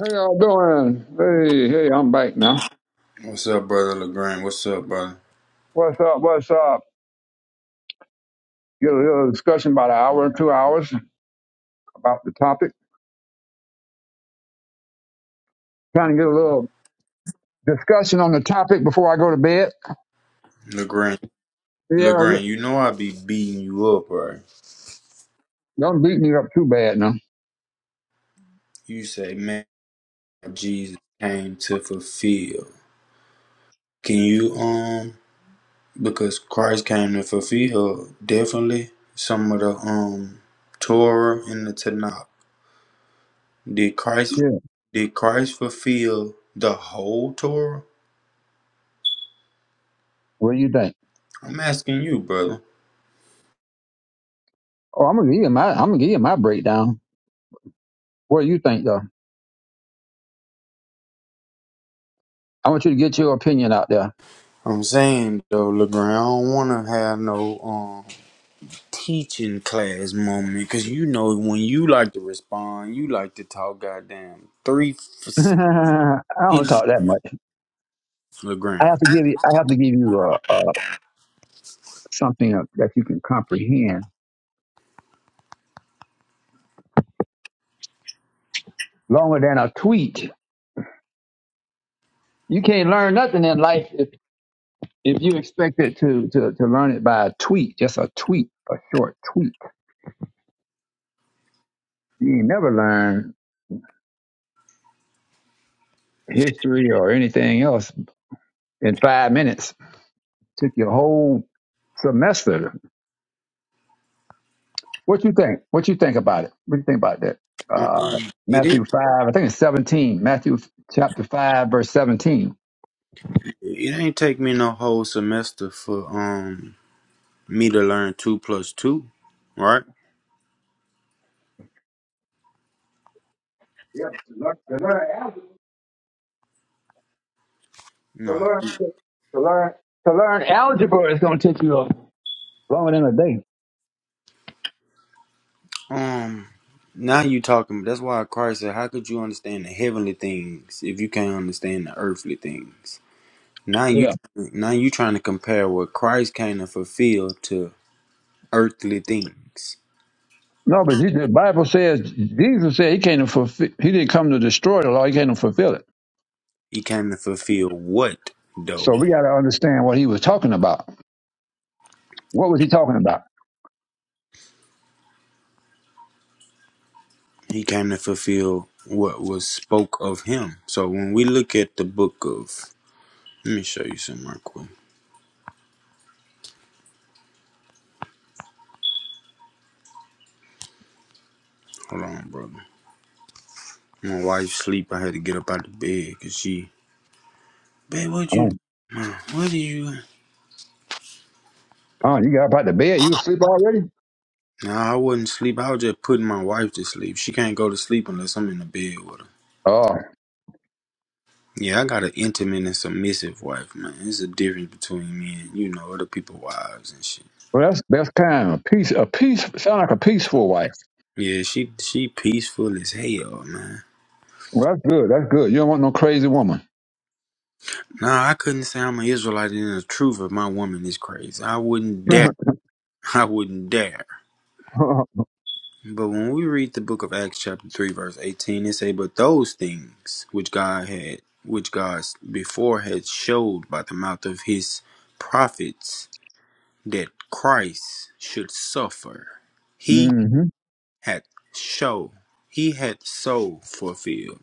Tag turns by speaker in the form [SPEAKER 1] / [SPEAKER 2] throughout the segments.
[SPEAKER 1] How y'all doing? Hey, hey, I'm back now.
[SPEAKER 2] What's up, brother Legrand? What's up, brother
[SPEAKER 1] What's up? What's up? Get a little discussion about an hour, two hours about the topic. Trying to get a little discussion on the topic before I go to bed.
[SPEAKER 2] Legrand?
[SPEAKER 1] Yeah, yeah.
[SPEAKER 2] Legrand, you know I be beating you up, right?
[SPEAKER 1] don't beat me up too bad now.
[SPEAKER 2] You say, man, Jesus came to fulfill. Can you um because Christ came to fulfill definitely some of the um Torah in the Tanakh. Did Christ
[SPEAKER 1] Yeah.
[SPEAKER 2] did Christ fulfill the whole Torah?
[SPEAKER 1] What do you think?
[SPEAKER 2] I'm asking you, brother.
[SPEAKER 1] Oh, I'm gonna give you my, I'm gonna give you my breakdown. What do you think though? I want you to get your opinion out there.
[SPEAKER 2] I'm saying though, Legrand, I don't wanna have no um. teaching class moment because you know when you like to respond, you like to talk. Goddamn, three for
[SPEAKER 1] I
[SPEAKER 2] ten
[SPEAKER 1] don't talk that much. I
[SPEAKER 2] Legrand.
[SPEAKER 1] have to give you, I have to give you uh, uh, something that you can comprehend longer than a tweet. You can't learn nothing in life if. If you expected to, to, to learn it by a tweet, just a tweet, a short tweet, you ain't never learn history or anything else in five minutes. Took your whole semester. What you think? What you think about it? What do you think about that?
[SPEAKER 2] Um,
[SPEAKER 1] Uh,
[SPEAKER 2] it
[SPEAKER 1] Matthew
[SPEAKER 2] ain't
[SPEAKER 1] five, I think it's seventeen. Matthew chapter five, verse seventeen.
[SPEAKER 2] it ain't take me no whole semester for um me to learn two plus two, right?
[SPEAKER 1] Yep, to learn, to learn, algebra- to
[SPEAKER 2] No,
[SPEAKER 1] learn, to learn, to learn algebra is going to take you longer than a day.
[SPEAKER 2] um, now you talking. That's why Christ said, "How could you understand the heavenly things if you can't understand the earthly things?" Now you now you trying to compare what Christ came to fulfill to earthly things.
[SPEAKER 1] No, but the Bible says Jesus said he came to fulfill. He didn't come to destroy the law. He came to fulfill it.
[SPEAKER 2] He came to fulfill what though?
[SPEAKER 1] So we got to understand what he was talking about. What was he talking about?
[SPEAKER 2] He came to fulfill what was spoke of him. So when we look at the book of let me show you something real quick. Hold on, brother. My wife sleep. I had to get up out of bed because she Babe, what
[SPEAKER 1] Oh,
[SPEAKER 2] you Ma, what are you
[SPEAKER 1] oh, you got up out the bed. You asleep already?
[SPEAKER 2] Nah, I wasn't sleep. I was just putting my wife to sleep. She can't go to sleep unless I'm in the bed with her.
[SPEAKER 1] Oh,
[SPEAKER 2] Yeah, I got an intimate and submissive wife, man. There's a difference between me and, you know, other people's wives and shit.
[SPEAKER 1] well, that's that's kind of peace. A peace sound like a peaceful wife.
[SPEAKER 2] Yeah, she she peaceful as hell, man.
[SPEAKER 1] Well, that's good. That's good. You don't want no crazy woman.
[SPEAKER 2] Nah, I couldn't say I'm an Israelite and the truth of my woman is crazy. I wouldn't dare. I wouldn't dare.
[SPEAKER 1] mm-hmm,
[SPEAKER 2] But when we read the book of Acts chapter 3 verse 18, it say, But those things which God had, which God before had showed by the mouth of his prophets that Christ should suffer, he
[SPEAKER 1] mm-hmm,
[SPEAKER 2] had show, he had so fulfilled.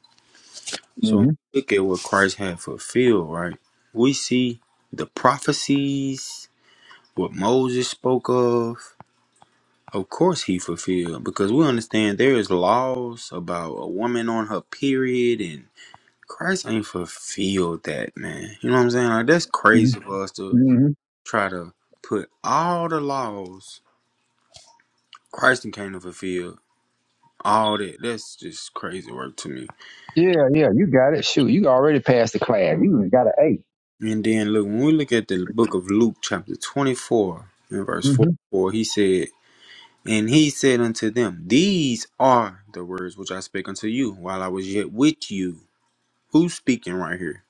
[SPEAKER 2] So look at what Christ had fulfilled, right? We see the prophecies What Moses spoke of, of course he fulfilled because we understand there is laws about a woman on her period and Christ ain't fulfilled that, man. You know what I'm saying? Like that's
[SPEAKER 1] hmm
[SPEAKER 2] crazy for us to
[SPEAKER 1] hmm
[SPEAKER 2] try to put all the laws Christ done came to fulfill. All that. That's just crazy work to me.
[SPEAKER 1] Yeah, yeah. You got it. Shoot, you already passed the class. You even got an A.
[SPEAKER 2] And then look, when we look at the book of Luke chapter 24 and verse
[SPEAKER 1] Mm-hmm.
[SPEAKER 2] 44, he said. And he said unto them, These are the words which I spake unto you while I was yet with you. Who's speaking right here?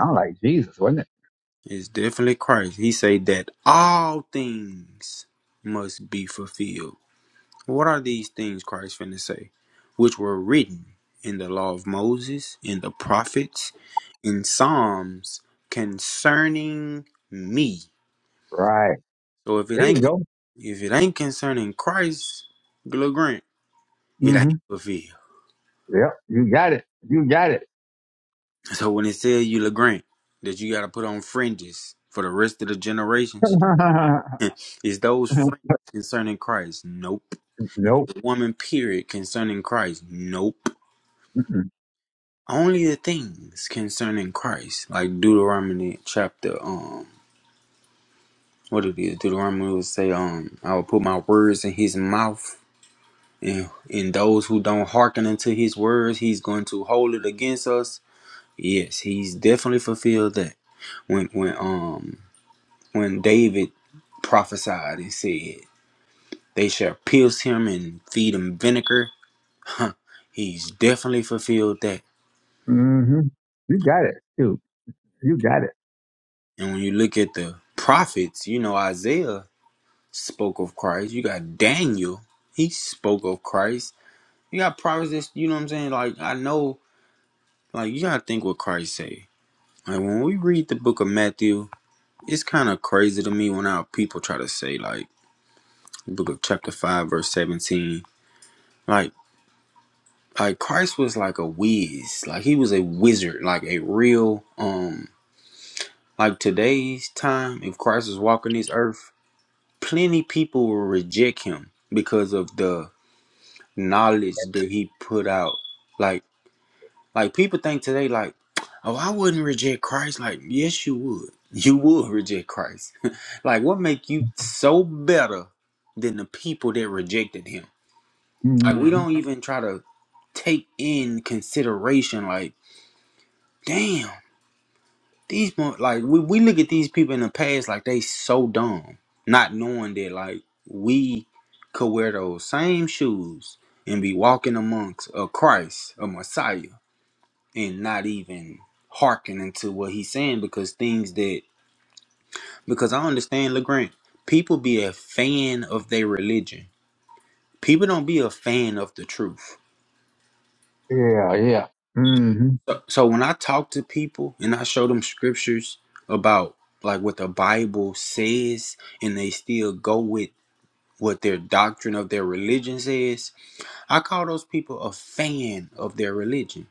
[SPEAKER 1] I'm like Jesus, wasn't it?
[SPEAKER 2] It's definitely Christ. He said that all things must be fulfilled. What are these things Christ finna say? Which were written in the law of Moses, in the prophets, in Psalms concerning me.
[SPEAKER 1] Right.
[SPEAKER 2] So if it
[SPEAKER 1] There
[SPEAKER 2] ain't
[SPEAKER 1] you
[SPEAKER 2] if it ain't concerning Christ, Gilla Grant, it
[SPEAKER 1] go.
[SPEAKER 2] ain't fulfilled.
[SPEAKER 1] Yep, you got it. You got it.
[SPEAKER 2] So when it says you Legrand that you got to put on fringes for the rest of the generations, is those fringes concerning Christ? Nope.
[SPEAKER 1] nope.
[SPEAKER 2] The woman period concerning Christ? Nope. Only the things concerning Christ, like Deuteronomy chapter um, what it is? Deuteronomy would say um, I will put my words in his mouth. And, and those who don't hearken unto his words, he's going to hold it against us. Yes, he's definitely fulfilled that. When when um when David prophesied and said, They shall pierce him and feed him vinegar. Huh, he's definitely fulfilled that.
[SPEAKER 1] Mm-hmm. You got it. Dude, you got it.
[SPEAKER 2] And when you look at the prophets, you know, Isaiah spoke of Christ. You got Daniel, he spoke of Christ. You got prophets, that's- you know what I'm saying? Like, I know, like, you gotta think what Christ say. Like, when we read the book of Matthew, it's kind of crazy to me when our people try to say, like, the book of chapter 5, verse 17. like. Like Christ was like a whiz. Like he was a wizard, like a real um like today's time, if Christ was walking this earth, plenty people will reject him because of the knowledge that he put out. Like like people think today like, oh I wouldn't reject Christ. Like, yes you would. You would reject Christ. like what make you so better than the people that rejected him? Like we
[SPEAKER 1] Mm-hmm.
[SPEAKER 2] don't even try to take in consideration like damn These mo- like we, we look at these people in the past like they so dumb, not knowing that like we could wear those same shoes and be walking amongst a Christ, a Messiah, and not even hearkening to what he's saying because things that because I understand LeGrand, people be a fan of their religion. People don't be a fan of the truth.
[SPEAKER 1] Yeah, yeah. Mm-hmm.
[SPEAKER 2] So when I talk to people and I show them scriptures about like what the Bible says and they still go with what their doctrine of their religion says. I call those people a fan of their religion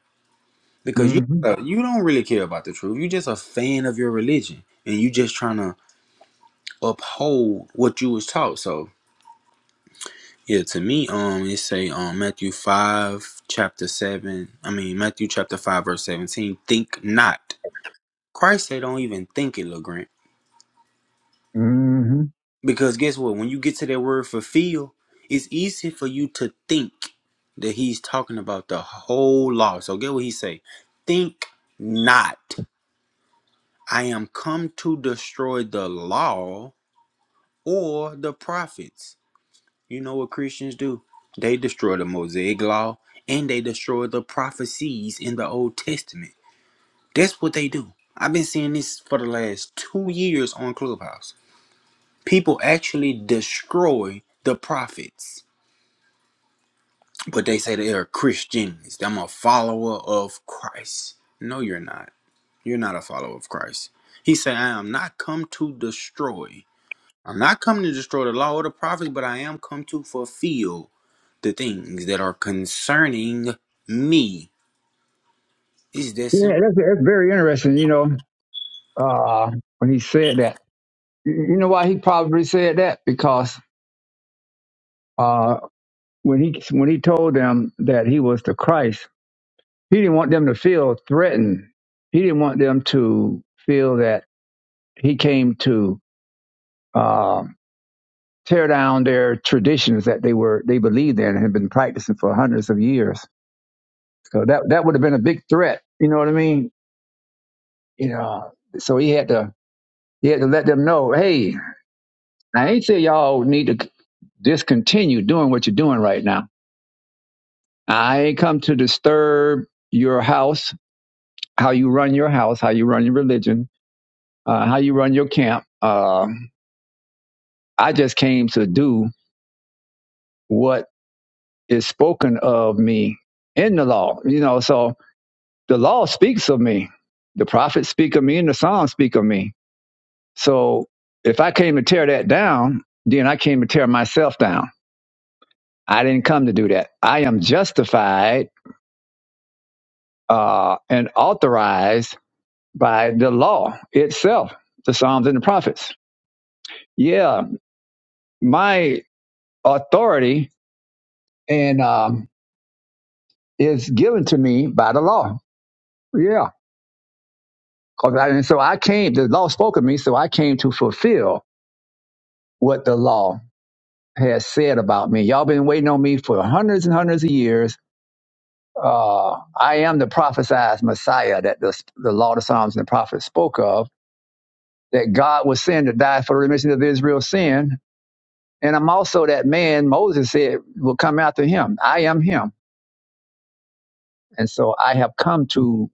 [SPEAKER 2] because you
[SPEAKER 1] Mm-hmm.
[SPEAKER 2] uh, you don't really care about the truth. You're just a fan of your religion, and you just trying to uphold what you was taught. So yeah, to me, um, it say um Matthew five chapter seven. I mean Matthew chapter five verse seventeen. Think not. Christ say don't even think it, Legrand.
[SPEAKER 1] Mm-hmm.
[SPEAKER 2] Because guess what? When you get to that word fulfill, it's easy for you to think that he's talking about the whole law. So get what he say. Think not. I am come to destroy the law or the prophets. You know what Christians do? They destroy the Mosaic law and they destroy the prophecies in the Old Testament. That's what they do. I've been seeing this for the last two years on Clubhouse. People actually destroy the prophets but they say they are Christians. I'm a follower of Christ. No, you're not. You're not a follower of Christ. He said, I am not come to destroy. I'm not come to destroy the law or the prophets, but I am come to fulfill the things that are concerning me. Is that simple?
[SPEAKER 1] Yeah, that's, that's very interesting, you know, uh, when he said that. You you know why he probably said that? Because uh, when he when he told them that he was the Christ, he didn't want them to feel threatened. He didn't want them to feel that he came to uh, tear down their traditions that they were they believed in and had been practicing for hundreds of years. So that that would have been a big threat. You know what I mean? You know, so he had to he had to let them know, hey, I ain't say y'all need to discontinue doing what you're doing right now. I ain't come to disturb your house, how you run your house, how you run your religion, uh, how you run your camp. Uh, I just came to do what is spoken of me in the law. You know, so the law speaks of me. The prophets speak of me and the Psalms speak of me. So if I came to tear that down, then I came to tear myself down. I didn't come to do that. I am justified uh, and authorized by the law itself, the Psalms and the prophets. Yeah, my authority and um, is given to me by the law. Yeah. 'Cause I- and so I came, the law spoke of me, so I came to fulfill what the law has said about me. Y'all been waiting on me for hundreds and hundreds of years. Uh, I am the prophesied Messiah that the, the Law, the Psalms, and the prophets spoke of, that God would send to die for the remission of Israel's sin. And I'm also that man Moses said will come after him. I am him. And so I have come to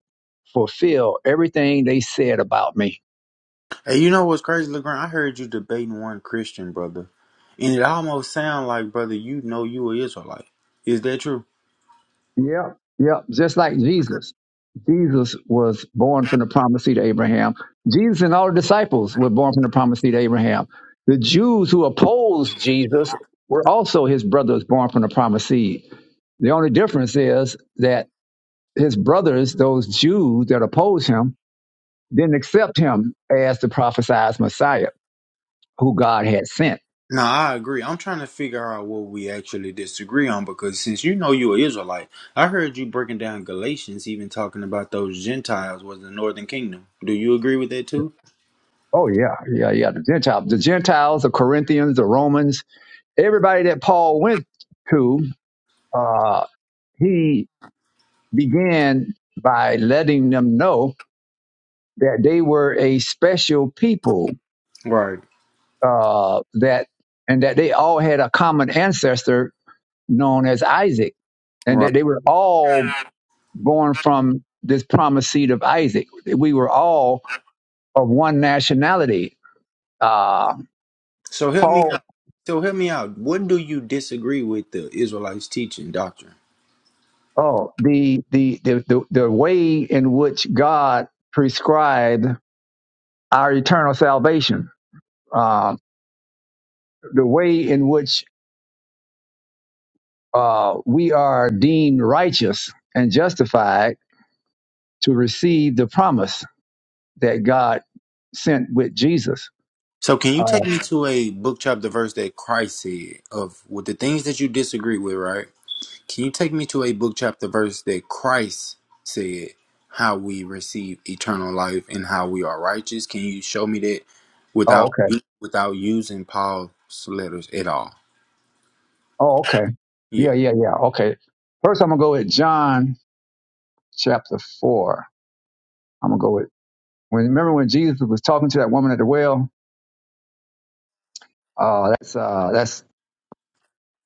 [SPEAKER 1] fulfill everything they said about me.
[SPEAKER 2] Hey, you know what's crazy, LeGrand? I heard you debating one Christian, brother. And it almost sound like, brother, you know you a Israelite. Is that true?
[SPEAKER 1] Yep. Yep. Just like Jesus. Jesus was born from the promised seed of Abraham. Jesus and all the disciples were born from the promised seed of Abraham. The Jews who opposed Jesus were also his brothers born from the promised seed. The only difference is that his brothers, those Jews that opposed him, didn't accept him as the prophesied Messiah who God had sent.
[SPEAKER 2] No, I agree. I'm trying to figure out what we actually disagree on because since you know you're Israelite, I heard you breaking down Galatians, even talking about those Gentiles was the northern kingdom. Do you agree with that too?
[SPEAKER 1] Oh yeah, yeah, yeah. The Gentiles, the Gentiles, the Corinthians, the Romans, everybody that Paul went to, uh, he began by letting them know that they were a special people
[SPEAKER 2] Right,
[SPEAKER 1] uh, that and that they all had a common ancestor known as Isaac, and
[SPEAKER 2] right.
[SPEAKER 1] that they were all born from this promised seed of Isaac. We were all of one nationality. Uh,
[SPEAKER 2] So help me
[SPEAKER 1] Paul,
[SPEAKER 2] out. So help me out. What do you disagree with the Israelites' teaching doctrine?
[SPEAKER 1] oh, the, the the the the way in which God prescribed our eternal salvation, uh, the way in which uh, we are deemed righteous and justified to receive the promise that God sent with Jesus.
[SPEAKER 2] So can
[SPEAKER 1] Uh,
[SPEAKER 2] you take me to a book chapter verse that Christ said of with the things that you disagree with, right? Can you take me to a book, chapter, verse that Christ said how we receive eternal life and how we are righteous? Can you show me that
[SPEAKER 1] oh,
[SPEAKER 2] without
[SPEAKER 1] okay.
[SPEAKER 2] without using Paul's letters at all?
[SPEAKER 1] Oh, okay. Yeah,
[SPEAKER 2] Yeah.
[SPEAKER 1] yeah, yeah. Okay. First, I'm going to go with John chapter 4. I'm going to go with, when, remember when Jesus was talking to that woman at the well? Uh, that's, uh, that's,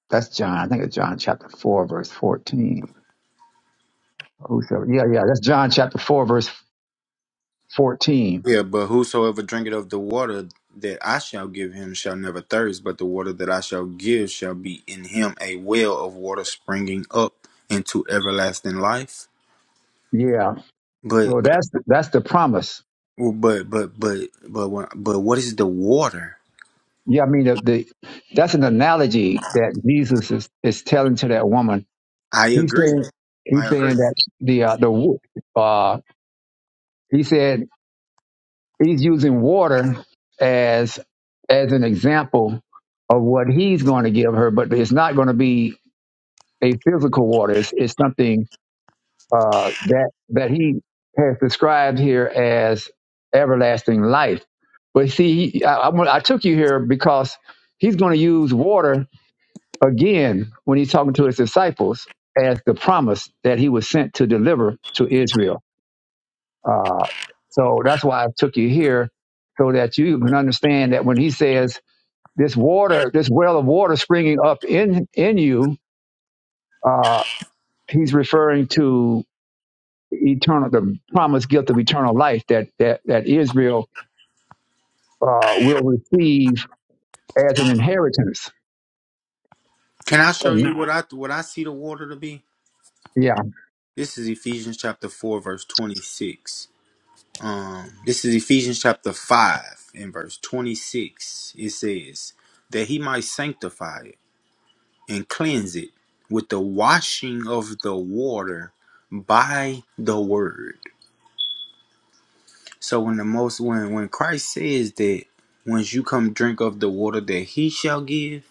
[SPEAKER 1] that's John. I think it's John chapter 4, verse 14. Whosoever- Yeah, yeah. That's John chapter 4, verse 14.
[SPEAKER 2] Yeah, but whosoever drinketh of the water that I shall give him shall never thirst, but the water that I shall give shall be in him a well of water springing up into everlasting life.
[SPEAKER 1] Yeah.
[SPEAKER 2] But
[SPEAKER 1] So
[SPEAKER 2] but
[SPEAKER 1] that's, that's the promise
[SPEAKER 2] but but but but, when- but what is the water?
[SPEAKER 1] Yeah, I mean, the, the, that's an analogy that Jesus is, is telling to that woman.
[SPEAKER 2] I
[SPEAKER 1] He's
[SPEAKER 2] agree.
[SPEAKER 1] saying, he's
[SPEAKER 2] I agree.
[SPEAKER 1] saying that the, uh, the, wo- uh, he said he's using water as, as an example of what he's going to give her, but it's not going to be a physical water. It's, it's something, uh, that, that he has described here as everlasting life. But see, he, I, I, I took you here because he's going to use water again when he's talking to his disciples as the promise that he was sent to deliver to Israel. Uh, so that's why I took you here so that you can understand that when he says this water, this well of water springing up in in you, uh, he's referring to eternal, the promised gift of eternal life that that that Israel uh, will receive as an inheritance.
[SPEAKER 2] Can I show
[SPEAKER 1] So
[SPEAKER 2] you what I what I see the water to be?
[SPEAKER 1] yeah,
[SPEAKER 2] This is Ephesians chapter four, verse twenty six. Um, this is Ephesians chapter five and verse twenty six. It says that he might sanctify it and cleanse it with the washing of the water by the word. So when the most when when Christ says that once you come drink of the water that he shall give,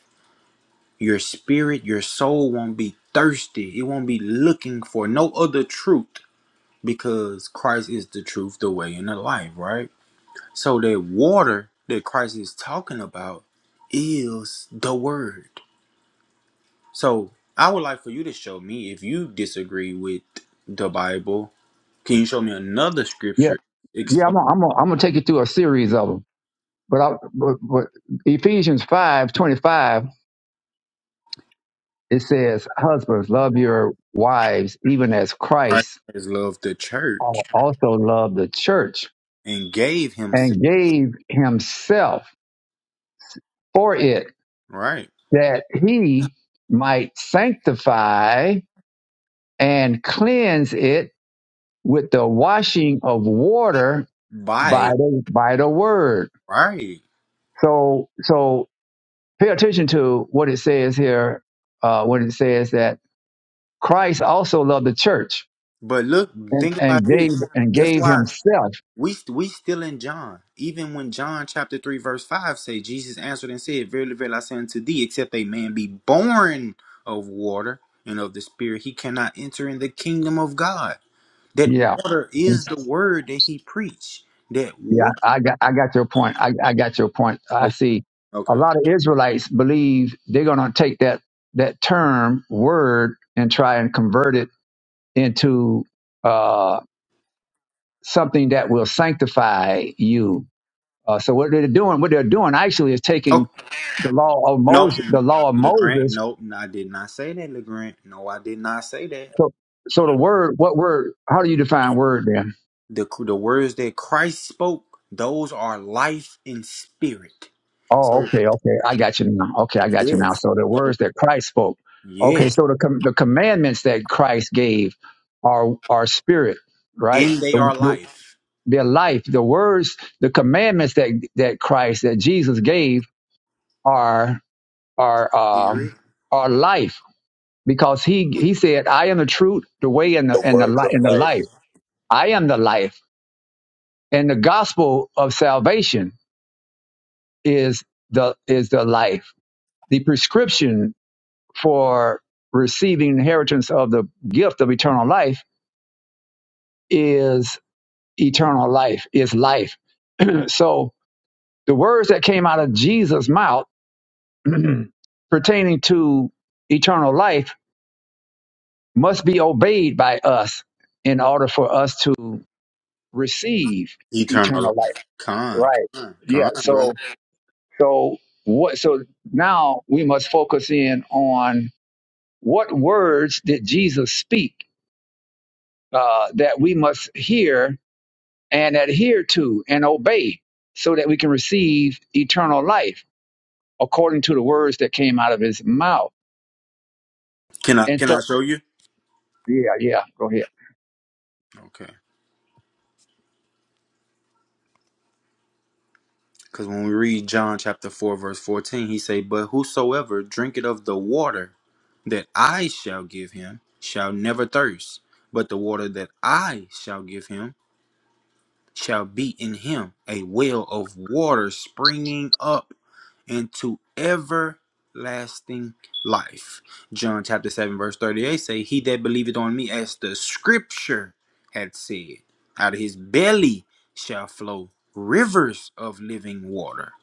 [SPEAKER 2] your spirit, your soul won't be thirsty. It won't be looking for no other truth because Christ is the truth, the way, and the life, right? So that water that Christ is talking about is the word. So I would like for you to show me if you disagree with the Bible. Can you show me another
[SPEAKER 1] yeah,
[SPEAKER 2] scripture
[SPEAKER 1] yeah. I'm
[SPEAKER 2] explain
[SPEAKER 1] gonna, I'm gonna, I'm gonna take you through a series of them But, I, but, but Ephesians five twenty five it says, Husbands, love your wives, even as
[SPEAKER 2] Christ
[SPEAKER 1] Christ
[SPEAKER 2] has loved the church
[SPEAKER 1] also loved the church
[SPEAKER 2] and gave himself,
[SPEAKER 1] and gave himself for it,
[SPEAKER 2] right?
[SPEAKER 1] that he might sanctify and cleanse it with the washing of water by
[SPEAKER 2] By
[SPEAKER 1] the, by the word.
[SPEAKER 2] right.
[SPEAKER 1] So, so pay attention to what it says here uh, when it says that Christ also loved the church
[SPEAKER 2] But look,
[SPEAKER 1] and,
[SPEAKER 2] think about
[SPEAKER 1] and gave
[SPEAKER 2] this.
[SPEAKER 1] and
[SPEAKER 2] That's
[SPEAKER 1] gave
[SPEAKER 2] why
[SPEAKER 1] himself.
[SPEAKER 2] We we still in John, even when John chapter three verse five say Jesus answered and said, "Verily, verily, I say unto thee, except a man be born of water and of the Spirit, he cannot enter in the kingdom of God." That
[SPEAKER 1] Yeah,
[SPEAKER 2] water
[SPEAKER 1] And
[SPEAKER 2] is
[SPEAKER 1] s-
[SPEAKER 2] the word that he preached. That
[SPEAKER 1] yeah.
[SPEAKER 2] water.
[SPEAKER 1] I got I got your point. I, I got your point. I
[SPEAKER 2] Okay.
[SPEAKER 1] see. A
[SPEAKER 2] Okay.
[SPEAKER 1] lot of Israelites believe they're going to take that that term word and try and convert it into uh, something that will sanctify you. Uh, so what they're doing, what they're doing actually is
[SPEAKER 2] Oh
[SPEAKER 1] taking the law of
[SPEAKER 2] no,
[SPEAKER 1] Moses, the law of
[SPEAKER 2] Legrand.
[SPEAKER 1] Moses.
[SPEAKER 2] No, no, I did not say that, Legrand. No, I did not say that.
[SPEAKER 1] So, so the word, what word? How do you define word then?
[SPEAKER 2] The the words that Christ spoke, those are life and spirit.
[SPEAKER 1] Oh,
[SPEAKER 2] So
[SPEAKER 1] okay, okay. I got you now. Okay, I got you now.
[SPEAKER 2] yes,
[SPEAKER 1] So the words that Christ spoke.
[SPEAKER 2] yes.
[SPEAKER 1] Okay, so the com- the commandments that Christ gave are are spirit, right?
[SPEAKER 2] And they
[SPEAKER 1] The,
[SPEAKER 2] are
[SPEAKER 1] the,
[SPEAKER 2] life.
[SPEAKER 1] their life, the words, the commandments that that Christ that Jesus gave are are um
[SPEAKER 2] Spirit.
[SPEAKER 1] are life because he he said, "I am the truth, the way, and the
[SPEAKER 3] the
[SPEAKER 1] and the
[SPEAKER 3] words
[SPEAKER 1] life
[SPEAKER 3] of
[SPEAKER 1] and the life.
[SPEAKER 3] life.
[SPEAKER 1] I am the life." And the gospel of salvation is the is the life the prescription for receiving inheritance of the gift of eternal life is eternal life, is life. So the words that came out of Jesus' mouth pertaining to eternal life must be obeyed by us in order for us to receive
[SPEAKER 2] Eternal
[SPEAKER 1] eternal life.
[SPEAKER 2] life. Con.
[SPEAKER 1] Right.
[SPEAKER 2] Con,
[SPEAKER 1] Yeah.
[SPEAKER 2] con
[SPEAKER 1] So
[SPEAKER 2] brother.
[SPEAKER 1] so what so now we must focus in on what words did Jesus speak uh, that we must hear and adhere to and obey so that we can receive eternal life according to the words that came out of his mouth.
[SPEAKER 2] Can I
[SPEAKER 1] And
[SPEAKER 2] can
[SPEAKER 1] so,
[SPEAKER 2] I show you?
[SPEAKER 1] yeah, yeah, go ahead.
[SPEAKER 2] Okay. Because when we read John chapter 4, verse 14, he say, But whosoever drinketh of the water that I shall give him shall never thirst, but the water that I shall give him shall be in him a well of water springing up into everlasting life. John chapter 7 verse 38 say, He that believeth on me as the scripture had said, out of his belly shall flow rivers of living water.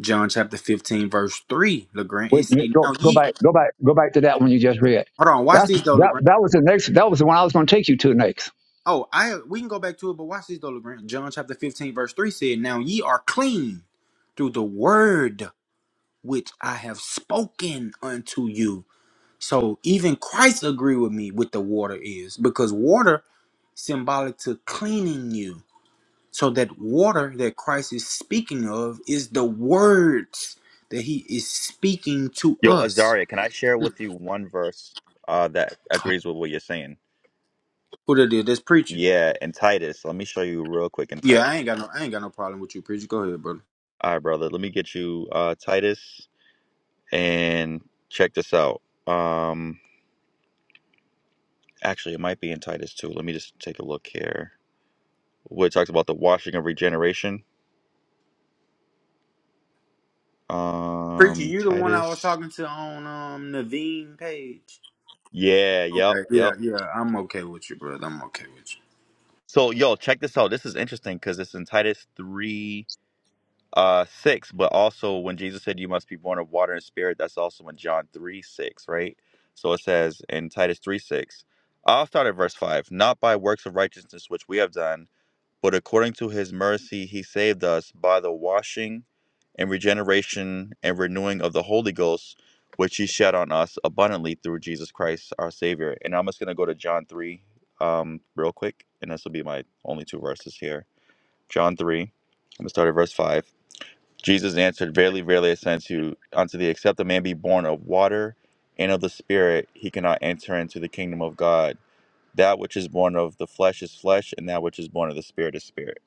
[SPEAKER 2] John chapter 15 verse 3, LeGrand, it
[SPEAKER 1] Wait, wait,
[SPEAKER 2] say,
[SPEAKER 1] go,
[SPEAKER 2] now
[SPEAKER 1] go
[SPEAKER 2] ye,
[SPEAKER 1] back, go back, go back to that one you just read.
[SPEAKER 2] hold on, watch
[SPEAKER 1] That's
[SPEAKER 2] this though,
[SPEAKER 1] that.
[SPEAKER 2] LeGrand.
[SPEAKER 1] That was the next. That was the one I was going to take you to next.
[SPEAKER 2] Oh, I we can go back to it, but watch this though, LeGrand. John chapter 15 verse 3 said, now ye are clean through the word which I have spoken unto you So even Christ agree with me with the water is because water symbolic to cleaning you. So that water that Christ is speaking of is the words that he is speaking to
[SPEAKER 3] Yo,
[SPEAKER 2] us.
[SPEAKER 3] Azaria, can I share
[SPEAKER 2] Who
[SPEAKER 3] with you one verse uh, that agrees with what you're saying?
[SPEAKER 2] that did? That's preacher.
[SPEAKER 3] Yeah, in Titus. Let me show you real quick in
[SPEAKER 2] Yeah,
[SPEAKER 3] Titus.
[SPEAKER 2] I ain't got no I ain't got no problem with you, preacher. Go ahead, brother.
[SPEAKER 3] All right, brother. Let me get you uh, Titus and check this out. Um, actually, it might be in Titus too. Let me just take a look here. Where it talks about the washing of regeneration.
[SPEAKER 2] Preacher,
[SPEAKER 3] Um,
[SPEAKER 2] you the one I was
[SPEAKER 3] Titus.
[SPEAKER 2] talking to on um Naveen page.
[SPEAKER 3] Yeah. Yep.
[SPEAKER 2] Okay, yeah,
[SPEAKER 3] Yep.
[SPEAKER 2] yeah. I'm okay with you, brother. I'm okay with you.
[SPEAKER 3] So, yo, check this out. This is interesting because it's in Titus three. uh six but also when jesus said you must be born of water and spirit that's also in john 3 6 right so it says in titus 3 6 i'll start at verse 5 not by works of righteousness which we have done but according to his mercy he saved us by the washing and regeneration and renewing of the holy ghost which he shed on us abundantly through jesus christ our savior and i'm just going to go to john 3 um real quick and this will be my only two verses here john 3 i'm going to start at verse 5 Jesus answered, Verily, verily, I say unto you, unto thee, except a man be born of water and of the Spirit, he cannot enter into the kingdom of God. That which is born of the flesh is flesh, and that which is born of the Spirit is spirit.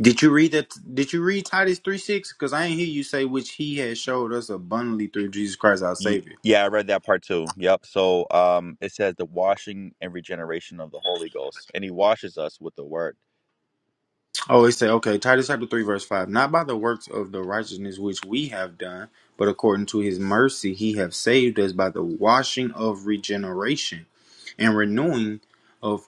[SPEAKER 2] Did you read that? Did you read Titus three six? Because I ain't hear you say which he has showed us abundantly through Jesus Christ our
[SPEAKER 3] Ye-
[SPEAKER 2] Savior.
[SPEAKER 3] Yeah, I read that part too. Yep. So um, it says the washing and regeneration of the Holy Ghost, and He washes us with the Word.
[SPEAKER 2] Oh, it say okay, Titus chapter three verse five. Not by the works of the righteousness which we have done, but according to His mercy he have saved us by the washing of regeneration and renewing of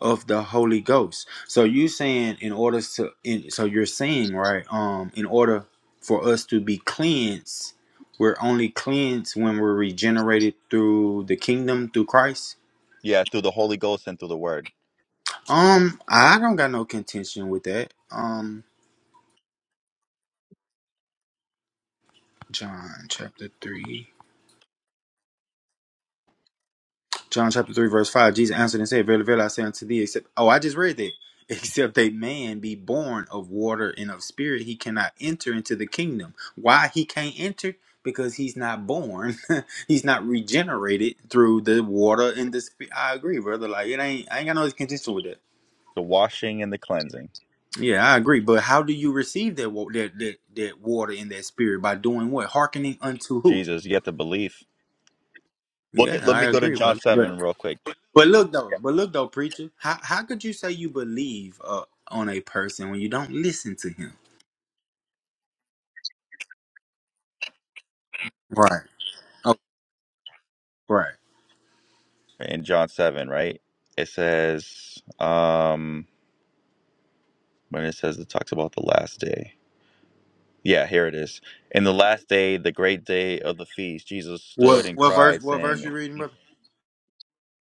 [SPEAKER 2] of the Holy Ghost. So you saying in order to in so you're saying right um in order for us to be cleansed, we're only cleansed when we're regenerated through the kingdom through Christ.
[SPEAKER 3] Yeah, through the Holy Ghost and through the Word,
[SPEAKER 2] Um I don't got no contention with that. Um John chapter 3. John chapter 3, verse 5. Jesus answered and said, Verily, verily, I say unto thee, except, oh, I just read that. Except a man be born of water and of spirit, he cannot enter into the kingdom. Why he can't enter? Because he's not born. he's not regenerated through the water and the spirit. I agree, brother. Like, it ain't, I ain't got no contention with that.
[SPEAKER 3] the washing and the cleansing.
[SPEAKER 2] Yeah, I agree. But how do you receive that, wa- that, that, that water and that spirit? By doing what? Hearkening unto who?
[SPEAKER 3] Jesus, you have to believe. Look
[SPEAKER 2] Yeah,
[SPEAKER 3] at. Let
[SPEAKER 2] I
[SPEAKER 3] me go to
[SPEAKER 2] agree,
[SPEAKER 3] John
[SPEAKER 2] brother. But
[SPEAKER 3] seven real quick.
[SPEAKER 2] But look though, but look though, preacher. How how could you say you believe uh, on a person when you don't listen to him? Right. Oh, right.
[SPEAKER 3] in John 7, right? It says, um, when it says it talks about the last day. Yeah, here it is. In the last day, the great day of the feast, Jesus stood
[SPEAKER 2] What
[SPEAKER 3] and
[SPEAKER 2] what verse?
[SPEAKER 3] cried,
[SPEAKER 2] What verse
[SPEAKER 3] saying,
[SPEAKER 2] you reading, brother?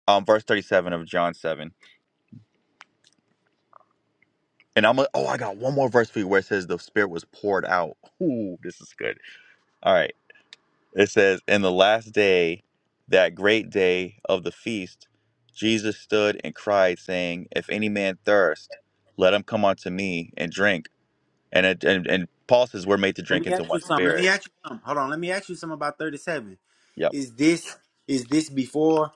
[SPEAKER 3] um, verse 37 of John 7. And I'm like, oh, I got one more verse for you where it says the Spirit was poured out. Ooh, this is good. All right. It says, in the last day, that great day of the feast, Jesus stood and cried, saying, If any man thirst, let him come unto me and drink. And it, and and Paul says we're made to
[SPEAKER 2] Let
[SPEAKER 3] drink
[SPEAKER 2] me
[SPEAKER 3] into
[SPEAKER 2] ask
[SPEAKER 3] one
[SPEAKER 2] you something. Let
[SPEAKER 3] spirit.
[SPEAKER 2] me ask you something. Hold on. Let me ask you something about thirty-seven.
[SPEAKER 3] Yep.
[SPEAKER 2] Is this is this before?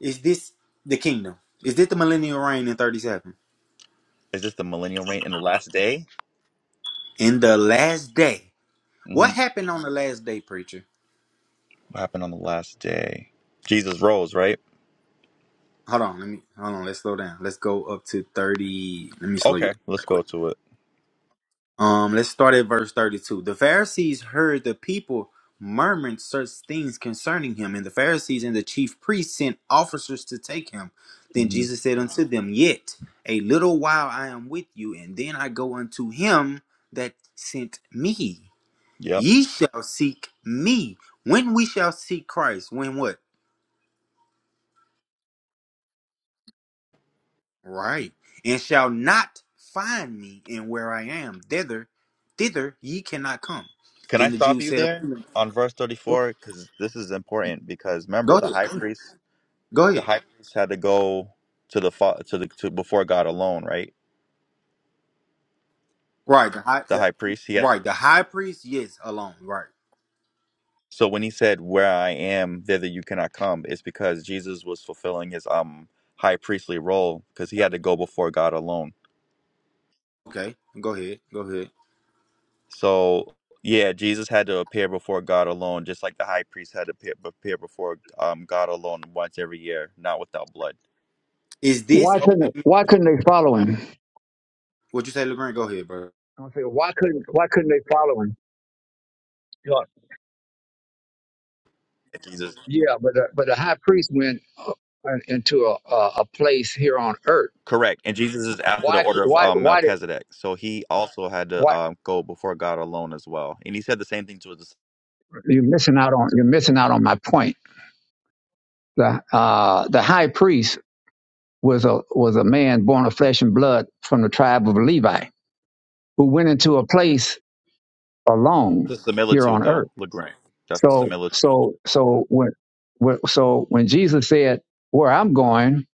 [SPEAKER 2] Is this the kingdom? Is this the millennial reign in thirty-seven?
[SPEAKER 3] Is this the millennial reign in the last day?
[SPEAKER 2] In the last day,
[SPEAKER 3] hmm
[SPEAKER 2] what happened on the last day, preacher?
[SPEAKER 3] What happened on the last day? Jesus rose, right?
[SPEAKER 2] Hold on. Let me hold on. Let's slow down. Let's go up to thirty. Let me slow you
[SPEAKER 3] Okay,
[SPEAKER 2] down
[SPEAKER 3] let's
[SPEAKER 2] real
[SPEAKER 3] go
[SPEAKER 2] quick.
[SPEAKER 3] to it.
[SPEAKER 2] Um, let's start at verse 32. The Pharisees heard the people murmuring such things concerning him, and the Pharisees and the chief priests sent officers to take him. Then
[SPEAKER 3] hmm
[SPEAKER 2] Jesus said unto them, Yet a little while I am with you, and then I go unto him that sent me.
[SPEAKER 3] Yep.
[SPEAKER 2] Ye shall seek me. When we shall seek Christ, when what? Right. And shall not find me, and where I am, thither, thither ye cannot come.
[SPEAKER 3] Can I
[SPEAKER 2] Then the
[SPEAKER 3] stop
[SPEAKER 2] Jews
[SPEAKER 3] you
[SPEAKER 2] said
[SPEAKER 3] there
[SPEAKER 2] unto him,
[SPEAKER 3] on verse thirty-four? Because this is important. Because remember,
[SPEAKER 2] Go
[SPEAKER 3] the
[SPEAKER 2] ahead.
[SPEAKER 3] high priest,
[SPEAKER 2] Go
[SPEAKER 3] the
[SPEAKER 2] ahead.
[SPEAKER 3] high priest had to go to the fa- to the to before God alone, right?
[SPEAKER 2] Right. The high.
[SPEAKER 3] The
[SPEAKER 2] The,
[SPEAKER 3] high priest, he had
[SPEAKER 2] right. The high priest. Yes. Alone. Right.
[SPEAKER 3] So when he said, "Where I am, thither you cannot come," it's because Jesus was fulfilling his um high priestly role because he had to go before God alone.
[SPEAKER 2] Okay. Go ahead. Go ahead.
[SPEAKER 3] So yeah, Jesus had to appear before God alone, just like the high priest had to appear, appear before um God alone once every year, not without blood.
[SPEAKER 2] Is this
[SPEAKER 1] Why couldn't
[SPEAKER 2] okay?
[SPEAKER 1] Why couldn't they follow him?
[SPEAKER 2] What you say, Legrand? Go ahead, bro.
[SPEAKER 1] I'm gonna say why couldn't Why couldn't they follow him? Yeah,
[SPEAKER 3] And Jesus,
[SPEAKER 1] yeah, but the, but the high priest went uh, into a, a a place here on earth.
[SPEAKER 3] correct, and Jesus is after the
[SPEAKER 1] Why
[SPEAKER 3] order of
[SPEAKER 1] Why
[SPEAKER 3] um,
[SPEAKER 1] Why did
[SPEAKER 3] Melchizedek, so he also had to
[SPEAKER 1] Why?
[SPEAKER 3] um go before God alone as well. And he said the same thing to his
[SPEAKER 1] You're missing out on You're missing out on my point the uh, the high priest was a was a man born of flesh and blood from the tribe of Levi who went into a place alone
[SPEAKER 3] the
[SPEAKER 1] here
[SPEAKER 3] similitude
[SPEAKER 1] on
[SPEAKER 3] though,
[SPEAKER 1] earth.
[SPEAKER 3] Legrand. That's the
[SPEAKER 1] So
[SPEAKER 3] similitude.
[SPEAKER 1] so so when, when so when Jesus said, "Where I'm going,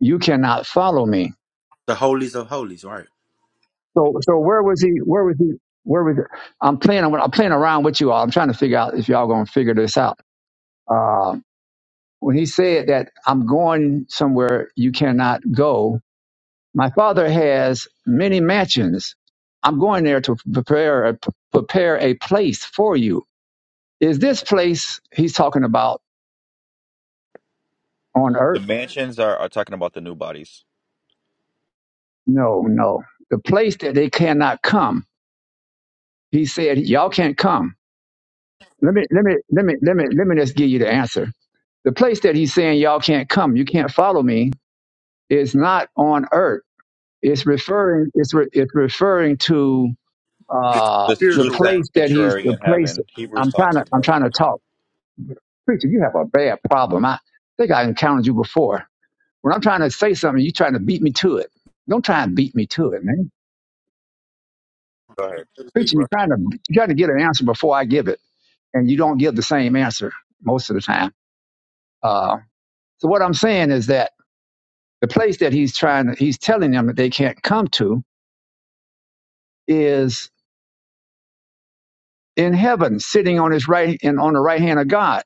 [SPEAKER 1] you cannot follow me."
[SPEAKER 2] The holies of holies. Right.
[SPEAKER 1] So so where was he? Where was he? Where was he? I'm playing? I'm playing around with you all. I'm trying to figure out if y'all gonna figure this out. Uh, when he said that I'm going somewhere you cannot go, My father has many mansions. I'm going there to prepare a, prepare a place for you. Is this place he's talking about on
[SPEAKER 3] The
[SPEAKER 1] earth?
[SPEAKER 3] mansions are, are talking about the new bodies.
[SPEAKER 1] No, no. The place that they cannot come. He said, y'all can't come. Let me, let me, let me, let me, let me just give you the answer. The place that he's saying y'all can't come, you can't follow me, is not on earth. It's referring, it's, re, it's referring to
[SPEAKER 2] The
[SPEAKER 1] uh,
[SPEAKER 3] This
[SPEAKER 1] the
[SPEAKER 3] true
[SPEAKER 2] spiritual world.
[SPEAKER 1] place that he's,
[SPEAKER 3] sanctuary
[SPEAKER 1] the
[SPEAKER 3] in
[SPEAKER 1] place.
[SPEAKER 3] heaven. Hebrews
[SPEAKER 1] I'm trying
[SPEAKER 3] talks
[SPEAKER 1] to, I'm
[SPEAKER 3] about it.
[SPEAKER 1] trying to talk. preacher, you have a bad problem. I think I encountered you before. When I'm trying to say something, you're trying to beat me to it. Don't try and beat me to it, man.
[SPEAKER 3] Go ahead.
[SPEAKER 2] So to speak,
[SPEAKER 1] Preacher,
[SPEAKER 2] bro.
[SPEAKER 1] you're trying to you're trying to get an answer before I give it, and you don't give the same answer most of the time. Uh, so what I'm saying is that the place that he's trying, to, he's telling them that they can't come to, is in heaven, sitting on his right and on the right hand of God.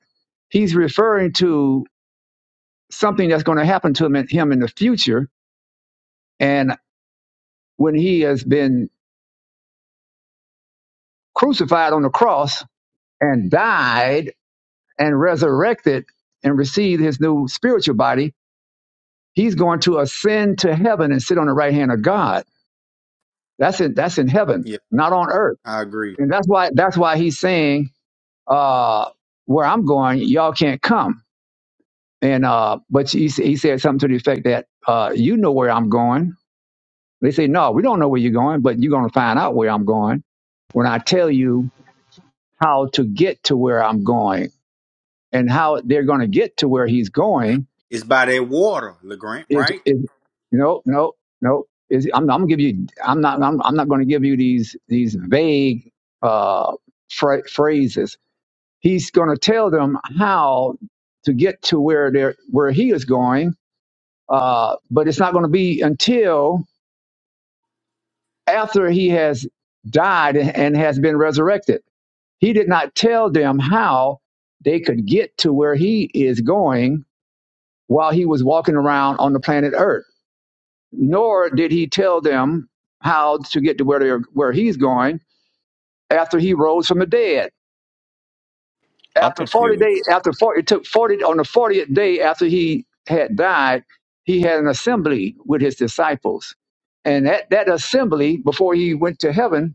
[SPEAKER 1] He's referring to something that's going to happen to him in, him in the future, and when he has been crucified on the cross and died and resurrected and received his new spiritual body, he's going to ascend to heaven and sit on the right hand of God. That's in that's in heaven,
[SPEAKER 2] Yeah.
[SPEAKER 1] not on earth.
[SPEAKER 2] I agree.
[SPEAKER 1] And that's why that's why he's saying, uh, where I'm going, y'all can't come. And uh, but he, he said something to the effect that uh, you know where I'm going. They say, no, we don't know where you're going, but you're going to find out where I'm going when I tell you how to get to where I'm going and how they're going to get to where he's going
[SPEAKER 2] It's by that water, Legrand.
[SPEAKER 1] is,
[SPEAKER 2] Right.
[SPEAKER 1] is no, no, no. Is I'm, I'm gonna give you. I'm not. I'm, I'm not going to give you these these vague uh, phra- phrases. He's going to tell them how to get to where they're where he is going. Uh, but it's not going to be until after he has died and has been resurrected. He did not tell them how they could get to where he is going while he was walking around on the planet Earth nor did he tell them how to get to where they're, where he's going after he rose from the dead.
[SPEAKER 3] I'm
[SPEAKER 1] After 40
[SPEAKER 3] confused.
[SPEAKER 1] days, after 40, it took 40, on the 40th day after he had died, he had an assembly with his disciples. And at that assembly, before he went to heaven,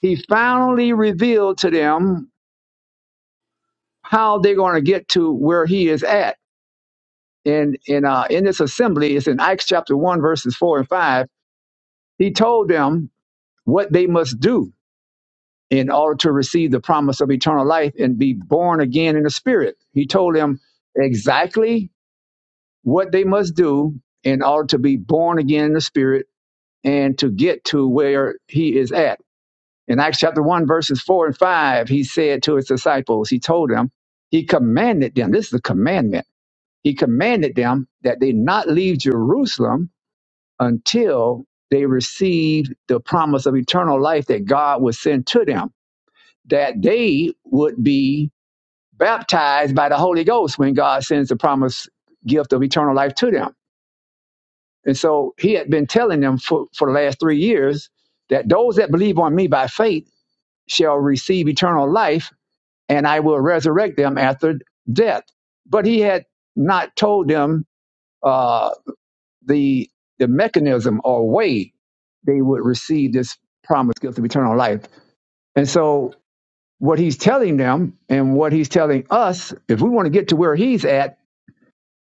[SPEAKER 1] he finally revealed to them how they're going to get to where he is at. And in, uh, in this assembly, it's in Acts chapter 1, verses 4 and 5. He told them what they must do in order to receive the promise of eternal life and be born again in the spirit. He told them exactly what they must do in order to be born again in the spirit and to get to where he is at. In Acts chapter 1, verses 4 and 5, he said to his disciples, he told them, he commanded them, this is the commandment, he commanded them that they not leave Jerusalem until they received the promise of eternal life that God would send to them that they would be baptized by the Holy Ghost when God sends the promised gift of eternal life to them. And so he had been telling them for, for the last three years that those that believe on me by faith shall receive eternal life, and I will resurrect them after death. But he had not told them uh, the the mechanism or way they would receive this promised gift of eternal life. And so what he's telling them and what he's telling us, if we want to get to where he's at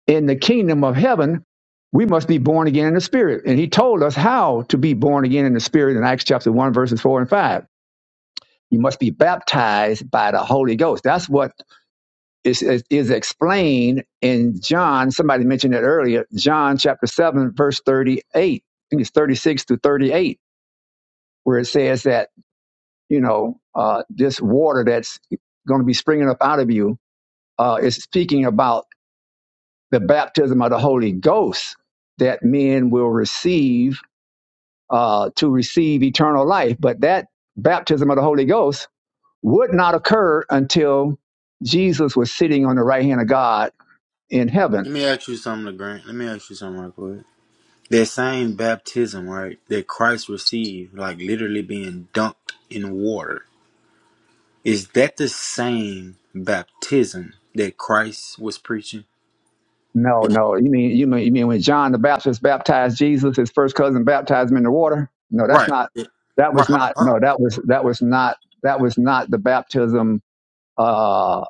[SPEAKER 1] in the kingdom of heaven, we must be born again in the spirit. And he told us how to be born again in the spirit in Acts chapter 1, verses 4 and 5. You must be baptized by the Holy Ghost. That's what is, is, is explained in John. Somebody mentioned it earlier, John chapter 7, verse 38. I think it's 36 to 38, where it says that, you know, uh, this water that's going to be springing up out of you uh, is speaking about the baptism of the Holy Ghost that men will receive uh, to receive eternal life. But that baptism of the Holy Ghost would not occur until Jesus was sitting on the right hand of God in heaven.
[SPEAKER 2] Let me ask you something, Legrand. Let me ask you something right quick. That same baptism, right, that Christ received, like literally being dunked in water, is that the same baptism that Christ was preaching?
[SPEAKER 1] No, no. You mean you mean you mean when John the Baptist baptized Jesus, his first cousin baptized him in the water? No, that's
[SPEAKER 2] Right.
[SPEAKER 1] not.
[SPEAKER 2] Yeah.
[SPEAKER 1] That
[SPEAKER 2] Right.
[SPEAKER 1] was
[SPEAKER 2] Hold on.
[SPEAKER 1] not.
[SPEAKER 2] Hold on.
[SPEAKER 1] No, that was that was not. That was not the baptism uh,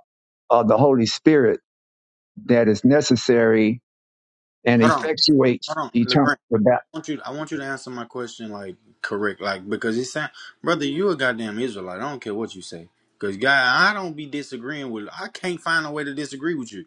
[SPEAKER 1] of the Holy Spirit that is necessary and
[SPEAKER 2] Hold on.
[SPEAKER 1] effectuates
[SPEAKER 2] Hold on.
[SPEAKER 1] eternal.
[SPEAKER 2] LeGrand, I want you. I want you to answer my question like correct, like because it sound, brother, you a goddamn Israelite. I don't care what you say. Cause guy, I don't be disagreeing with. I can't find a way to disagree with you.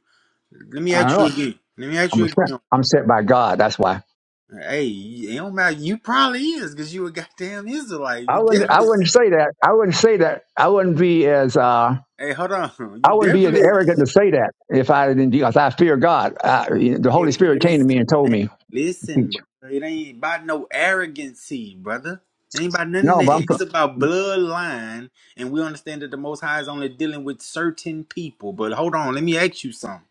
[SPEAKER 2] Let me
[SPEAKER 1] I don't
[SPEAKER 2] ask you
[SPEAKER 1] know.
[SPEAKER 2] again. Let me ask you
[SPEAKER 1] I'm sent.
[SPEAKER 2] again.
[SPEAKER 1] I'm sent by God. That's why.
[SPEAKER 2] Hey, it don't matter. You probably is because you a goddamn Israelite.
[SPEAKER 1] I
[SPEAKER 2] You
[SPEAKER 1] wouldn't. I
[SPEAKER 2] definitely.
[SPEAKER 1] wouldn't say that. I wouldn't say that. I wouldn't be as. Uh,
[SPEAKER 2] Hey, hold on.
[SPEAKER 1] I
[SPEAKER 2] You
[SPEAKER 1] wouldn't be as
[SPEAKER 2] definitely.
[SPEAKER 1] arrogant to say that if I didn't. Because I fear God. I, the Holy
[SPEAKER 2] Hey,
[SPEAKER 1] Spirit came to
[SPEAKER 2] listen,
[SPEAKER 1] me and told
[SPEAKER 2] man.
[SPEAKER 1] me to
[SPEAKER 2] Listen,
[SPEAKER 1] teach.
[SPEAKER 2] brother. It ain't about no arrogancy, brother. It ain't about nothing
[SPEAKER 1] No, but I'm.
[SPEAKER 2] there.
[SPEAKER 1] so-
[SPEAKER 2] It's about bloodline, and we understand that the Most High is only dealing with certain people. But hold on, let me ask you something.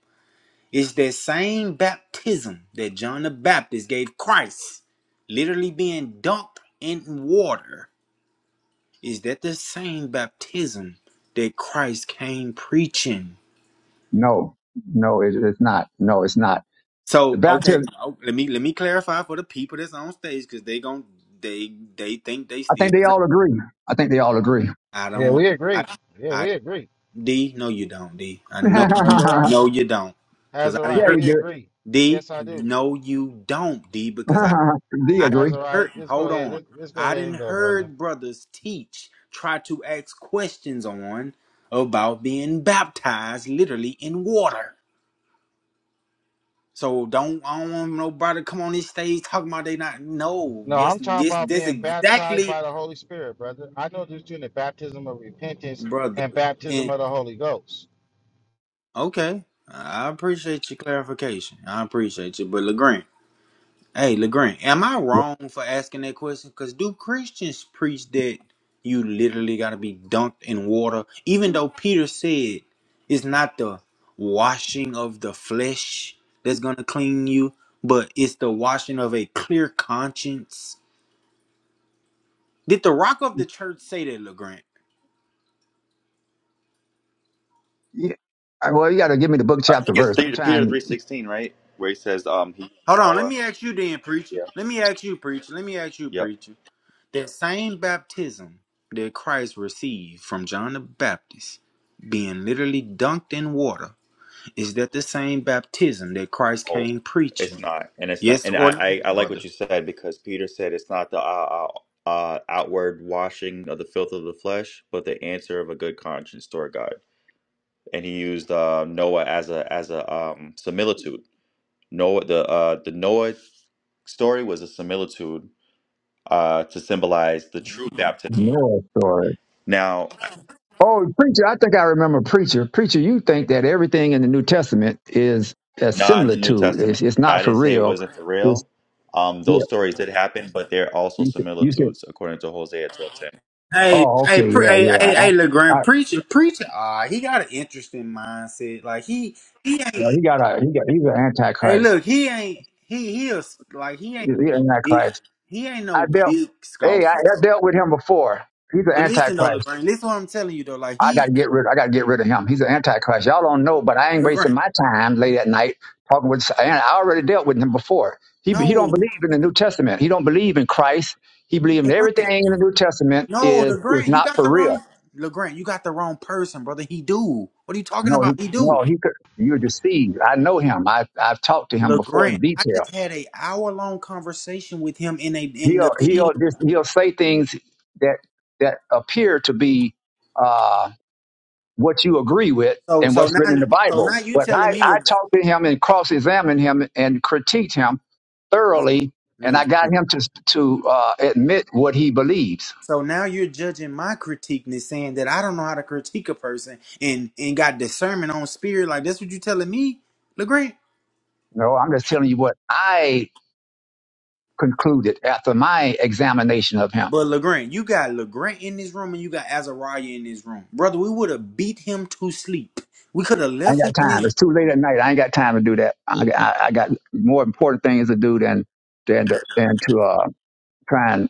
[SPEAKER 2] It's that same baptism that John the Baptist gave Christ, literally being dunked in water. Is that the same baptism that Christ came preaching?
[SPEAKER 1] No, no, it, it's not. No, it's not. The
[SPEAKER 2] So okay,
[SPEAKER 1] baptism.
[SPEAKER 2] oh, let me let me clarify for the people that's on stage because they gon' they they think they
[SPEAKER 1] I
[SPEAKER 2] still
[SPEAKER 1] think they
[SPEAKER 2] got. it.
[SPEAKER 1] all agree. I think they all agree.
[SPEAKER 2] I
[SPEAKER 4] Yeah,
[SPEAKER 2] don't.
[SPEAKER 4] we agree.
[SPEAKER 2] I
[SPEAKER 4] Yeah,
[SPEAKER 2] I
[SPEAKER 4] we agree.
[SPEAKER 2] D. No, you don't. D. I know.
[SPEAKER 1] yeah,
[SPEAKER 2] you-
[SPEAKER 4] Azariah,
[SPEAKER 2] No, you don't. Because I didn't
[SPEAKER 4] Azariah,
[SPEAKER 1] you
[SPEAKER 4] we
[SPEAKER 2] hurt.
[SPEAKER 1] do it.
[SPEAKER 4] agree. Yes,
[SPEAKER 2] D.
[SPEAKER 4] I do.
[SPEAKER 2] No, you don't. D. Because I
[SPEAKER 4] A-
[SPEAKER 1] they
[SPEAKER 2] I
[SPEAKER 1] agree.
[SPEAKER 2] didn't
[SPEAKER 4] Azariah,
[SPEAKER 2] hurt.
[SPEAKER 4] just go
[SPEAKER 2] Hold
[SPEAKER 4] ahead.
[SPEAKER 2] on.
[SPEAKER 4] Just, just go
[SPEAKER 2] I
[SPEAKER 4] ahead
[SPEAKER 2] didn't
[SPEAKER 4] and go, brother.
[SPEAKER 2] heard brothers teach. Try to ask questions on about being baptized literally in water. So don't I don't want nobody come on this stage talking about they not no.
[SPEAKER 4] No,
[SPEAKER 2] Yes,
[SPEAKER 4] I'm talking
[SPEAKER 2] this
[SPEAKER 4] about
[SPEAKER 2] this
[SPEAKER 4] being baptized
[SPEAKER 2] exactly
[SPEAKER 4] by the Holy Spirit, brother. I know there's doing the baptism of repentance
[SPEAKER 2] brother.
[SPEAKER 4] and baptism
[SPEAKER 2] And
[SPEAKER 4] of the Holy Ghost.
[SPEAKER 2] okay. I appreciate your clarification. I appreciate you. But LeGrand, hey LeGrand, am I
[SPEAKER 1] Yeah.
[SPEAKER 2] wrong for asking that question? Cause do Christians preach that you literally gotta be dunked in water? Even though Peter said it's not the washing of the flesh that's gonna clean you, but it's the washing of a clear conscience Did the rock of the church say that, LeGrant?
[SPEAKER 1] Yeah. Well, you got to give me the book,
[SPEAKER 3] I
[SPEAKER 1] chapter,
[SPEAKER 3] think it's
[SPEAKER 1] verse. I'm
[SPEAKER 3] three, Peter three
[SPEAKER 1] trying.
[SPEAKER 3] sixteen, right? Where he says, "Um, he
[SPEAKER 2] Hold on, let
[SPEAKER 3] Noah."
[SPEAKER 2] me ask you then, preacher.
[SPEAKER 3] Yeah.
[SPEAKER 2] Let me ask you, preacher. Let me ask you,
[SPEAKER 3] Yep.
[SPEAKER 2] preacher. That same baptism that Christ received from John the Baptist, being literally dunked in water, is that the same baptism that Christ
[SPEAKER 3] Oh,
[SPEAKER 2] came
[SPEAKER 3] it's
[SPEAKER 2] preaching?
[SPEAKER 3] not, and it's not,
[SPEAKER 2] Yes
[SPEAKER 3] and
[SPEAKER 2] or no,
[SPEAKER 3] I, I, I like what
[SPEAKER 2] brother?
[SPEAKER 3] you said because Peter said it's not the uh, uh, uh, outward washing of the filth of the flesh, but the answer of a good conscience toward God. And he used uh, Noah as a as a um, similitude. Noah, the uh, the Noah story was a similitude uh, to symbolize the true baptism.
[SPEAKER 1] No, story.
[SPEAKER 3] Now,
[SPEAKER 1] Oh, preacher, I think I remember preacher. Preacher, you think that everything in the New Testament is a
[SPEAKER 3] not in the New
[SPEAKER 1] similitude. It's,
[SPEAKER 3] Testament.
[SPEAKER 1] it's not
[SPEAKER 3] I
[SPEAKER 1] for
[SPEAKER 3] didn't say it
[SPEAKER 1] real.
[SPEAKER 3] wasn't for
[SPEAKER 1] It's
[SPEAKER 3] real. Um,
[SPEAKER 1] yeah.
[SPEAKER 3] those stories did happen, but they're also
[SPEAKER 1] You, said- you said,
[SPEAKER 3] similitudes according to Hosea 12:10.
[SPEAKER 2] Hey,
[SPEAKER 1] oh,
[SPEAKER 2] hey,
[SPEAKER 1] okay,
[SPEAKER 2] pre-
[SPEAKER 1] yeah,
[SPEAKER 2] hey,
[SPEAKER 1] yeah.
[SPEAKER 2] hey, hey,
[SPEAKER 1] I, I,
[SPEAKER 2] LeGrand, preacher, preacher. Ah, he got an interesting mindset. Like he, he
[SPEAKER 1] you
[SPEAKER 2] ain't.
[SPEAKER 1] know, he got a, he got, he's an
[SPEAKER 2] Hey,
[SPEAKER 1] antichrist.
[SPEAKER 2] look, he ain't he he a, s- like he
[SPEAKER 1] He's
[SPEAKER 2] ain't no
[SPEAKER 1] an
[SPEAKER 2] big
[SPEAKER 1] antichrist.
[SPEAKER 2] he ain't
[SPEAKER 1] I
[SPEAKER 2] no
[SPEAKER 1] dealt,
[SPEAKER 2] big
[SPEAKER 1] hey, I,
[SPEAKER 2] scoffer
[SPEAKER 1] I
[SPEAKER 2] though.
[SPEAKER 1] dealt with him before. He's an
[SPEAKER 2] But listen though,
[SPEAKER 1] antichrist.
[SPEAKER 2] Legrand, listen what I'm telling you though. Like
[SPEAKER 1] I
[SPEAKER 2] he
[SPEAKER 1] got to get rid. I got to get rid of him. He's an antichrist. Y'all don't know, but I ain't wasting
[SPEAKER 2] Legrand,
[SPEAKER 1] my time late at night talking with. And I already dealt with him before. He he don't
[SPEAKER 2] no
[SPEAKER 1] believe in the New Testament. He don't believe in Christ. He believes in everything
[SPEAKER 2] Legrand,
[SPEAKER 1] in the New Testament
[SPEAKER 2] no
[SPEAKER 1] is is
[SPEAKER 2] Legrand, you
[SPEAKER 1] not
[SPEAKER 2] got
[SPEAKER 1] for
[SPEAKER 2] the
[SPEAKER 1] real.
[SPEAKER 2] wrong Legrand, you got the wrong person, brother. He do. What are you talking
[SPEAKER 1] No, he
[SPEAKER 2] about? He do.
[SPEAKER 1] no he could. You're deceived. I know him. I I've talked to him before
[SPEAKER 2] Legrand,
[SPEAKER 1] in
[SPEAKER 2] I
[SPEAKER 1] detail.
[SPEAKER 2] just had a hour long conversation with him in a in the
[SPEAKER 1] He'll
[SPEAKER 2] venue.
[SPEAKER 1] he'll just he'll say things that that appear to be. uh, what you agree with
[SPEAKER 2] So
[SPEAKER 1] and
[SPEAKER 2] so
[SPEAKER 1] what's written in
[SPEAKER 2] now
[SPEAKER 1] the
[SPEAKER 2] so
[SPEAKER 1] Bible.
[SPEAKER 2] now you
[SPEAKER 1] But
[SPEAKER 2] telling
[SPEAKER 1] I,
[SPEAKER 2] me
[SPEAKER 1] I
[SPEAKER 2] Le,
[SPEAKER 1] talked to him and cross examined him and critiqued him thoroughly, and
[SPEAKER 2] Le,
[SPEAKER 1] I got him to, to uh, admit what he believes.
[SPEAKER 2] So now you're judging my critiqueness, saying that I don't know how to critique a person and and got discernment on spirit. Like that's what you telling me, Legrand.
[SPEAKER 1] No, I'm just telling you what I concluded after my examination of him.
[SPEAKER 2] But Legrand, you got Legrand in this room and you got Azariah in this room, brother. We would have beat him to sleep. We could have
[SPEAKER 1] I ain't
[SPEAKER 2] left him
[SPEAKER 1] got
[SPEAKER 2] in
[SPEAKER 1] time.
[SPEAKER 2] this.
[SPEAKER 1] It's too late at night. I ain't got time to do that. I, I, I got more important things to do than than to, than to uh, try and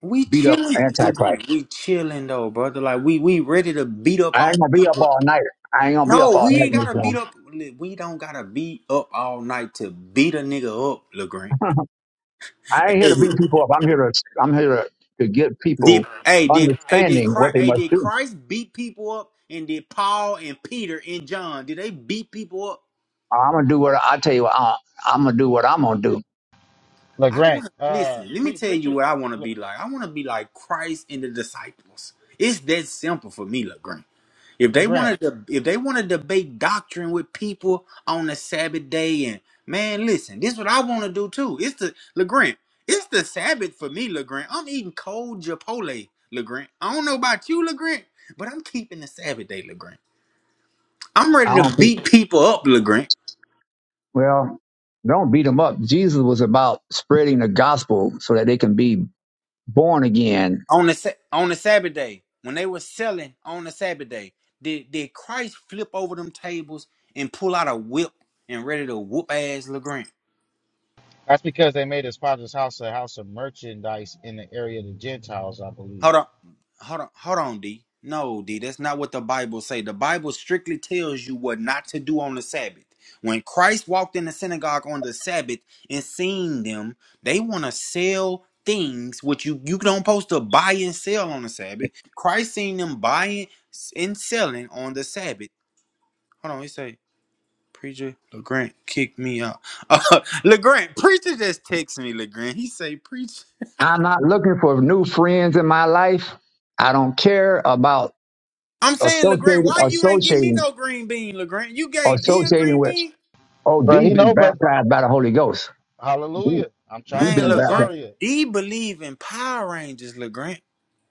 [SPEAKER 2] We
[SPEAKER 1] beat up
[SPEAKER 2] chilling,
[SPEAKER 1] Antichrist.
[SPEAKER 2] Legrand. We chilling though, brother. Like we we ready to beat up
[SPEAKER 1] I
[SPEAKER 2] on
[SPEAKER 1] ain't gonna be up
[SPEAKER 2] people.
[SPEAKER 1] all night. I ain't gonna be up
[SPEAKER 2] No,
[SPEAKER 1] all
[SPEAKER 2] we
[SPEAKER 1] night,
[SPEAKER 2] ain't
[SPEAKER 1] Miss
[SPEAKER 2] gotta
[SPEAKER 1] Jones.
[SPEAKER 2] beat up. We don't gotta beat up all night to beat a nigga up, Legrand.
[SPEAKER 1] I ain't here to beat people up. I'm here to I'm here to, to get
[SPEAKER 2] Did
[SPEAKER 1] people
[SPEAKER 2] hey did hey did
[SPEAKER 1] understanding what
[SPEAKER 2] Christ
[SPEAKER 1] they
[SPEAKER 2] hey
[SPEAKER 1] must
[SPEAKER 2] did
[SPEAKER 1] do.
[SPEAKER 2] Christ beat people up and did Paul and Peter and John did they beat people up?
[SPEAKER 1] I'm gonna do what I tell you. I, I'm gonna do what I'm gonna do.
[SPEAKER 2] I
[SPEAKER 4] LeGrant,
[SPEAKER 2] want to
[SPEAKER 4] uh,
[SPEAKER 2] listen. Let me
[SPEAKER 4] pre-
[SPEAKER 2] tell you
[SPEAKER 4] preacher
[SPEAKER 2] what I want to be like. I want to be like Christ and the disciples. It's that simple for me, LeGrand. If they
[SPEAKER 4] LeGrant.
[SPEAKER 2] wanted to, if they want to debate doctrine with people on the Sabbath day, and man, listen, this is what I want to do too. It's the LeGrand. It's the Sabbath for me, LeGrand. I'm eating cold Chipotle, LeGrand. I don't know about you, LeGrand, but I'm keeping the Sabbath day, LeGrand. I'm
[SPEAKER 1] I
[SPEAKER 2] ready
[SPEAKER 1] don't.
[SPEAKER 2] to
[SPEAKER 1] think-
[SPEAKER 2] beat people up, Legrand.
[SPEAKER 1] Well, don't beat them up. Jesus was about spreading the gospel so that they can be born again.
[SPEAKER 2] On the Sa- on the Sabbath day, when they were selling on the Sabbath day, did did Christ flip over them tables and pull out a whip and ready to whoop ass Legrand?
[SPEAKER 4] That's because they made his father's house a house of merchandise in the area of the Gentiles, I believe.
[SPEAKER 2] Hold on. Hold on. Hold on, D. No, D, that's not what the Bible say. The Bible strictly tells you what not to do on the Sabbath. When Christ walked in the synagogue on the Sabbath and seen them, they want to sell things which you you don't supposed to buy and sell on the Sabbath. Christ seen them buying and selling on the Sabbath. Hold on, he say, preacher LeGrant kicked me out. Uh, LeGrant, preacher just text me. LeGrant, he say, preacher.
[SPEAKER 1] I'm not looking for new friends in my life. I don't care about
[SPEAKER 2] I'm saying LeGrand,
[SPEAKER 1] associating,
[SPEAKER 2] why you ain't give me
[SPEAKER 1] associating,
[SPEAKER 2] no green bean, LeGrand? You gave D a
[SPEAKER 1] associating
[SPEAKER 2] green
[SPEAKER 1] with.
[SPEAKER 2] bean?
[SPEAKER 1] Oh,
[SPEAKER 4] But
[SPEAKER 1] D
[SPEAKER 4] you
[SPEAKER 1] been
[SPEAKER 4] know, brother,
[SPEAKER 1] baptized by the Holy Ghost. D,
[SPEAKER 4] hallelujah. I'm trying
[SPEAKER 1] D
[SPEAKER 4] to
[SPEAKER 2] Man,
[SPEAKER 1] been
[SPEAKER 4] tell us,
[SPEAKER 1] baptized.
[SPEAKER 2] LeGrand,
[SPEAKER 4] Aria.
[SPEAKER 2] D believe in Power Rangers, LeGrand.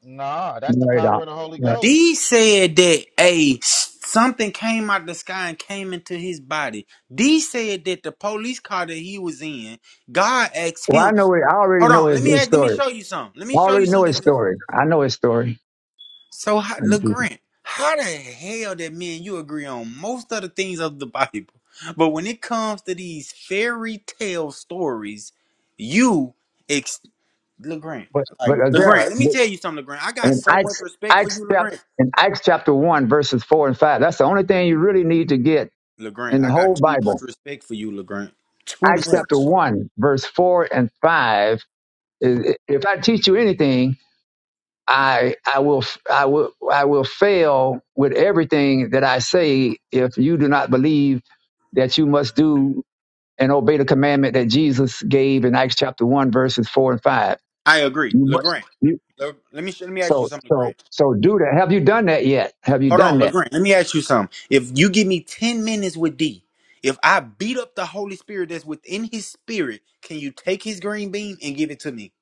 [SPEAKER 4] Nah, that's
[SPEAKER 1] No,
[SPEAKER 4] the
[SPEAKER 1] he
[SPEAKER 4] power of the Holy
[SPEAKER 1] don't.
[SPEAKER 2] D
[SPEAKER 4] Ghost.
[SPEAKER 2] said that a something came out the sky and came into his body. D said that the police car that he was in, God asked
[SPEAKER 1] Well,
[SPEAKER 2] him,
[SPEAKER 1] I know it. I already
[SPEAKER 2] hold
[SPEAKER 1] know
[SPEAKER 2] on,
[SPEAKER 1] his,
[SPEAKER 2] let me
[SPEAKER 1] his
[SPEAKER 2] ask, let me
[SPEAKER 1] story.
[SPEAKER 2] show you something. Let me
[SPEAKER 1] I
[SPEAKER 2] show you
[SPEAKER 1] already know his
[SPEAKER 2] something.
[SPEAKER 1] story. I know his story.
[SPEAKER 2] So, how, LeGrant, how the hell that me and you agree on most of the things of the Bible, but when it comes to these fairy tale stories, you ex LeGrant,
[SPEAKER 1] But
[SPEAKER 2] like
[SPEAKER 1] but
[SPEAKER 2] LeGrant,
[SPEAKER 1] Azara,
[SPEAKER 2] let me tell you something, LeGrant. I got
[SPEAKER 1] in
[SPEAKER 2] so much
[SPEAKER 1] Acts
[SPEAKER 2] respect for
[SPEAKER 1] Acts
[SPEAKER 2] you,
[SPEAKER 1] chapter
[SPEAKER 2] LeGrant.
[SPEAKER 1] in Acts chapter one verses four and five. That's the only thing you really need to get
[SPEAKER 2] LeGrant,
[SPEAKER 1] in the
[SPEAKER 2] I got
[SPEAKER 1] whole
[SPEAKER 2] too much
[SPEAKER 1] Bible.
[SPEAKER 2] respect for you, LeGrant. Too
[SPEAKER 1] Acts chapter
[SPEAKER 2] much.
[SPEAKER 1] one verse four and five. If if I teach you anything, I I will I will I will fail with everything that I say if you do not believe that you must do and obey the commandment that Jesus gave in Acts chapter one, verses four and five.
[SPEAKER 2] I agree,
[SPEAKER 1] You must,
[SPEAKER 2] LeGrant.
[SPEAKER 1] you,
[SPEAKER 2] Le, let me let me ask you
[SPEAKER 1] so,
[SPEAKER 2] something,
[SPEAKER 1] so,
[SPEAKER 2] LeGrant.
[SPEAKER 1] so do that. Have you done that yet? Have you
[SPEAKER 2] Hold
[SPEAKER 1] done
[SPEAKER 2] on,
[SPEAKER 1] that?
[SPEAKER 2] LeGrand. Let me ask you something. If you give me 10 minutes with D, if I beat up the Holy Spirit that's within his spirit, can you take his green bean and give it to me?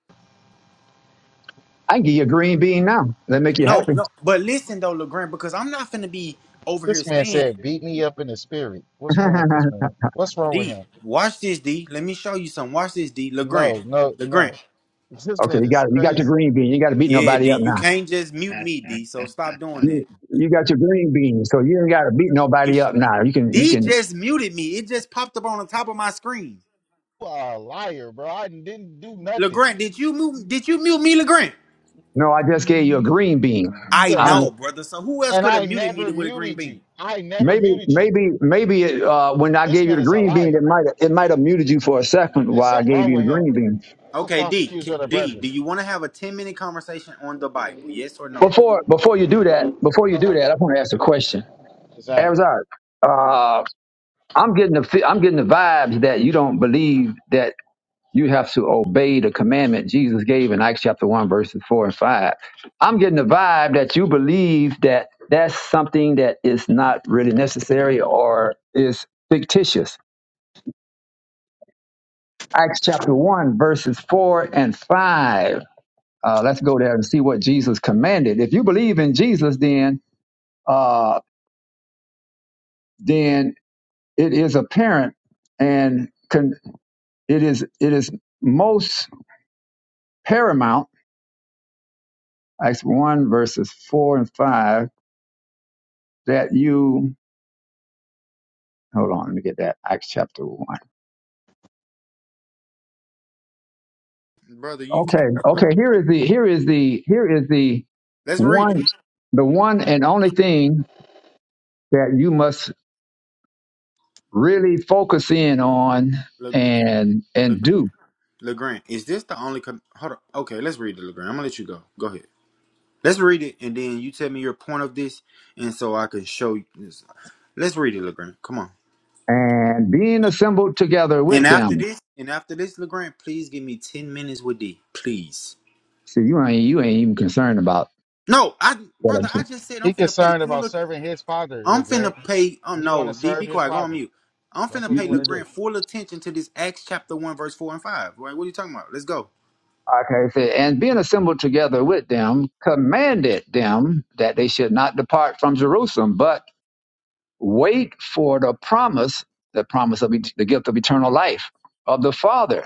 [SPEAKER 1] I can give you a green bean now. That make you
[SPEAKER 2] No,
[SPEAKER 1] happy.
[SPEAKER 2] no. But listen though, LeGrand, because I'm not finna be over here
[SPEAKER 4] This man
[SPEAKER 2] saying,
[SPEAKER 4] said, "Beat me up in the spirit." What's wrong with this
[SPEAKER 1] okay,
[SPEAKER 4] man? What's wrong with
[SPEAKER 2] D,
[SPEAKER 4] him?
[SPEAKER 2] watch this, D. Let me show you something. Watch this, D. LeGrand.
[SPEAKER 4] No, no,
[SPEAKER 2] LeGrand.
[SPEAKER 4] no. This man
[SPEAKER 1] you
[SPEAKER 4] is
[SPEAKER 1] got you got your
[SPEAKER 4] crazy.
[SPEAKER 1] green bean. You ain't got to beat
[SPEAKER 2] Yeah,
[SPEAKER 1] nobody up
[SPEAKER 2] D. You
[SPEAKER 1] now.
[SPEAKER 2] can't just mute me, D. So stop doing that.
[SPEAKER 1] You, you got your green bean, so you ain't got to beat
[SPEAKER 2] You
[SPEAKER 1] nobody up now. You can you
[SPEAKER 2] D
[SPEAKER 1] can.
[SPEAKER 2] just muted me. It just popped up on the top of my screen.
[SPEAKER 4] You are a liar, bro. I didn't do nothing.
[SPEAKER 2] LeGrand, did you mute did you mute me, LeGrand?
[SPEAKER 1] No, I just gave you a green bean.
[SPEAKER 2] I
[SPEAKER 1] I don't
[SPEAKER 4] Yeah, I-
[SPEAKER 1] know.
[SPEAKER 2] know, brother. So who else
[SPEAKER 4] and
[SPEAKER 2] could have
[SPEAKER 4] I
[SPEAKER 2] muted me
[SPEAKER 4] never
[SPEAKER 2] with a green
[SPEAKER 4] muted you.
[SPEAKER 2] bean?
[SPEAKER 4] I never
[SPEAKER 1] Maybe
[SPEAKER 4] muted you.
[SPEAKER 1] maybe maybe it, uh, when I
[SPEAKER 4] This
[SPEAKER 1] gave you
[SPEAKER 4] man
[SPEAKER 1] the
[SPEAKER 4] is a
[SPEAKER 1] green bean,
[SPEAKER 4] liar.
[SPEAKER 1] it might it might have muted you for a second
[SPEAKER 4] There's
[SPEAKER 1] while I
[SPEAKER 4] something
[SPEAKER 1] gave
[SPEAKER 4] wrong
[SPEAKER 1] you the
[SPEAKER 4] with him.
[SPEAKER 1] green bean.
[SPEAKER 4] It's a
[SPEAKER 2] Okay,
[SPEAKER 4] false
[SPEAKER 2] D,
[SPEAKER 4] accuser
[SPEAKER 2] K-
[SPEAKER 4] of the
[SPEAKER 2] D, do
[SPEAKER 4] brethren.
[SPEAKER 2] you want to have a ten minute conversation on the Bible? Yes or no, bro?
[SPEAKER 1] Before before you do that, before you do that, I want to ask a question.
[SPEAKER 4] Exactly.
[SPEAKER 1] Arizard, uh, I'm getting the fe- I'm getting the vibes that you don't believe that you have to obey the commandment Jesus gave in Acts chapter one verses four and five. I'm getting the vibe that you believe that that's something that is not really necessary or is fictitious. Acts chapter one verses four and five. Uh, let's go there and see what Jesus commanded. If you believe in Jesus, then uh, then it is apparent and con- it is it is most paramount acts 1 verses 4 and 5 that you hold on let me get that acts chapter 1
[SPEAKER 2] brother? You
[SPEAKER 1] okay
[SPEAKER 2] can't.
[SPEAKER 1] okay here is the here is the here is the
[SPEAKER 2] Let's read it.
[SPEAKER 1] one the one and only thing that you must really focus in on
[SPEAKER 2] Le,
[SPEAKER 1] and
[SPEAKER 2] Le,
[SPEAKER 1] and do
[SPEAKER 2] Legrand, is this the only? Com- Hold on. Okay, let's read it, Legrand. I'm gonna let you go. Go ahead. Let's read it, and then you tell me your point of this, and so I can show you. This. Let's read it, Legrand. Come on.
[SPEAKER 1] and being assembled together
[SPEAKER 2] And
[SPEAKER 1] with
[SPEAKER 2] after
[SPEAKER 1] them
[SPEAKER 2] this, and after this, Legrand, please give me ten minutes with D, please.
[SPEAKER 1] see you ain't you ain't even concerned about
[SPEAKER 2] No, I,
[SPEAKER 1] what i'm
[SPEAKER 2] brother, I
[SPEAKER 1] saying
[SPEAKER 2] just said I'm
[SPEAKER 4] He
[SPEAKER 2] finna pay
[SPEAKER 4] concerned
[SPEAKER 2] full.
[SPEAKER 4] about serving his father,
[SPEAKER 2] I'm finna
[SPEAKER 4] LeGrand.
[SPEAKER 2] pay. Oh
[SPEAKER 4] He want
[SPEAKER 2] no,
[SPEAKER 4] to
[SPEAKER 2] D, be
[SPEAKER 4] serve his
[SPEAKER 2] quiet. Go on
[SPEAKER 4] father.
[SPEAKER 2] mute. I'm
[SPEAKER 4] That's
[SPEAKER 2] finna
[SPEAKER 4] what he
[SPEAKER 2] pay
[SPEAKER 4] want to do.
[SPEAKER 2] Legrand full attention to this Acts chapter one verse four and five. Right? What are you talking about? Let's go.
[SPEAKER 1] Okay, so, and being assembled together with them, commanded them that they should not depart from Jerusalem, but wait for the promise, the promise of et- the gift of eternal life of the Father,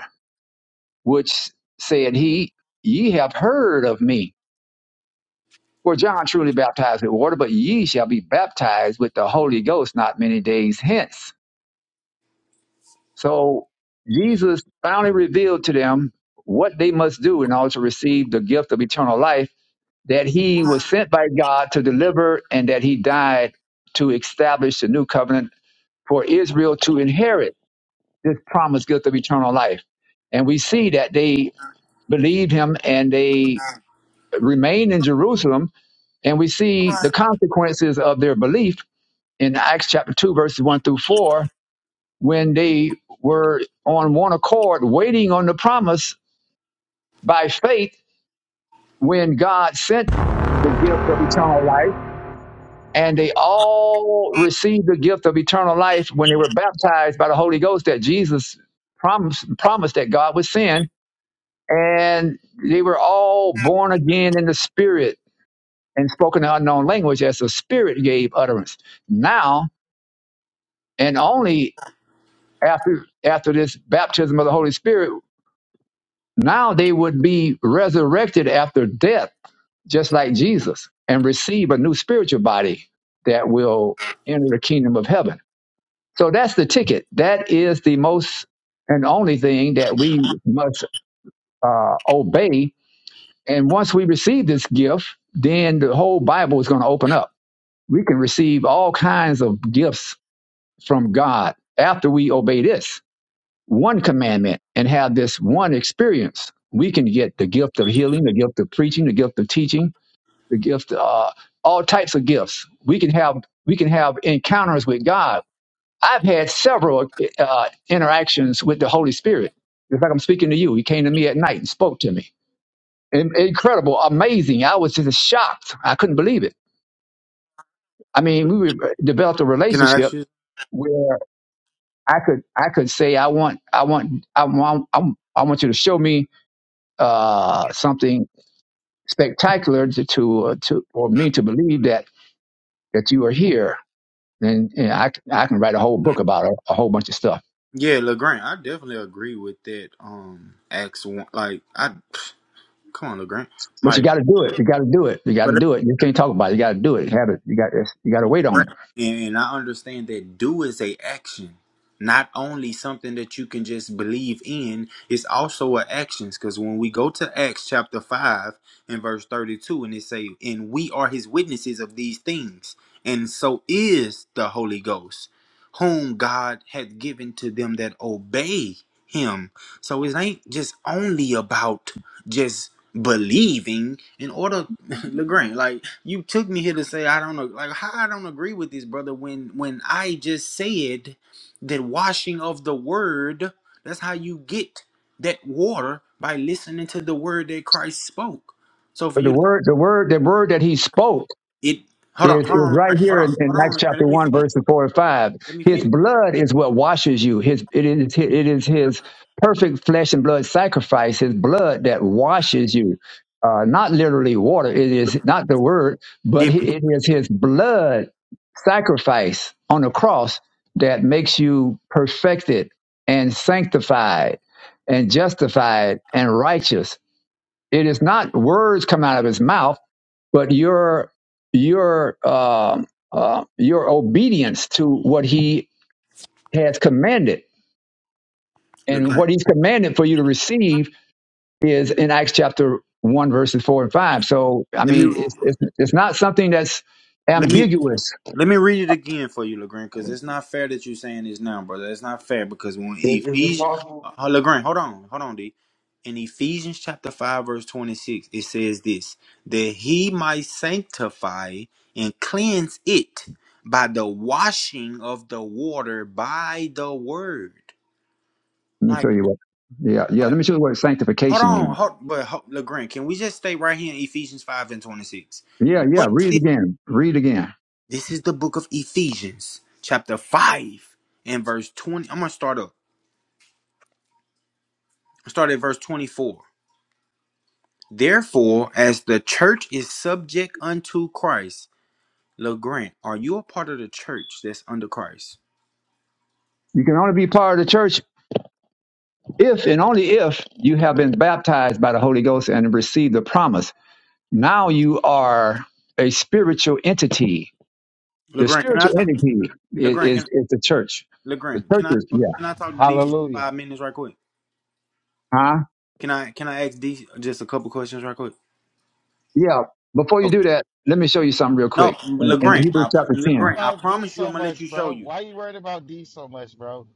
[SPEAKER 1] which said he, ye have heard of me. For John truly baptized with water, but ye shall be baptized with the Holy Ghost not many days hence. So Jesus finally revealed to them what they must do in order to receive the gift of eternal life that he was sent by God to deliver and that he died to establish the new covenant for Israel to inherit this promised gift of eternal life. And we see that they believed him and they remained in Jerusalem. And we see the consequences of their belief in Acts chapter 2, verses 1 through 4, when they were on one accord waiting on the promise by faith when God sent the gift of eternal life and they all received the gift of eternal life when they were baptized by the Holy Ghost that Jesus promised promised that God would send, and they were all born again in the Spirit and spoken an unknown language as the Spirit gave utterance. Now and only after after this baptism of the Holy Spirit, now they would be resurrected after death, just like Jesus, and receive a new spiritual body that will enter the kingdom of heaven. So that's the ticket. That is the most and only thing that we must uh, obey. And once we receive this gift, then the whole Bible is going to open up. We can receive all kinds of gifts from God after we obey this one commandment and have this one experience. We can get the gift of healing, the gift of preaching, the gift of teaching, the gift uh, all types of gifts. We can have we can have encounters with God I've had several uh, interactions with the Holy Spirit. It's like I'm speaking to you. He came to me at night and spoke to me. In- Incredible, amazing. I was just shocked. I couldn't believe it. I mean, we re- developed a
[SPEAKER 2] Can I ask
[SPEAKER 1] relationship
[SPEAKER 2] you?
[SPEAKER 1] where I could I could say I want I want I want I want I want you to show me uh, something spectacular to to, uh, to or me to believe that that you are here. And, and I c- I can write a whole book about a, a whole bunch of stuff
[SPEAKER 2] Yeah, Legrand, I definitely agree with that. Um, Acts one, like I, come on, Legrand,
[SPEAKER 1] But you
[SPEAKER 2] Mike.
[SPEAKER 1] got to do it. You got to do it. You got
[SPEAKER 2] But
[SPEAKER 1] to do it. You can't talk about it. You got to do it. have it. You got. You got to wait on
[SPEAKER 2] brain.
[SPEAKER 1] it.
[SPEAKER 2] And, and I understand that do is a action, not only something that you can just believe in. It's also a actions because when we go to Acts chapter five and verse thirty-two, and it say, "And we are His witnesses of these things, and so is the Holy Ghost, whom God hath given to them that obey Him." So it ain't just only about just believing in order Legrand, like you took me here to say I don't know, like how I don't agree with this, brother. When when I just said that washing of the word, that's how you get that water by listening to the word that Christ spoke. So for
[SPEAKER 1] But the
[SPEAKER 2] you to
[SPEAKER 1] word, the word, the word that he spoke
[SPEAKER 2] it, hold on,
[SPEAKER 1] is,
[SPEAKER 2] hold
[SPEAKER 1] is
[SPEAKER 2] on,
[SPEAKER 1] right
[SPEAKER 2] Legrand, hold
[SPEAKER 1] here
[SPEAKER 2] on,
[SPEAKER 1] in, in
[SPEAKER 2] hold on,
[SPEAKER 1] Acts
[SPEAKER 2] Legrand,
[SPEAKER 1] chapter
[SPEAKER 2] let me
[SPEAKER 1] one,
[SPEAKER 2] finish,
[SPEAKER 1] verses four and five.
[SPEAKER 2] let me
[SPEAKER 1] His
[SPEAKER 2] finish,
[SPEAKER 1] blood is what washes you. His it is it is his
[SPEAKER 2] Legrand,
[SPEAKER 1] perfect flesh and blood sacrifice. His blood that washes you. Uh, not literally water. It is not the word, but he-
[SPEAKER 2] Legrand,
[SPEAKER 1] it is his blood sacrifice on the cross that makes you perfected and sanctified and justified and righteous. It is not words come out of his mouth but your your uh, uh, your obedience to what he has commanded and
[SPEAKER 2] Legrand.
[SPEAKER 1] what he's commanded for you to receive is in acts chapter 1 verses 4 and 5 so i
[SPEAKER 2] let
[SPEAKER 1] mean
[SPEAKER 2] me
[SPEAKER 1] it's, it's, it's not something that's
[SPEAKER 2] let me.
[SPEAKER 1] ambiguous
[SPEAKER 2] Let me read it again for you, Legrand, because it's not fair that you're saying this now, brother. It's not fair because when
[SPEAKER 5] Is, is it
[SPEAKER 2] Ephesians,
[SPEAKER 5] possible?
[SPEAKER 2] uh, Legrand, hold on, hold on, D. In Ephesians chapter 5, verse 26, it says this that he might sanctify and cleanse it by the washing of the water by the word.
[SPEAKER 1] let me
[SPEAKER 2] Like,
[SPEAKER 1] tell you what yeah yeah
[SPEAKER 2] like
[SPEAKER 1] let me show you what
[SPEAKER 2] hold
[SPEAKER 1] sanctification
[SPEAKER 2] on,
[SPEAKER 1] means
[SPEAKER 2] hold, but hold, Legrand, can we just stay right here in Ephesians 5 and 26?
[SPEAKER 1] yeah yeah
[SPEAKER 2] What is this?
[SPEAKER 1] read it again read it again
[SPEAKER 2] This is the book of Ephesians, chapter 5 and verse 20. I'm going to start up. Start at verse 24. Therefore, as the church is subject unto Christ, LeGrand, are you a part of the church that's under Christ?
[SPEAKER 1] you can only be part of the church if and only if you have been baptized by the holy ghost and received the promise Now you are a spiritual entity. The
[SPEAKER 2] LeGrand, can I
[SPEAKER 1] spiritual
[SPEAKER 2] talk?
[SPEAKER 1] entity is,
[SPEAKER 2] LeGrand,
[SPEAKER 1] is,
[SPEAKER 2] can
[SPEAKER 1] is the church. The
[SPEAKER 2] LeGrand, can
[SPEAKER 1] church
[SPEAKER 2] I
[SPEAKER 1] is, yeah.
[SPEAKER 2] can I talk to D for just
[SPEAKER 4] Hallelujah.
[SPEAKER 2] five minutes right quick?
[SPEAKER 1] Huh?
[SPEAKER 2] Can I can I ask D just a couple questions right quick?
[SPEAKER 1] Yeah. Before you
[SPEAKER 2] Okay.
[SPEAKER 1] do that, let me show you something real
[SPEAKER 2] No,
[SPEAKER 1] quick in, in
[SPEAKER 2] LeGrand,
[SPEAKER 1] Hebrews
[SPEAKER 2] I
[SPEAKER 1] chapter 10.
[SPEAKER 2] LeGrand, I
[SPEAKER 4] About D
[SPEAKER 2] promise you,
[SPEAKER 4] so
[SPEAKER 2] I'm gonna let you
[SPEAKER 4] much,
[SPEAKER 2] show
[SPEAKER 4] bro.
[SPEAKER 2] you.
[SPEAKER 4] Why you worried about D so much, bro?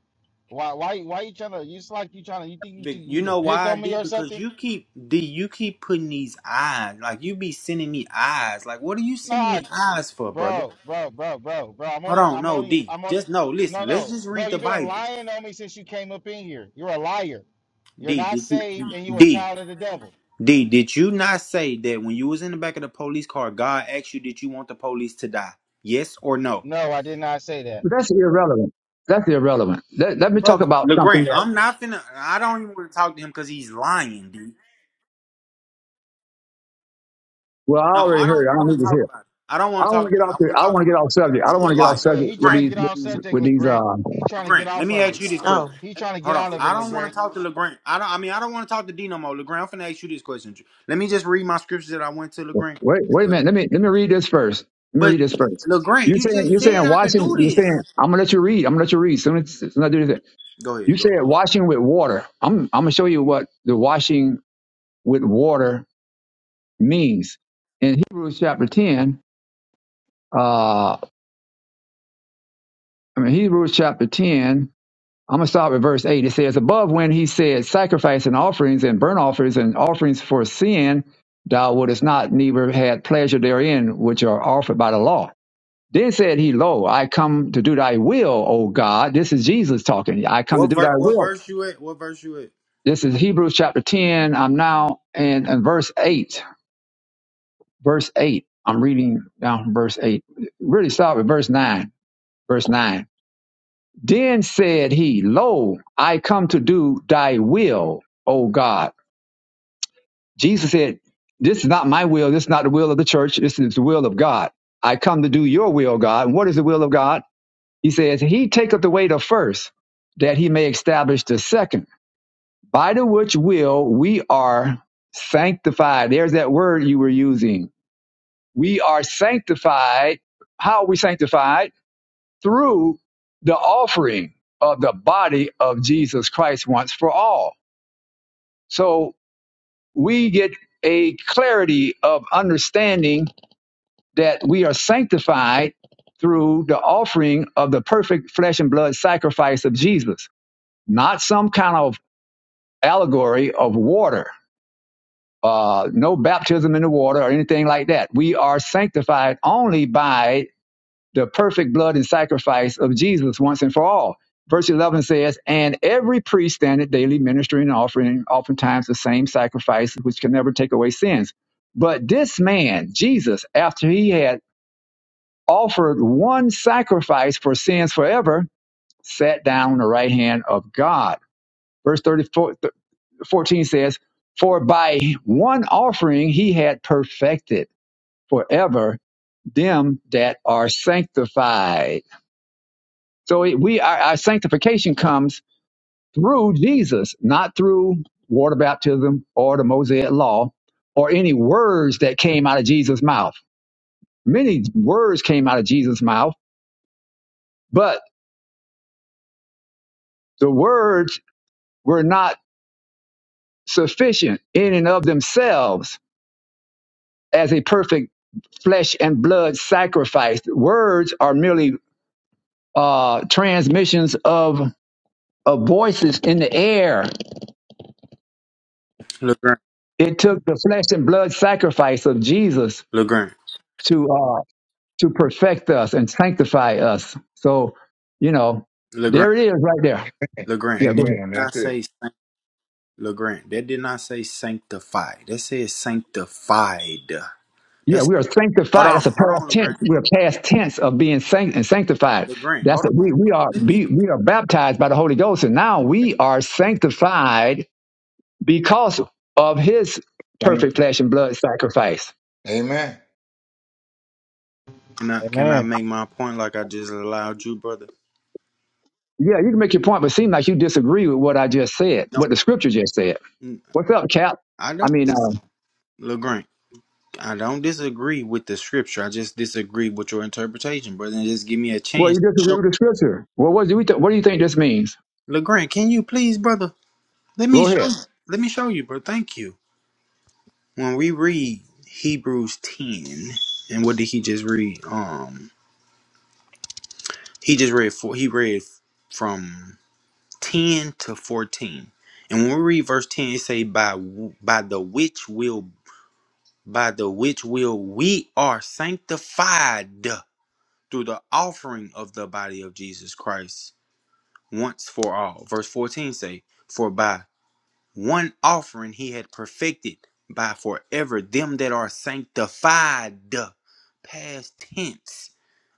[SPEAKER 4] Why why why you trying to it's like you trying to you think you
[SPEAKER 2] Be-
[SPEAKER 4] think
[SPEAKER 2] You
[SPEAKER 4] you can
[SPEAKER 2] know
[SPEAKER 4] pick
[SPEAKER 2] why,
[SPEAKER 4] on me
[SPEAKER 2] D?
[SPEAKER 4] or
[SPEAKER 2] Because
[SPEAKER 4] something?
[SPEAKER 2] you keep D, you keep putting these eyes. Like you be sending me eyes. Like what are you sending
[SPEAKER 4] Nah
[SPEAKER 2] me eyes for, brother?
[SPEAKER 4] bro, bro, bro, bro, bro. I'm
[SPEAKER 2] Hold
[SPEAKER 4] only
[SPEAKER 2] on,
[SPEAKER 4] I'm
[SPEAKER 2] no,
[SPEAKER 4] only
[SPEAKER 2] D.
[SPEAKER 4] I'm
[SPEAKER 2] Just
[SPEAKER 4] only
[SPEAKER 2] no,
[SPEAKER 4] no
[SPEAKER 2] listen, let's
[SPEAKER 4] no
[SPEAKER 2] just
[SPEAKER 4] bro,
[SPEAKER 2] read the
[SPEAKER 4] you've been
[SPEAKER 2] Bible.
[SPEAKER 4] lying on me since you came up in here. You're a liar. You're
[SPEAKER 2] D,
[SPEAKER 4] not
[SPEAKER 2] did you
[SPEAKER 4] saved and you are a
[SPEAKER 2] D
[SPEAKER 4] child of the devil.
[SPEAKER 2] D, did you not say that when you was in the back of the police car, God asked you, did you want the police to die? Yes or no?
[SPEAKER 4] No, I did not say that.
[SPEAKER 1] But that's irrelevant. That's irrelevant. Let, let me talk
[SPEAKER 2] Brother
[SPEAKER 1] about something
[SPEAKER 2] LeGrand,
[SPEAKER 1] that,
[SPEAKER 2] I'm not finna I don't even want to talk to him because he's lying, D.
[SPEAKER 1] well, I
[SPEAKER 2] No,
[SPEAKER 1] already
[SPEAKER 2] I
[SPEAKER 1] heard.
[SPEAKER 2] don't even
[SPEAKER 1] it. I don't
[SPEAKER 2] want to
[SPEAKER 1] need to
[SPEAKER 2] talk
[SPEAKER 1] hear. it.
[SPEAKER 2] about it. I don't
[SPEAKER 1] I
[SPEAKER 2] want to
[SPEAKER 1] don't want
[SPEAKER 2] talk
[SPEAKER 1] to get
[SPEAKER 2] about it.
[SPEAKER 1] off
[SPEAKER 2] I
[SPEAKER 1] the,
[SPEAKER 2] want
[SPEAKER 1] I
[SPEAKER 2] to
[SPEAKER 1] don't
[SPEAKER 2] talk
[SPEAKER 1] want
[SPEAKER 2] to
[SPEAKER 1] to get
[SPEAKER 2] LeGrand
[SPEAKER 1] off subject. I
[SPEAKER 2] because
[SPEAKER 1] don't
[SPEAKER 2] you
[SPEAKER 1] want
[SPEAKER 2] a
[SPEAKER 1] to get off
[SPEAKER 2] liar.
[SPEAKER 4] Yeah,
[SPEAKER 1] subject
[SPEAKER 4] he
[SPEAKER 1] with
[SPEAKER 4] trying to
[SPEAKER 2] LeGrand.
[SPEAKER 1] these,
[SPEAKER 4] get
[SPEAKER 1] with
[SPEAKER 4] off
[SPEAKER 1] these,
[SPEAKER 4] subject,
[SPEAKER 1] with these,
[SPEAKER 4] LeGrant.
[SPEAKER 1] uh,
[SPEAKER 4] He trying to
[SPEAKER 2] Legrand,
[SPEAKER 4] get
[SPEAKER 2] let
[SPEAKER 4] off
[SPEAKER 2] me
[SPEAKER 4] of
[SPEAKER 2] ask
[SPEAKER 4] it.
[SPEAKER 2] you this question.
[SPEAKER 4] He trying to get
[SPEAKER 2] Hold on.
[SPEAKER 4] out of it,
[SPEAKER 2] I don't want to
[SPEAKER 4] LeGrant.
[SPEAKER 2] talk to Legrand. I don't. I mean, I don't want to talk to D no more. Legrand, I'm finna ask you this question. Let me just read my scriptures that I went to
[SPEAKER 1] Wait,
[SPEAKER 2] Legrand.
[SPEAKER 1] wait a minute. Let me let me read this first. Let me
[SPEAKER 2] But
[SPEAKER 1] read this first. You
[SPEAKER 2] Legrand, you
[SPEAKER 1] saying you
[SPEAKER 2] just
[SPEAKER 1] saying
[SPEAKER 2] said I could
[SPEAKER 1] washing?
[SPEAKER 2] do
[SPEAKER 1] You
[SPEAKER 2] this.
[SPEAKER 1] saying I'm gonna let you read. I'm gonna let you read. Soon as, soon as I do this,
[SPEAKER 2] Go
[SPEAKER 1] you
[SPEAKER 2] ahead. Go.
[SPEAKER 1] said
[SPEAKER 2] Ahead.
[SPEAKER 1] washing with water. I'm I'm gonna show you what the washing with water means in Hebrews chapter ten. Uh, I mean Hebrews chapter ten. I'm gonna start with verse eight. It says, "Above when he said, sacrifice and offerings and burnt offerings and offerings for sin, thou wouldest not, neither had pleasure therein, which are offered by the law." Then said he, Lo, I come to do thy will, O God. This is Jesus talking. I come to
[SPEAKER 2] What
[SPEAKER 1] do
[SPEAKER 2] ver-
[SPEAKER 1] thy
[SPEAKER 2] What
[SPEAKER 1] will.
[SPEAKER 2] verse you at? What verse you at?
[SPEAKER 1] This is Hebrews chapter 10. I'm now in, in verse 8. Verse 8. I'm reading down from verse 8. Really start with verse 9. Verse 9. Then said he, Lo, I come to do thy will, O God. Jesus said, This is not my will. This is not the will of the church. This is the will of God. I come to do your will, God. And what is the will of God? He says, He taketh away the first, that he may establish the second, by the which will we are sanctified. There's that word you were using. We are sanctified. How are we sanctified? Through the offering of the body of Jesus Christ once for all. So we get a clarity of understanding that we are sanctified through the offering of the perfect flesh and blood sacrifice of Jesus not some kind of allegory of water. Uh, no baptism in the water or anything like that. We are sanctified only by the perfect blood and sacrifice of Jesus once and for all. Verse 11 says, And every priest standeth daily ministering and offering oftentimes the same sacrifice which can never take away sins. But this man, Jesus, after he had offered one sacrifice for sins forever, sat down on the right hand of God. Verse 34, 14 says, For by one offering he had perfected forever them that are sanctified. So it, we our, our sanctification comes through Jesus, not through water baptism or the Mosaic law or any words that came out of Jesus' mouth. Many words came out of Jesus' mouth, but the words were not sufficient in and of themselves as a perfect flesh and blood sacrifice. Words are merely uh, transmissions of, of voices in the air.
[SPEAKER 2] Legrand.
[SPEAKER 1] It took the flesh and blood sacrifice of Jesus
[SPEAKER 2] Legrand.
[SPEAKER 1] to uh, to perfect us and sanctify us. So, you know,
[SPEAKER 2] Legrand.
[SPEAKER 1] there it is right there.
[SPEAKER 2] Legrand.
[SPEAKER 1] Yeah,
[SPEAKER 2] That
[SPEAKER 1] go
[SPEAKER 2] did
[SPEAKER 1] ahead.
[SPEAKER 5] Amen. That's
[SPEAKER 2] not say
[SPEAKER 5] it.
[SPEAKER 2] sanct- Legrand. That did not say sanctified. That says sanctified.
[SPEAKER 1] Yeah,
[SPEAKER 2] That's
[SPEAKER 1] we are
[SPEAKER 2] hold
[SPEAKER 1] sanctified.
[SPEAKER 2] on.
[SPEAKER 1] That's a
[SPEAKER 2] Hold
[SPEAKER 1] past
[SPEAKER 2] on,
[SPEAKER 1] tense.
[SPEAKER 2] Legrand.
[SPEAKER 1] We are past tense of being sanct- and sanctified.
[SPEAKER 2] Legrand.
[SPEAKER 1] That's a,
[SPEAKER 2] Hold
[SPEAKER 1] we we are
[SPEAKER 2] on.
[SPEAKER 1] be, we are baptized by the Holy Ghost, and now we are sanctified because of his
[SPEAKER 5] Thank
[SPEAKER 1] perfect
[SPEAKER 5] you.
[SPEAKER 1] flesh and blood sacrifice.
[SPEAKER 5] Amen.
[SPEAKER 2] Can I can I
[SPEAKER 4] Amen.
[SPEAKER 2] make my point like I just allowed you, brother?
[SPEAKER 1] Yeah, you can make your point, but seem like you disagree with what I just said,
[SPEAKER 2] No,
[SPEAKER 1] what the scripture just said.
[SPEAKER 2] N-
[SPEAKER 1] What's up, Cap?
[SPEAKER 2] I
[SPEAKER 1] I
[SPEAKER 2] don't,
[SPEAKER 1] mean, um,
[SPEAKER 2] Legrand. I don't disagree with the scripture. I just disagree with your interpretation, brother. And just give me a
[SPEAKER 1] well, you
[SPEAKER 2] chance. to
[SPEAKER 1] disagree
[SPEAKER 2] Show
[SPEAKER 1] with the scripture. Well, what do you th- what do you think this means?
[SPEAKER 2] Legrand, can you please, brother? Let me
[SPEAKER 1] Go
[SPEAKER 2] show.
[SPEAKER 1] ahead.
[SPEAKER 2] Let me show you, bro. Thank you. When we read Hebrews ten, and what did he just read? Um, he just read four. He read from ten to fourteen. And when we read verse ten, it say by w- by the which will by the which will we are sanctified through the offering of the body of Jesus Christ once for all. Verse 14 say, For by one offering he had perfected by forever them that are sanctified. Past tense.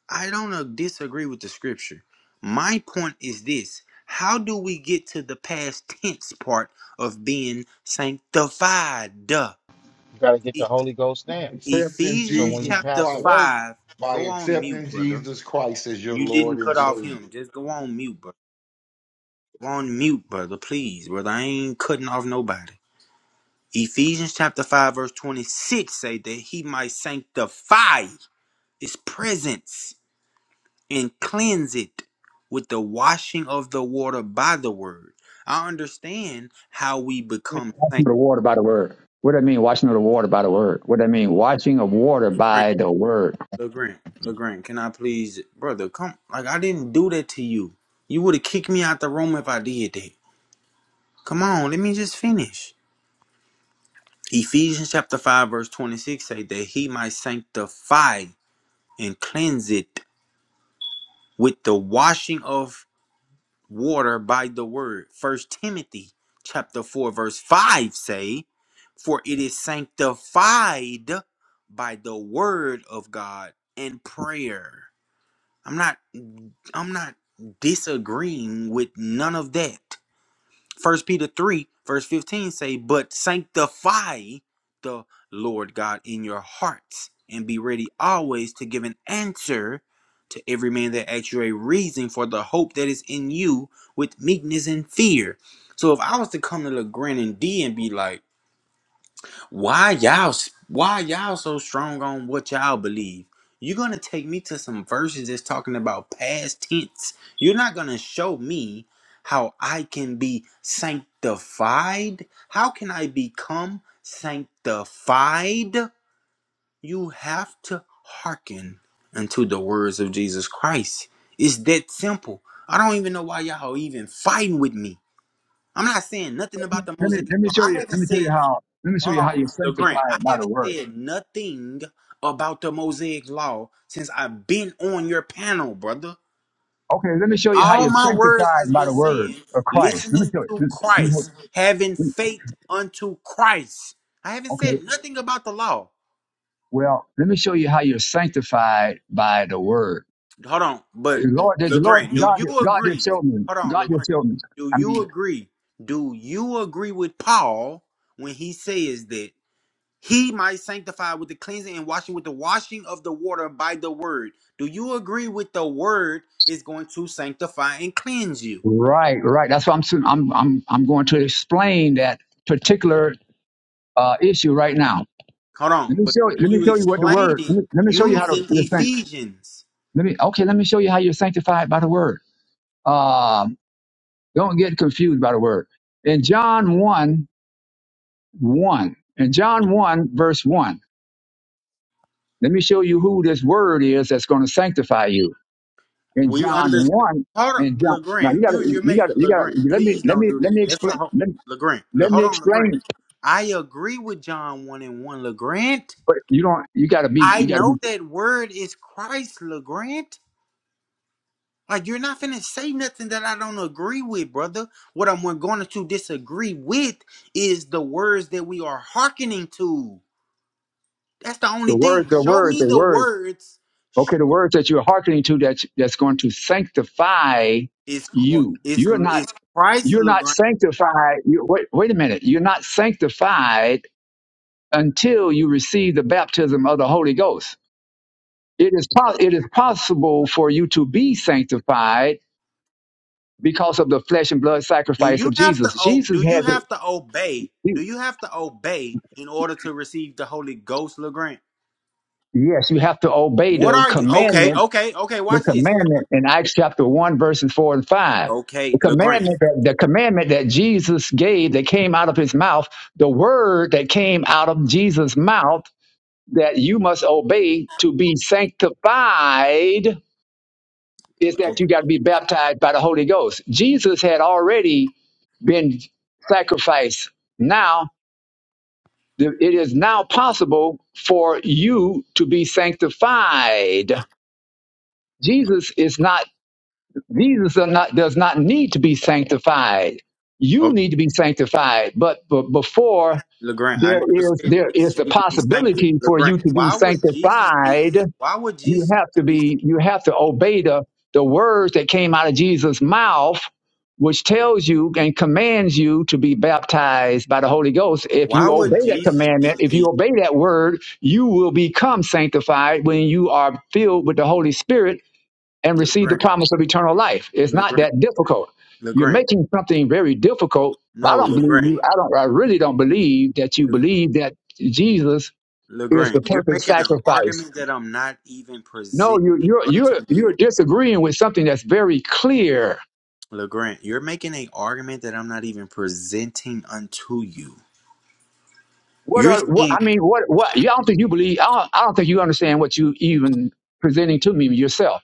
[SPEAKER 2] I don't uh, disagree with the scripture. My point is this. How do we get to the past tense part of being sanctified?
[SPEAKER 4] You gotta get the Holy Ghost now.
[SPEAKER 5] by accepting
[SPEAKER 4] So
[SPEAKER 2] Ephesians
[SPEAKER 4] when you
[SPEAKER 5] Jesus
[SPEAKER 2] chapter
[SPEAKER 4] pass
[SPEAKER 5] Christ,
[SPEAKER 4] away,
[SPEAKER 2] 5.
[SPEAKER 5] by
[SPEAKER 2] Go on mute,
[SPEAKER 5] accepting
[SPEAKER 2] brother.
[SPEAKER 5] Jesus Christ as your
[SPEAKER 2] You
[SPEAKER 5] Lord
[SPEAKER 2] didn't cut
[SPEAKER 5] and
[SPEAKER 2] off him.
[SPEAKER 5] Savior.
[SPEAKER 2] Just go on mute, brother. Go on mute, brother. Please, brother. I ain't cutting off nobody. Ephesians chapter 5, verse 26 say that he might sanctify his presence and cleanse it with the washing of the water by the word. I understand how we become
[SPEAKER 1] Washing of the
[SPEAKER 2] sanctified.
[SPEAKER 1] water by the word. What do I mean? Washing of the water by the word. What do I mean? Washing of water by the word.
[SPEAKER 2] LeGrand, LeGrand, can I please, brother, come, like, I didn't do that to you. You would have kicked me out the room if I did that. Come on, let me just finish. Ephesians chapter 5, verse 26 say that he might sanctify and cleanse it with the washing of water by the word. First Timothy chapter 4, verse 5 say, for it is sanctified by the word of God and prayer. I'm not I'm not disagreeing with none of that. First Peter 3, verse 15 say, But sanctify the Lord God in your hearts, and be ready always to give an answer to every man that asks you a reason for the hope that is in you with meekness and fear. So if I was to come to LeGrand and D and be like, why y'all? Why y'all so strong on what y'all believe? You're gonna take me to some verses that's talking about past tense. You're not gonna show me how I can be sanctified. How can I become sanctified? You have to hearken unto the words of Jesus Christ. It's that simple. I don't even know why y'all even fighting with me. I'm not saying nothing about the
[SPEAKER 1] Let me
[SPEAKER 2] Mosaic. Law.
[SPEAKER 1] let me show
[SPEAKER 2] I
[SPEAKER 1] you.
[SPEAKER 2] haven't
[SPEAKER 1] Let me show you
[SPEAKER 2] said.
[SPEAKER 1] how. Let me show
[SPEAKER 2] Hold
[SPEAKER 1] you how
[SPEAKER 2] on,
[SPEAKER 1] you're
[SPEAKER 2] LeGrand. I
[SPEAKER 1] sanctified by the
[SPEAKER 2] haven't
[SPEAKER 1] word.
[SPEAKER 2] said nothing about the Mosaic Law since I've been on your panel, brother.
[SPEAKER 1] Okay, let me show you how
[SPEAKER 2] All
[SPEAKER 1] you're
[SPEAKER 2] my words has
[SPEAKER 1] sanctified by
[SPEAKER 2] been
[SPEAKER 1] the word
[SPEAKER 2] saying
[SPEAKER 1] of Christ. Let me
[SPEAKER 2] listening
[SPEAKER 1] show you.
[SPEAKER 2] to
[SPEAKER 1] Let me,
[SPEAKER 2] Christ,
[SPEAKER 1] let
[SPEAKER 2] having
[SPEAKER 1] me,
[SPEAKER 2] faith unto Christ. I haven't
[SPEAKER 1] okay.
[SPEAKER 2] said nothing about the law.
[SPEAKER 1] Well, let me show you how you're sanctified by the word.
[SPEAKER 2] Hold on,
[SPEAKER 1] The
[SPEAKER 2] but
[SPEAKER 1] Lord, the Lord,
[SPEAKER 2] LeGrand, do
[SPEAKER 1] God,
[SPEAKER 2] you
[SPEAKER 1] God just
[SPEAKER 2] agree?
[SPEAKER 1] showed me.
[SPEAKER 2] Hold on,
[SPEAKER 1] God just
[SPEAKER 2] LeGrand.
[SPEAKER 1] showed me.
[SPEAKER 2] Do
[SPEAKER 1] I
[SPEAKER 2] you
[SPEAKER 1] mean,
[SPEAKER 2] agree? Do you agree with Paul when he says that? He might sanctify with the cleansing and washing with the washing of the water by the word. Do you agree with the word is going to sanctify and cleanse you?
[SPEAKER 1] right, right. That's why I'm, soon- I'm, I'm, I'm going to explain that particular uh, issue right now.
[SPEAKER 2] Hold
[SPEAKER 1] Let
[SPEAKER 2] on,
[SPEAKER 1] me
[SPEAKER 2] but
[SPEAKER 1] show, let
[SPEAKER 2] can
[SPEAKER 1] me
[SPEAKER 2] you
[SPEAKER 1] show you what the
[SPEAKER 2] explain
[SPEAKER 1] word. Let
[SPEAKER 2] it
[SPEAKER 1] me, let me show you how to
[SPEAKER 2] using
[SPEAKER 1] you're sanct-
[SPEAKER 2] Ephesians?
[SPEAKER 1] Let me, okay, let me show you how you're sanctified by the word. Um, don't get confused by the word. In John one, one, in John one, verse one. Let me show you who this word is that's going to sanctify you. in
[SPEAKER 2] We
[SPEAKER 1] John
[SPEAKER 2] understand.
[SPEAKER 1] one
[SPEAKER 2] Hold on,
[SPEAKER 1] and John. Now you
[SPEAKER 2] Legrand.
[SPEAKER 1] gotta,
[SPEAKER 2] You you
[SPEAKER 1] you
[SPEAKER 2] make
[SPEAKER 1] gotta, you gotta.
[SPEAKER 2] Legrand.
[SPEAKER 1] Let me,
[SPEAKER 2] Please
[SPEAKER 1] let
[SPEAKER 2] don't
[SPEAKER 1] me,
[SPEAKER 2] do
[SPEAKER 1] let
[SPEAKER 2] that.
[SPEAKER 1] me
[SPEAKER 2] That's a
[SPEAKER 1] explain.
[SPEAKER 2] whole
[SPEAKER 1] Let me,
[SPEAKER 2] Legrand. Le-
[SPEAKER 1] let me
[SPEAKER 2] Hold on, Legrand.
[SPEAKER 1] explain.
[SPEAKER 2] I agree with John one and one, Legrand.
[SPEAKER 1] But you don't. You gotta be.
[SPEAKER 2] I
[SPEAKER 1] You gotta
[SPEAKER 2] know
[SPEAKER 1] be
[SPEAKER 2] that word is Christ, Legrand. Like you're not finna say nothing that I don't agree with, brother. What I'm going to disagree with is the words that we are hearkening to. That's the
[SPEAKER 1] the
[SPEAKER 2] only
[SPEAKER 1] word.
[SPEAKER 2] thing.
[SPEAKER 1] The
[SPEAKER 2] Show
[SPEAKER 1] word.
[SPEAKER 2] me
[SPEAKER 1] The
[SPEAKER 2] the
[SPEAKER 1] word.
[SPEAKER 2] words. Show,
[SPEAKER 1] Okay, the words that you're hearkening to that's that's going to sanctify
[SPEAKER 2] is Chr-
[SPEAKER 1] you.
[SPEAKER 2] is
[SPEAKER 1] You're not.
[SPEAKER 2] is Christ
[SPEAKER 1] You're not
[SPEAKER 2] Legrand?
[SPEAKER 1] sanctified. You, wait, wait a minute. You're not sanctified until you receive the baptism of the Holy Ghost. It is, po- it is possible for you to be sanctified because of the flesh and blood
[SPEAKER 2] Do
[SPEAKER 1] sacrifice of
[SPEAKER 2] you have
[SPEAKER 1] Jesus.
[SPEAKER 2] to o-
[SPEAKER 1] Jesus
[SPEAKER 2] do you
[SPEAKER 1] had to,
[SPEAKER 2] have to obey? Do
[SPEAKER 1] he-
[SPEAKER 2] you have to obey in order to receive the Holy Ghost, Legrand?
[SPEAKER 1] yes, you have to obey
[SPEAKER 2] What
[SPEAKER 1] the
[SPEAKER 2] are you? Okay,
[SPEAKER 1] commandment,
[SPEAKER 2] okay, okay.
[SPEAKER 1] the
[SPEAKER 2] Watch this.
[SPEAKER 1] commandment in Acts chapter 1, verses 4 and 5. The
[SPEAKER 2] Okay, Legrand.
[SPEAKER 1] commandment, that, the commandment that Jesus gave that came out of his mouth, the word that came out of Jesus' mouth that you must obey to be sanctified is that you got to be baptized by the Holy Ghost. Jesus had already been sacrificed. Now It is now possible for you to be sanctified. Jesus is not, Jesus are not, does not need to be sanctified. You need to be sanctified. But, but before
[SPEAKER 2] LeGrand, I
[SPEAKER 1] there
[SPEAKER 2] never
[SPEAKER 1] is,
[SPEAKER 2] said
[SPEAKER 1] there is
[SPEAKER 2] Jesus
[SPEAKER 1] the
[SPEAKER 2] need to be sanctified.
[SPEAKER 1] possibility for
[SPEAKER 2] LeGrand,
[SPEAKER 1] you to be
[SPEAKER 2] why would Jesus need?
[SPEAKER 1] sanctified
[SPEAKER 2] Why would
[SPEAKER 1] you
[SPEAKER 2] Jesus
[SPEAKER 1] have to
[SPEAKER 2] be?
[SPEAKER 1] be you have to obey the the words that came out of jesus mouth which tells you and commands you to be baptized by the holy ghost if
[SPEAKER 2] Why
[SPEAKER 1] you
[SPEAKER 2] would
[SPEAKER 1] obey that
[SPEAKER 2] Jesus need
[SPEAKER 1] commandment
[SPEAKER 2] to
[SPEAKER 1] if
[SPEAKER 2] be?
[SPEAKER 1] you obey that word you will become sanctified when you are filled with the holy spirit and receive the
[SPEAKER 2] LeGrand,
[SPEAKER 1] promise of eternal life it's not
[SPEAKER 2] LeGrand,
[SPEAKER 1] that difficult you're
[SPEAKER 2] LeGrand.
[SPEAKER 1] making something very difficult i
[SPEAKER 2] No,
[SPEAKER 1] don't believe
[SPEAKER 2] LeGrand,
[SPEAKER 1] you i don't i really don't believe that you
[SPEAKER 2] Le,
[SPEAKER 1] believe that jesus is
[SPEAKER 2] LeGrand.
[SPEAKER 1] the
[SPEAKER 2] You're
[SPEAKER 1] perfect
[SPEAKER 2] making an
[SPEAKER 1] sacrifice
[SPEAKER 2] argument that I'm not even
[SPEAKER 1] no,
[SPEAKER 2] presenting
[SPEAKER 1] you you're
[SPEAKER 2] unto
[SPEAKER 1] you're you're
[SPEAKER 2] you,
[SPEAKER 1] disagreeing with something that's very clear.
[SPEAKER 2] LeGrand. You're making an argument that I'm not even presenting unto you.
[SPEAKER 1] What
[SPEAKER 2] You're
[SPEAKER 1] are what
[SPEAKER 2] saying
[SPEAKER 1] I mean? What what? You, I don't think you believe. I don't, I don't think you understand what you even presenting to me yourself.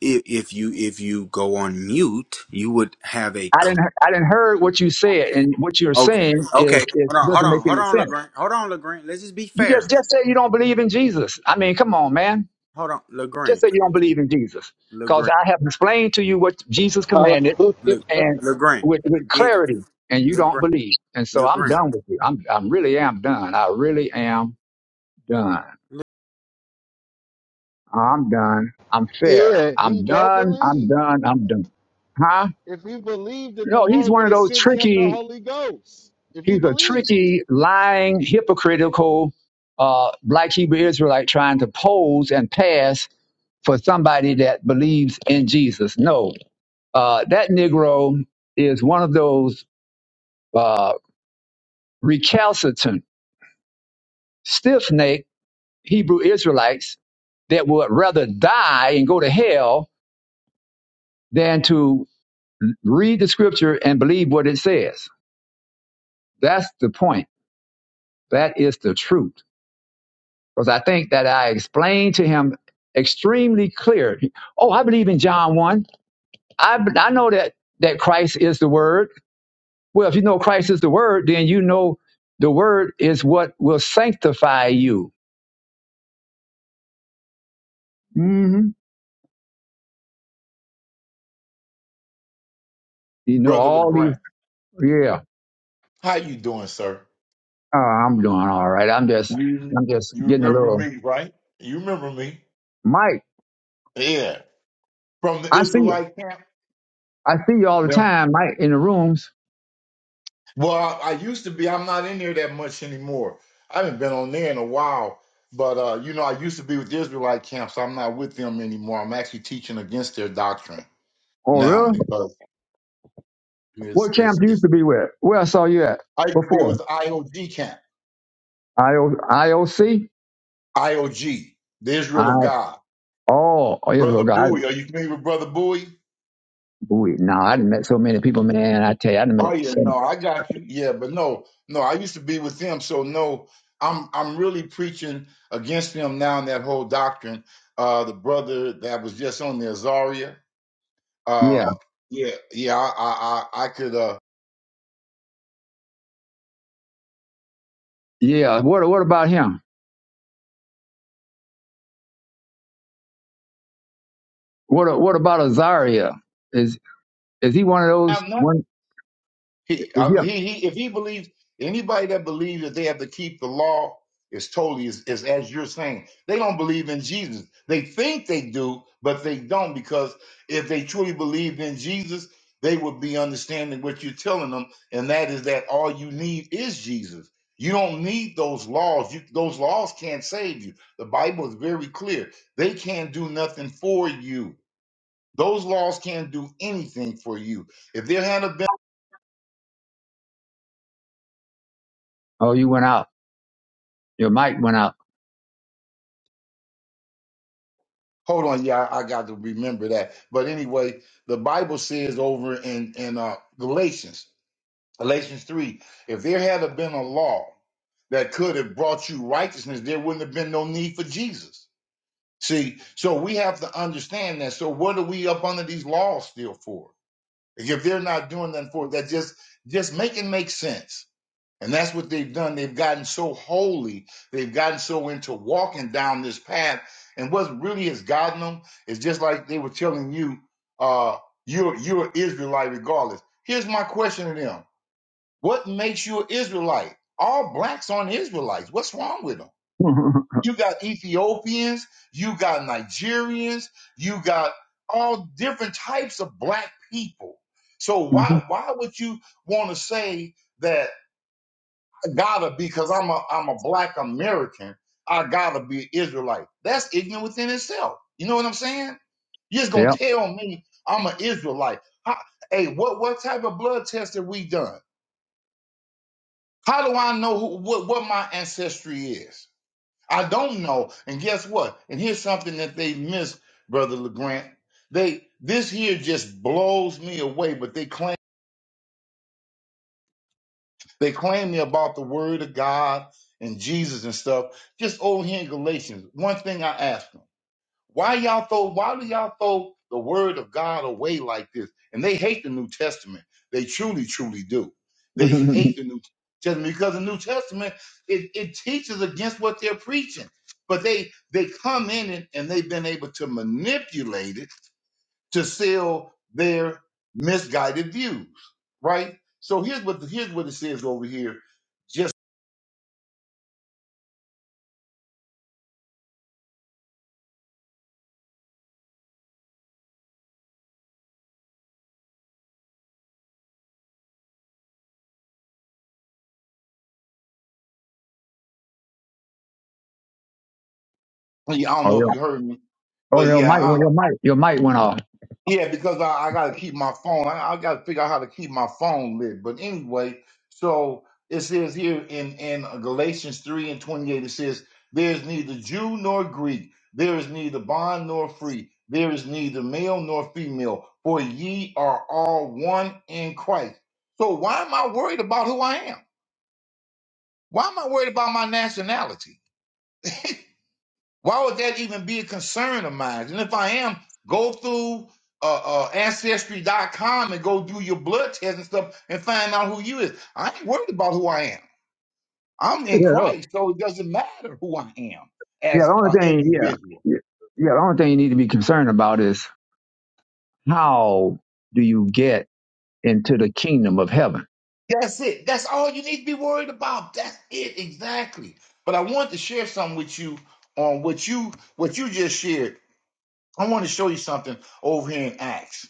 [SPEAKER 2] if, if you if you go on mute, you would have a
[SPEAKER 1] I didn't I didn't heard what you said, and what you're
[SPEAKER 2] Okay.
[SPEAKER 1] saying is
[SPEAKER 2] Okay.
[SPEAKER 1] it
[SPEAKER 2] Hold on. Hold
[SPEAKER 1] doesn't make
[SPEAKER 2] on. Hold
[SPEAKER 1] any
[SPEAKER 2] on,
[SPEAKER 1] sense.
[SPEAKER 2] Legrand. Hold on, Legrand. Let's just be
[SPEAKER 1] You just
[SPEAKER 2] fair.
[SPEAKER 1] just say you don't believe in Jesus. I mean, come on, man.
[SPEAKER 2] Hold on,
[SPEAKER 1] Just
[SPEAKER 2] Legrand.
[SPEAKER 1] say you don't believe in Jesus, because
[SPEAKER 2] Legrand.
[SPEAKER 1] I have explained to you what Jesus commanded
[SPEAKER 4] hallelujah.
[SPEAKER 2] Le,
[SPEAKER 1] and
[SPEAKER 2] Legrand.
[SPEAKER 1] with with
[SPEAKER 2] Did
[SPEAKER 1] clarity, and you don't
[SPEAKER 2] Legrand.
[SPEAKER 1] believe. And so I'm
[SPEAKER 2] Legrand.
[SPEAKER 1] done with you. I'm I'm really am done. I really am done. I'm done. I'm fair.
[SPEAKER 4] Yeah, he
[SPEAKER 1] I'm
[SPEAKER 4] don't
[SPEAKER 1] done. I'm
[SPEAKER 4] believe.
[SPEAKER 1] done. I'm done. Huh?
[SPEAKER 4] If he believed, then the
[SPEAKER 1] No, he's
[SPEAKER 4] Lord
[SPEAKER 1] one
[SPEAKER 4] would
[SPEAKER 1] of
[SPEAKER 4] have
[SPEAKER 1] those
[SPEAKER 4] sent him the
[SPEAKER 1] tricky,
[SPEAKER 4] Holy Ghost. If he
[SPEAKER 1] he's a
[SPEAKER 4] believed.
[SPEAKER 1] tricky, lying, hypocritical, uh, black Hebrew Israelite trying to pose and pass for somebody that believes in Jesus. No, uh, that Negro is one of those uh, recalcitrant, stiff necked Hebrew Israelites that would rather die and go to hell than to Read the scripture and believe what it says. That's the point. That is the truth. Because I think that I explained to him extremely clear. Oh, I believe in John 1. I, I know that, that Christ is the Word. Well, if you know Christ is the Word, then you know the Word is what will sanctify you. hmm You know
[SPEAKER 5] Brother
[SPEAKER 1] all these.
[SPEAKER 5] LeGrand,
[SPEAKER 1] Yeah,
[SPEAKER 5] how you doing, sir?
[SPEAKER 1] oh, I'm doing all right. I'm just,
[SPEAKER 5] You
[SPEAKER 1] I'm just
[SPEAKER 5] you
[SPEAKER 1] getting a
[SPEAKER 5] remember
[SPEAKER 1] little.
[SPEAKER 5] me, right? You remember me?
[SPEAKER 1] Mike,
[SPEAKER 5] Yeah. From the
[SPEAKER 1] I see you.
[SPEAKER 5] Israelite camp?
[SPEAKER 1] I see you all the
[SPEAKER 5] Them-
[SPEAKER 1] time, Mike, in the rooms.
[SPEAKER 5] Well, I, I used to be. I'm not in there that much anymore. I haven't been on there in a while. But, uh, you know, I used to be with the Israelite camp, so I'm not with them anymore. I'm actually teaching against their doctrine.
[SPEAKER 1] Oh,
[SPEAKER 5] now
[SPEAKER 1] really?
[SPEAKER 5] because it's,
[SPEAKER 1] What champ
[SPEAKER 5] it's,
[SPEAKER 1] you used
[SPEAKER 5] it's,
[SPEAKER 1] to be with? Where I saw you at
[SPEAKER 5] I used to be
[SPEAKER 1] before?
[SPEAKER 5] with the IOG camp,
[SPEAKER 1] IO, IOC?
[SPEAKER 5] IOG, the
[SPEAKER 1] I
[SPEAKER 5] Israel of God.
[SPEAKER 1] oh oh yeah, well,
[SPEAKER 5] Brother
[SPEAKER 1] God.
[SPEAKER 5] Bowie, are you familiar with Brother Bowie?
[SPEAKER 1] Ooh, no, I done met so many people, man. I tell you, I done met.
[SPEAKER 5] Oh yeah,
[SPEAKER 1] So
[SPEAKER 5] no, I got you. Yeah, but no, no, I used to be with them, so no, I'm I'm really preaching against them now in that whole doctrine. Uh, the brother that was just on there, Zaria.
[SPEAKER 1] many. yeah,
[SPEAKER 5] Uh, yeah, yeah, I I I, I could uh,
[SPEAKER 1] yeah. What what about him? What what about Azaria? Is is he one of those?
[SPEAKER 5] have nothing.
[SPEAKER 1] One
[SPEAKER 5] He,
[SPEAKER 1] is he?
[SPEAKER 5] I,
[SPEAKER 1] a-
[SPEAKER 5] he, he, if he believes anybody that believes that they have to keep the law is totally is, is as you're saying, they don't believe in Jesus. They think they do, but they don't because if they truly believed in Jesus, they would be understanding what you're telling them, and that is that all you need is Jesus. You don't need those laws. You, those laws can't save you. The Bible is very clear. They can't do nothing for you. Those laws can't do anything for you. If there had been
[SPEAKER 1] Oh, you went out. Your mic went out.
[SPEAKER 5] Hold on, yeah, I, I got to remember that. But anyway, the Bible says over in in uh, Galatians, Galatians three, if there had have been a law that could have brought you righteousness, there wouldn't have been no need for Jesus. See, so we have to understand that. So what are we up under these laws still for? If they're not doing nothing for it, that just just make it make sense. And that's what they've done. They've gotten so holy. They've gotten so into walking down this path. And what really has gotten them is just like they were telling you, uh, you're you're an Israelite regardless. Here's my question to them: What makes you an Israelite? All blacks aren't Israelites. What's wrong with them? You got Ethiopians, you got Nigerians, you got all different types of black people. So
[SPEAKER 1] Mhm.
[SPEAKER 5] why why would you want to say that? gotta be because I'm a I'm a black American. I gotta be Israelite. That's ignorant within itself. You know what I'm saying? You're just gonna
[SPEAKER 1] Yep.
[SPEAKER 5] tell me I'm an Israelite. How- hey, what what type of blood test have we done? How do I know who, what what my ancestry is? I don't know. And guess what? And here's something that they missed, brother Legrand. They this here just blows me away. But they claim. They claim they're about the word of God and Jesus and stuff. Just over here in Galatians, one thing I ask them, why y'all throw, why do y'all throw the word of God away like this? And they hate the New Testament. They truly, truly do.
[SPEAKER 1] oh
[SPEAKER 5] They hate the New Testament because the New Testament, it, it teaches against what they're preaching. But they they come in and, and they've been able to manipulate it to sell their misguided views, right? So here's what here's what it says over here. Just I don't know
[SPEAKER 1] yeah.
[SPEAKER 5] if you heard me,
[SPEAKER 1] Oh
[SPEAKER 5] but
[SPEAKER 1] your mic
[SPEAKER 5] yeah,
[SPEAKER 1] went. Your mic. Your mic went off.
[SPEAKER 5] Yeah, because I, I got to keep my phone. I, I got to figure out how to keep my phone lit. But anyway, so it says here in in Galatians three and twenty eight, it says, "There is neither Jew nor Greek, there is neither bond nor free, there is neither male nor female, for ye are all one in Christ." So why am I worried about who I am? Why am I worried about my nationality? Why would that even be a concern of mine? And if I am, go through uh, uh, ancestry.com and go do your blood test and stuff and find out who you is. I ain't worried about who I am. I'm
[SPEAKER 1] Yeah.
[SPEAKER 5] in Christ, so it doesn't matter who I am
[SPEAKER 1] Yeah.
[SPEAKER 5] as
[SPEAKER 1] The only
[SPEAKER 5] an
[SPEAKER 1] thing. Yeah.
[SPEAKER 5] individual.
[SPEAKER 1] Yeah. Yeah, The only thing you need to be concerned about is how do you get into the kingdom of heaven?
[SPEAKER 5] That's it. That's all you need to be worried about. That's it exactly. But I want to share something with you on what you what you just shared. I want to show you something over here in Acts.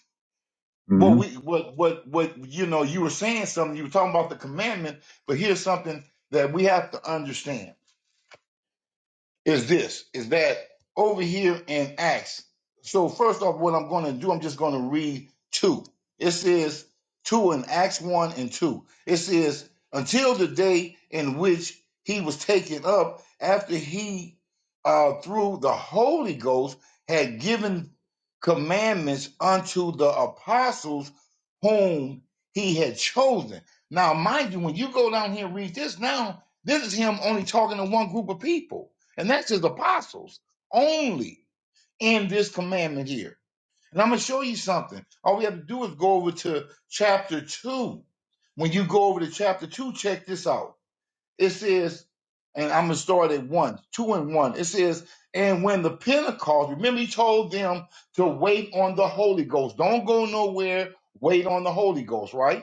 [SPEAKER 1] hmm
[SPEAKER 5] What we what what what you know you were saying something you were talking about the commandment but here's something that we have to understand is this is that over here in Acts. So first off, what I'm going to do, I'm just going to read two. It says two in Acts one and two. It says until the day in which he was taken up, after he uh, through the Holy Ghost had given commandments unto the apostles whom he had chosen. Now, mind you, when you go down here and read this, now this is him only talking to one group of people and that's his apostles only in this commandment here. And I'm going to show you something. All we have to do is go over to chapter 2. When you go over to chapter 2, check this out. It says, and I'm going to start at 1, 2 and 1. It says, and when the Pentecost, remember he told them to wait on the Holy Ghost. Don't go nowhere. Wait on the Holy Ghost, right?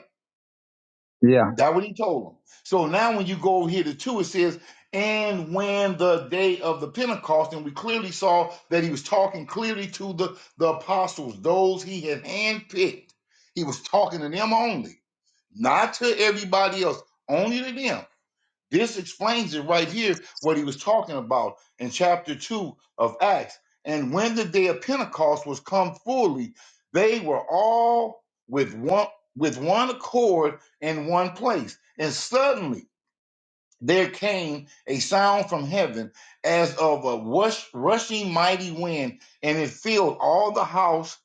[SPEAKER 1] Yeah.
[SPEAKER 5] That's what he told them. So now when you go over here to two, it says, and when the day of the Pentecost, and we clearly saw that he was talking clearly to the, the apostles, those he had handpicked. He was talking to them only, not to everybody else, only to them. This explains it right here, what he was talking about in chapter 2 of Acts. And when the day of Pentecost was come fully, they were all with one with one accord in one place. And suddenly there came a sound from heaven as of a rush, rushing mighty wind, and it filled all the house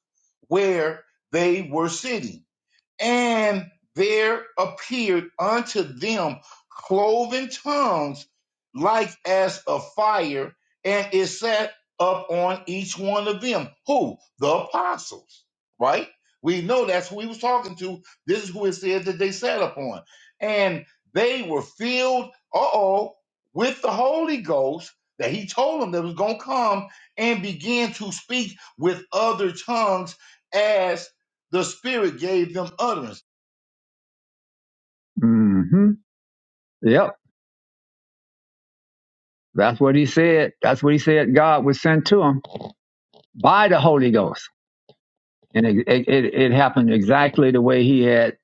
[SPEAKER 5] where they were sitting and there appeared unto them cloven tongues like as a fire, and it sat up on each one of them. Who? The apostles, right? We know that's who he was talking to. This is who it said that they sat upon. And they were filled, uh oh, with the Holy Ghost that he told them that was going to come and began to speak with other tongues as the Spirit gave them utterance.
[SPEAKER 1] hmm Yep. That's what he said. That's what he said God was sent to him by the Holy Ghost. And it, it, it it happened exactly the way he had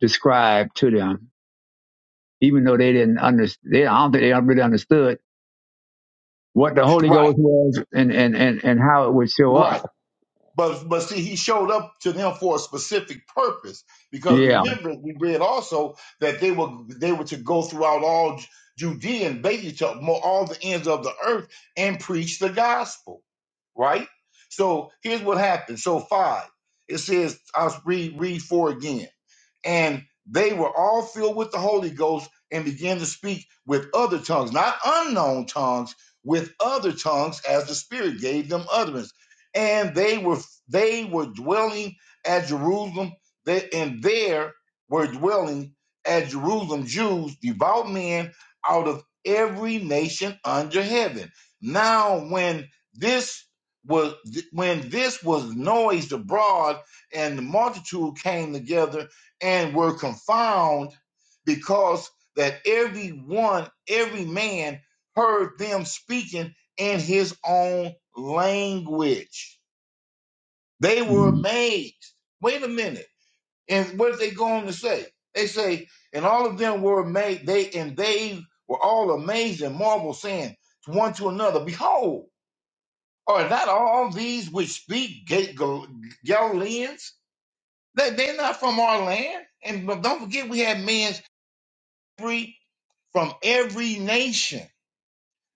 [SPEAKER 1] described to them, even though they didn't understand. They, I don't think they really understood what the Holy
[SPEAKER 5] Right,
[SPEAKER 1] Ghost was and, and, and, and how it would show
[SPEAKER 5] right.
[SPEAKER 1] up.
[SPEAKER 5] But but see, he showed up to them for a specific purpose. Because
[SPEAKER 1] Yeah.
[SPEAKER 5] remember, we read also that they were they were to go throughout all Judea and basically to all the ends of the earth and preach the gospel. Right. So here's what happened. So five, it says, I'll read read four again. and they were all filled with the Holy Ghost and began to speak with other tongues, not unknown tongues, with other tongues as the Spirit gave them utterance. And they were they were dwelling at Jerusalem, they, and there were dwelling at Jerusalem Jews, devout men out of every nation under heaven. Now, when this was when this was noised abroad, and the multitude came together and were confounded because that every one, every man heard them speaking in his own language. They were
[SPEAKER 1] Mhm.
[SPEAKER 5] amazed. Wait a minute. And what did they go on to say? They say, and all of them were made, they and they were all amazed and marvel, saying one to another, Behold, are not all these which speak Ga- Gal- Galileans? That they're not from our land. And but don't forget we have men every from every nation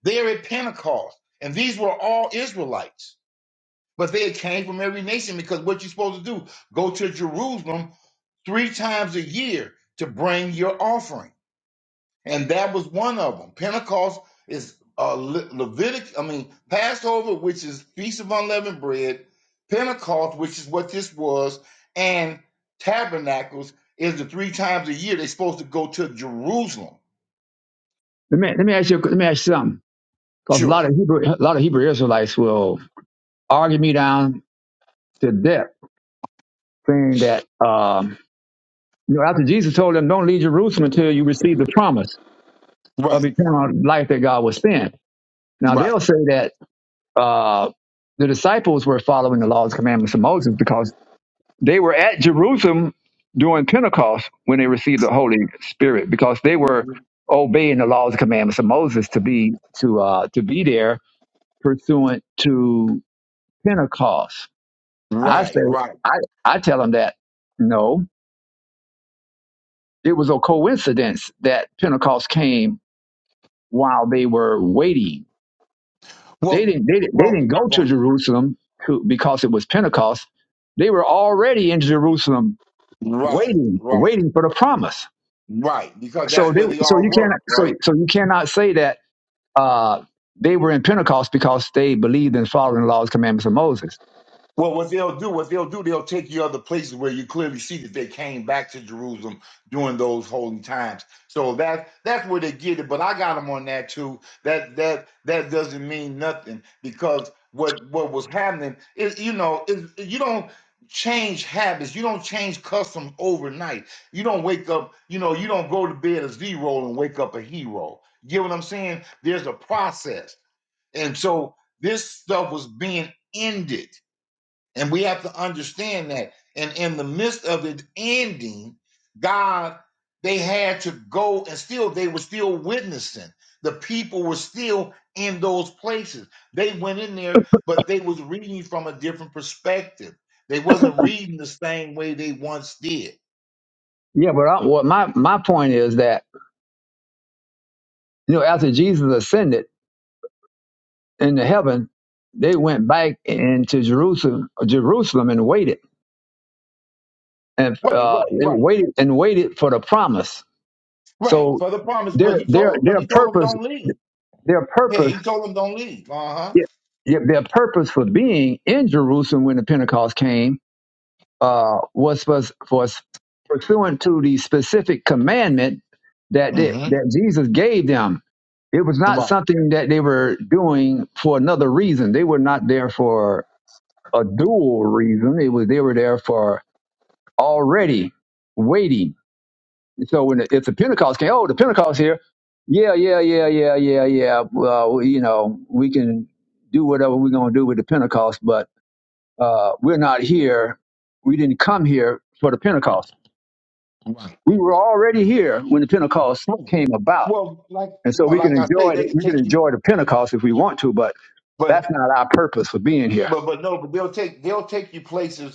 [SPEAKER 5] there at Pentecost. And these were all Israelites, but they came from every nation because what you're supposed to do, go to Jerusalem three times a year to bring your offering. And that was one of them. Pentecost is uh, Le- Levitic, I mean, Passover, which is Feast of Unleavened Bread, Pentecost, which is what this was, and Tabernacles is the three times a year they're supposed to go to Jerusalem.
[SPEAKER 1] Let me, let me ask you, let me ask you something. Cause a
[SPEAKER 5] Sure.
[SPEAKER 1] lot of Hebrew, a lot of Hebrew Israelites will argue me down to death saying that um, you know after Jesus told them, "Don't leave Jerusalem until you receive the promise of
[SPEAKER 5] Right.
[SPEAKER 1] eternal life that God will spend." Now
[SPEAKER 5] Right.
[SPEAKER 1] they'll say that uh, the disciples were following the laws and commandments of Moses because they were at Jerusalem during Pentecost when they received the Holy Spirit because they were obeying the laws and commandments of Moses to be to uh, to be there pursuant to Pentecost. I
[SPEAKER 5] Right,
[SPEAKER 1] say
[SPEAKER 5] right.
[SPEAKER 1] I I tell them that no. It was a coincidence that Pentecost came while they were waiting. They
[SPEAKER 5] Well,
[SPEAKER 1] didn't, they, didn't- they
[SPEAKER 5] well,
[SPEAKER 1] didn't go to
[SPEAKER 5] right,
[SPEAKER 1] Jerusalem to, because it was Pentecost. They were already in Jerusalem
[SPEAKER 5] right,
[SPEAKER 1] waiting,
[SPEAKER 5] right.
[SPEAKER 1] waiting for the promise.
[SPEAKER 5] right. Because
[SPEAKER 1] So
[SPEAKER 5] that's
[SPEAKER 1] they,
[SPEAKER 5] where they
[SPEAKER 1] so
[SPEAKER 5] all
[SPEAKER 1] you
[SPEAKER 5] work,
[SPEAKER 1] cannot, so,
[SPEAKER 5] right?
[SPEAKER 1] so you cannot say that, uh, they were in Pentecost because they believed in following the laws, commandments of Moses.
[SPEAKER 5] Well, what they'll do, what they'll do, they'll take you other places where you clearly see that they came back to Jerusalem during those holy times. So that that's where they get it. But I got them on that too. That that that doesn't mean nothing because what what was happening is you know is you don't change habits, you don't change customs overnight. You don't wake up, you know, you don't go to bed a zero and wake up a hero. You get what I'm saying? There's a process, and so this stuff was being ended and we have to understand that. And in the midst of it ending, God, they had to go and still, they were still witnessing. The people were still in those places. They went in there, but they was reading from a different perspective. They wasn't reading the same way they once did.
[SPEAKER 1] Yeah, but I, what my, my point is that, you know, after Jesus ascended into heaven, they went back into Jerusalem, Jerusalem and waited. and
[SPEAKER 5] Right,
[SPEAKER 1] uh,
[SPEAKER 5] right,
[SPEAKER 1] and
[SPEAKER 5] right,
[SPEAKER 1] waited and waited for the promise.
[SPEAKER 5] right.
[SPEAKER 1] So
[SPEAKER 5] For the promise, but
[SPEAKER 1] their
[SPEAKER 5] he
[SPEAKER 1] their
[SPEAKER 5] told them, because
[SPEAKER 1] their
[SPEAKER 5] he told them
[SPEAKER 1] purpose
[SPEAKER 5] don't leave.
[SPEAKER 1] their
[SPEAKER 5] Yeah,
[SPEAKER 1] purpose
[SPEAKER 5] he told them don't leave. Uh-huh.
[SPEAKER 1] yeah, yeah, their purpose for being in Jerusalem when the Pentecost came uh, was was was pursuant to the specific commandment that they,
[SPEAKER 5] hmm
[SPEAKER 1] that Jesus gave them. It was not
[SPEAKER 5] Right,
[SPEAKER 1] something that they were doing for another reason. They were not there for a dual reason. It was they were there for already waiting so when the, if the Pentecost came, oh, the Pentecost here, yeah, yeah, yeah, yeah, yeah, yeah. Well, you know, we can do whatever we're going to do with the Pentecost, but uh, we're not here. We didn't come here for the Pentecost.
[SPEAKER 5] right,
[SPEAKER 1] We were already here when the Pentecost
[SPEAKER 5] right.
[SPEAKER 1] came about,
[SPEAKER 5] Well, like,
[SPEAKER 1] and so
[SPEAKER 5] but
[SPEAKER 1] we can
[SPEAKER 5] like I say,
[SPEAKER 1] enjoy
[SPEAKER 5] they
[SPEAKER 1] the,
[SPEAKER 5] could
[SPEAKER 1] we can
[SPEAKER 5] take you.
[SPEAKER 1] enjoy the Pentecost if we want to, but
[SPEAKER 5] but.
[SPEAKER 1] that's not our purpose for being here.
[SPEAKER 5] But but no, but they'll take they'll take you places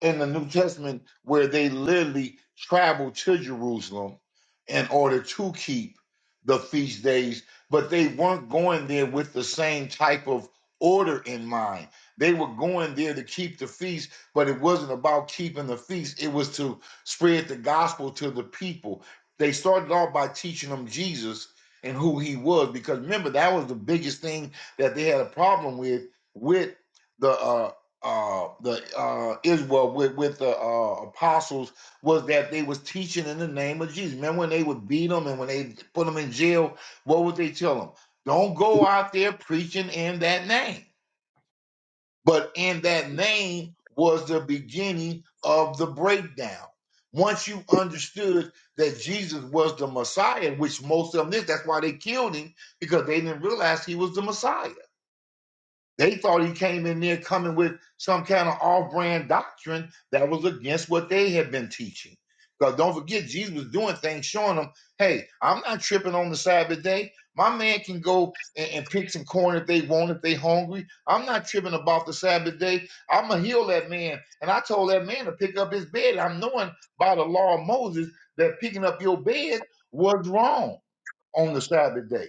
[SPEAKER 5] in the New Testament where they literally traveled to Jerusalem in order to keep the feast days, but they weren't going there with the same type of order in mind. They were going there to keep the feast, but it wasn't about keeping the feast, it was to spread the gospel to the people. They started off by teaching them Jesus and who he was because remember that was the biggest thing that they had a problem with with the uh, uh the uh Israel with with the uh apostles was that they was teaching in the name of Jesus. Remember when they would beat them and when they put them in jail, what would they tell them? Don't go out there preaching in that name. But in that name was the beginning of the breakdown. Once you understood that Jesus was the Messiah, which most of them did, that's why they killed him because they didn't realize he was the Messiah they thought he came in there coming with some kind of off brand doctrine that was against what they had been teaching. Because don't forget, Jesus was doing things showing them, hey, I'm not tripping on the Sabbath day. My man can go and, and pick some corn if they want, if they hungry. I'm not tripping about the Sabbath day. I'm going to heal that man. And I told that man to pick up his bed. I'm knowing by the law of Moses that picking up your bed was wrong on the Sabbath day.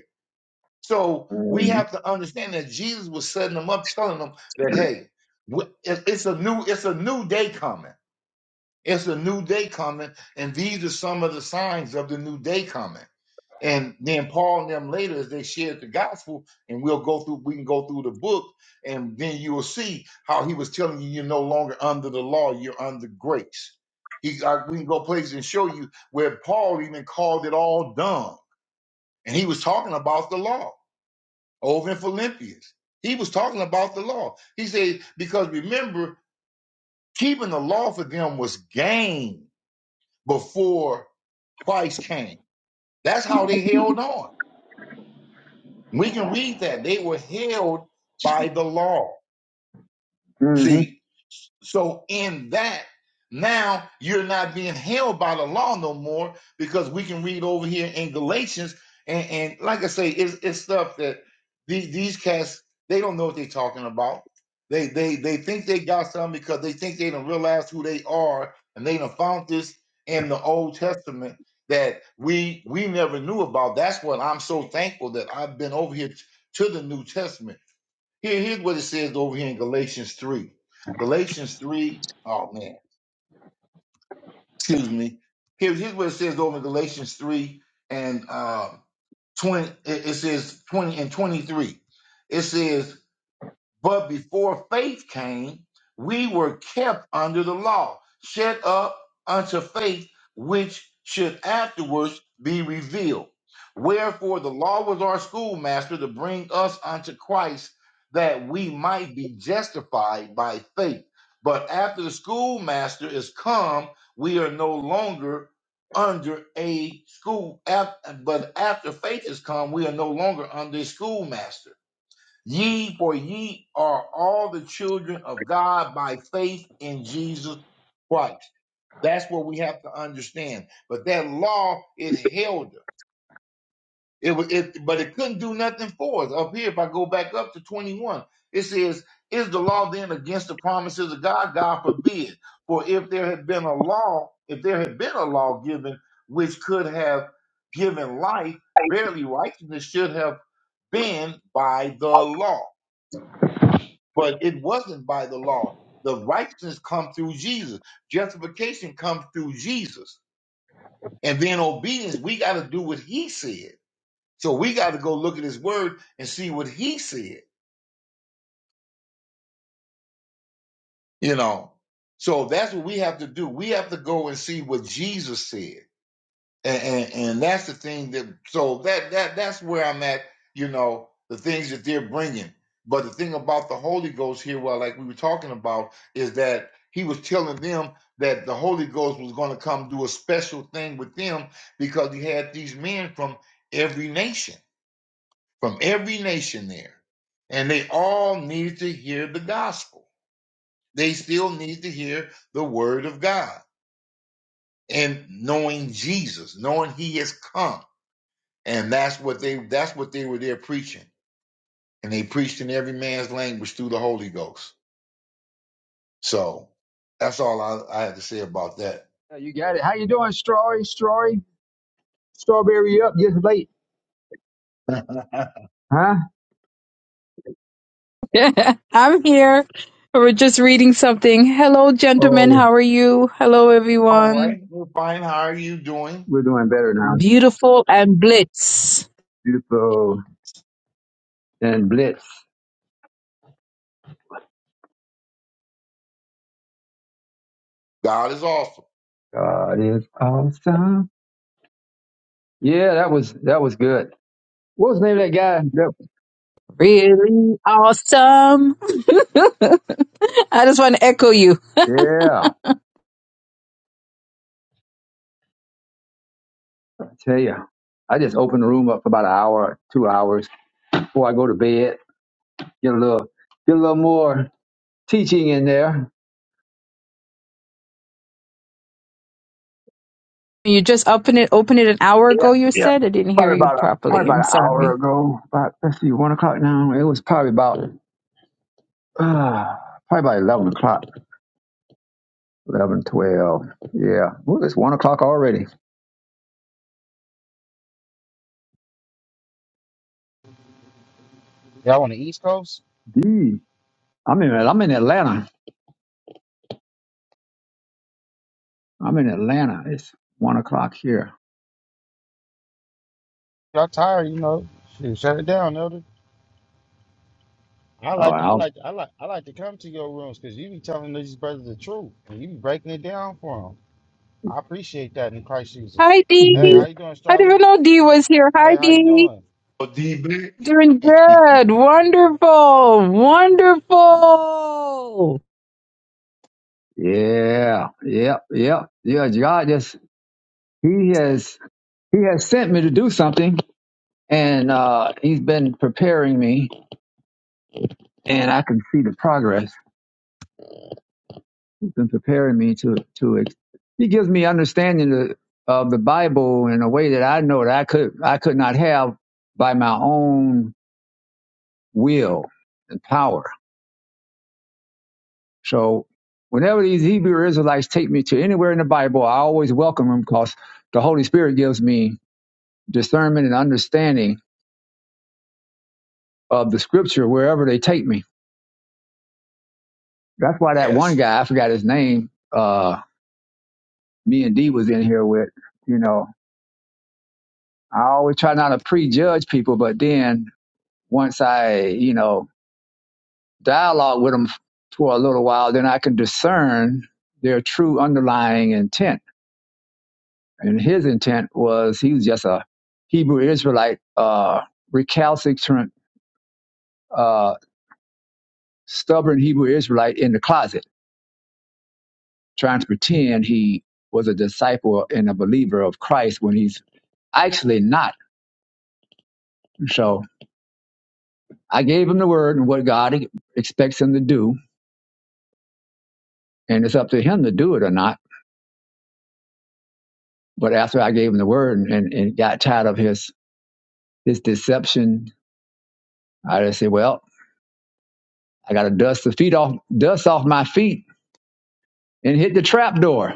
[SPEAKER 5] So we
[SPEAKER 1] hmm
[SPEAKER 5] have to understand that Jesus was setting them up, telling them that hey, wh- it- it's a new it's a new day coming. It's a new day coming, and these are some of the signs of the new day coming. And then Paul and them later, as they shared the gospel, and we'll go through, we can go through the book, and then you will see how he was telling you, you're no longer under the law, you're under grace. He, I, we can go places and show you where Paul even called it all dumb, and he was talking about the law over in Philippians. He was talking about the law. He said, because remember, keeping the law for them was gain before Christ came. That's how they held on. We can read that. They were held by the law.
[SPEAKER 1] hmm
[SPEAKER 5] See, So in that, now you're not being held by the law no more because we can read over here in Galatians and, and like I say, it's, it's stuff that these these cats they don't know what they're talking about. They they they think they got something because they think they don't realize who they are and they done found this in the Old Testament that we we never knew about. That's what I'm so thankful that I've been over here t- to the New Testament here, here's what it says over here in Galatians 3. Galatians 3, oh man, excuse me. Here, here's what it says over in Galatians 3 and uh, 20, it, it says 20 and 23. It says, but before faith came, we were kept under the law, shut up unto faith, which should afterwards be revealed. Wherefore the law was our schoolmaster to bring us unto Christ, that we might be justified by faith. But after the schoolmaster is come, we are no longer under a school. af- But after faith is come, we are no longer under a schoolmaster. Ye, for ye are all the children of God by faith in Jesus Christ. That's what we have to understand. But that law, it held us. It, wa- it, but it couldn't do nothing for us. Up here, if I go back up to 21, it says, Is the law then against the promises of God? God forbid. For if there had been a law, if there had been a law given which could have given life, barely righteousness should have been by the law. but it wasn't by the law. The righteousness comes through Jesus. Justification comes through Jesus. And then obedience, we got to do what he said. So we got to go look at his word and see what he said, you know. So that's what we have to do. We have to go and see what Jesus said. and, and and that's the thing that so that that that's where I'm at. You know the things that they're bringing, but the thing about the Holy Ghost here, well, like we were talking about, is that he was telling them that the Holy Ghost was going to come do a special thing with them because he had these men from every nation, from every nation there, and they all needed to hear the gospel. They still need to hear the word of God and knowing Jesus, knowing He has come And that's what they that's what they were there preaching. And they preached in every man's language through the Holy Ghost. So that's all I, I had to say about that.
[SPEAKER 1] You got it. How you doing, Stroy? Stroy? Strawberry up? Just late, huh?
[SPEAKER 6] I'm here. We're just reading something. Hello, gentlemen.
[SPEAKER 1] Oh,
[SPEAKER 6] How are you? Hello,
[SPEAKER 5] All right.
[SPEAKER 6] everyone.
[SPEAKER 5] right, we're fine. How are you doing?
[SPEAKER 1] we're doing better now.
[SPEAKER 6] Beautiful and blitz.
[SPEAKER 1] Duplo and Blitz.
[SPEAKER 5] God is awesome.
[SPEAKER 1] God is awesome. Yeah, that was that was good. What was the name of that guy? That-
[SPEAKER 6] Really awesome. I just want to echo you.
[SPEAKER 1] yeah, I tell you, I just open the room up for about an hour, two hours before I go to bed. Get a little, get a little more teaching in there.
[SPEAKER 6] You just opened it, opened it an hour
[SPEAKER 1] Yeah,
[SPEAKER 6] ago, you
[SPEAKER 1] yeah.
[SPEAKER 6] said. I didn't hear
[SPEAKER 1] Probably
[SPEAKER 6] you
[SPEAKER 1] about a, probably
[SPEAKER 6] properly.
[SPEAKER 1] about
[SPEAKER 6] I'm
[SPEAKER 1] an hour
[SPEAKER 6] sorry.
[SPEAKER 1] ago. About let's see, one o'clock now. It was probably about uh, probably about eleven o'clock, 11, 12. Yeah, well, it's one o'clock already.
[SPEAKER 4] Y'all on the East Coast?
[SPEAKER 1] Gee, I'm in I'm in Atlanta I'm in Atlanta. It's one o'clock here.
[SPEAKER 4] Y'all tired, you know? Shoot, shut it down, Elder. I
[SPEAKER 1] Oh,
[SPEAKER 4] like, I
[SPEAKER 1] I'll,
[SPEAKER 4] like, I like, I like to come to your rooms because you be telling these brothers the truth and you be breaking it down for them. I appreciate that in Christ Jesus.
[SPEAKER 6] Hi,
[SPEAKER 4] Hey,
[SPEAKER 1] yeah,
[SPEAKER 4] how
[SPEAKER 6] Dee.
[SPEAKER 4] you doing,
[SPEAKER 6] I didn't
[SPEAKER 4] Charlie?
[SPEAKER 6] even know Dee was here.
[SPEAKER 4] Hey,
[SPEAKER 6] Hi,
[SPEAKER 4] how you
[SPEAKER 6] Dee.
[SPEAKER 4] doing?
[SPEAKER 5] Oh, D back.
[SPEAKER 6] Doing good. Wonderful. Wonderful.
[SPEAKER 1] yeah, yeah, yeah, yeah. God just He has He has sent me to do something, and uh, He's been preparing me, and I can see the progress. He's been preparing me to to. ex- He gives me understanding of, of the Bible in a way that I know that I could I could not have by my own will and power So whenever these Hebrew Israelites take me to anywhere in the Bible, I always welcome them because the Holy Spirit gives me discernment and understanding of the scripture wherever they take me. That's why that one
[SPEAKER 5] yes.
[SPEAKER 1] guy, I forgot his name, uh, me and D was in here with, you know, I always try not to prejudge people, but then once I, you know, dialogue with them for a little while, then I can discern their true underlying intent And his intent was he was just a Hebrew Israelite, uh, recalcitrant, uh, stubborn Hebrew Israelite in the closet, trying to pretend he was a disciple and a believer of Christ when he's actually not. So I gave him the word and what God expects him to do, and it's up to him to do it or not. But after I gave him the word and, and, and got tired of his his deception, I just said, "Well, I got to dust the feet off, dust off my feet, and hit the trap door."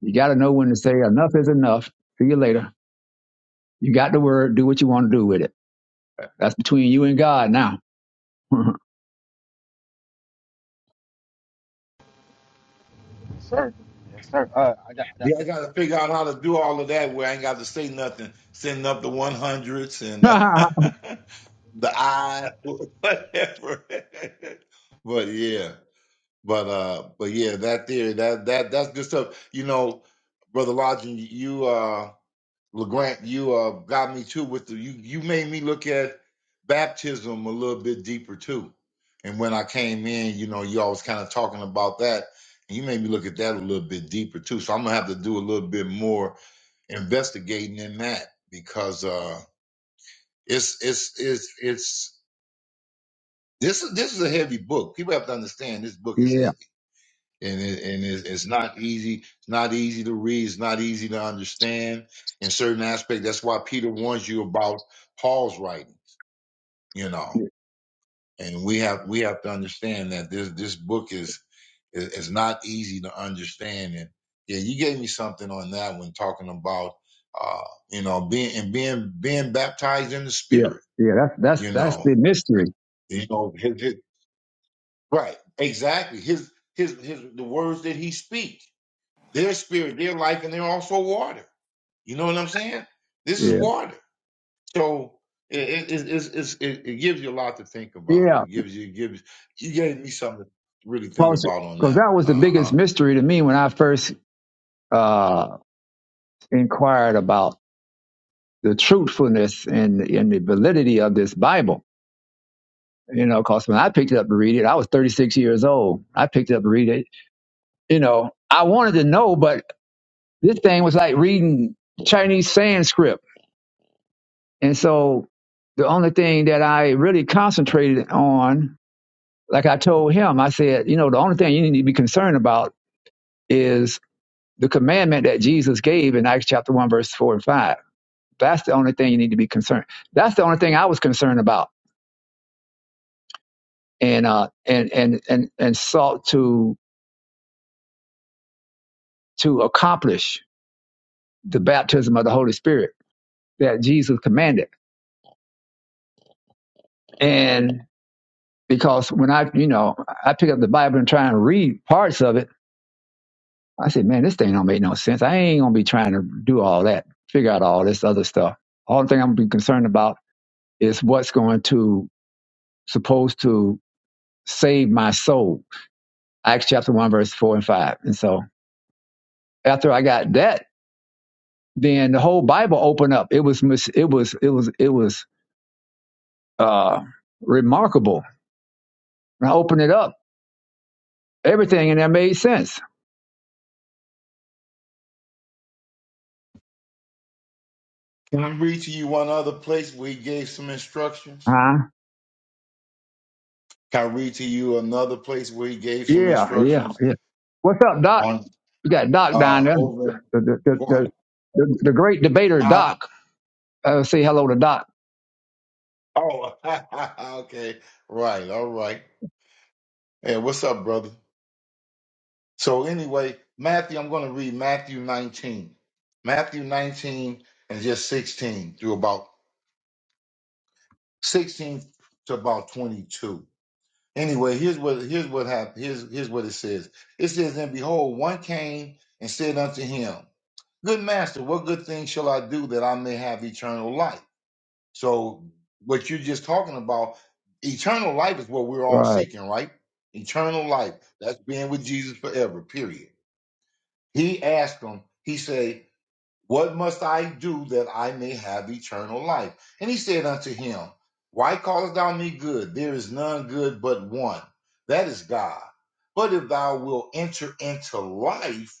[SPEAKER 1] You got to know when to say enough is enough. See you later. You got the word. Do what you want to do with it. That's between you and God now.
[SPEAKER 4] Yes, sir. Yes, sir. Uh, I, got- I, got-
[SPEAKER 5] Yeah, I gotta figure out how to do all of that where I ain't got to say nothing, sending up the one hundreds and uh,
[SPEAKER 1] yeah,
[SPEAKER 5] the I whatever. but yeah. But uh, but yeah, that theory, that that that's good stuff. You know, brother Lodging, you uh, Legrand, you uh, got me too with the you. You made me look at baptism a little bit deeper too. And when I came in, you know, you all was kind of talking about that, and you made me look at that a little bit deeper too. So I'm gonna have to do a little bit more investigating in that because uh, it's it's it's it's this is this is a heavy book. People have to understand this book is heavy and it, and it's, it's not easy. It's not easy to read. It's not easy to understand in certain aspects. That's why Peter warns you about Paul's writing. You
[SPEAKER 1] yeah,
[SPEAKER 5] know, and we have we have to understand that this this book is is, is not easy to understand. And yeah, you gave me something on that when talking about uh you know being and being being baptized in the
[SPEAKER 1] yeah.
[SPEAKER 5] Spirit.
[SPEAKER 1] That's that's
[SPEAKER 5] You
[SPEAKER 1] that's
[SPEAKER 5] know,
[SPEAKER 1] the mystery.
[SPEAKER 5] you know his, his, right exactly his his his the words that he speaks Their spirit, their life, and they're also water. You know what I'm saying? This is
[SPEAKER 1] Yeah,
[SPEAKER 5] water. So it it it, it's- it, it gives you a lot to think about.
[SPEAKER 1] yeah.
[SPEAKER 5] It gives you it gives you gave me something to really think
[SPEAKER 1] Because
[SPEAKER 5] about on that
[SPEAKER 1] that
[SPEAKER 5] one.
[SPEAKER 1] was the
[SPEAKER 5] Uh
[SPEAKER 1] biggest
[SPEAKER 5] huh.
[SPEAKER 1] mystery to me when I first uh, inquired about the truthfulness and and the validity of this Bible. You know, because when I picked it up to read it, I was 36 years old. I picked it up to read it. You know, I wanted to know, but This thing was like reading Chinese Sanskrit. And so the only thing that I really concentrated on, like I told him, I said, you know, the only thing you need to be concerned about is the commandment that Jesus gave in Acts chapter 1, verse 4 and 5. That's the only thing you need to be concerned. That's the only thing I was concerned about and uh and and and, and sought to to accomplish the baptism of the Holy Spirit that Jesus commanded. And because when I, you know, I pick up the Bible and try and read parts of it, I said, man, this thing don't make no sense. I ain't gonna be trying to do all that, figure out all this other stuff. All the thing I'm gonna be concerned about is what's going to supposed to save my soul. Acts chapter one, verse four and five. And so after I got that, then the whole Bible opened up. It was mis- it was it was it was uh remarkable. When I opened it up, everything in there made sense.
[SPEAKER 5] Can I read to you one other place where he gave some instructions?
[SPEAKER 1] Huh?
[SPEAKER 5] Can I read to you another place where he gave some
[SPEAKER 1] Yeah, yeah,
[SPEAKER 5] instructions
[SPEAKER 1] yeah. What's up, Doc?
[SPEAKER 5] on
[SPEAKER 1] You got Doc down
[SPEAKER 5] uh
[SPEAKER 1] there,
[SPEAKER 5] over in-
[SPEAKER 1] the the the,
[SPEAKER 5] go on.
[SPEAKER 1] the, the, the great debater
[SPEAKER 5] Uh,
[SPEAKER 1] Doc. Uh, say hello to Doc.
[SPEAKER 5] oh okay. Right, all right. Hey, what's up, brother? So anyway, Matthew, I'm going to read Matthew 19, Matthew 19 and just 16 through about 16 to about 22. Anyway, here's what here's what happened. Here's here's what it says. It says, and behold, one came and said unto him, Good master, what good thing shall I do that I may have eternal life? So what you're just talking about, eternal life is what we're all
[SPEAKER 1] Right.
[SPEAKER 5] seeking, right? Eternal life. That's being with Jesus forever, period. He asked him, he said, What must I do that I may have eternal life? And he said unto him, Why callest thou me good? There is none good but one, that is God. But if thou wilt enter into life,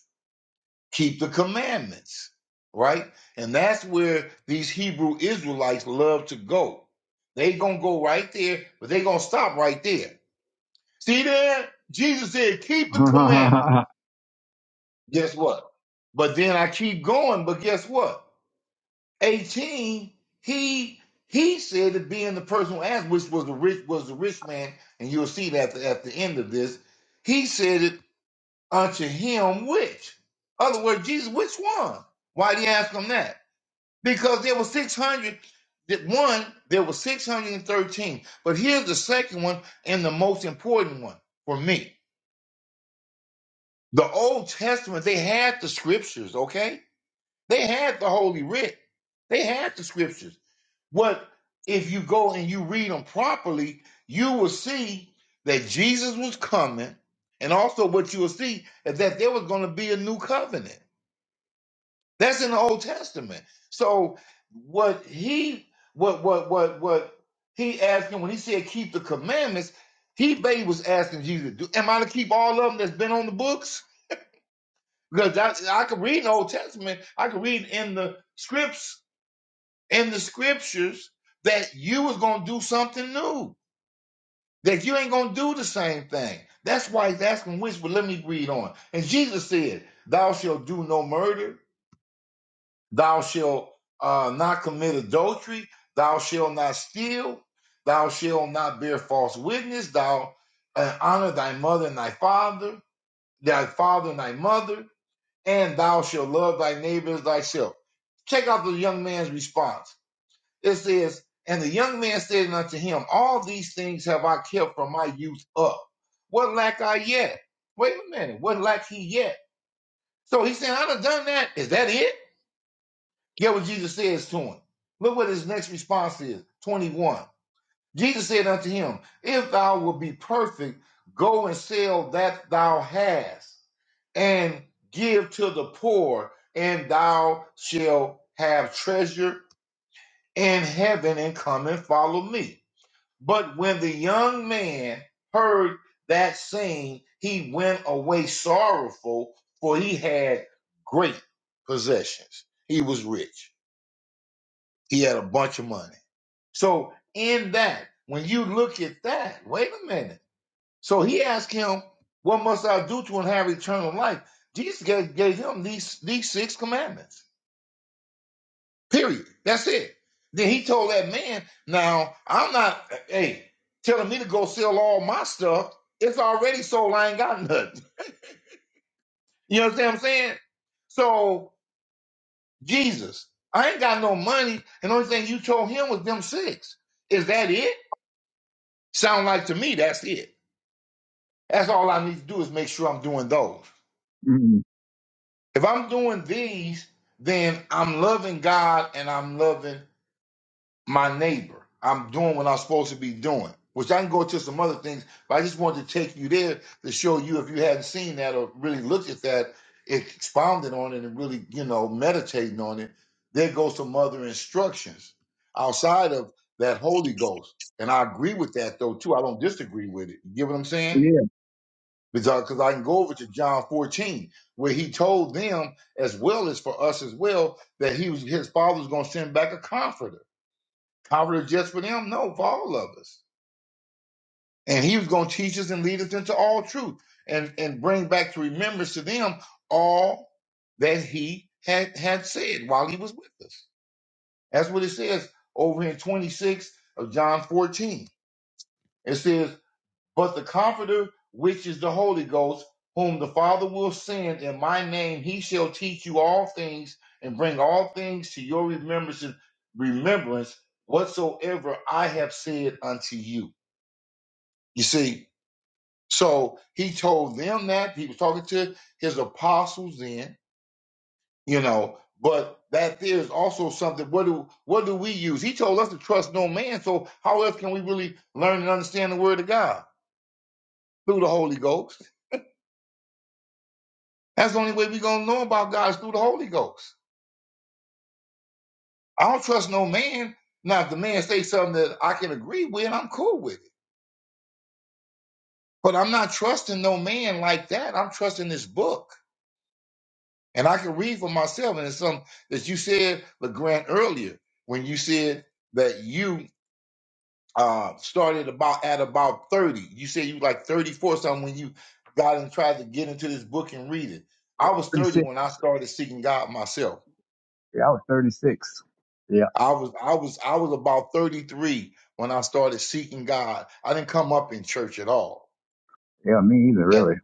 [SPEAKER 5] keep the commandments, right? And that's where these Hebrew Israelites love to go. They gonna go right there, but they gonna stop right there. See there? Jesus said, keep the commandments. Guess what? But then I keep going, but guess what? 18, he he said that being the person who asked, which was the rich was the rich man, and you'll see that at the, at the end of this, he said it unto him which. Other words, Jesus, which one? Why did he ask him that? Because there were 600. that One, there were 613. But here's the second one and the most important one for me. The Old Testament, they had the scriptures, okay? They had the Holy Writ. They had the scriptures. What if you go and you read them properly, you will see that Jesus was coming, and also what you will see is that there was going to be a new covenant. That's in the Old Testament. So what he what what what what he asking when he said keep the commandments, he basically was asking Jesus, do, am I to keep all of them that's been on the books? Because I, I could read in the Old Testament, I could read in the scripts, in the scriptures that you was gonna do something new that you ain't gonna do the same thing. That's why he's asking which, but let me read on. And Jesus said, Thou shalt do no murder, thou shalt uh, not commit adultery, thou shalt not steal, thou shalt not bear false witness, thou uh, honor thy mother and thy father, thy father and thy mother, and thou shalt love thy neighbor as thyself. Check out the young man's response. It says, And the young man said unto him, All these things have I kept from my youth up. What lack I yet? Wait a minute. What lack he yet? So he said, I done done that. Is that it? Get what Jesus says to him. Look what his next response is. 21. Jesus said unto him, If thou wilt be perfect, go and sell that thou hast and give to the poor, and thou shalt have treasure in heaven and come and follow me. But when the young man heard that saying, he went away sorrowful, for he had great possessions. He was rich, he had a bunch of money. So, in that, when you look at that, wait a minute. So he asked him, What must I do to inherit eternal life? Jesus gave, gave him these, these six commandments. Period. That's it. Then he told that man, now I'm not, hey, telling me to go sell all my stuff. It's already sold. I ain't got nothing. You understand what I'm saying? So, Jesus, I ain't got no money. And the only thing you told him was them six. Is that it? Sound like to me, that's it. That's all I need to do is make sure I'm doing those.
[SPEAKER 1] Mm.
[SPEAKER 5] If I'm doing these, then I'm loving God and I'm loving my neighbor. I'm doing what I'm supposed to be doing, which I can go to some other things, but I just wanted to take you there to show you if you hadn't seen that or really looked at that, expounded on it and really, you know, meditating on it, there goes some other instructions outside of that Holy Ghost. And I agree with that though too. I don't disagree with it. You get what I'm saying?
[SPEAKER 1] yeah.
[SPEAKER 5] Because because I can go over to John 14, where he told them as well as for us as well that he was his father was gonna send back a comforter. Poverty was just for them? No, for all of us. And he was going to teach us and lead us into all truth and, and bring back to remembrance to them all that he had, had said while he was with us. That's what it says over in 26 of John 14. It says, But the Comforter, which is the Holy Ghost, whom the Father will send in my name, he shall teach you all things and bring all things to your remembrance, remembrance whatsoever I have said unto you. You see, so he told them that he was talking to his apostles then, you know, but that there is also something. What do what do we use? He told us to trust no man. So how else can we really learn and understand the word of God? Through the Holy Ghost. That's the only way we're gonna know about God is through the Holy Ghost. I don't trust no man. Now if the man say something that I can agree with, I'm cool with it. But I'm not trusting no man like that. I'm trusting this book. And I can read for myself, and it's something that you said, LeGrand, earlier when you said that you uh, started about at about 30. You said you were like 34 or something when you got and tried to get into this book and read it.
[SPEAKER 1] Yeah.
[SPEAKER 5] I was
[SPEAKER 1] Thirty
[SPEAKER 5] 30
[SPEAKER 1] six.
[SPEAKER 5] when I started seeking God myself.
[SPEAKER 1] Yeah, I was thirty six. Yeah.
[SPEAKER 5] I was I was I was about 33 when I started seeking God. I didn't come up in church at all.
[SPEAKER 1] Yeah. Me either. Really.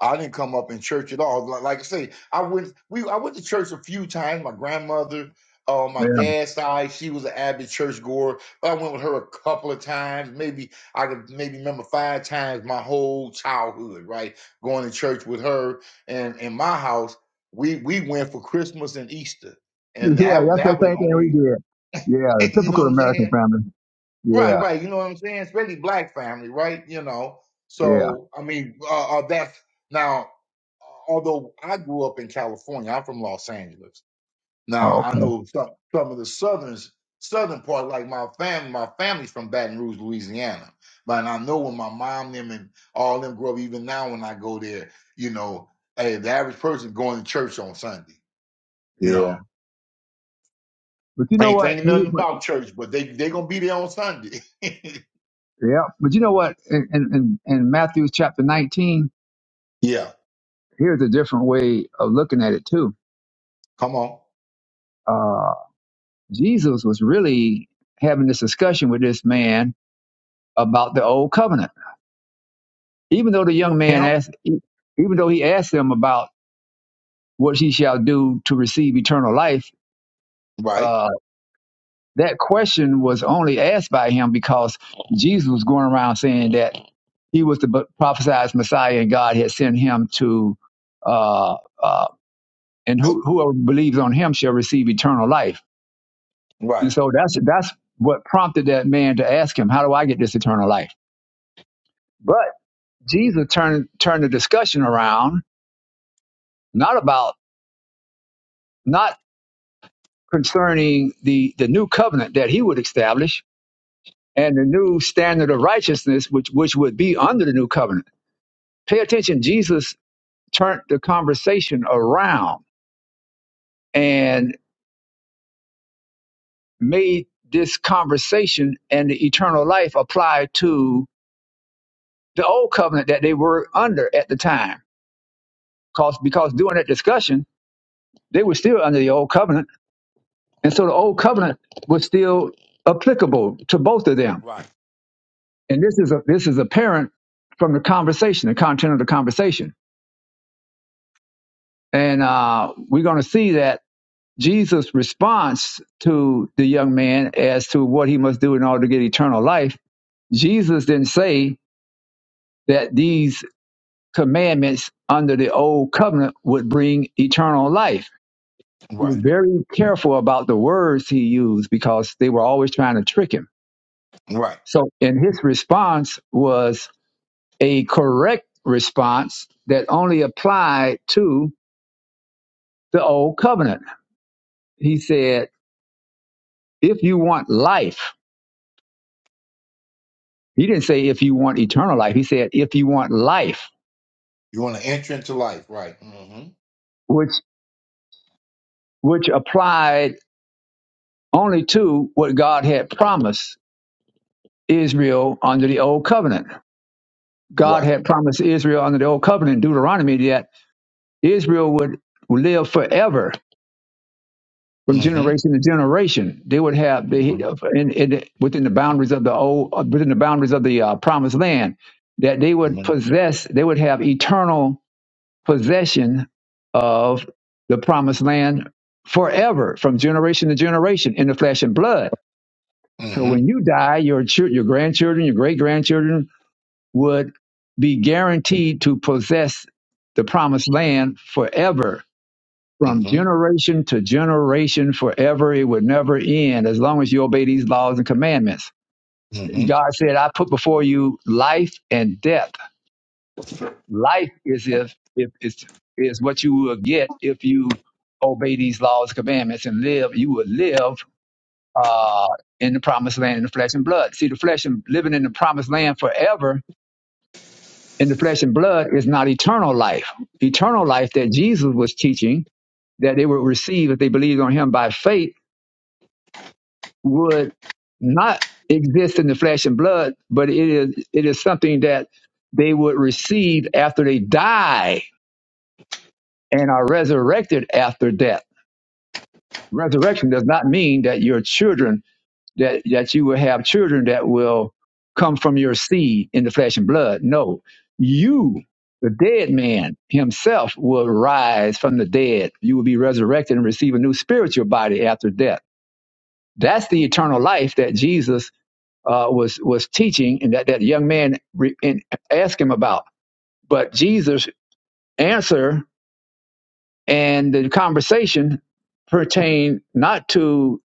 [SPEAKER 5] I didn't come up in church at all. Like like I say, I went we I went to church a few times. My grandmother, uh, my
[SPEAKER 1] Yeah.
[SPEAKER 5] dad's side, she was an avid church goer. But I went with her a couple of times. Maybe I could maybe remember five times my whole childhood, right? Going to church with her and in my house, we we went for Christmas and Easter. And
[SPEAKER 1] Yeah.
[SPEAKER 5] that
[SPEAKER 1] That's the
[SPEAKER 5] that was
[SPEAKER 1] same thing we
[SPEAKER 5] only
[SPEAKER 1] did. Yeah. The
[SPEAKER 5] you
[SPEAKER 1] typical
[SPEAKER 5] know what I'm
[SPEAKER 1] American
[SPEAKER 5] saying?
[SPEAKER 1] family.
[SPEAKER 5] Right,
[SPEAKER 1] Yeah.
[SPEAKER 5] right. You know what I'm saying? Especially black family, right? You know.
[SPEAKER 1] Yeah.
[SPEAKER 5] So I mean, uh, uh, that's now. Although I grew up in California, I'm from Los Angeles.
[SPEAKER 1] Oh,
[SPEAKER 5] Now I
[SPEAKER 1] okay.
[SPEAKER 5] know some some of the southerns, southern part, like my family. My family's from Baton Rouge, Louisiana. But and I know when my mom, them, and all them grow up. Even now, when I go there, you know, hey, the average person going to church on Sunday. You
[SPEAKER 1] Yeah.
[SPEAKER 5] know,
[SPEAKER 1] But you know
[SPEAKER 5] ain't
[SPEAKER 1] what?
[SPEAKER 5] thinking nothing
[SPEAKER 1] You-
[SPEAKER 5] about church, but they they gonna be there on Sunday.
[SPEAKER 1] Yeah. But you know what? In in in in Matthew chapter nineteen,
[SPEAKER 5] yeah,
[SPEAKER 1] here's a different way of looking at it too.
[SPEAKER 5] come on.
[SPEAKER 1] Uh, Jesus was really having this discussion with this man about the old covenant. Even though the young man
[SPEAKER 5] Kim.
[SPEAKER 1] asked, even though he asked him about what he shall do to receive eternal life,
[SPEAKER 5] Right.
[SPEAKER 1] uh, that question was only asked by him because Jesus was going around saying that he was the b- prophesied Messiah and God had sent him to, uh, uh, and who, whoever believes on him shall receive eternal life. And
[SPEAKER 5] Right.
[SPEAKER 1] so that's that's what prompted that man to ask him, "How do I get this eternal life?" But Jesus turned turned the discussion around, not about not concerning the the new covenant that he would establish and the new standard of righteousness which which would be under the new covenant. Pay attention, Jesus turned the conversation around and made this conversation and the eternal life apply to the old covenant that they were under at the time. Because because during that discussion, they were still under the old covenant And so the old covenant was still applicable to both of them.
[SPEAKER 5] Right.
[SPEAKER 1] And this is a, this is apparent from the conversation, the content of the conversation. And uh, we're going to see that Jesus' response to the young man as to what he must do in order to get eternal life, Jesus didn't say that these commandments under the old covenant would bring eternal life. He was
[SPEAKER 5] Right.
[SPEAKER 1] very careful about the words he used because they were always trying to trick him
[SPEAKER 5] Right.
[SPEAKER 1] So, and his response was a correct response that only applied to the old covenant. He said, if you want life, he didn't say if you want eternal life. He said, if you want life,
[SPEAKER 5] You want to enter into life. Right. Mm-hmm.
[SPEAKER 1] which, which applied only to what God had promised Israel under the old covenant. God
[SPEAKER 5] Right.
[SPEAKER 1] had promised Israel under the old covenant, Deuteronomy, that Israel would live forever from
[SPEAKER 5] Mm-hmm.
[SPEAKER 1] generation to generation. They would have the in, in within the boundaries of the old uh, within the boundaries of the uh, promised land that they
[SPEAKER 5] Mm-hmm.
[SPEAKER 1] would possess. They would have eternal possession of the promised land forever, from generation to generation, in the flesh and blood.
[SPEAKER 5] Mm-hmm.
[SPEAKER 1] So when you die, your chil- your grandchildren, your great grandchildren would be guaranteed to possess the promised land forever from
[SPEAKER 5] Mm-hmm.
[SPEAKER 1] generation to generation forever. It would never end as long as you obey these laws and commandments.
[SPEAKER 5] Mm-hmm.
[SPEAKER 1] God said, I put before you life and death. Life is if, if it's is what you will get if you obey these laws commandments and live, you will live uh, in the promised land in the flesh and blood. See, the flesh and living in the promised land forever in the flesh and blood is not eternal life. Eternal life that Jesus was teaching that they would receive if they believed on him by faith would not exist in the flesh and blood, but it is it is something that they would receive after they die and are resurrected after death. Resurrection does not mean that your children that that you will have children that will come from your seed in the flesh and blood. No, you the dead man himself will rise from the dead. You will be resurrected and receive a new spiritual body after death. That's the eternal life that Jesus uh, was was teaching and that that young man re- and asked him about. But Jesus' answer and the conversation pertained not to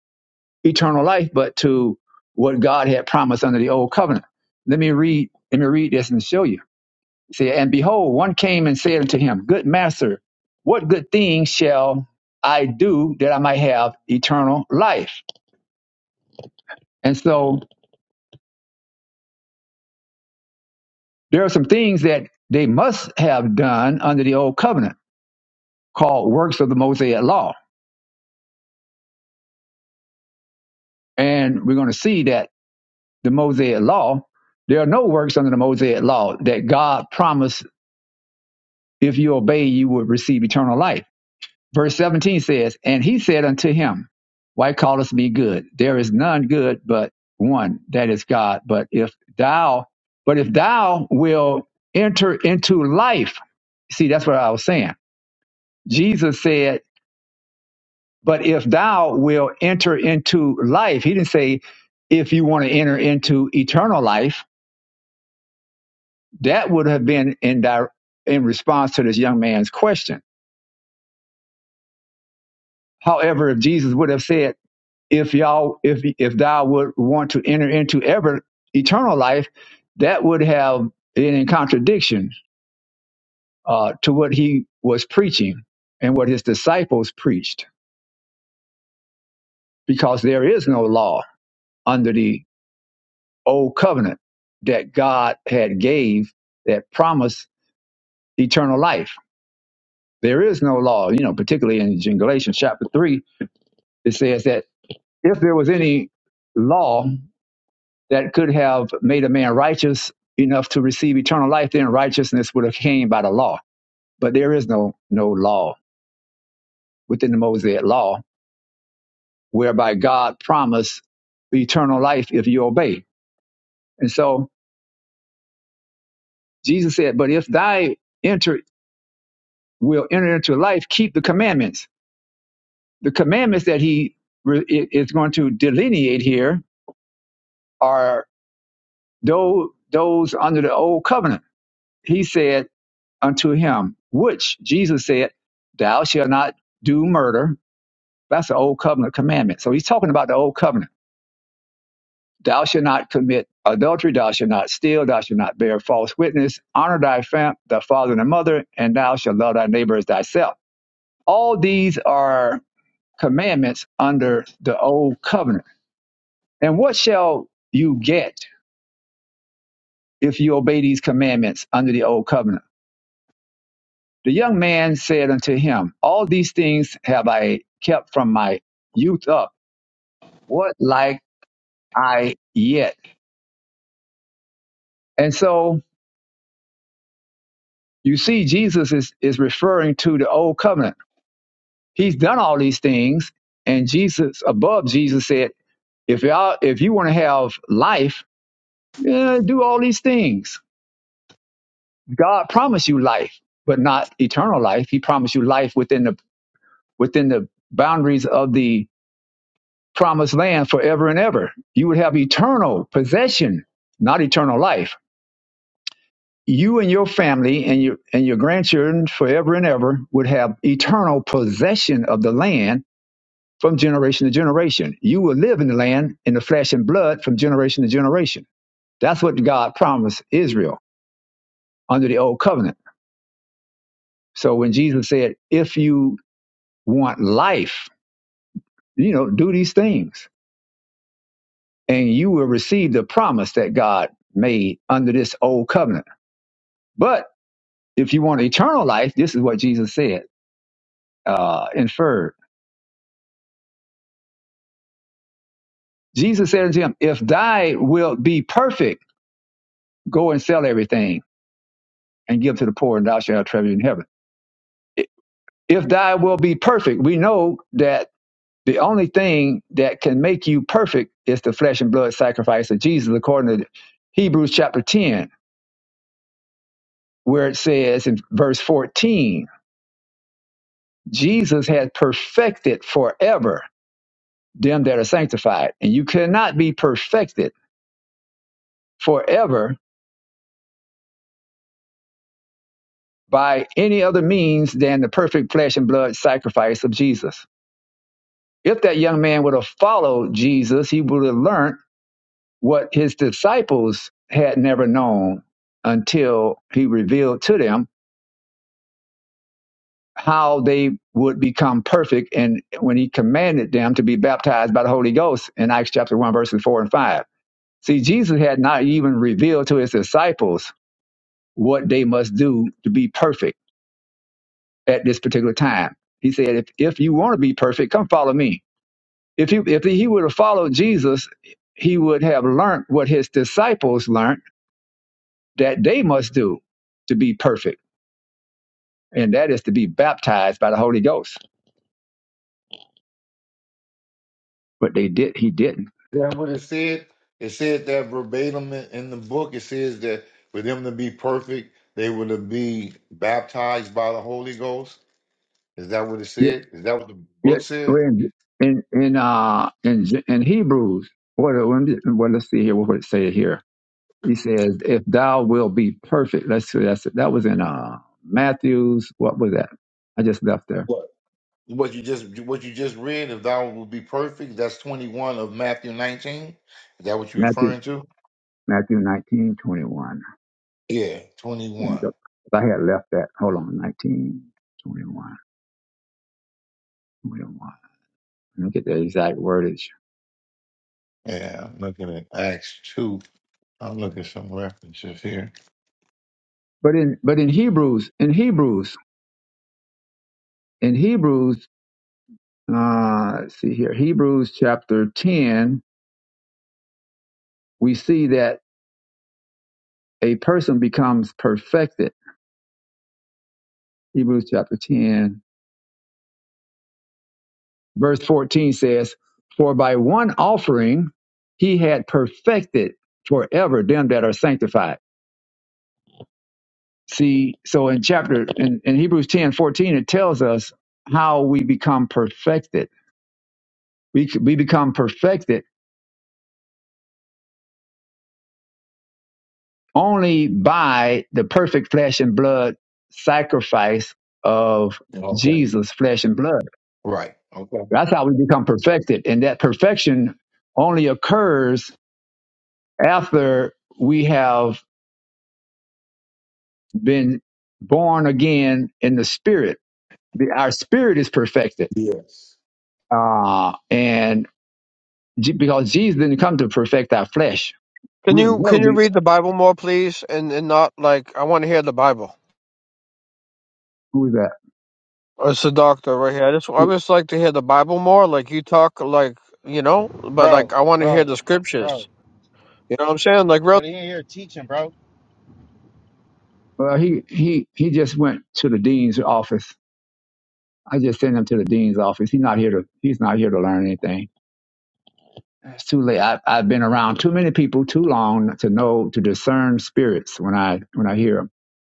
[SPEAKER 1] eternal life, but to what God had promised under the old covenant. Let me read. Let me read this and show you. See, and behold, one came and said unto him, Good master, what good thing shall I do that I might have eternal life? And so there are some things that they must have done under the old covenant called works of the Mosaic law. And we're going to see that the Mosaic law, there are no works under the Mosaic law that God promised if you obey, you would receive eternal life. Verse 17 says, And he said unto him, Why callest me good? There is none good but one, that is God. But if thou, but if thou will enter into life, see, that's what I was saying. Jesus said, But if thou will enter into life, he didn't say if you want to enter into eternal life. That would have been in di- in response to this young man's question. However, if Jesus would have said, "If y'all, if if thou would want to enter into ever eternal life," that would have been in contradiction uh, to what he was preaching and what his disciples preached, because there is no law under the." old covenant that God had gave that promised eternal life. There is no law, you know, particularly in Galatians chapter three, it says that if there was any law that could have made a man righteous enough to receive eternal life, then righteousness would have came by the law. But there is no no law within the Mosaic law whereby God promised eternal life if you obey. And so Jesus said, But if thy enter will enter into life, keep the commandments. the commandments that he re- is going to delineate here are those, those under the old covenant. He said unto him, which Jesus said, thou shalt not do murder. That's the old covenant commandment. So he's talking about the old covenant. Thou shalt not commit adultery. Thou shalt not steal. Thou shalt not bear false witness. Honor thy, fam- thy father and thy mother, and thou shalt love thy neighbor as thyself. All these are commandments under the old covenant And what shall you get if you obey these commandments under the old covenant? The young man said unto him, All these things have I kept from my youth up. What like I yet? And so you see, Jesus is, is referring to the old covenant. He's done all these things, and Jesus above Jesus said, If y'all if you want to have life, eh, do all these things. God promised you life, but not eternal life. He promised you life within the within the boundaries of the promised land forever and ever. You would have eternal possession, not eternal life. You and your family and your and your grandchildren forever and ever would have eternal possession of the land from generation to generation. You will live in the land in the flesh and blood from generation to generation. That's what God promised Israel under the old covenant. So when Jesus said, if you want life, you know, do these things and you will receive the promise that God made under this old covenant. But if you want eternal life, this is what Jesus said, uh, inferred. Jesus said unto him, If thy wilt be perfect, go and sell everything and give to the poor, and thou shalt have treasure in heaven. If thy will be perfect, we know that the only thing that can make you perfect is the flesh and blood sacrifice of Jesus, according to Hebrews chapter 10, where it says in verse 14, Jesus had perfected forever them that are sanctified. And you cannot be perfected forever by any other means than the perfect flesh and blood sacrifice of Jesus. If that young man would have followed Jesus, he would have learned what his disciples had never known until he revealed to them how they would become perfect and when he commanded them to be baptized by the Holy Ghost in Acts chapter 1, verses 4 and 5 See, Jesus had not even revealed to his disciples what they must do to be perfect at this particular time. He said, if, if you want to be perfect, come follow me. If, you, if he would have followed Jesus, he would have learned what his disciples learned that they must do to be perfect, and that is to be baptized by the Holy Ghost. But they did, he didn't.
[SPEAKER 5] That what it said. It said that verbatim in in the book. It says that for them to be perfect, they were to be baptized by the Holy Ghost. Is that what it said? Is that what the
[SPEAKER 1] Yeah,
[SPEAKER 5] book said?
[SPEAKER 1] when- in in uh in J- in Hebrews, what let me- well, let's see here. What would it say here? He says, "If thou will be perfect." Let's see. That's that was in uh Matthew's. What was that? I just left there.
[SPEAKER 5] What? What you just what you just read, if thou will be perfect, that's twenty one of Matthew nineteen. Is that what you're
[SPEAKER 1] Matthew
[SPEAKER 5] referring to?
[SPEAKER 1] Matthew nineteen twenty one.
[SPEAKER 5] Yeah, twenty one.
[SPEAKER 1] I had left that. Hold on, nineteen twenty one. Twenty one. Let me get the exact wordage.
[SPEAKER 5] Yeah, I'm looking at Acts 2. I'm looking at some references here.
[SPEAKER 1] But in but in Hebrews, in Hebrews, in Hebrews, uh, let's see here, Hebrews chapter ten, we see that a person becomes perfected. Hebrews chapter 10, verse 14 says, For by one offering he had perfected forever them that are sanctified. See, so in chapter, in, in Hebrews 10 14 it tells us how we become perfected. We, we become perfected only by the perfect flesh and blood sacrifice of
[SPEAKER 5] Okay.
[SPEAKER 1] Jesus, flesh and blood.
[SPEAKER 5] Right. Okay.
[SPEAKER 1] That's how we become perfected. And that perfection only occurs after we have been born again in the spirit. The, our spirit is perfected.
[SPEAKER 5] Yes.
[SPEAKER 1] Uh, and Je- because Jesus didn't come to perfect our flesh,
[SPEAKER 7] Can
[SPEAKER 1] we would
[SPEAKER 7] you
[SPEAKER 1] never
[SPEAKER 7] can you
[SPEAKER 1] be
[SPEAKER 7] read the Bible more, please, and and not like I want to hear the Bible.
[SPEAKER 1] who is that.
[SPEAKER 7] Uh, It's a doctor right here. I just I just like to hear the Bible more. Like you talk, like you know, but like
[SPEAKER 4] bro,
[SPEAKER 7] I want to hear
[SPEAKER 4] bro,
[SPEAKER 7] the
[SPEAKER 4] bro.
[SPEAKER 7] scriptures. You know what I'm saying? Like real
[SPEAKER 4] But he ain't here teaching, bro.
[SPEAKER 1] Well, he, he, he just went to the dean's office. I just sent him to the dean's office. He's not here to, he's not here to learn anything. It's too late. I, I've been around too many people too long to know, to discern spirits when I, when I hear them.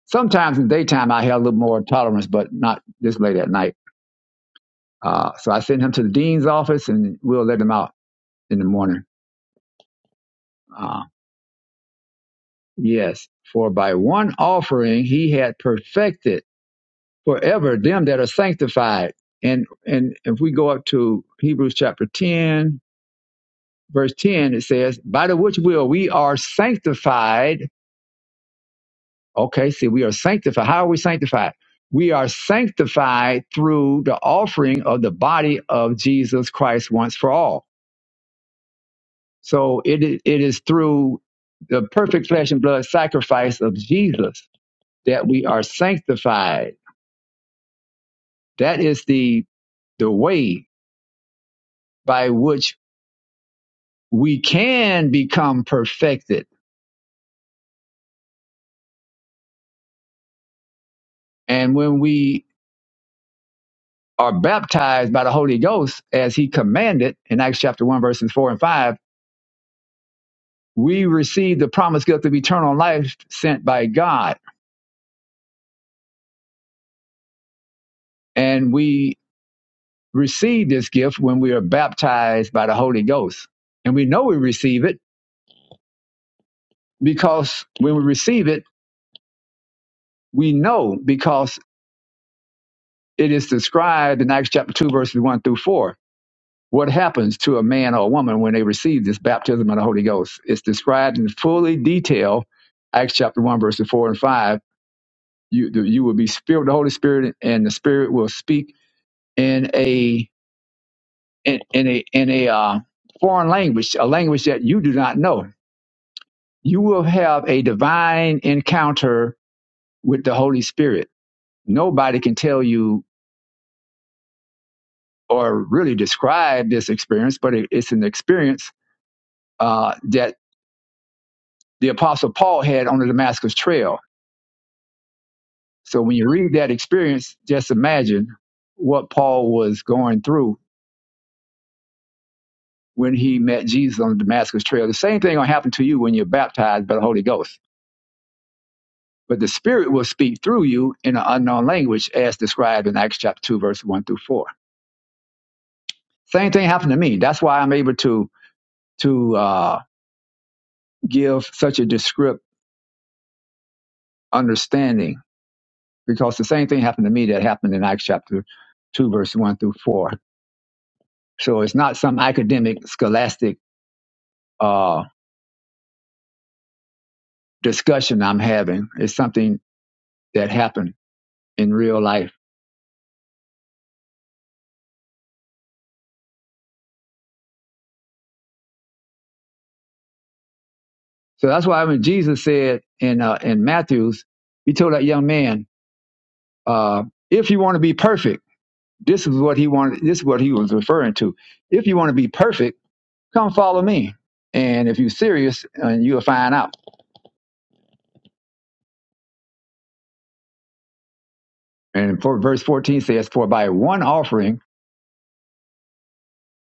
[SPEAKER 1] Sometimes in the daytime, I have a little more tolerance, but not this late at night. Uh, so I send him to the dean's office and we'll let him out in the morning. Uh, yes, for by one offering he had perfected forever them that are sanctified. And and if we go up to Hebrews chapter 10, verse 10, it says, By the which will we are sanctified. Okay, see, we are sanctified. How are we sanctified? We are sanctified through the offering of the body of Jesus Christ once for all So it is, it is through the perfect flesh and blood sacrifice of Jesus that we are sanctified. That is the the way by which we can become perfected. And when we are baptized by the Holy Ghost, as he commanded in Acts chapter 1, verses 4 and 5, we receive the promised gift of eternal life sent by God. And we receive this gift when we are baptized by the Holy Ghost. And we know we receive it because when we receive it, we know because it is described in Acts chapter 2, verses 1 through 4. What happens to a man or a woman when they receive this baptism of the Holy Ghost? It's described in fully detail, Acts chapter 1, verses 4 and 5. You, you will be filled with the Holy Spirit, and the Spirit will speak in a in, in a in a uh, foreign language, a language that you do not know. You will have a divine encounter with the Holy Spirit nobody can tell you or really describe this experience, but it, it's an experience uh, that the Apostle Paul had on the Damascus Trail. So when you read that experience, just imagine what Paul was going through when he met Jesus on the Damascus Trail. The same thing will happen to you when you're baptized by the Holy Ghost. But the Spirit will speak through you in an unknown language, as described in Acts chapter two, verse one through four. Same thing happened to me. That's why I'm able to to uh, give such a descriptive understanding because the same thing happened to me that happened in Acts chapter 2, verse 1 through 4. So it's not some academic, scholastic uh, discussion I'm having. It's something that happened in real life. So that's why when Jesus said in, uh, in Matthew's, he told that young man, uh, if you want to be perfect, this is what he wanted. This is what he was referring to. If you want to be perfect, come follow me. And if you're serious, and you'll find out. And for, verse 14 says, for by one offering,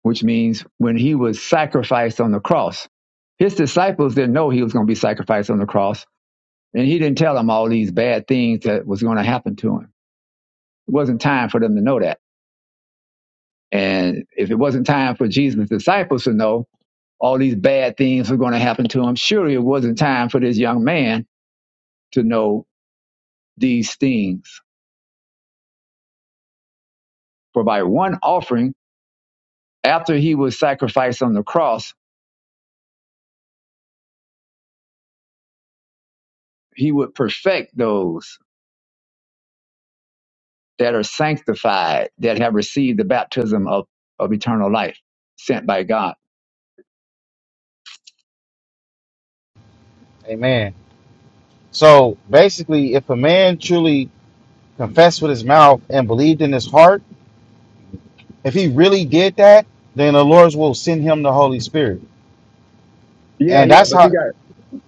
[SPEAKER 1] which means when he was sacrificed on the cross. His disciples didn't know he was going to be sacrificed on the cross, and he didn't tell them all these bad things that was going to happen to him. It wasn't time for them to know that. And if it wasn't time for Jesus' disciples to know all these bad things were going to happen to him, surely it wasn't time for this young man to know these things. For by one offering, after he was sacrificed on the cross, he would perfect those that are sanctified, that have received the baptism of, of eternal life sent by God.
[SPEAKER 4] Amen. So basically, if a man truly confessed with his mouth and believed in his heart, if he really did that, then the Lord will send him the Holy Spirit.
[SPEAKER 1] Yeah,
[SPEAKER 4] And
[SPEAKER 1] yeah,
[SPEAKER 4] that's
[SPEAKER 1] but you
[SPEAKER 4] how,
[SPEAKER 1] got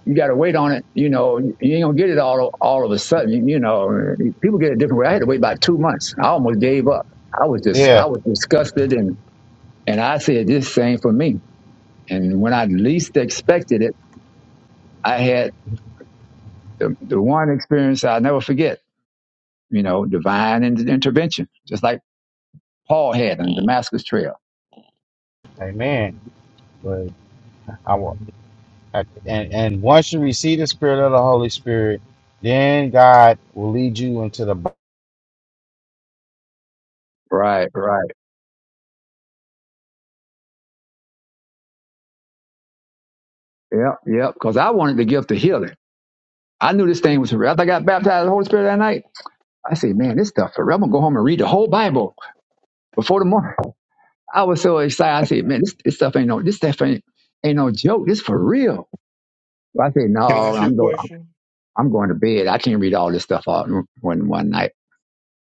[SPEAKER 1] you got to wait on it. You know, you ain't gonna get it all all of a sudden. You know, people get it different way. I had to wait about two months. I almost gave up. I was just
[SPEAKER 4] yeah,
[SPEAKER 1] I was disgusted, and and I said this thing for me. And when I least expected it, I had the, the one experience I'll never forget. You know, divine intervention, just like Paul had on the Damascus Trail.
[SPEAKER 4] amen. But I want, and, and once you receive the Spirit of the Holy Spirit, then God will lead you into the.
[SPEAKER 1] Right, right. Yep, yep. Because I wanted the gift of healing. I knew this thing was for real. After I got baptized in the Holy Spirit that night, I said, man, this stuff for real. I'm going to go home and read the whole Bible before the morning. I was so excited. I said, man, this, this stuff ain't no, this stuff ain't, ain't no joke. This for real. I said,
[SPEAKER 5] Can I
[SPEAKER 1] no,
[SPEAKER 5] ask you a
[SPEAKER 1] I'm going,
[SPEAKER 5] question?
[SPEAKER 1] I'm going to bed. I can't read all this stuff all in one, one night.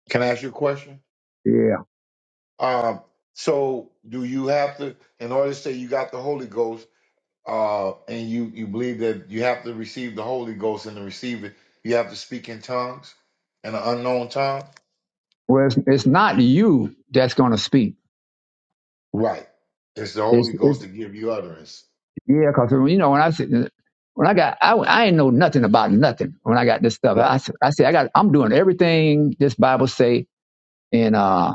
[SPEAKER 5] Can I ask you a question?
[SPEAKER 1] Yeah.
[SPEAKER 5] Um, so do you have to, in order to say you got the Holy Ghost, uh, and you, you believe that you have to receive the Holy Ghost and to receive it, you have to speak in tongues, in an unknown tongue?
[SPEAKER 1] Well, it's, it's not you that's going to speak.
[SPEAKER 5] Right. It's the
[SPEAKER 1] It's
[SPEAKER 5] Holy
[SPEAKER 1] it's.
[SPEAKER 5] Ghost to give you utterance.
[SPEAKER 1] Yeah, cause you know when I said when I got I I ain't know nothing about nothing when I got this stuff. I
[SPEAKER 5] Right.
[SPEAKER 1] said I said I got I'm doing everything this Bible say and uh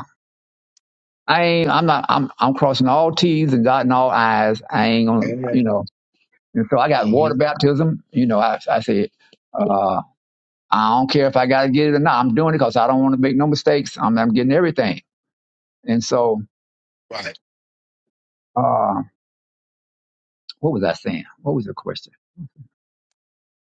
[SPEAKER 1] I ain't I'm not I'm I'm crossing all T's and dotting all I's. I ain't gonna you
[SPEAKER 5] Amen.
[SPEAKER 1] know and so I got
[SPEAKER 5] hmm
[SPEAKER 1] water baptism. You know I I said uh I don't care if I gotta get it or not. I'm doing it because I don't want to make no mistakes. I'm I'm getting everything. And so
[SPEAKER 5] Right.
[SPEAKER 1] uh what was I saying? What was the question?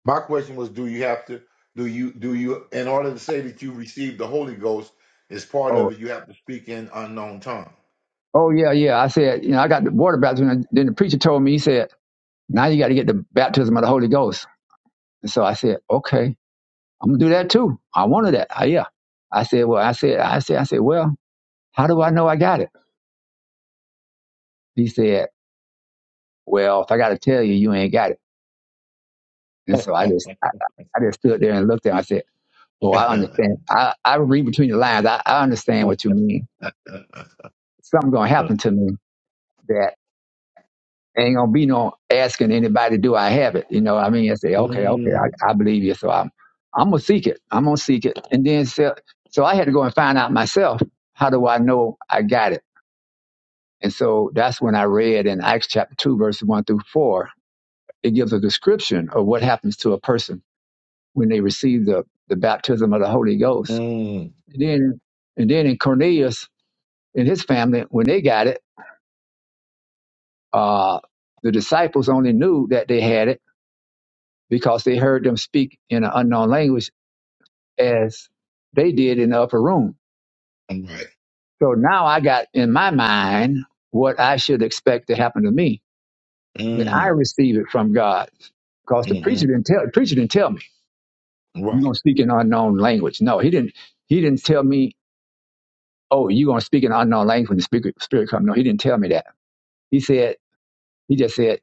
[SPEAKER 5] My question was, do you have to, do you, do you, in order to say that you received the Holy Ghost as part
[SPEAKER 1] Oh
[SPEAKER 5] of it, you have to speak in unknown tongue.
[SPEAKER 1] oh yeah yeah I said you know I got the water baptism. And then the preacher told me he said. Now you got to get the baptism of the Holy Ghost. And so I said, okay, I'm gonna do that too. I wanted that. I, yeah. I said, well, I said, I said, I said, well, how do I know I got it? He said, well, if I got to tell you, you ain't got it. And so I just, I, I just stood there and looked at him. I said, oh, I understand. I, I read between the lines. I, I understand what you mean. Something gonna happen to me ain't gonna be no asking anybody, do I have it? You know, what I mean, I say, okay, okay,
[SPEAKER 5] Mm,
[SPEAKER 1] I, I believe you. So I'm, I'm gonna seek it. I'm gonna seek it, and then so, so I had to go and find out myself. How do I know I got it? And so that's when I read in Acts chapter two, verses one through four. It gives a description of what happens to a person when they receive the the baptism of the Holy Ghost.
[SPEAKER 5] mm,
[SPEAKER 1] And then, and then in Cornelius and his family, when they got it, uh, the disciples only knew that they had it because they heard them speak in an unknown language as they did in the upper room.
[SPEAKER 5] right.
[SPEAKER 1] So now I got in my mind what I should expect to happen to me when I
[SPEAKER 5] Mm,
[SPEAKER 1] receive it from God. Because the preacher
[SPEAKER 5] hmm
[SPEAKER 1] didn't tell preacher didn't tell me you're
[SPEAKER 5] Right.
[SPEAKER 1] gonna speak in unknown language. No, he didn't he didn't tell me, oh, you're gonna speak in unknown language when the spirit, spirit comes. No, he didn't tell me that. He said, he just said,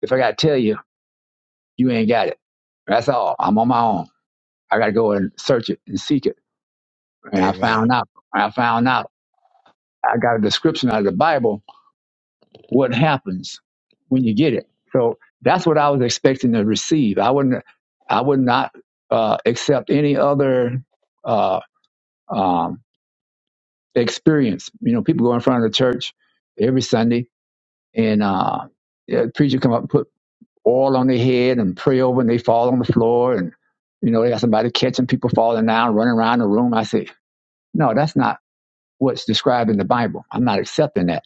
[SPEAKER 1] if I gotta tell you, you ain't got it. That's all. I'm on my own. I gotta go and search it and seek it. And I
[SPEAKER 5] Amen.
[SPEAKER 1] found out. I found out. I got a description out of the Bible what happens when you get it. So that's what I was expecting to receive. I wouldn't, I would not uh, accept any other uh, um, experience. You know, people go in front of the church every Sunday, and uh, yeah, the preacher come up and put oil on their head and pray over, and they fall on the floor, and you know they got somebody catching people falling down, running around the room. I say, no, that's not what's described in the Bible. I'm not accepting that.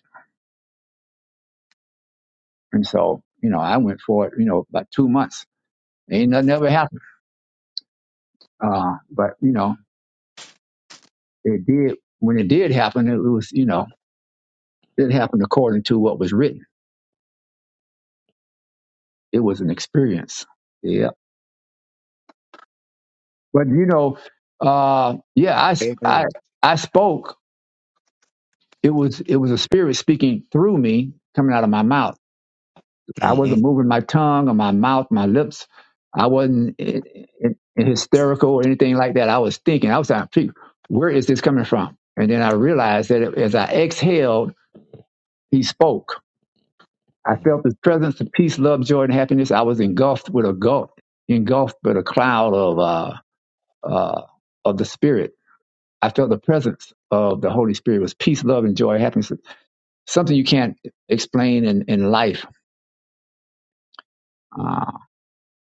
[SPEAKER 1] And so, you know, I went for it, you know, about two months. Ain't nothing ever happened. Uh, but, you know, it did, when it did happen, it was, you know, it happened according to what was written. It was an experience. Yeah. But, you know, uh, yeah, I I,
[SPEAKER 5] Amen.
[SPEAKER 1] I spoke. It was, it was a spirit speaking through me coming out of my mouth I wasn't moving my tongue or my mouth, my lips. I wasn't in, in, in hysterical or anything like that. I was thinking, I was like, where is this coming from? And then I realized that as I exhaled, he spoke. I felt
[SPEAKER 5] hmm
[SPEAKER 1] his presence of peace, love, joy, and happiness. I was engulfed with a gulf, engulfed with a cloud of, uh, uh, of the spirit. I felt the presence of the Holy Spirit It was peace, love, and joy, happiness. Something you can't explain in, in life. Uh,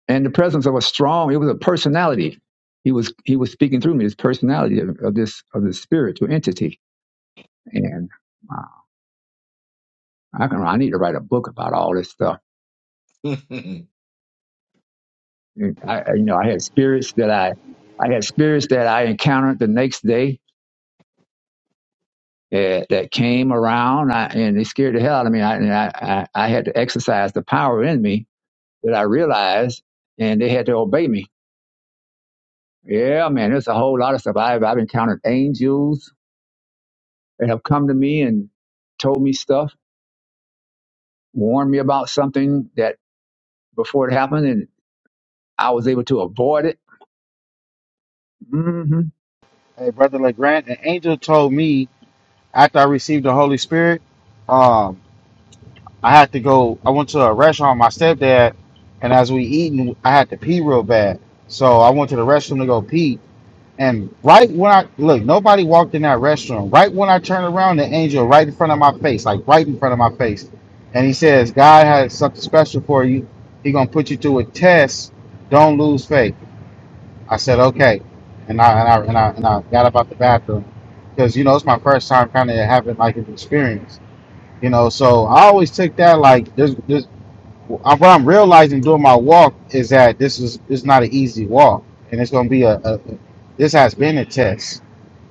[SPEAKER 1] and the presence of a strong it was a personality he was he was speaking through me his personality of, of this of this spiritual entity and uh, i can i need to write a book about all this stuff And i I- you know i had spirits that i i had spirits that i encountered the next day uh, that came around I, and they scared the hell out of me I, and I, I i had to exercise the power in me that i realized and they had to obey me yeah man there's a whole lot of stuff i've, I've encountered angels and have come to me and told me stuff, warned me about something that before it happened, and I was able to avoid it. hmm
[SPEAKER 4] Hey, Brother LeGrand, an angel told me after I received the Holy Spirit, um, I had to go, I went to a restaurant, with my stepdad, and as we eating, I had to pee real bad. So I went to the restroom to go pee And right when I look, nobody walked in that restroom. Right when I turned around, the angel right in front of my face, like right in front of my face, and he says, "God has something special for you. He gonna put you through a test. Don't lose faith." I said, "Okay," and I and I and I, and I got up out the bathroom because you know it's my first time kind of having like an experience, you know. So I always take that like there's there's I- what I'm realizing doing my walk is that this is it's not an easy walk, and it's gonna be a, a this has been a test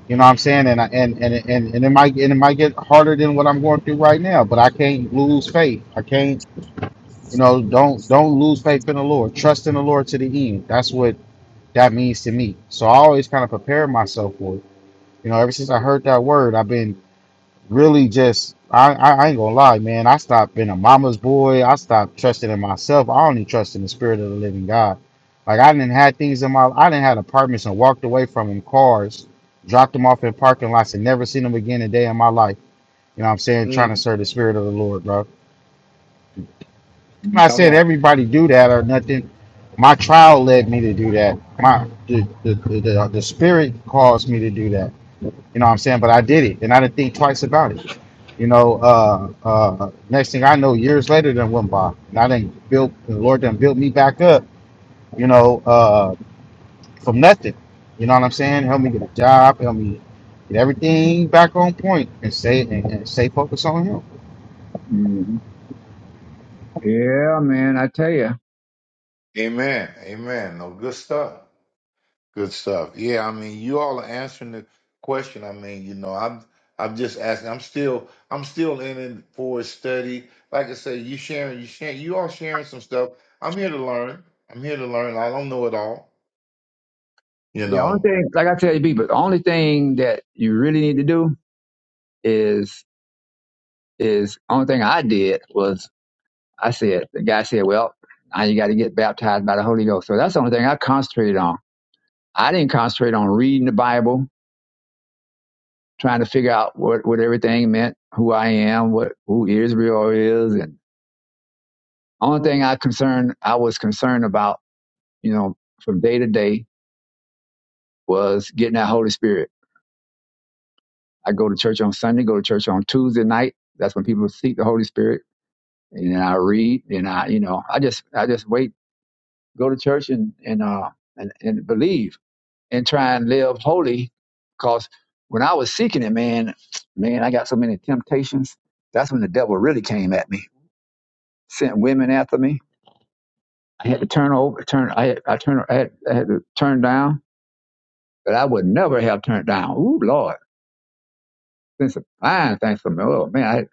[SPEAKER 4] you know what I'm saying? And I, and, and and and it might and it might get harder than what I'm going through right now, but I can't lose faith. I can't, you know, don't don't lose faith in the Lord. Trust in the Lord to the end. That's what that means to me. So I always kind of prepare myself for it. You know, ever since I heard that word, I've been really just I, I I ain't gonna lie, man. I stopped being a mama's boy. I stopped trusting in myself. I only trust in the spirit of the living God. Like I didn't had things in my I didn't had apartments and walked away from them cars, dropped them off in parking lots and never seen them again a day in my life. You know what I'm saying? Trying to
[SPEAKER 5] mm.
[SPEAKER 4] serve the spirit of the Lord, bro. I'm not
[SPEAKER 5] Come
[SPEAKER 4] saying
[SPEAKER 5] on.
[SPEAKER 4] everybody do that or nothing. My trial led me to do that. My the the, the, the spirit caused me to do that. You know what I'm saying? But I did it and I didn't think twice about it. You know, uh, uh, next thing I know, years later done went by and I didn't build, the Lord done built me back up, you know, uh, from nothing. You know what I'm saying? Help me get a job, help me get everything back on point and stay, and, and stay focused on Him.
[SPEAKER 1] hmm Yeah, man, I tell you.
[SPEAKER 5] Amen. Amen. No good stuff. Good stuff. Yeah, I mean, you all are answering the question. I mean, you know, I'm I'm just asking. I'm still I'm still in it for a study. Like I say, you sharing, you sharing, you all sharing some stuff. I'm here to learn. I'm here to learn. I don't know it all. You
[SPEAKER 1] The only
[SPEAKER 5] know.
[SPEAKER 1] thing, like I tell you, people, the only thing that you really need to do is is only thing I did was I said the guy said, well, now you got to get baptized by the Holy Ghost. So that's the only thing I concentrated on. I didn't concentrate on reading the Bible trying to figure out what, what everything meant, who I am, what who Israel is, and only thing I concerned I was concerned about, you know, from day to day was getting that Holy Spirit. I go to church on Sunday, go to church on Tuesday night. That's when people seek the Holy Spirit, and I read, and I, you know, I just I just wait, go to church, and and uh and, and believe and try and live holy, because when I was seeking it, man, man, I got so many temptations. That's when the devil really came at me sent women after me. I had to turn over, turn, I had, I turned, I had, I had to turn down, but I would never have turned down. Ooh, Lord, it's a fine thing for me. Oh man, I,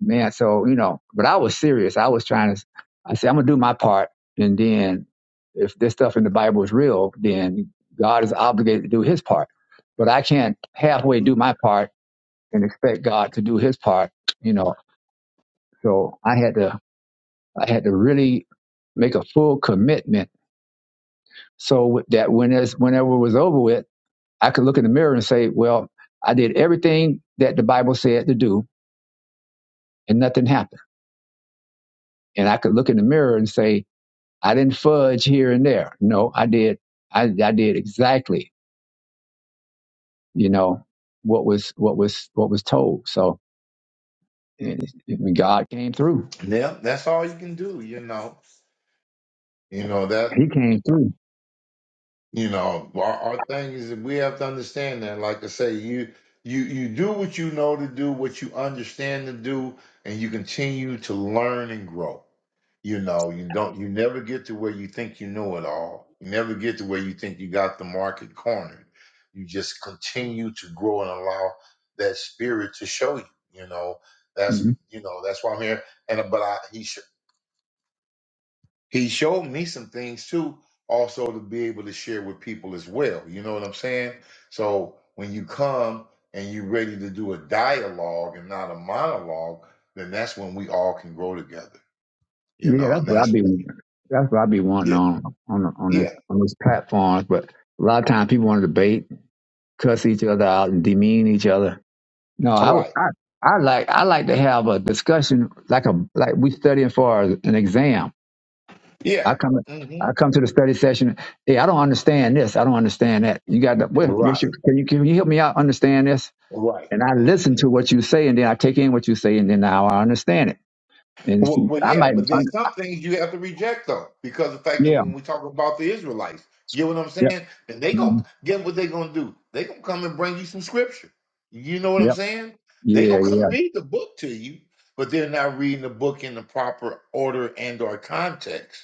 [SPEAKER 1] man. So you know, but I was serious. I was trying to. I said, I'm gonna do my part, and then if this stuff in the Bible is real, then God is obligated to do His part. But I can't halfway do my part and expect God to do His part. You know, so I had to, I had to really make a full commitment so that when it's, whenever it was over with, I could look in the mirror and say, well, I did everything that the Bible said to do and nothing happened. And I could look in the mirror and say, I didn't fudge here and there. No, I did. I, I did exactly, you know, what was, what was, what was told. So and, God came through.
[SPEAKER 5] Yeah, that's all you can do. You know. You know that.
[SPEAKER 1] He came through.
[SPEAKER 5] You know, our, our thing is that we have to understand that. Like I say, you you you do what you know to do, what you understand to do, and you continue to learn and grow. You know, you don't you never get to where you think you know it all. You never get to where you think you got the market cornered. You just continue to grow and allow that spirit to show you. You know,
[SPEAKER 1] hmm
[SPEAKER 5] that's you know that's why I'm here. And but I he sh- he showed me some things too, also to be able to share with people as well. You know what I'm saying? So when you come and you're ready to do a dialogue and not a monologue, then that's when we all can grow together. You
[SPEAKER 1] Yeah,
[SPEAKER 5] know,
[SPEAKER 1] that's
[SPEAKER 5] and
[SPEAKER 1] what
[SPEAKER 5] that's
[SPEAKER 1] I'd be, that's what I'd be wanting
[SPEAKER 5] yeah,
[SPEAKER 1] on, on, on this,
[SPEAKER 5] yeah,
[SPEAKER 1] on this platform. But a lot of times people want to debate, cuss each other out and demean each other No, I would.
[SPEAKER 5] right,
[SPEAKER 1] I, I like. I like to have a discussion, like a like we studying for an exam.
[SPEAKER 5] yeah,
[SPEAKER 1] I come.
[SPEAKER 5] hmm
[SPEAKER 1] I come to the study session. Hey, I don't understand this. I don't understand that. You got the, what, what's
[SPEAKER 5] right,
[SPEAKER 1] your? Can you can you help me out understand this?
[SPEAKER 5] right.
[SPEAKER 1] And I
[SPEAKER 5] mm-hmm.
[SPEAKER 1] listen to what you say, and then I take in what you say, and then now I understand it. And
[SPEAKER 5] Well,
[SPEAKER 1] see,
[SPEAKER 5] well,
[SPEAKER 1] I
[SPEAKER 5] yeah,
[SPEAKER 1] might.
[SPEAKER 5] but then
[SPEAKER 1] Under,
[SPEAKER 5] some things you have to reject though, because the fact that
[SPEAKER 1] yeah.
[SPEAKER 5] when we talk about the Israelites, you get what I'm
[SPEAKER 1] Yep.
[SPEAKER 5] saying? Then they gonna
[SPEAKER 1] mhm,
[SPEAKER 5] get what they gonna do. They gonna come and bring you some scripture. You know what I'm
[SPEAKER 1] Yep.
[SPEAKER 5] saying?
[SPEAKER 1] Yeah.
[SPEAKER 5] They gonna come
[SPEAKER 1] Yeah.
[SPEAKER 5] and read the book to you, but they're not reading the book in the proper order and or context.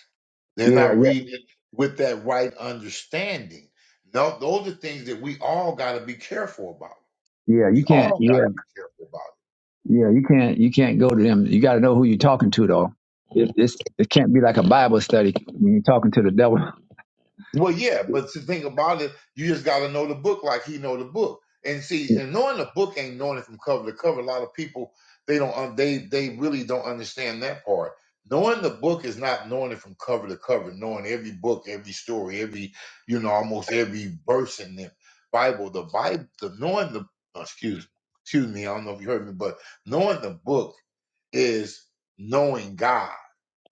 [SPEAKER 5] They're
[SPEAKER 1] Yeah.
[SPEAKER 5] not
[SPEAKER 1] Yeah.
[SPEAKER 5] reading it with that right understanding. No, those are things that we all gotta be careful about.
[SPEAKER 1] Yeah. You
[SPEAKER 5] We
[SPEAKER 1] can't.
[SPEAKER 5] all
[SPEAKER 1] Yeah.
[SPEAKER 5] gotta be careful about.
[SPEAKER 1] Yeah, you can't you can't go to them. You got to know who you're talking to, though. It, it's it can't be like a Bible study when you're talking to the devil.
[SPEAKER 5] Well, yeah, but the thing about it, you just got to know the book like he know the book. And see, and knowing the book ain't knowing it from cover to cover. A lot of people they don't un- they they really don't understand that part. Knowing the book is not knowing it from cover to cover, knowing every book, every story, every you know almost every verse in the Bible. The Bible, the knowing the oh, excuse excuse me, I don't know if you heard me, but knowing the book is knowing God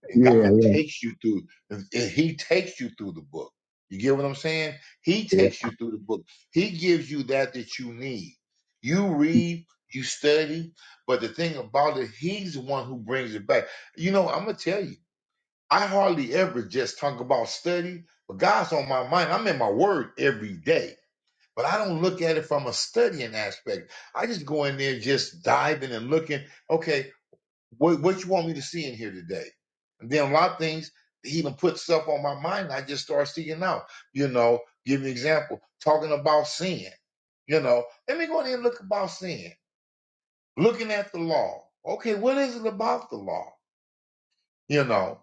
[SPEAKER 5] and
[SPEAKER 1] Yeah,
[SPEAKER 5] God
[SPEAKER 1] yeah,
[SPEAKER 5] takes you through. and He takes you through the book. You get what I'm saying? He
[SPEAKER 1] yeah.
[SPEAKER 5] takes you through the book. He gives you that that you need. You read, you study, but the thing about it, He's the one who brings it back. You know, I'm gonna tell you, I hardly ever just talk about study, but God's on my mind. I'm in my Word every day. But I don't look at it from a studying aspect. I just go in there just diving and looking. Okay, what what you want me to see in here today? And then a lot of things he even put stuff on my mind. I just start seeking out. You know, give you an example, talking about sin. You know, let me go in there and look about sin. Looking at the law. Okay, what is it about the law? You know,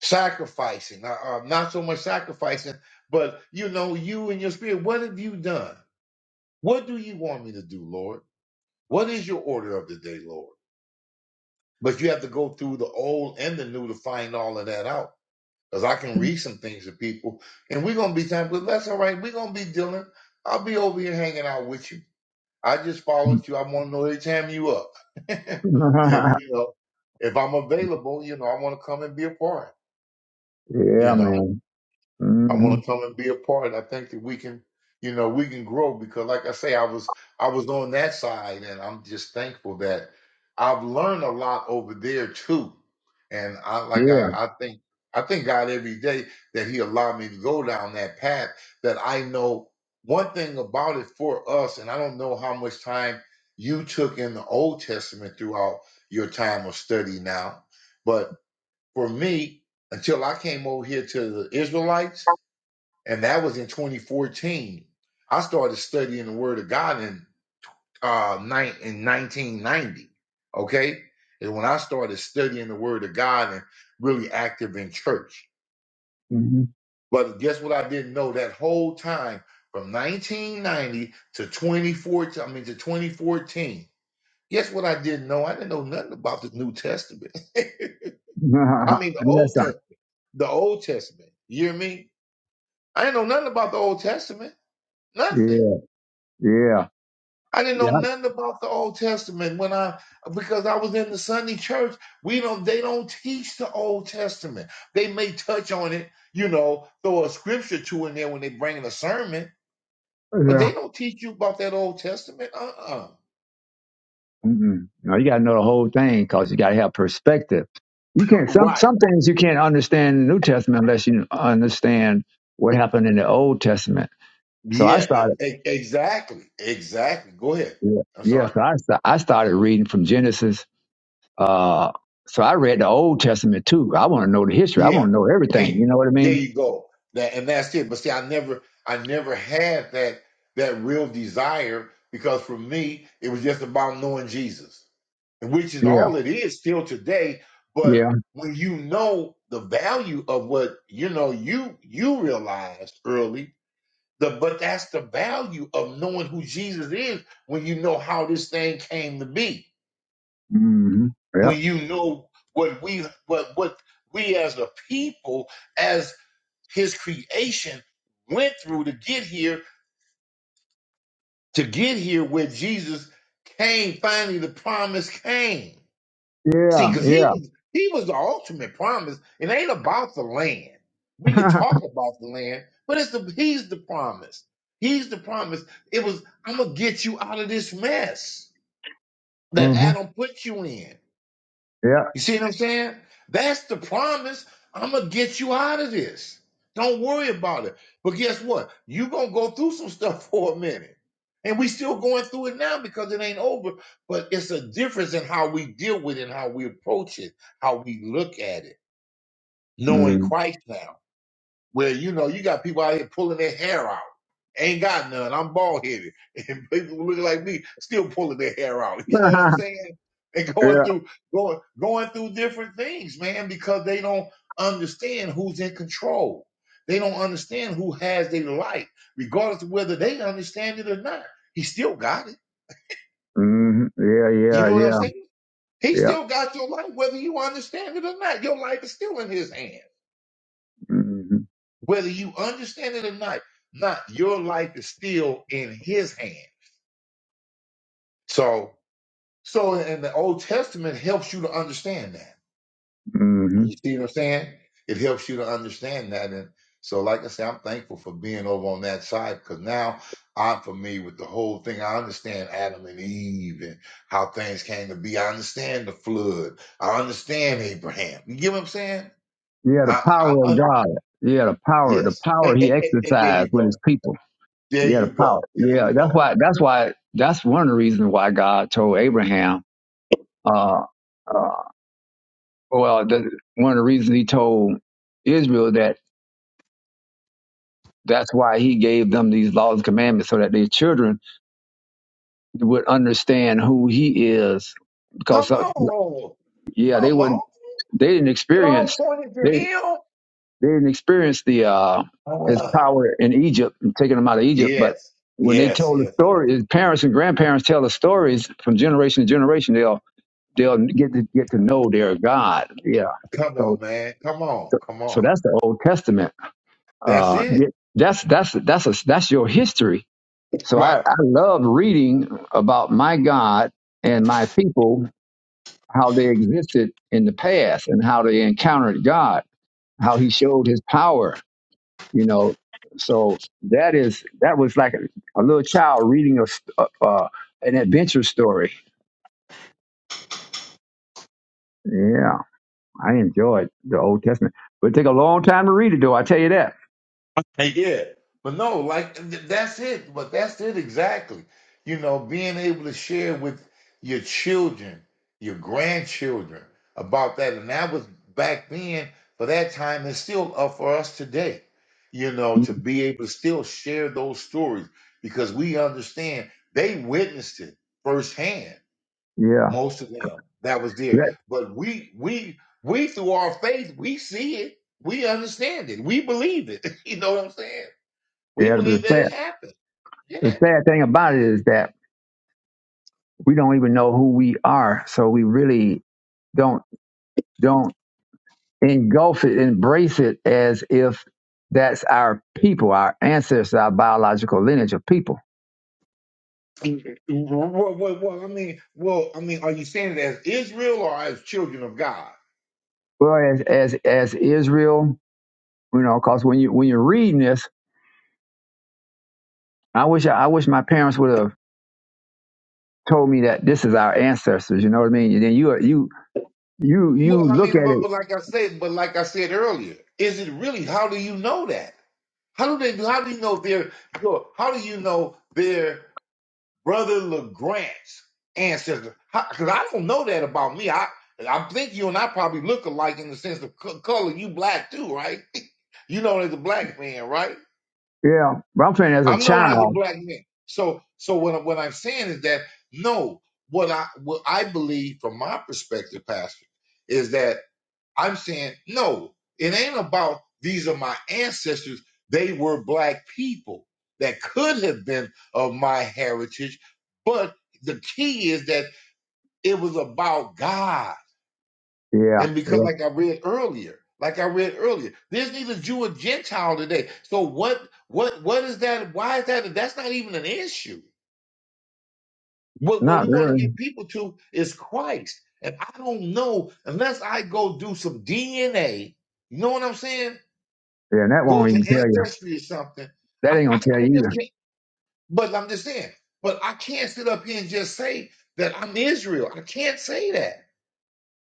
[SPEAKER 5] sacrificing. Uh, uh, not so much sacrificing, but you know, you and your spirit. What have you done? What do you want me to do, Lord? What is your order of the day, Lord? But you have to go through the old and the new to find all of that out Because I can read some things to people, and we're gonna be time, but that's all right. We're gonna be dealing. I'll be over here hanging out with you. I just followed you. I want to know every time you up. and you know, if I'm available, you know, I want to come and be a part.
[SPEAKER 1] yeah,
[SPEAKER 5] You know.
[SPEAKER 1] man.
[SPEAKER 5] I
[SPEAKER 1] hmm
[SPEAKER 5] want to come and be a part. I think that we can, you know, we can grow because, like I say, I was I was on that side, and I'm just thankful that I've learned a lot over there too. And I like I,
[SPEAKER 1] Yeah.
[SPEAKER 5] I think I thank God every day that He allowed me to go down that path. That I know one thing about it for us, and I don't know how much time you took in the Old Testament throughout your time of study now, but for me, until I came over here to the Israelites and that was in 2014. I started studying the Word of God in uh nine in 1990. Okay, and when I started studying the Word of God and really active in church,
[SPEAKER 1] hmm
[SPEAKER 5] but guess what? I didn't know that whole time from 1990 to 2014. I mean to 2014. Guess what? I didn't know. I didn't know nothing about the New Testament.
[SPEAKER 1] I
[SPEAKER 5] I mean the
[SPEAKER 1] know that
[SPEAKER 5] Old
[SPEAKER 1] sound.
[SPEAKER 5] Test, the Old Testament. You hear me? I didn't know nothing about the Old Testament. Nothing.
[SPEAKER 1] Yeah, yeah,
[SPEAKER 5] I didn't
[SPEAKER 1] yeah,
[SPEAKER 5] know nothing about the Old Testament when I because I was in the Sunday church. We don't they don't teach the Old Testament. They may touch on it, you know, throw a scripture two in there when they bring in a sermon, but
[SPEAKER 1] yeah.
[SPEAKER 5] they don't teach you about that Old Testament. Uh-uh.
[SPEAKER 1] Mm-mm. No, you got to know the whole thing because you got to have perspective. You can't some
[SPEAKER 5] Right.
[SPEAKER 1] some things you can't understand in the New Testament unless you understand what happened in the Old Testament. So I
[SPEAKER 5] Yeah,
[SPEAKER 1] started.
[SPEAKER 5] but e- exactly. Exactly. Go ahead.
[SPEAKER 1] Yeah,
[SPEAKER 5] I'm
[SPEAKER 1] yeah.
[SPEAKER 5] sorry.
[SPEAKER 1] So I sta- I started reading from Genesis. Uh, so I read the Old Testament too. I want to know the history. I
[SPEAKER 5] Yeah.
[SPEAKER 1] want to know everything.
[SPEAKER 5] Hey,
[SPEAKER 1] You know what I
[SPEAKER 5] there
[SPEAKER 1] mean?
[SPEAKER 5] you go. That and that's it. But see, I never I never had that that real desire because for me it was just about knowing Jesus. And which is
[SPEAKER 1] Yeah,
[SPEAKER 5] all it is still today. But
[SPEAKER 1] yeah.
[SPEAKER 5] when you know the value of what you know you you realized early, the but that's the value of knowing who Jesus is when you know how this thing came to be.
[SPEAKER 1] Mm-hmm. Yeah,
[SPEAKER 5] When you know what we what what we as a people as his creation went through to get here, to get here where Jesus came, finally the promise came. See,
[SPEAKER 1] yeah,
[SPEAKER 5] because he
[SPEAKER 1] yeah.
[SPEAKER 5] was he was the ultimate promise. It ain't about the land. We could talk about the land, but it's the he's the promise. He's the promise. It was, I'm gonna get you out of this mess that
[SPEAKER 1] mm-hmm.
[SPEAKER 5] Adam put you in.
[SPEAKER 1] Yeah.
[SPEAKER 5] You see what I'm saying? That's the promise. I'm gonna get you out of this. Don't worry about it. But guess what? you gonna go through some stuff for a minute. And we still going through it now because it ain't over. But it's a difference in how we deal with it and how we approach it, how we look at it, knowing
[SPEAKER 1] Mm.
[SPEAKER 5] Christ now where you know you got people out here pulling their hair out. Ain't got none. I'm bald headed, and people look like me still pulling their hair out. You know what I'm saying? And going
[SPEAKER 1] yeah.
[SPEAKER 5] through going going through different things, man, because they don't understand who's in control. They don't understand who has their life, regardless of whether they understand it or not. He still got it.
[SPEAKER 1] Mm-hmm. Yeah,
[SPEAKER 5] You
[SPEAKER 1] yeah,
[SPEAKER 5] know what I'm
[SPEAKER 1] yeah,
[SPEAKER 5] saying? He
[SPEAKER 1] yeah.
[SPEAKER 5] still got your life, whether you understand it or not. Your life is still in his hand.
[SPEAKER 1] Mm-hmm.
[SPEAKER 5] Whether you understand it or not, not your life is still in his hand. So, so in the Old Testament helps you to understand that.
[SPEAKER 1] Mm-hmm.
[SPEAKER 5] You see what I'm saying? It helps you to understand that. And so, like I say, I'm thankful for being over on that side because now I'm familiar with the whole thing. I understand Adam and Eve and how things came to be. I understand the flood. I understand Abraham. You get what I'm saying?
[SPEAKER 1] Yeah, the
[SPEAKER 5] I,
[SPEAKER 1] power
[SPEAKER 5] I
[SPEAKER 1] of
[SPEAKER 5] under,
[SPEAKER 1] God. Yeah, the power, the
[SPEAKER 5] yes. Eh,
[SPEAKER 1] power He
[SPEAKER 5] eh, eh, there
[SPEAKER 1] exercised
[SPEAKER 5] you
[SPEAKER 1] with
[SPEAKER 5] go.
[SPEAKER 1] His people.
[SPEAKER 5] There
[SPEAKER 1] Yeah,
[SPEAKER 5] you
[SPEAKER 1] the power.
[SPEAKER 5] go. There
[SPEAKER 1] Yeah,
[SPEAKER 5] you
[SPEAKER 1] that's
[SPEAKER 5] go.
[SPEAKER 1] why. That's why. That's one of the reasons why God told Abraham Uh, uh, well, the, one of the reasons he told Israel that that's why he gave them these laws and commandments so that their children would understand who he is.
[SPEAKER 5] Come
[SPEAKER 1] Because, uh,
[SPEAKER 5] on.
[SPEAKER 1] yeah, they
[SPEAKER 5] Come
[SPEAKER 1] would
[SPEAKER 5] on.
[SPEAKER 1] they didn't
[SPEAKER 5] It all
[SPEAKER 1] experience
[SPEAKER 5] pointed to
[SPEAKER 1] they they
[SPEAKER 5] him.
[SPEAKER 1] didn't experience the uh, his
[SPEAKER 5] Ah,
[SPEAKER 1] power in Egypt and taking them out of Egypt, but
[SPEAKER 5] yes.
[SPEAKER 1] when they
[SPEAKER 5] Yes.
[SPEAKER 1] told the
[SPEAKER 5] Yes. Yes.
[SPEAKER 1] story, his parents and grandparents tell the stories from generation to generation. They'll they'll get to get to know their God. Yeah,
[SPEAKER 5] Come on,
[SPEAKER 1] so
[SPEAKER 5] man. Come on.
[SPEAKER 1] so
[SPEAKER 5] Come
[SPEAKER 1] so
[SPEAKER 5] on.
[SPEAKER 1] that's the Old Testament
[SPEAKER 5] That's
[SPEAKER 1] Uh, yeah,
[SPEAKER 5] it.
[SPEAKER 1] that's that's that's a, that's your history. So I,
[SPEAKER 5] Right.
[SPEAKER 1] I love reading about my God and my people, how they existed in the past and how they encountered God, how He showed His power. You know, so that is that was like a, a little child reading a s- a- uh, an adventure story. Yeah, I enjoyed the Old Testament, but it take a long time to read it, though. I tell you that.
[SPEAKER 5] Okay, yeah, but no, like th- that's it. But that's it exactly. You know, being able to share with your children, your grandchildren about that, and that was back then. For that time, it's still up for us today. You know, to be able to still share those stories because we understand they witnessed it firsthand.
[SPEAKER 1] Mm-hmm. Yeah,
[SPEAKER 5] Most of them that was there.
[SPEAKER 1] that,
[SPEAKER 5] But we we we through our faith, we see it. We understand it. We believe it. You know what I'm saying? We
[SPEAKER 1] yeah.
[SPEAKER 5] believe
[SPEAKER 1] The
[SPEAKER 5] that
[SPEAKER 1] sad,
[SPEAKER 5] it happened. Yeah.
[SPEAKER 1] the sad thing about it is that we don't even know who we are. So we really don't don't engulf it, embrace it as if that's our people, our ancestors, our biological lineage of people.
[SPEAKER 5] Well, well, well, I mean, well, I mean, are you saying it as Israel or as children of God?
[SPEAKER 1] Whereas as as Israel, you know, because when you when you're reading this, I wish I, I wish my parents would have told me that this is our ancestors. You know what I mean? And then you you you you
[SPEAKER 5] Well, I
[SPEAKER 1] look
[SPEAKER 5] mean,
[SPEAKER 1] at
[SPEAKER 5] but,
[SPEAKER 1] it,
[SPEAKER 5] but like I said, but like I said earlier, is it really? How do you know that? How do they? How do you know they're? Look, how do you know they're? Brother LeGrant's ancestor. Because I don't know that about me. I I think you and I probably look alike in the sense of co- color. You black too, right? You known as a black man, right?
[SPEAKER 1] yeah. But I'm saying as a
[SPEAKER 5] I'm known as a
[SPEAKER 1] child,
[SPEAKER 5] black man. So so what I- what I'm saying is that no, what I what I believe from my perspective, Pastor, is that I'm saying, no, it ain't about these are my ancestors. They were black people that could have been of my heritage. But the key is that it was about God.
[SPEAKER 1] yeah,
[SPEAKER 5] And because,
[SPEAKER 1] yeah,
[SPEAKER 5] like I read earlier, like I read earlier, there's neither Jew or Gentile today. So what, what, what is that? Why is that? That's not even an issue. What, what
[SPEAKER 1] not
[SPEAKER 5] we want to
[SPEAKER 1] really,
[SPEAKER 5] get people to is Christ. And I don't know unless I go do some DNA. You know what I'm saying?
[SPEAKER 1] yeah. That
[SPEAKER 5] go
[SPEAKER 1] won't
[SPEAKER 5] to
[SPEAKER 1] even tell you.
[SPEAKER 5] ancestry or something.
[SPEAKER 1] That
[SPEAKER 5] I,
[SPEAKER 1] ain't
[SPEAKER 5] I,
[SPEAKER 1] gonna tell
[SPEAKER 5] I
[SPEAKER 1] you either.
[SPEAKER 5] just can't. But I'm just saying. But I can't sit up here and just say that I'm Israel. I can't say that.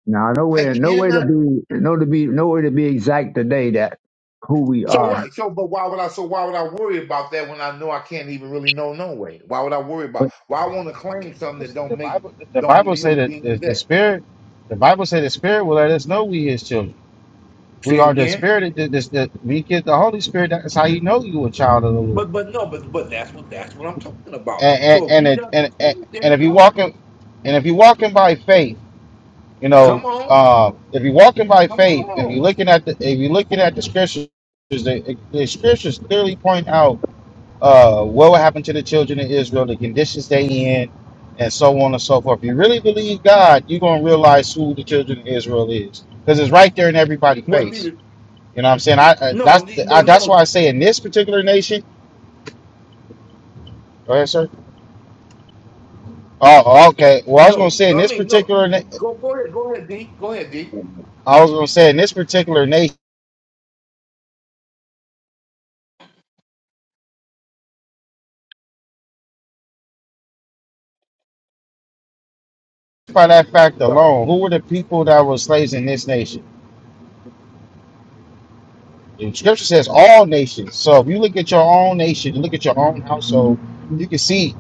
[SPEAKER 1] Now,
[SPEAKER 5] I
[SPEAKER 1] nowhere, nowhere to
[SPEAKER 5] cannot.
[SPEAKER 1] be, no to be, nowhere to be exact today that who we
[SPEAKER 5] So
[SPEAKER 1] are.
[SPEAKER 5] right. So but why would I? So why would I worry about that when I know I can't even really know no way? Why would I worry about?
[SPEAKER 1] But
[SPEAKER 5] Why I want to claim something that
[SPEAKER 4] It's- The
[SPEAKER 5] don't make
[SPEAKER 4] Bible, the
[SPEAKER 5] don't make
[SPEAKER 4] Bible
[SPEAKER 5] me
[SPEAKER 4] say
[SPEAKER 5] hill of
[SPEAKER 4] that
[SPEAKER 5] beans
[SPEAKER 4] the, the
[SPEAKER 5] today?
[SPEAKER 4] Spirit, the Bible say the Spirit will let us know we His children. We
[SPEAKER 5] Say it
[SPEAKER 4] are the
[SPEAKER 5] again.
[SPEAKER 4] Spirit, that that- that- we get the Holy Spirit, that's how you know you a child of the Lord.
[SPEAKER 5] But but no. But but that's what that's what I'm talking about.
[SPEAKER 4] and and
[SPEAKER 5] So if
[SPEAKER 4] and,
[SPEAKER 5] you
[SPEAKER 4] it,
[SPEAKER 5] got the
[SPEAKER 4] and and
[SPEAKER 5] spirit, there
[SPEAKER 4] and
[SPEAKER 5] you
[SPEAKER 4] if you
[SPEAKER 5] go.
[SPEAKER 4] walking and if you walking by faith, you
[SPEAKER 5] Come
[SPEAKER 4] know,
[SPEAKER 5] on,
[SPEAKER 4] uh, if you walking by
[SPEAKER 5] come
[SPEAKER 4] faith, if you
[SPEAKER 5] on.
[SPEAKER 4] looking at the if you looking at the scriptures, the, the scriptures clearly point out uh, what will happen to the children of Israel, the conditions they in, and so on and so forth. If you really believe God, you're gonna realize who the children of Israel is, because it's right there in everybody's
[SPEAKER 5] Well, see,
[SPEAKER 4] face.
[SPEAKER 5] the-
[SPEAKER 4] You know what I'm saying? I, I
[SPEAKER 5] no,
[SPEAKER 4] that's
[SPEAKER 5] the-
[SPEAKER 4] I,
[SPEAKER 5] but
[SPEAKER 4] that's
[SPEAKER 5] no.
[SPEAKER 4] why I say in this particular nation. Go ahead, sir. Oh, okay. Well, I was gonna
[SPEAKER 5] No,
[SPEAKER 4] say in
[SPEAKER 5] I
[SPEAKER 4] this
[SPEAKER 5] mean no.
[SPEAKER 4] particular na-
[SPEAKER 5] Go go ahead, go ahead, D. Go ahead, D.
[SPEAKER 4] I was gonna say in this particular nation, by that fact
[SPEAKER 5] Right.
[SPEAKER 4] alone, who were the people that were slaves in this nation? The scripture says all nations. So if you look at your own nation, you look at your own household, you can see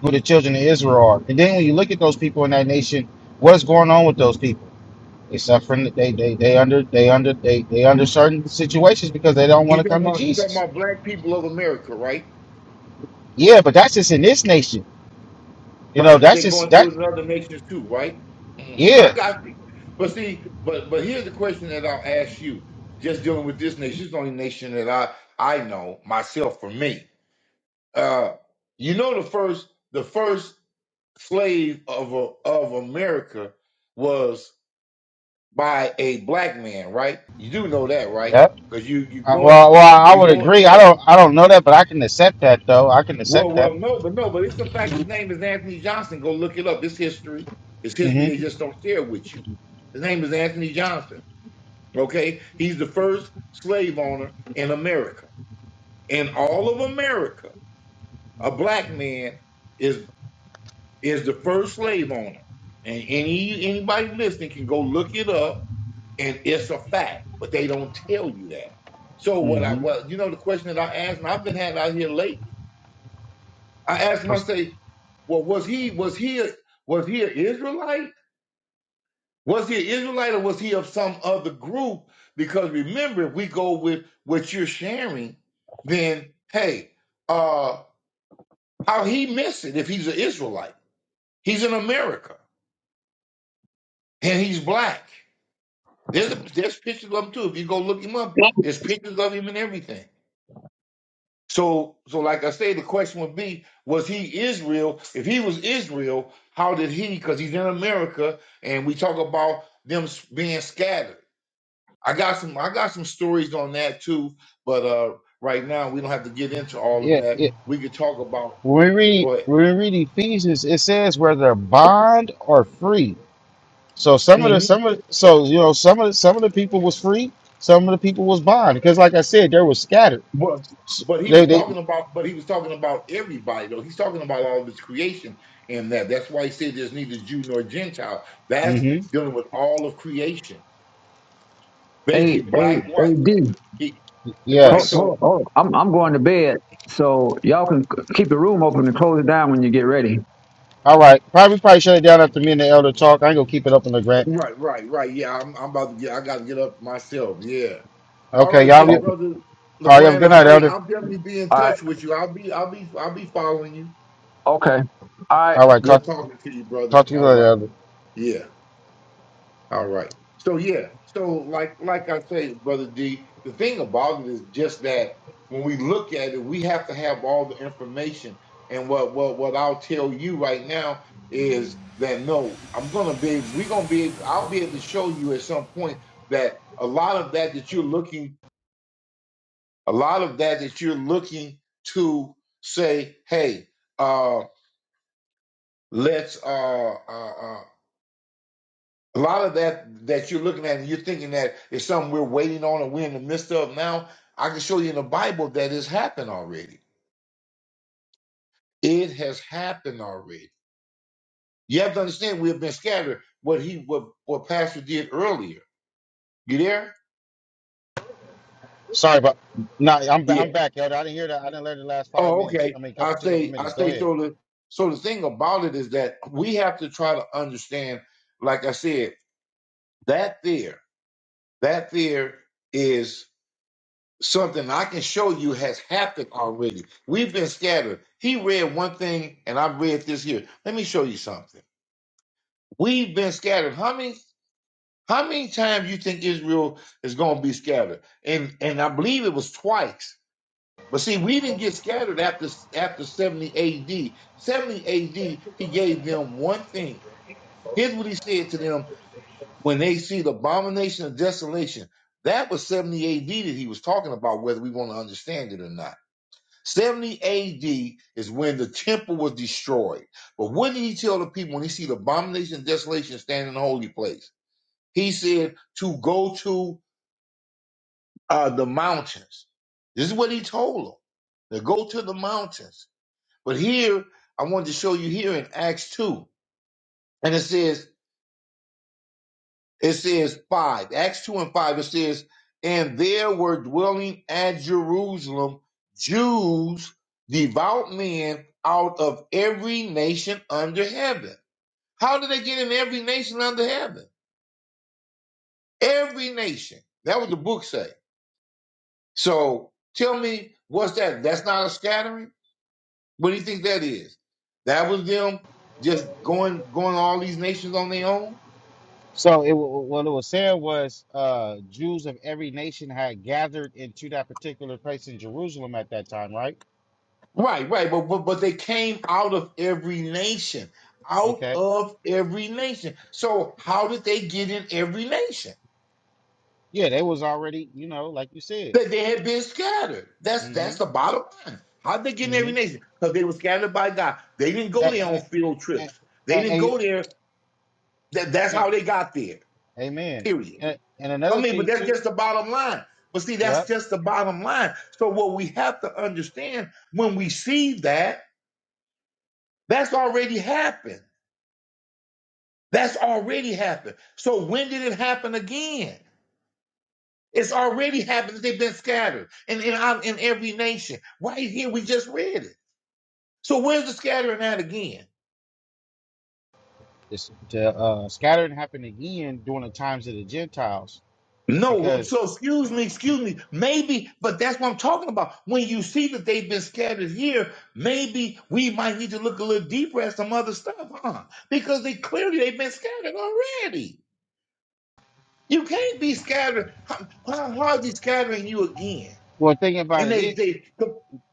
[SPEAKER 4] who the children of Israel are. And then when you look at those people in that nation, what's going on with those people? They suffering. They they they under they under they they under certain situations because they don't want
[SPEAKER 5] You
[SPEAKER 4] to
[SPEAKER 5] talking
[SPEAKER 4] come to
[SPEAKER 5] about you talking
[SPEAKER 4] Jesus.
[SPEAKER 5] about black people of America, right?
[SPEAKER 4] Yeah, but that's just in this nation. You know,
[SPEAKER 5] Right, but
[SPEAKER 4] that's
[SPEAKER 5] they're
[SPEAKER 4] just
[SPEAKER 5] going
[SPEAKER 4] that.
[SPEAKER 5] through it in other nations too, right? hmm I
[SPEAKER 4] Yeah,
[SPEAKER 5] got you. But see, but but here's the question that I'll ask you. Just dealing with this nation, this is the only nation that I I know myself for me. Uh, you know the first the first slave of a, of America was by a black man, right? You do know that, right?
[SPEAKER 4] yeah.
[SPEAKER 5] Because you you
[SPEAKER 4] Uh,
[SPEAKER 5] going
[SPEAKER 4] well, well, I
[SPEAKER 5] you
[SPEAKER 4] would
[SPEAKER 5] going
[SPEAKER 4] agree. I
[SPEAKER 5] so
[SPEAKER 4] don't, I don't know that, but I can accept that though. I can
[SPEAKER 5] well
[SPEAKER 4] accept that.
[SPEAKER 5] well no but no but it's a fact. His name is Anthony Johnson. Go look it up. It's history. It's history
[SPEAKER 4] hmm
[SPEAKER 5] they just don't share with you. His name is Anthony Johnson. Okay, he's the first slave owner in America. In all of America, a black man is is the first slave owner. And any anybody listening can go look it up and it's a fact, but they don't tell you that. So what I
[SPEAKER 4] hmm
[SPEAKER 5] well, you know, the question that I asked, and I've been having out here lately. I asked him, I say, well, was he was he a, was he an Israelite? Was he an Israelite or was he of some other group? Because remember, if we go with what you're sharing, then hey, uh, how he miss it if he's an Israelite? He's in America and he's black. There's a, there's pictures of him too. If you go look him up, there's pictures of him and everything. So, so like I say, the question would be: Was he Israel? If he was Israel, how did he? Because he's in America, and we talk about them s- being scattered. I got some, I got some stories on that too, but uh, right now we don't have to get into all of
[SPEAKER 4] Yeah,
[SPEAKER 5] that.
[SPEAKER 4] yeah.
[SPEAKER 5] We could talk about.
[SPEAKER 4] When we read,
[SPEAKER 5] Go ahead.
[SPEAKER 4] when we read Ephesians, it says whether bond or free. So some of the,
[SPEAKER 5] hmm
[SPEAKER 4] some of, the, so you know, some of, the, some of the people was free, some of the people was bond, because like I said, they were scattered.
[SPEAKER 5] But
[SPEAKER 4] S-
[SPEAKER 5] but he
[SPEAKER 4] They,
[SPEAKER 5] was
[SPEAKER 4] they.
[SPEAKER 5] talking about, but he was talking about everybody though. He's talking about all of his creation and that. That's why he said there's neither Jew nor Gentile. That's
[SPEAKER 4] hmm
[SPEAKER 5] dealing with all of creation
[SPEAKER 1] hey,
[SPEAKER 5] basically
[SPEAKER 1] hey,
[SPEAKER 5] black
[SPEAKER 1] hey,
[SPEAKER 5] white.
[SPEAKER 1] D,
[SPEAKER 5] He, right.
[SPEAKER 1] hold,
[SPEAKER 4] Yes.
[SPEAKER 1] hold,
[SPEAKER 5] So
[SPEAKER 1] hold. I'm, I'm going to bed, so y'all can keep the room open and close it down when you get ready.
[SPEAKER 4] All right. Probably, probably shut it down after me and the elder talk. I ain't gonna keep it up on the grant.
[SPEAKER 5] right, right, right. Yeah, I'm I'm about to get. I got to get up myself. Yeah. All
[SPEAKER 4] Okay,
[SPEAKER 5] right
[SPEAKER 4] y'all.
[SPEAKER 5] then,
[SPEAKER 4] be- All
[SPEAKER 1] Okay.
[SPEAKER 5] brother
[SPEAKER 4] right. Have a
[SPEAKER 5] Legrand.
[SPEAKER 4] good
[SPEAKER 5] I,
[SPEAKER 4] night,
[SPEAKER 5] I
[SPEAKER 4] elder.
[SPEAKER 5] I'll definitely be in
[SPEAKER 1] All right.
[SPEAKER 5] touch with you. I'll be I'll be I'll be following you.
[SPEAKER 1] Okay. All right.
[SPEAKER 4] All right. Talk,
[SPEAKER 5] Good talking to you,
[SPEAKER 4] talk
[SPEAKER 5] brother.
[SPEAKER 4] to you
[SPEAKER 5] All
[SPEAKER 4] later,
[SPEAKER 5] right.
[SPEAKER 4] elder.
[SPEAKER 5] Yeah. All right. So yeah. So like like I say, brother D, the thing about it is just that when we look at it, we have to have all the information. And what what what I'll tell you right now is that no, I'm gonna be we're gonna be able I'll be able to show you at some point that a lot of that that you're looking a lot of that that you're looking to say, hey, uh let's uh uh, uh A lot of that that you're looking at and you're thinking that is something we're waiting on or we're in the midst of now. I can show you in the Bible that it's happened already. It has happened already. You have to understand we have been scattered. What he what what Pastor did earlier. You there?
[SPEAKER 4] Sorry about. No, I'm
[SPEAKER 5] Yeah.
[SPEAKER 4] I'm back, Elder. I didn't hear that. I didn't learn the last five
[SPEAKER 5] Oh,
[SPEAKER 4] minutes.
[SPEAKER 5] okay.
[SPEAKER 4] I mean, couple
[SPEAKER 5] I
[SPEAKER 4] took up a
[SPEAKER 5] say I
[SPEAKER 4] minutes. Go
[SPEAKER 5] say
[SPEAKER 4] ahead.
[SPEAKER 5] so the so the thing about it is that we have to try to understand, like I said, that there, that there is. something I can show you has happened already. We've been scattered. He read one thing and I read this here. Let me show you something. We've been scattered. How many how many times you think Israel is gonna be scattered? And and I believe it was twice. But see, we didn't get scattered after after 70 AD. 70 AD, he gave them one thing. Here's what he said to them when they see the abomination of desolation. That was 70 AD that he was talking about, whether we want to understand it or not. 70 AD is when the temple was destroyed. But what did he tell the people when he see the abomination and desolation standing in the holy place? He said to go to uh, the mountains. This is what he told them. To go to the mountains. But here, I wanted to show you here in Acts 2. And it says, It says five, Acts two and five. It says, and there were dwelling at Jerusalem Jews, devout men out of every nation under heaven. How did they get in every nation under heaven? Every nation. That was the book say. So tell me, what's that? That's not a scattering. What do you think that is? That was them just going going all these nations on their own.
[SPEAKER 4] So it wa- what it was saying was uh, Jews of every nation had gathered into that particular place in Jerusalem at that time, right?
[SPEAKER 5] Right, right, but, but but they came out of every nation, out
[SPEAKER 4] Okay.
[SPEAKER 5] of every nation. So how did they get in every nation?
[SPEAKER 4] Yeah, they was already, you know, like you said.
[SPEAKER 5] That they had been scattered. That's that's
[SPEAKER 4] Mm-hmm.
[SPEAKER 5] the bottom line. How did they get in every
[SPEAKER 4] Mm-hmm.
[SPEAKER 5] nation? Because they were scattered by God. They didn't go there on
[SPEAKER 4] And,
[SPEAKER 5] field trips. They didn't go
[SPEAKER 4] and,
[SPEAKER 5] there. That, that's how they got there.
[SPEAKER 4] amen.
[SPEAKER 5] Period.
[SPEAKER 4] And, and
[SPEAKER 5] I
[SPEAKER 4] another
[SPEAKER 5] mean, but
[SPEAKER 4] thing
[SPEAKER 5] that's
[SPEAKER 4] too.
[SPEAKER 5] just the bottom line. But see, that's
[SPEAKER 4] Yep.
[SPEAKER 5] just the bottom line. So what we have to understand when we see that, that's already happened. That's already happened. So when did it happen again? It's already happened. They've been scattered in, in, our- in every nation. Right here, we just read it. So where's the scattering at again?
[SPEAKER 4] This the uh, scattering happened again during the times of the Gentiles
[SPEAKER 5] No,
[SPEAKER 4] because
[SPEAKER 5] so excuse me, excuse me. Maybe, but that's what I'm talking about. When you see that they've been scattered here, maybe we might need to look a little deeper at some other stuff, huh? Because they clearly they've been scattered already. You can't be scattered. How, how how is he scattering you again?
[SPEAKER 4] well, thing about
[SPEAKER 5] And
[SPEAKER 4] it,
[SPEAKER 5] they
[SPEAKER 4] is,
[SPEAKER 5] they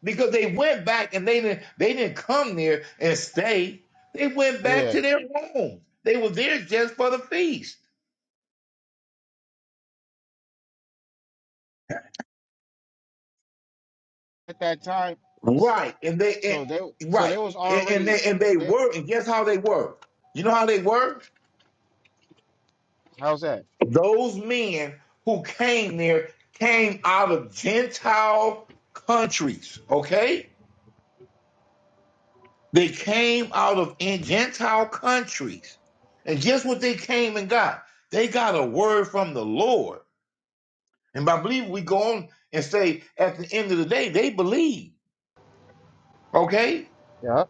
[SPEAKER 5] because they went back and they didn't they didn't come there and stay. They went
[SPEAKER 4] yeah.
[SPEAKER 5] back to their home. They were there just for the feast.
[SPEAKER 4] at that time.
[SPEAKER 5] Right. And
[SPEAKER 4] So
[SPEAKER 5] they
[SPEAKER 4] they
[SPEAKER 5] and,
[SPEAKER 4] so
[SPEAKER 5] right.
[SPEAKER 4] they was
[SPEAKER 5] And, and
[SPEAKER 4] already
[SPEAKER 5] they and they
[SPEAKER 4] they
[SPEAKER 5] were and guess how they were? You know how they were?
[SPEAKER 4] how's that?
[SPEAKER 5] Those men who came there came out of Gentile countries. Okay? They came out of in Gentile countries. And guess what they came and got? They got a word from the Lord And by believe, we go on and say at the end of the day, they believe. Okay?
[SPEAKER 4] Yeah,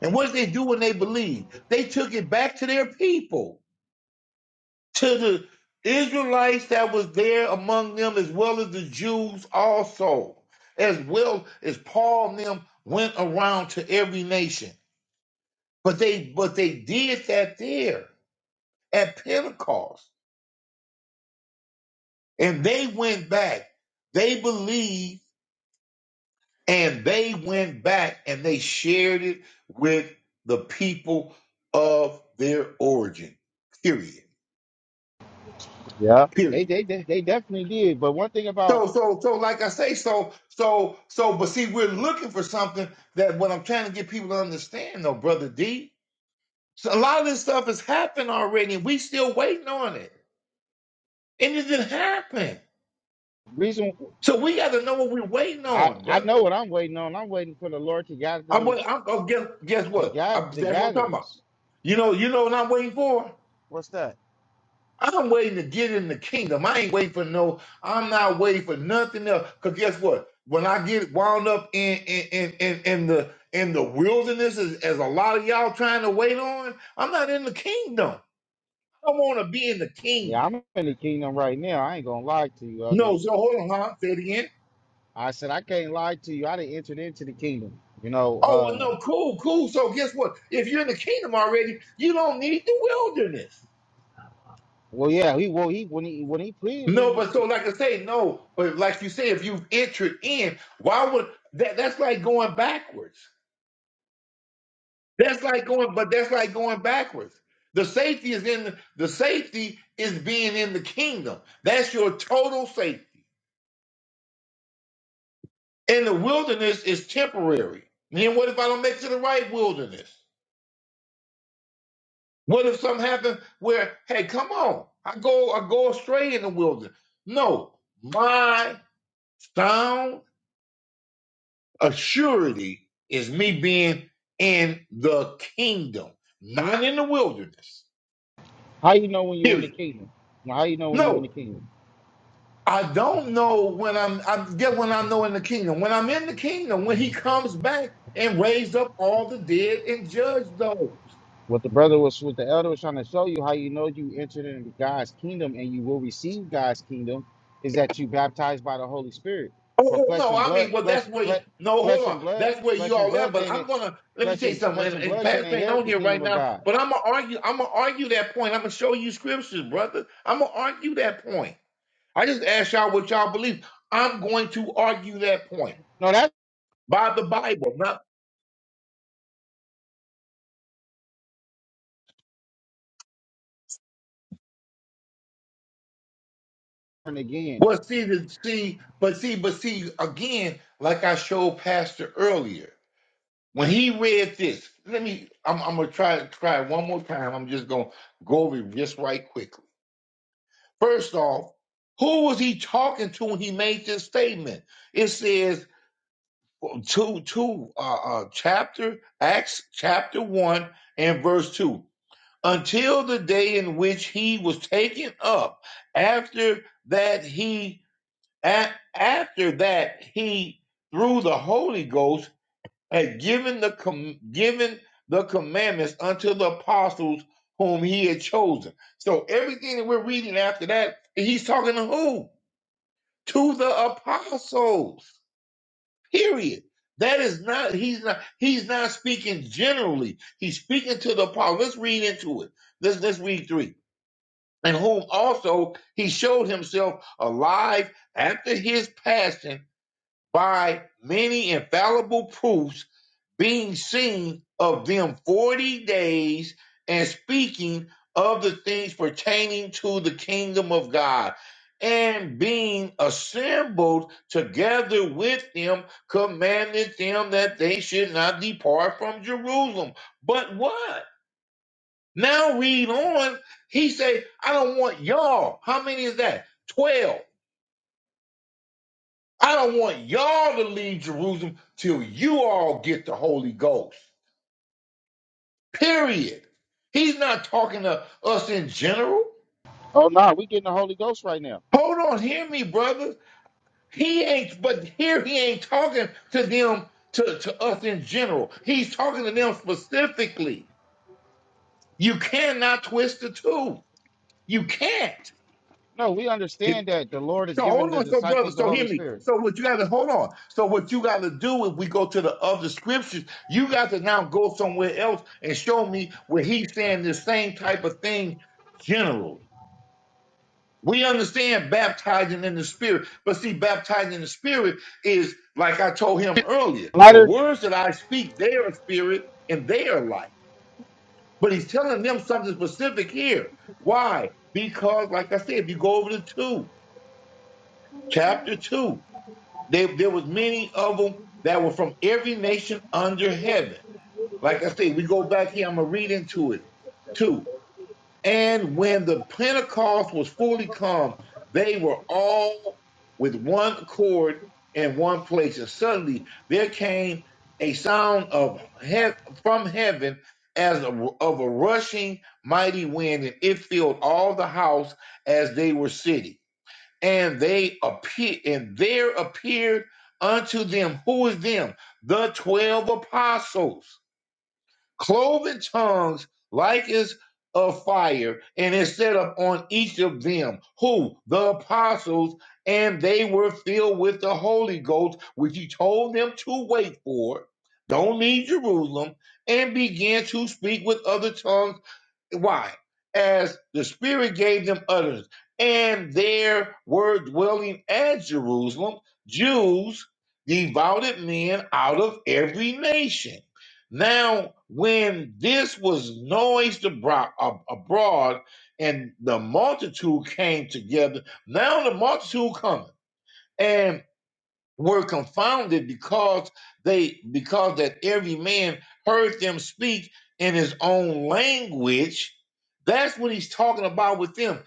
[SPEAKER 5] And what did they do when they believed? They took it back to their people, to the Israelites that was there among them, as well as the Jews also, as well as Paul and them went around to every nation. But they but they did that there at Pentecost. And they went back. They believed And they went back and they shared it with the people of their origin. Period.
[SPEAKER 4] yeah. They
[SPEAKER 5] Period.
[SPEAKER 4] they they, they definitely did. But one thing about
[SPEAKER 5] So so so like I say, so so so but see, we're looking for something that what I'm trying to get people to understand though, brother D. So a lot of this stuff has happened already, and we still waiting on it. And it didn't happen.
[SPEAKER 4] reason
[SPEAKER 5] So we gotta know what we're waiting
[SPEAKER 4] I
[SPEAKER 5] on,
[SPEAKER 4] I
[SPEAKER 5] brother.
[SPEAKER 4] know what I'm waiting on. I'm waiting for the Lord to gather
[SPEAKER 5] I'm,
[SPEAKER 4] the
[SPEAKER 5] wait- I'm, oh, guess, guess
[SPEAKER 4] to
[SPEAKER 5] what? I,
[SPEAKER 4] gather to
[SPEAKER 5] that's what I'm talking
[SPEAKER 4] gather
[SPEAKER 5] about.
[SPEAKER 4] us.
[SPEAKER 5] You know, you know what I'm waiting for?
[SPEAKER 4] What's that?
[SPEAKER 5] I'm waiting to get in the kingdom. I ain't waiting for no, I'm not waiting for nothing else. Cause guess what? When I get wound up in in in in, in the in the wilderness as, as a lot of y'all trying to wait on, I'm not in the kingdom. I want to be in the
[SPEAKER 4] Yeah,
[SPEAKER 5] kingdom.
[SPEAKER 4] I'm in the kingdom right now. I ain't gonna lie to you, other.
[SPEAKER 5] No, so hold on, huh? Say it again.
[SPEAKER 4] I said I can't lie to you. I didn't enter into the kingdom. You know,
[SPEAKER 5] Oh well,
[SPEAKER 4] uh
[SPEAKER 5] no, cool, cool. So guess what? If you're in the kingdom already, you don't need the wilderness.
[SPEAKER 4] well yeah, he well he when he when he pleaded we
[SPEAKER 5] No, but so like I say, no, but like you say, if you've entered in, why would that that's like going backwards. That's like going, but that's like going backwards. The safety is in the, the safety is being in the kingdom. That's your total safety. And the wilderness is temporary. Then what if I don't make it to the right wilderness? What if something happens where, hey, come on, I go, I go astray in the wilderness? No, my sound assurity is me being in the kingdom, not in the wilderness.
[SPEAKER 4] how you know when you in the
[SPEAKER 5] Period.
[SPEAKER 4] kingdom? How you know when you in
[SPEAKER 5] No,
[SPEAKER 4] the kingdom?
[SPEAKER 5] I don't know when I'm. I get when I know in the kingdom. When I'm in the kingdom, when He comes back and raised up all the dead and judge those.
[SPEAKER 4] What the brother was, what the elder was trying to show you, how you know you entered into God's kingdom and you will receive God's kingdom, is that you baptized by the Holy Spirit. For
[SPEAKER 5] Oh, oh,
[SPEAKER 4] flesh
[SPEAKER 5] no,
[SPEAKER 4] and
[SPEAKER 5] I mean,
[SPEAKER 4] blood,
[SPEAKER 5] well,
[SPEAKER 4] flesh,
[SPEAKER 5] that's where. you,
[SPEAKER 4] flesh,
[SPEAKER 5] No, hold
[SPEAKER 4] flesh
[SPEAKER 5] on,
[SPEAKER 4] and blood,
[SPEAKER 5] that's where
[SPEAKER 4] flesh
[SPEAKER 5] you
[SPEAKER 4] and
[SPEAKER 5] all at.
[SPEAKER 4] blood
[SPEAKER 5] But
[SPEAKER 4] can't, in-
[SPEAKER 5] I'm gonna let me
[SPEAKER 4] flesh
[SPEAKER 5] tell you
[SPEAKER 4] and
[SPEAKER 5] something.
[SPEAKER 4] flesh
[SPEAKER 5] And,
[SPEAKER 4] and
[SPEAKER 5] and
[SPEAKER 4] blood can't
[SPEAKER 5] Pastor ain't
[SPEAKER 4] inherit
[SPEAKER 5] on
[SPEAKER 4] the
[SPEAKER 5] here
[SPEAKER 4] kingdom
[SPEAKER 5] right
[SPEAKER 4] of
[SPEAKER 5] now,
[SPEAKER 4] God.
[SPEAKER 5] but I'm gonna argue. I'm gonna argue that point. I'm gonna show you scriptures, brother. I'm gonna argue that point. I just asked y'all what y'all believe. I'm going to argue that point
[SPEAKER 4] No, that's
[SPEAKER 5] by the Bible, not
[SPEAKER 4] different again.
[SPEAKER 5] Well, see, the, see, but see, but see, again, like I showed Pastor earlier, when he read this, let me, I'm, I'm gonna try try it one more time. I'm just gonna go over it just right quickly. First off, who was he talking to when he made this statement? It says two two uh, uh chapter Acts chapter one and verse two. Until the day in which he was taken up, after that he And after that, he, through the Holy Ghost, had given the com- given the commandments unto the apostles whom he had chosen. So everything that we're reading after that, he's talking to who? To the apostles. Period. That is not he's not he's not speaking generally. He's speaking to the apostles. Let's read into it. Let's let's read three. And whom also he showed himself alive after his passion by many infallible proofs being seen of them forty days and speaking of the things pertaining to the kingdom of God and being assembled together with them commanded them that they should not depart from Jerusalem but what now read on he said I don't want y'all how many is that 12 I don't want y'all to leave Jerusalem till you all get the Holy Ghost. Period. He's not talking to us in general.
[SPEAKER 4] Oh no, we getting the Holy Ghost right now.
[SPEAKER 5] Hold on, hear me, brothers. He ain't, but here he ain't talking to them, to, to us in general. He's talking to them specifically. You cannot twist the two. You can't.
[SPEAKER 4] No, we understand that the Lord is
[SPEAKER 5] So hold
[SPEAKER 4] giving the
[SPEAKER 5] on, so brother,
[SPEAKER 4] disciples the
[SPEAKER 5] so
[SPEAKER 4] Holy
[SPEAKER 5] hear me.
[SPEAKER 4] Spirit.
[SPEAKER 5] So what you gotta hold on. So what you gotta do if we go to the other scriptures, you got to now go somewhere else and show me where he's saying the same type of thing general. We understand baptizing in the spirit, but see, baptizing in the spirit is like I told him earlier, the
[SPEAKER 4] Lighter,
[SPEAKER 5] words that I speak, they are spirit and they are life. But he's telling them something specific here. Why? Because, like I said, if you go over to two, chapter two. They, there was many of them that were from every nation under heaven. Like I say, we go back here. I'm gonna read into it too. And when the Pentecost was fully come, they were all with one accord in one place. And suddenly there came a sound of he- from heaven as a- of a rushing mighty wind, and it filled all the house as they were sitting and they appear and there appeared unto them who is them the twelve apostles cloven tongues like as of fire and it set up on each of them who the apostles and they were filled with the holy ghost which he told them to wait for don't leave jerusalem and began to speak with other tongues why? As the Spirit gave them utterance, and there were dwelling at Jerusalem Jews, devoted men out of every nation. Now, when this was noised abro- ab- abroad, and the multitude came together, now the multitude cometh were confounded because they because that every man heard them speak in his own language that's what he's talking about with them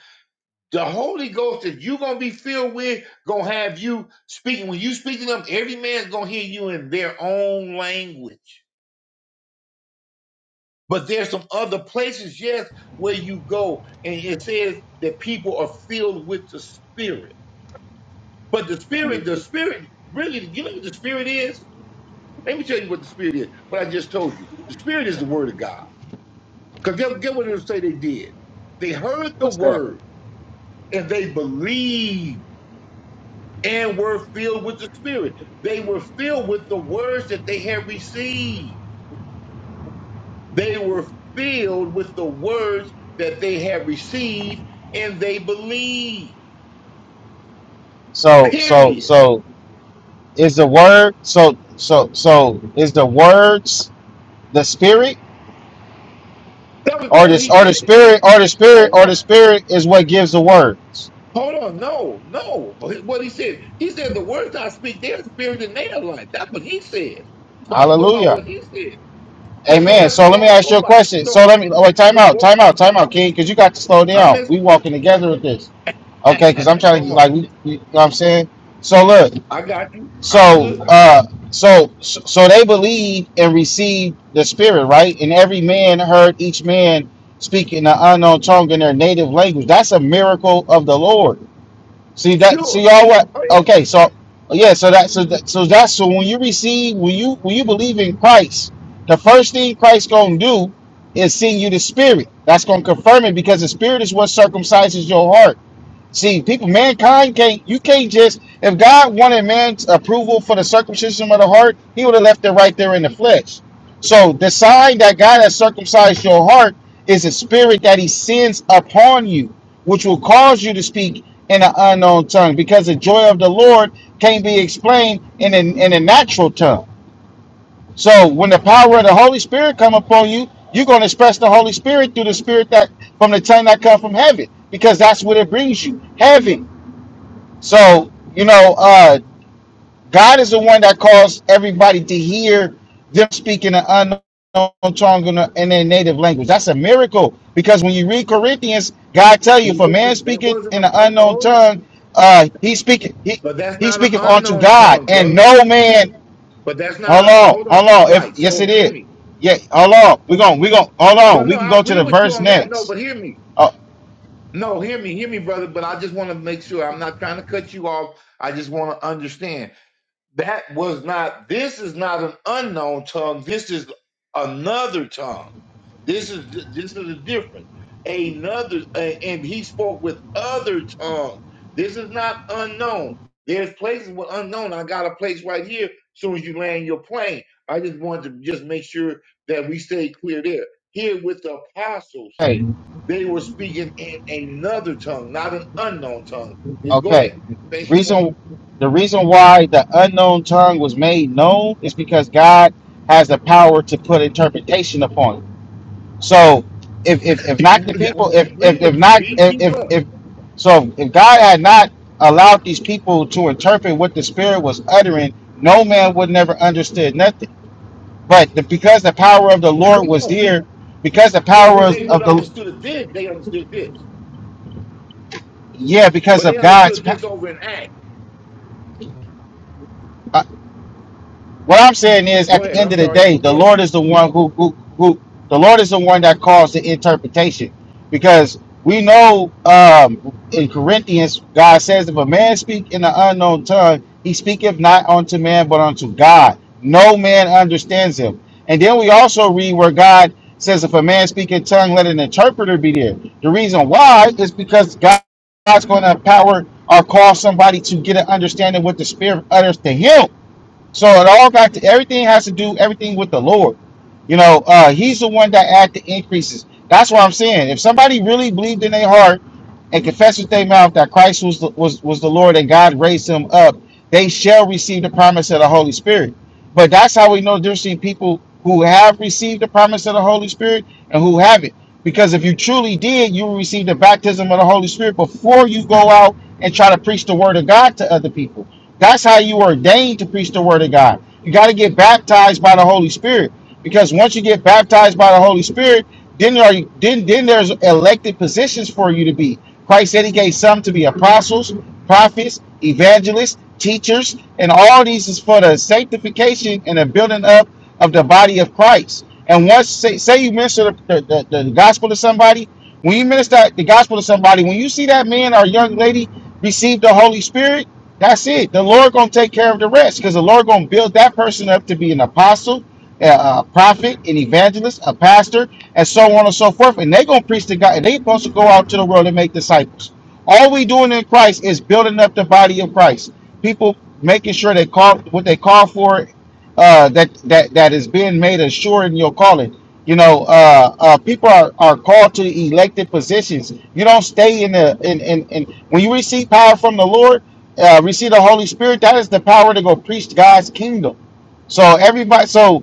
[SPEAKER 5] the holy ghost that you're gonna be filled with gonna have you speaking when you speak to them every man's gonna hear you in their own language but there's some other places yes where you go and it says that people are filled with the spirit but the spirit
[SPEAKER 4] Mm,
[SPEAKER 5] the spirit really you know what the spirit is Let me tell you what the spirit is. What I just told you. The spirit is the word of God. Because get, get what it say they did. They heard the
[SPEAKER 4] what's that?
[SPEAKER 5] word and they believed and were filled with the spirit. They were filled with the words that they had received. They were filled with the words that they had received and they believed.
[SPEAKER 4] So, so,
[SPEAKER 5] Period.
[SPEAKER 4] so is the word. So, so, so is the words. The spirit
[SPEAKER 5] That was,
[SPEAKER 4] or
[SPEAKER 5] that what
[SPEAKER 4] this
[SPEAKER 5] he
[SPEAKER 4] or
[SPEAKER 5] said
[SPEAKER 4] the
[SPEAKER 5] it
[SPEAKER 4] spirit or the spirit or
[SPEAKER 5] is.
[SPEAKER 4] the spirit is what gives the words.
[SPEAKER 5] Hold on, no, no. What he said, he said the words I speak, they're spirit and they are life. That's what he said. So I'm gonna go by
[SPEAKER 4] Hallelujah.
[SPEAKER 5] what he said. So, so
[SPEAKER 4] Amen.
[SPEAKER 5] that's
[SPEAKER 4] So
[SPEAKER 5] all
[SPEAKER 4] let
[SPEAKER 5] I'm
[SPEAKER 4] me
[SPEAKER 5] gonna
[SPEAKER 4] ask
[SPEAKER 5] go
[SPEAKER 4] you a
[SPEAKER 5] by.
[SPEAKER 4] question. So
[SPEAKER 5] So
[SPEAKER 4] let me oh, wait, time
[SPEAKER 5] go
[SPEAKER 4] out,
[SPEAKER 5] go
[SPEAKER 4] time
[SPEAKER 5] ahead.
[SPEAKER 4] out, time out, King, because you got to slow
[SPEAKER 5] I'm
[SPEAKER 4] down. We
[SPEAKER 5] listening.
[SPEAKER 4] walking together with this. Okay, because I'm trying
[SPEAKER 5] Come
[SPEAKER 4] to like
[SPEAKER 5] on,
[SPEAKER 4] we, we- you know what I'm saying? So look,
[SPEAKER 5] I got you. I'm
[SPEAKER 4] so
[SPEAKER 5] good.
[SPEAKER 4] uh so so they believed and received the spirit, right? And every man heard each man speaking in an unknown tongue in their native language. That's a miracle of the Lord. See that? See
[SPEAKER 5] Sure.
[SPEAKER 4] y'all what?
[SPEAKER 5] Oh yeah.
[SPEAKER 4] Okay, so yeah, so that so that so that's so when you receive when you when you believe in Christ, the first thing Christ gonna do is send you the Spirit. That's gonna confirm it because the Spirit is what circumcises your heart. See, people, mankind can't. You can't just. If God wanted man's approval for the circumcision of the heart, He would have left it right there in the flesh. So the sign that God has circumcised your heart is a spirit that He sends upon you, which will cause you to speak in an unknown tongue, because the joy of the Lord can't be explained in a, in a natural tongue. So when the power of the Holy Spirit come upon you, you're going to express the Holy Spirit through the Spirit that from the tongue that come from heaven, because that's what it brings you, heaven. So, you know, uh, God is the one that calls everybody to hear them speaking an unknown tongue in, a- in their native language. That's a miracle because when you read Corinthians, God tell you,
[SPEAKER 5] That
[SPEAKER 4] for man
[SPEAKER 5] wasn't, that
[SPEAKER 4] speaking
[SPEAKER 5] wasn't
[SPEAKER 4] in
[SPEAKER 5] an
[SPEAKER 4] an unknown
[SPEAKER 5] unknown.
[SPEAKER 4] tongue, uh, he speaking he
[SPEAKER 5] But that's
[SPEAKER 4] he
[SPEAKER 5] not an
[SPEAKER 4] speaketh unto
[SPEAKER 5] unknown
[SPEAKER 4] God,
[SPEAKER 5] tongue,
[SPEAKER 4] and
[SPEAKER 5] brother.
[SPEAKER 4] no man.
[SPEAKER 5] But that's not
[SPEAKER 4] Hold
[SPEAKER 5] a
[SPEAKER 4] on,
[SPEAKER 5] hold
[SPEAKER 4] hold
[SPEAKER 5] on.
[SPEAKER 4] on. If
[SPEAKER 5] Right.
[SPEAKER 4] yes,
[SPEAKER 5] So
[SPEAKER 4] it
[SPEAKER 5] hear
[SPEAKER 4] is.
[SPEAKER 5] me.
[SPEAKER 4] Yeah, hold on. We're going. We're going. Hold on.
[SPEAKER 5] But no,
[SPEAKER 4] We can
[SPEAKER 5] I
[SPEAKER 4] go to
[SPEAKER 5] agree
[SPEAKER 4] the
[SPEAKER 5] with you
[SPEAKER 4] verse
[SPEAKER 5] on that. No,
[SPEAKER 4] next.
[SPEAKER 5] but hear me. No, hear me, hear me, brother, but I just want to make sure I'm not trying to cut you off. I just want to understand. That was not, this is not an unknown tongue. This is another tongue. This is this is a difference. Another a- and he spoke with other tongues. This is not unknown. There's places with unknown. I got a place right here As soon as you land your plane. I just wanted to just make sure that we stay clear there. Here with the apostles.
[SPEAKER 4] Okay.
[SPEAKER 5] They were speaking in another tongue, not an unknown tongue. Yeah, go ahead.
[SPEAKER 4] Okay.
[SPEAKER 5] Finish your point.
[SPEAKER 4] Reason the reason why the unknown tongue was made known is because God has the power to put interpretation upon it. So if if, if
[SPEAKER 5] You,
[SPEAKER 4] not the people if
[SPEAKER 5] I agree
[SPEAKER 4] if, if
[SPEAKER 5] with you.
[SPEAKER 4] not
[SPEAKER 5] Keep,
[SPEAKER 4] if,
[SPEAKER 5] keep
[SPEAKER 4] if
[SPEAKER 5] going.
[SPEAKER 4] if so if God had not allowed these people to interpret what the spirit was uttering, no man would never understood nothing. But the, because the power of the Lord
[SPEAKER 5] Come
[SPEAKER 4] was
[SPEAKER 5] on.
[SPEAKER 4] there, because the
[SPEAKER 5] Well,
[SPEAKER 4] power
[SPEAKER 5] well,
[SPEAKER 4] of
[SPEAKER 5] they would have
[SPEAKER 4] the
[SPEAKER 5] understood this. They understood this.
[SPEAKER 4] yeah, because
[SPEAKER 5] But they
[SPEAKER 4] of God's
[SPEAKER 5] understood
[SPEAKER 4] power.
[SPEAKER 5] this over in Acts.
[SPEAKER 4] What I'm saying is, at
[SPEAKER 5] Go
[SPEAKER 4] the
[SPEAKER 5] ahead.
[SPEAKER 4] end
[SPEAKER 5] I'm
[SPEAKER 4] of the
[SPEAKER 5] sorry. Go
[SPEAKER 4] day, the
[SPEAKER 5] ahead.
[SPEAKER 4] Lord is the one who who, who the Lord is the one that calls the interpretation, because we know um, in Corinthians, God says, "If a man speak in an unknown tongue, he speaketh not unto man, but unto God. No man understands him." And then we also read where God says, "If a man speak in tongue, let an interpreter be there." The reason why is because God, God's going to empower or cause somebody to get an understanding what the Spirit utters to him so it all got to everything has to do everything with the Lord. You know, uh, He's the one that add the increases. That's what I'm saying. If somebody really believed in their heart and confessed with their mouth that Christ was the, was was the Lord and God raised Him up, they shall receive the promise of the Holy Spirit. But that's how we know there's seen people who have received the promise of the Holy Spirit and who haven't. Because if you truly did, you will receive the baptism of the Holy Spirit before you go out and try to preach the word of God to other people. That's how you are ordained to preach the word of God. You got to get baptized by the Holy Spirit. Because once you get baptized by the Holy Spirit, then there are, then then there's elected positions for you to be. Christ said he gave some to be apostles, prophets, evangelists, teachers, and all these is for the sanctification and the building up of the body of Christ. And once say say you minister the, the, the, the gospel to somebody, when you minister the gospel to somebody, when you see that man or young lady receive the Holy Spirit, that's it. The Lord gonna take care of the rest because the Lord gonna build that person up to be an apostle, a, prophet, an evangelist, a pastor, and so on and so forth. And they gonna preach to God, and they supposed to go out to the world and make disciples. All we doing in Christ is building up the body of Christ. People making sure they call what they call for uh, that that that is being made assuring your calling. You know, uh, uh, people are, are called to elected positions. You don't stay in the in, in, in when you receive power from the Lord, uh, receive the Holy Spirit. That is the power to go preach God's kingdom. So everybody, so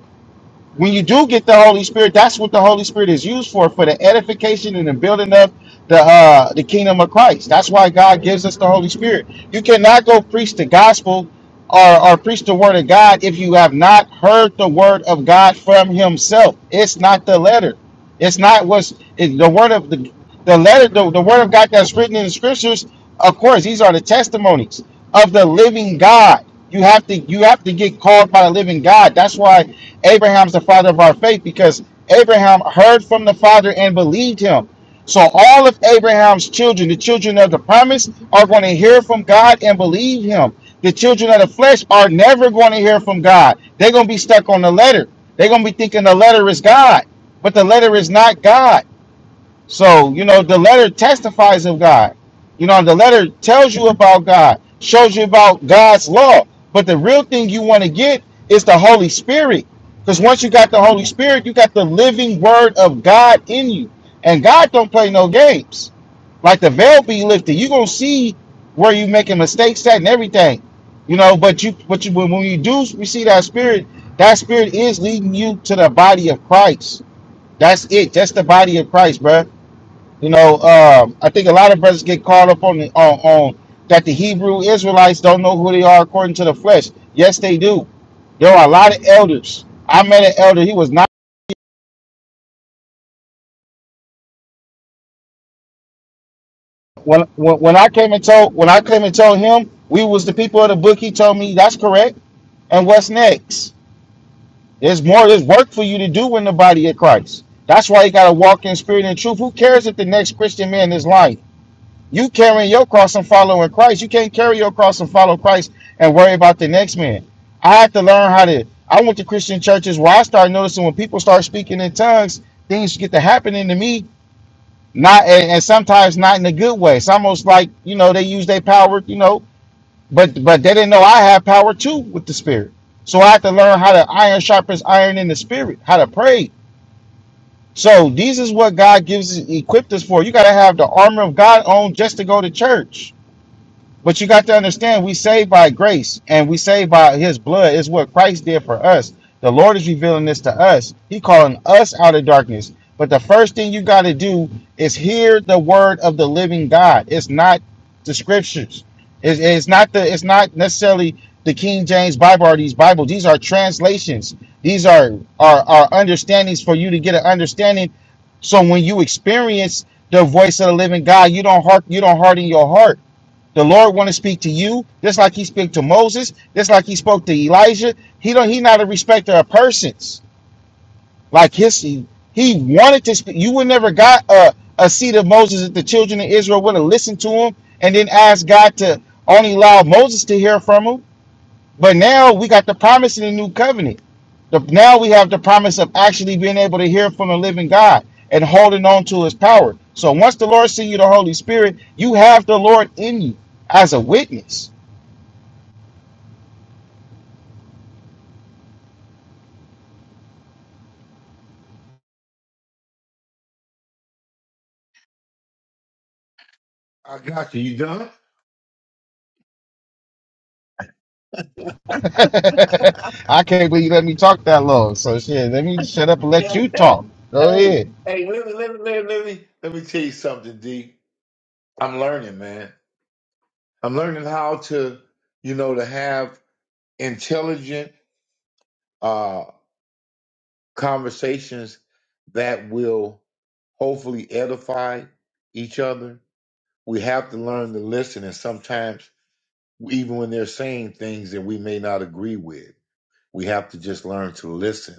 [SPEAKER 4] when you do get the Holy Spirit, that's what the Holy Spirit is used for, for the edification and the building up the uh, the kingdom of Christ. That's why God gives us the Holy Spirit. You cannot go preach the gospel or, or preach the word of God if you have not heard the word of God from Himself. It's not the letter. It's not what's it, the word of the the letter the, the word of God that's written in the scriptures. Of course, these are the testimonies of the living God. You have to you have to get called by the living God. That's why Abraham's the father of our faith because Abraham heard from the Father and believed him. So all of Abraham's children, the children of the promise, are going to hear from God and believe him. The children of the flesh are never going to hear from God. They're going to be stuck on the letter. They're going to be thinking the letter is God but the letter is not God. So, you know, the letter testifies of God. You know, the letter tells you about God, shows you about God's law. But the real thing you want to get is the Holy Spirit. Because once you got the Holy Spirit, you got the living word of God in you. And God don't play no games. Like the veil be lifted. you gonna see where you making mistakes at and everything. You know, but you but you when when you do receive that spirit, that spirit is leading you to the body of Christ. That's it. That's the body of Christ, bro. You know, um, I think a lot of brothers get caught up on the on, on that the Hebrew Israelites don't know who they are according to the flesh. Yes, they do. There are a lot of elders. I met an elder. He was not when when, when I came and told when I came and told him we was the people of the book. He told me that's correct. And what's next? There's more. There's work for you to do in the body of Christ. That's why you gotta walk in spirit and truth. Who cares if the next Christian man is lying? You carrying your cross and following Christ. You can't carry your cross and follow Christ and worry about the next man. I had to learn how to. I went to Christian churches where I started noticing when people start speaking in tongues, things get to happening to me. Not and, and sometimes not in a good way. It's almost like you know they use their power, you know, but but they didn't know I have power too with the Spirit. So I had to learn how to iron sharpens iron in the Spirit, how to pray. So these is what God gives equipped us for. You got to have the armor of God on just to go to church. But you got to understand, we saved by grace and we saved by his blood. It's what Christ did for us. The Lord is revealing this to us. He calling us out of darkness. But the first thing you got to do is hear the word of the living God. It's not the scriptures. It's, it's not the it's not necessarily the King James Bible or these Bibles. These are translations. These are are, are understandings for you to get an understanding. So when you experience the voice of the living God, you don't heart you don't harden your heart the Lord want to speak to you, just like He spoke to Moses, just like He spoke to Elijah. He don't. He not a respecter of persons. Like his, he, he wanted to speak. You would never got a a seat of Moses if the children of Israel would have listened to him and then asked God to only allow Moses to hear from him. But now we got the promise in the new covenant. The, now we have the promise of actually being able to hear from the living God and holding on to His power. So once the Lord send you the Holy Spirit, you have the Lord in you as a witness
[SPEAKER 5] I got you. You done?
[SPEAKER 4] I can't believe you let me talk that long. So shit, let me shut up and let you talk. Go
[SPEAKER 5] hey,
[SPEAKER 4] ahead.
[SPEAKER 5] hey, let me, let me, let me, let me, let me tell you something, D. I'm learning, man. I'm learning how to, you know, to have intelligent uh conversations that will hopefully edify each other. We have to learn to listen, and sometimes, even when they're saying things that we may not agree with, we have to just learn to listen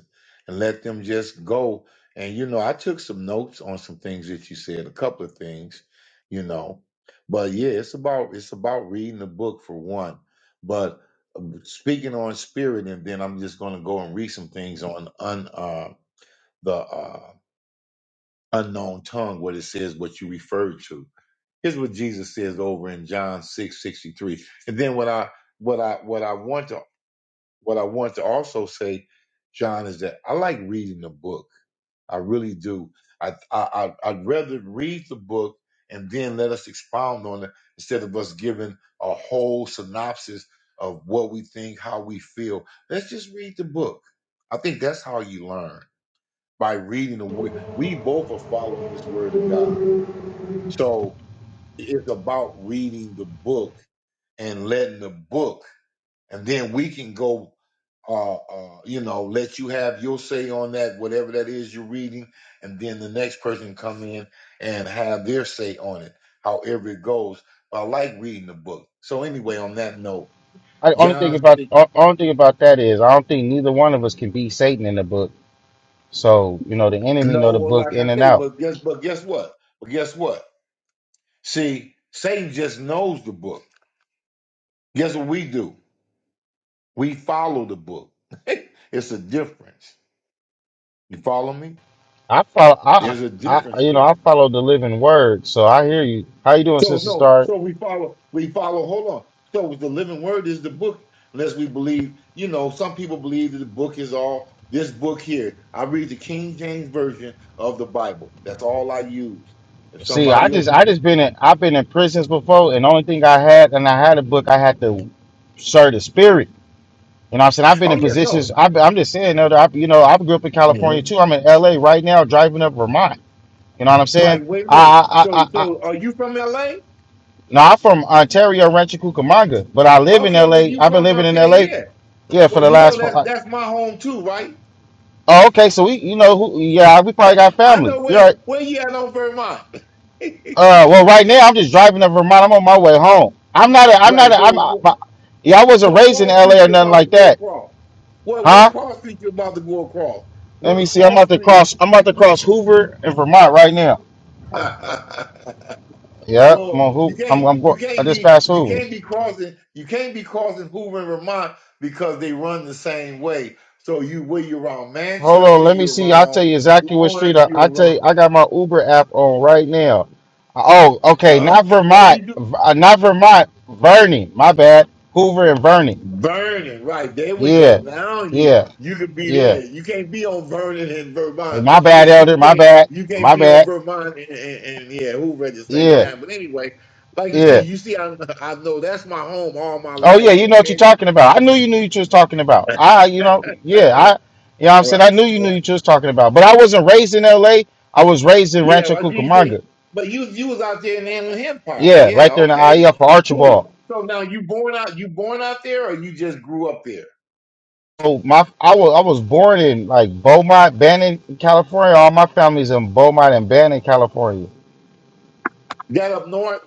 [SPEAKER 5] and let them just go. And, you know, I took some notes on some things that you said, a couple of things, you know. But yeah, it's about it's about reading the book for one. But um, speaking on spirit, and then I'm just going to go and read some things on un uh, the uh, unknown tongue, what it says, what you referred to Here's what Jesus says over in John 6 63, And then what I what I what I want to what I want to also say, John, is that I like reading the book. I really do. I I I- I'd rather read the book and then let us expound on it instead of us giving a whole synopsis of what we think, how we feel. Let's just read the book. I think that's how you learn by reading the. We we both are following this word of God. So it's about reading the book and letting the book, and then we can go uh, uh, you know, let you have your say on that, whatever that is you're reading, and then the next person can come in and have their say on it, however it goes. But I like reading the book. So anyway, on that note,
[SPEAKER 4] I only thing
[SPEAKER 5] John,
[SPEAKER 4] about
[SPEAKER 5] six-
[SPEAKER 4] o- only thing about that is I don't think neither one of us can be Satan in the book. So you know the enemy know
[SPEAKER 5] no,
[SPEAKER 4] the
[SPEAKER 5] well,
[SPEAKER 4] book
[SPEAKER 5] like
[SPEAKER 4] in
[SPEAKER 5] I
[SPEAKER 4] and
[SPEAKER 5] say,
[SPEAKER 4] out.
[SPEAKER 5] but guess, but guess what? But guess what? See, Satan just knows the book. Guess what we do? We follow the book. it's a difference. You follow me?
[SPEAKER 4] I follow. I
[SPEAKER 5] There's a
[SPEAKER 4] I
[SPEAKER 5] difference
[SPEAKER 4] you know
[SPEAKER 5] there.
[SPEAKER 4] I follow the living word. So I hear you. How you doing,
[SPEAKER 5] So
[SPEAKER 4] Sister
[SPEAKER 5] no,
[SPEAKER 4] Star?
[SPEAKER 5] so we follow, we follow, hold on. So the living word is the book, unless we believe, you know, some people believe that the book is all this book here. I read the King James version of the Bible. That's all I use. If
[SPEAKER 4] See, I
[SPEAKER 5] somebody else
[SPEAKER 4] just I
[SPEAKER 5] disagrees,
[SPEAKER 4] just been in I've been in prisons before, and the only thing I had and I had a book I had to serve the spirit. You know what I'm saying? I've been
[SPEAKER 5] oh
[SPEAKER 4] in
[SPEAKER 5] yeah,
[SPEAKER 4] positions.
[SPEAKER 5] no.
[SPEAKER 4] I've, I'm just saying, though, that I, you know, I grew up in California
[SPEAKER 5] Mhm.
[SPEAKER 4] too. I'm in LA right now, driving up Vermont. You know what I'm saying?
[SPEAKER 5] Right, wait a
[SPEAKER 4] I,
[SPEAKER 5] minute.
[SPEAKER 4] I, I,
[SPEAKER 5] So
[SPEAKER 4] I, I
[SPEAKER 5] so are you from LA?
[SPEAKER 4] now I'm from Ontario, Rancho Cucamonga, but I live in
[SPEAKER 5] Okay, was
[SPEAKER 4] LA.
[SPEAKER 5] you
[SPEAKER 4] I've been
[SPEAKER 5] from
[SPEAKER 4] living in
[SPEAKER 5] okay,
[SPEAKER 4] LA,
[SPEAKER 5] yeah.
[SPEAKER 4] yeah, for
[SPEAKER 5] Well,
[SPEAKER 4] the
[SPEAKER 5] you know
[SPEAKER 4] last. For
[SPEAKER 5] that's
[SPEAKER 4] like,
[SPEAKER 5] that's my home too, right?
[SPEAKER 4] oh, okay. So we, you know, who, yeah, we probably got
[SPEAKER 5] I
[SPEAKER 4] family.
[SPEAKER 5] know
[SPEAKER 4] You're
[SPEAKER 5] where
[SPEAKER 4] right.
[SPEAKER 5] where you at on Vermont.
[SPEAKER 4] Uh, well, right now I'm just driving up Vermont. I'm on my way home. I'm not. A, I'm not. A,
[SPEAKER 5] Right.
[SPEAKER 4] I'm. A,
[SPEAKER 5] So
[SPEAKER 4] my, yeah, I wasn't
[SPEAKER 5] What
[SPEAKER 4] raised in
[SPEAKER 5] cross street
[SPEAKER 4] LA or
[SPEAKER 5] you
[SPEAKER 4] nothing
[SPEAKER 5] about to
[SPEAKER 4] like
[SPEAKER 5] go
[SPEAKER 4] that,
[SPEAKER 5] across? What what
[SPEAKER 4] huh?
[SPEAKER 5] cross street you about to go across?
[SPEAKER 4] Let
[SPEAKER 5] What
[SPEAKER 4] me see. I'm
[SPEAKER 5] cross
[SPEAKER 4] about to
[SPEAKER 5] street?
[SPEAKER 4] cross. I'm about to cross Hoover and Vermont right now. Yeah, I'm
[SPEAKER 5] well,
[SPEAKER 4] on
[SPEAKER 5] you
[SPEAKER 4] hoop. I'm
[SPEAKER 5] can't
[SPEAKER 4] I'm
[SPEAKER 5] you
[SPEAKER 4] going. I
[SPEAKER 5] can't
[SPEAKER 4] just
[SPEAKER 5] be
[SPEAKER 4] passed
[SPEAKER 5] you
[SPEAKER 4] Hoover.
[SPEAKER 5] can't be crossing you can't be crossing Hoover and Vermont because they run the same way. So you where you're around
[SPEAKER 4] Hold on,
[SPEAKER 5] Manchester,
[SPEAKER 4] let me
[SPEAKER 5] you're
[SPEAKER 4] see. I'll tell
[SPEAKER 5] around
[SPEAKER 4] you exactly what street
[SPEAKER 5] Florence,
[SPEAKER 4] I, I
[SPEAKER 5] you're
[SPEAKER 4] tell
[SPEAKER 5] around
[SPEAKER 4] you. I got my Uber app on right now. Uh, Oh, okay.
[SPEAKER 5] uh,
[SPEAKER 4] Not
[SPEAKER 5] oh
[SPEAKER 4] Vermont.
[SPEAKER 5] you do
[SPEAKER 4] V- uh, Not Vermont. Vernon. My bad. Hoover and Vernon.
[SPEAKER 5] Vernon, right. There we go.
[SPEAKER 4] Yeah,
[SPEAKER 5] Now you
[SPEAKER 4] yeah,
[SPEAKER 5] you could be
[SPEAKER 4] yeah.
[SPEAKER 5] there. You can't be on Vernon and
[SPEAKER 4] Hey,
[SPEAKER 5] Vermont.
[SPEAKER 4] my
[SPEAKER 5] I mean
[SPEAKER 4] bad, Elder.
[SPEAKER 5] you
[SPEAKER 4] My
[SPEAKER 5] can't
[SPEAKER 4] bad.
[SPEAKER 5] you can't
[SPEAKER 4] My
[SPEAKER 5] be on
[SPEAKER 4] bad.
[SPEAKER 5] Vermont and, and, and yeah, Hoover at the same
[SPEAKER 4] Yeah,
[SPEAKER 5] time. But anyway, like you see,
[SPEAKER 4] yeah.
[SPEAKER 5] you see I I know that's my home all my
[SPEAKER 4] Oh yeah,
[SPEAKER 5] life,
[SPEAKER 4] you know what you're
[SPEAKER 5] okay?
[SPEAKER 4] talking about. I knew you knew what you was talking about.
[SPEAKER 5] right,
[SPEAKER 4] I, you know, yeah. I, you know, what I'm saying I knew you knew
[SPEAKER 5] right.
[SPEAKER 4] what you was talking about. But I wasn't raised in L.A. I was raised in
[SPEAKER 5] Yeah,
[SPEAKER 4] Rancho
[SPEAKER 5] well you
[SPEAKER 4] Cucamonga.
[SPEAKER 5] say but you you was out there in the Inland Empire.
[SPEAKER 4] Yeah, right
[SPEAKER 5] Yeah,
[SPEAKER 4] there in the
[SPEAKER 5] okay.
[SPEAKER 4] IE for
[SPEAKER 5] Cool.
[SPEAKER 4] Archibald.
[SPEAKER 5] So now you born out you born out there or you just grew up there?
[SPEAKER 4] So my I was I was born in like Beaumont, Bannon, California. All my family's in Beaumont and Bannon, California.
[SPEAKER 5] Got up north?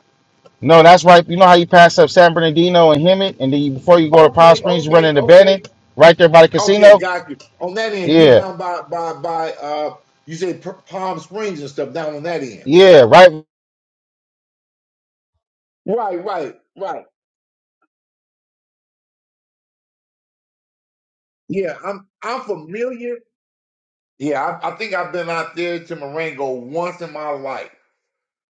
[SPEAKER 4] No, that's right. You know how you pass up San Bernardino and Hemet, and then you, before you go to Palm
[SPEAKER 5] Okay,
[SPEAKER 4] Springs, you run
[SPEAKER 5] okay,
[SPEAKER 4] into
[SPEAKER 5] okay.
[SPEAKER 4] Bannon, right there by the
[SPEAKER 5] Okay,
[SPEAKER 4] casino.
[SPEAKER 5] got you. On that end, you
[SPEAKER 4] Yeah,
[SPEAKER 5] down by by by uh you say P- Palm Springs and stuff down on that end.
[SPEAKER 4] yeah, right.
[SPEAKER 5] Right, right, right. Yeah, I'm I'm familiar. Yeah, I, I think I've been out there to Marengo once in my life.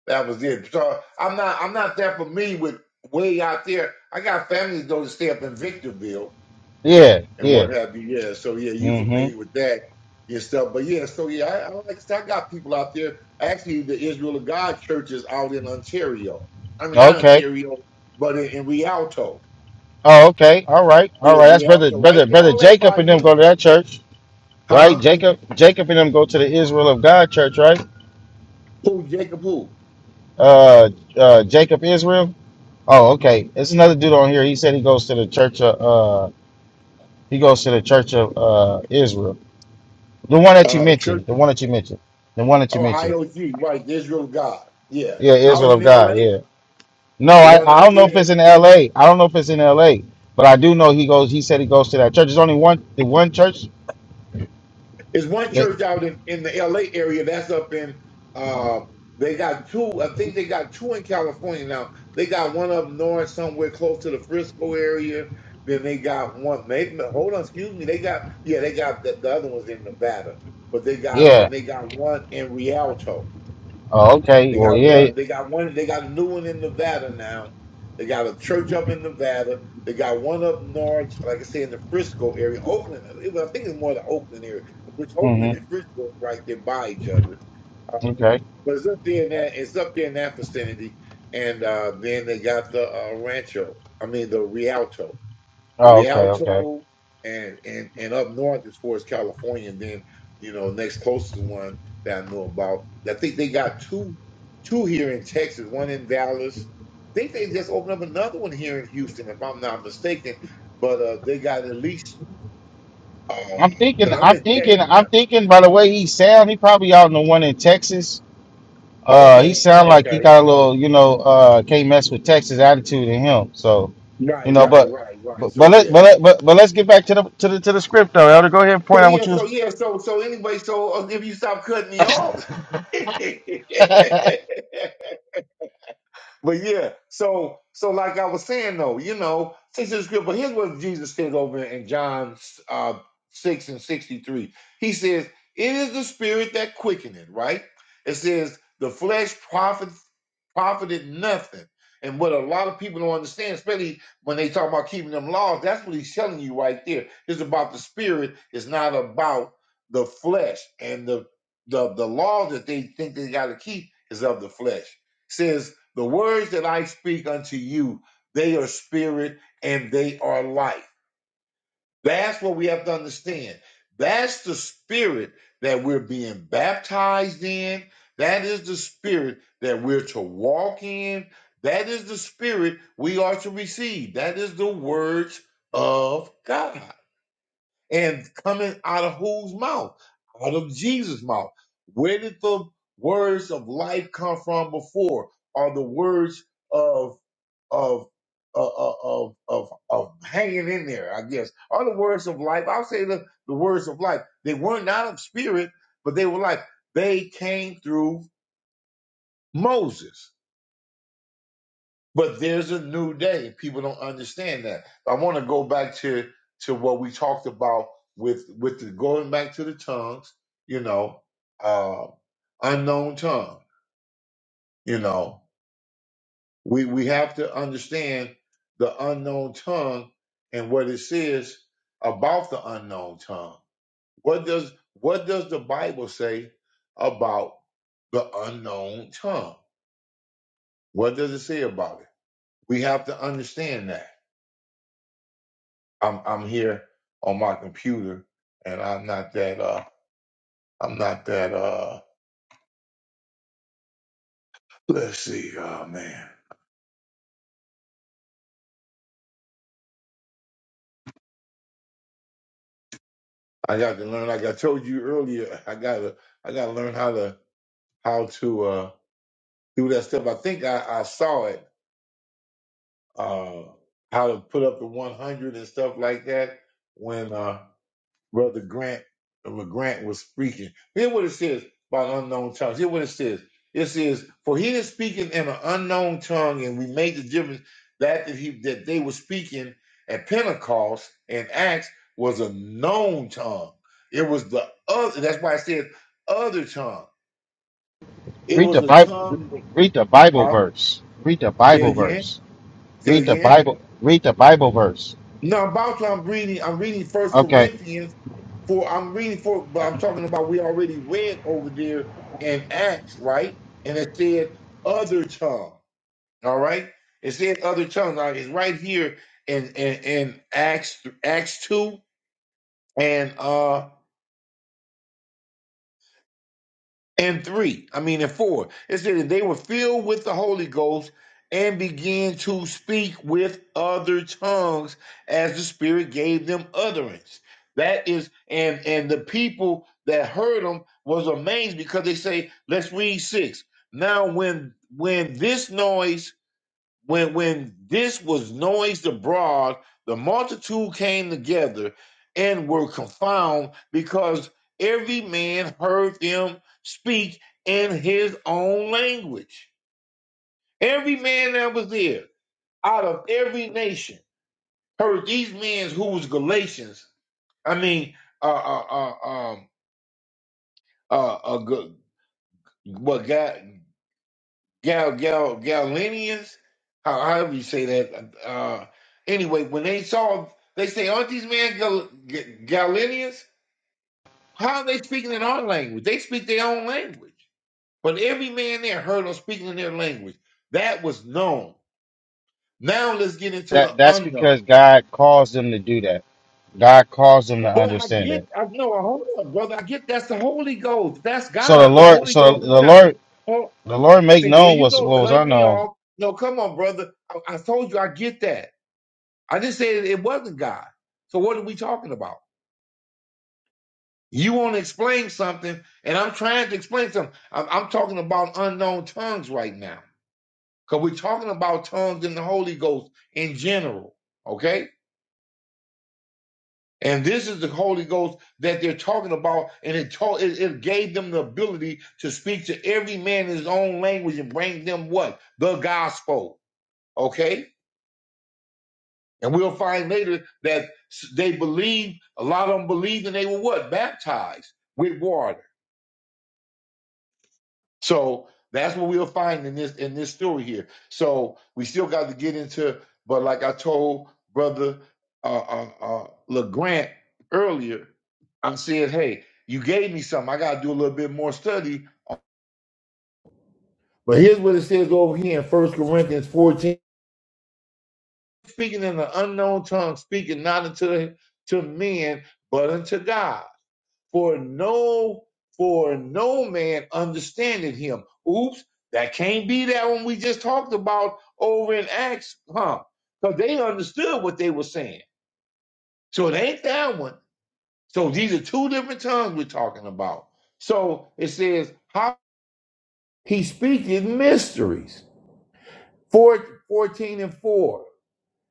[SPEAKER 5] That was it. So I'm not I'm not that familiar with way out there. I got families though that stay up in Victorville.
[SPEAKER 4] Yeah,
[SPEAKER 5] and
[SPEAKER 4] yeah.
[SPEAKER 5] what have you. Yeah. So yeah, you familiar
[SPEAKER 4] Mm-hmm.
[SPEAKER 5] with that and stuff. But yeah, so yeah, I, I like I got people out there. Actually, the Israel of God church is out in Ontario. I mean, not
[SPEAKER 4] Okay.
[SPEAKER 5] Ontario, but in, in Rialto.
[SPEAKER 4] Oh, okay. All right. All
[SPEAKER 5] Yeah,
[SPEAKER 4] right. That's brother,
[SPEAKER 5] Rialto, right
[SPEAKER 4] brother,
[SPEAKER 5] there,
[SPEAKER 4] brother
[SPEAKER 5] all that
[SPEAKER 4] Jacob
[SPEAKER 5] by
[SPEAKER 4] and them
[SPEAKER 5] you,
[SPEAKER 4] go to that church, right?
[SPEAKER 5] huh?
[SPEAKER 4] Jacob, Jacob and them go to the Israel of God church, right?
[SPEAKER 5] Who Jacob? Who?
[SPEAKER 4] Uh, uh, Jacob Israel. Oh, okay. It's another dude on here. He said he goes to the church of uh he goes to the church of uh Israel. The one that you
[SPEAKER 5] Uh,
[SPEAKER 4] mentioned. The
[SPEAKER 5] churches?
[SPEAKER 4] one that you mentioned. The one that you
[SPEAKER 5] Oh,
[SPEAKER 4] mentioned.
[SPEAKER 5] IOG, right? The Israel of God. Yeah,
[SPEAKER 4] Yeah,
[SPEAKER 5] out
[SPEAKER 4] Israel of
[SPEAKER 5] in
[SPEAKER 4] God,
[SPEAKER 5] L.A.
[SPEAKER 4] yeah. No,
[SPEAKER 5] The
[SPEAKER 4] I,
[SPEAKER 5] one
[SPEAKER 4] I
[SPEAKER 5] out
[SPEAKER 4] don't know if
[SPEAKER 5] there.
[SPEAKER 4] it's in LA. I don't know if it's in LA, but I do know he goes he said he goes to that church. There's only one the one church
[SPEAKER 5] There's one
[SPEAKER 4] that,
[SPEAKER 5] church out in, in the LA area that's up in uh they got two I think they got two in California now. They got one up north somewhere close to the Frisco area. Then they got one maybe hold on, excuse me, they got yeah, they got the, the other one's in Nevada. But they got
[SPEAKER 4] yeah.
[SPEAKER 5] then they got one in Rialto.
[SPEAKER 4] Oh, okay.
[SPEAKER 5] They
[SPEAKER 4] Well
[SPEAKER 5] got
[SPEAKER 4] yeah.
[SPEAKER 5] one. They got one. They got a new one in Nevada now. They got a church up in Nevada. They got one up north, like I say, in the Frisco area, Oakland. It was, I think it's more the Oakland area, which Oakland and
[SPEAKER 4] Mm-hmm.
[SPEAKER 5] Frisco is right there by each other. Uh,
[SPEAKER 4] Okay.
[SPEAKER 5] but it's up there in that. It's up there in that vicinity. And uh, then they got the uh, Rancho. I mean the Rialto.
[SPEAKER 4] Oh, okay, okay.
[SPEAKER 5] Rialto and and and up north as far as California, and then you know next closest one that I know about. I think they got two two here in Texas, one in Dallas. I think they just opened up another one here in Houston, if I'm not mistaken. But uh, they got at least
[SPEAKER 4] I'm thinking
[SPEAKER 5] because I'm
[SPEAKER 4] I'm
[SPEAKER 5] in
[SPEAKER 4] thinking
[SPEAKER 5] Texas now.
[SPEAKER 4] I'm thinking by the way he sound, he probably out in the one in Texas Uh, he
[SPEAKER 5] Okay,
[SPEAKER 4] sound like he
[SPEAKER 5] okay,
[SPEAKER 4] got a little, you know, uh, can't mess with Texas attitude in him. So, you
[SPEAKER 5] right,
[SPEAKER 4] know,
[SPEAKER 5] right,
[SPEAKER 4] but
[SPEAKER 5] right, right.
[SPEAKER 4] but
[SPEAKER 5] So
[SPEAKER 4] but let
[SPEAKER 5] yeah,
[SPEAKER 4] but let, but, but let's get back to the to the to the script though. Elder, go ahead and point
[SPEAKER 5] so
[SPEAKER 4] out what
[SPEAKER 5] yeah,
[SPEAKER 4] you was.
[SPEAKER 5] so yeah, so so anyway, so uh, if you stop cutting me off. But yeah, so so like I was saying though, you know, since it's good, but here's what Jesus says over in John uh, six and sixty three. He says, "It is the spirit that quickeneth." Right? It says the flesh profit profited nothing. And what a lot of people don't understand, especially when they talk about keeping them laws, that's what he's telling you right there. It's about the spirit. It's not about the flesh and the the the laws that they think they got to keep is of the flesh says the words that I speak unto you, they are spirit and they are life. That's what we have to understand. That's the spirit that we're being baptized in. That is the spirit that we're to walk in. That is the spirit we are to receive. That is the words of God. And coming out of whose mouth? Out of Jesus' mouth. Where did the words of life come from before? Are the words of of uh, uh, of of of hanging in there, I guess. Are the words of life? I'll say the, the words of life. They were not of spirit, but they were life. They came through Moses. But there's a new day. People don't understand that. I want to go back to to what we talked about with with the going back to the tongues. You know, uh, unknown tongue. You know, We we have to understand the unknown tongue and what it says about the unknown tongue. What does what does the Bible say about the unknown tongue? What does it say about it? We have to understand that. I'm I'm here on my computer and I'm not that uh I'm not that uh let's see, oh man. I got to learn like I told you earlier, I gotta I gotta learn how to how to uh through that stuff. I think I, I saw it, uh, how to put up the 100 and stuff like that when uh, Brother Grant Grant was speaking. Hear what it says about unknown tongues. Hear what it says. It says, "For he is speaking in an unknown tongue, and we made the difference that that he that they were speaking at Pentecost and Acts was a known tongue. It was the other. That's why it says other tongue. It
[SPEAKER 4] read
[SPEAKER 5] was
[SPEAKER 4] the
[SPEAKER 5] a
[SPEAKER 4] Bible.
[SPEAKER 5] tongue.
[SPEAKER 4] Read the Bible
[SPEAKER 5] Huh?
[SPEAKER 4] verse. Read the
[SPEAKER 5] Say it
[SPEAKER 4] Bible
[SPEAKER 5] again.
[SPEAKER 4] verse.
[SPEAKER 5] Say
[SPEAKER 4] Read
[SPEAKER 5] it
[SPEAKER 4] the
[SPEAKER 5] again.
[SPEAKER 4] Bible. Read the Bible verse.
[SPEAKER 5] No, I'm about to. I'm reading. I'm reading First
[SPEAKER 4] Okay,
[SPEAKER 5] Corinthians for. I'm reading for, but I'm talking about we already read over there in Acts, right? And it said other tongue. All right, it said other tongue. Now it's right here in in, in Acts Acts two and uh and three, I mean, and four, it said that they were filled with the Holy Ghost and began to speak with other tongues as the Spirit gave them utterance. That is, and and the people that heard them was amazed because they say, let's read six. Now, when when this noise when when this was noised abroad, the multitude came together and were confounded because every man heard them speak in his own language. Every man that was there, out of every nation, heard these men who was Galatians. I mean, uh, uh, uh, um, uh, uh, Ga- what God? Gal Gal Galenians, how however you say that. Uh, anyway, when they saw, they say, "Aren't these men Gal- G- Galenians?" How are they speaking in our language? They speak their own language. But every man there heard them speaking in their language. That was known. Now let's get into
[SPEAKER 4] that
[SPEAKER 5] the
[SPEAKER 4] that's
[SPEAKER 5] unknown.
[SPEAKER 4] because God caused them to do that. God caused them to
[SPEAKER 5] But I
[SPEAKER 4] understand
[SPEAKER 5] get,
[SPEAKER 4] it.
[SPEAKER 5] I know, hold on, brother. I get that's the Holy Ghost. That's
[SPEAKER 4] So the
[SPEAKER 5] God. The
[SPEAKER 4] Lord,
[SPEAKER 5] Holy
[SPEAKER 4] so
[SPEAKER 5] Ghost is
[SPEAKER 4] the
[SPEAKER 5] God.
[SPEAKER 4] Lord,
[SPEAKER 5] Oh,
[SPEAKER 4] the Lord make
[SPEAKER 5] see, there
[SPEAKER 4] known
[SPEAKER 5] you
[SPEAKER 4] what's
[SPEAKER 5] go,
[SPEAKER 4] what was
[SPEAKER 5] cutting me
[SPEAKER 4] unknown.
[SPEAKER 5] off. No, come on, brother. I, I told you I get that. I just said it wasn't God. So what are we talking about? You want to explain something, and I'm trying to explain something. I'm, I'm talking about unknown tongues right now because we're talking about tongues in the Holy Ghost in general, okay? And this is the Holy Ghost that they're talking about, and it, taught, it, it gave them the ability to speak to every man in his own language and bring them what? The gospel, okay? And we'll find later that they believed, a lot of them believed, and they were what? Baptized with water. So that's what we'll find in this in this story here. So we still got to get into, but like I told brother uh uh, uh LeGrant earlier, I said, hey, you gave me something. I gotta do a little bit more study. But here's what it says over here in First Corinthians 14. Speaking in an unknown tongue, speaking not unto to men, but unto God. for no for no man understanding him. Oops, that can't be that one we just talked about over in Acts, huh? Because they understood what they were saying. So it ain't that one. So these are two different tongues we're talking about. So it says how he speaketh mysteries. Four, 14 and 4.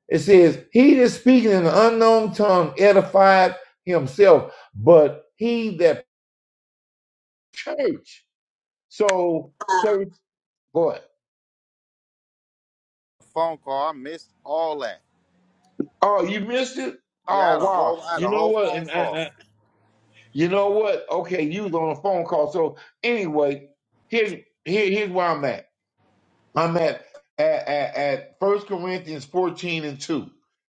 [SPEAKER 5] It says, He that speaketh in an unknown tongue edifieth himself, but he that church. So What?
[SPEAKER 4] Phone call, I missed all that.
[SPEAKER 5] Oh, you missed it?
[SPEAKER 4] Yeah, I
[SPEAKER 5] Oh
[SPEAKER 4] had a
[SPEAKER 5] wow.
[SPEAKER 4] whole, I had
[SPEAKER 5] You
[SPEAKER 4] a
[SPEAKER 5] know
[SPEAKER 4] whole
[SPEAKER 5] what?
[SPEAKER 4] phone
[SPEAKER 5] And, and,
[SPEAKER 4] call.
[SPEAKER 5] and- you know what? Okay, you was on a phone call. So anyway, here's here, here's where I'm at. I'm at at, at, at 1 Corinthians 14 and 2.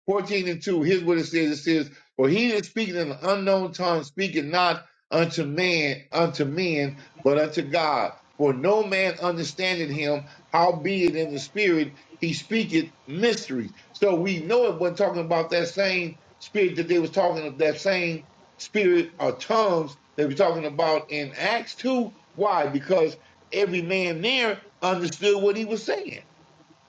[SPEAKER 5] 14 and 2, here's what it says. It says, For he that speaketh in an unknown tongue speaketh not unto man, unto men, but unto God. For no man understandeth him, howbeit in the spirit he speaketh mysteries. So we know it wasn't talking about that same spirit that they was talking of, that same spirit or tongues they were talking about in Acts 2. Why? Because every man there understood what he was saying.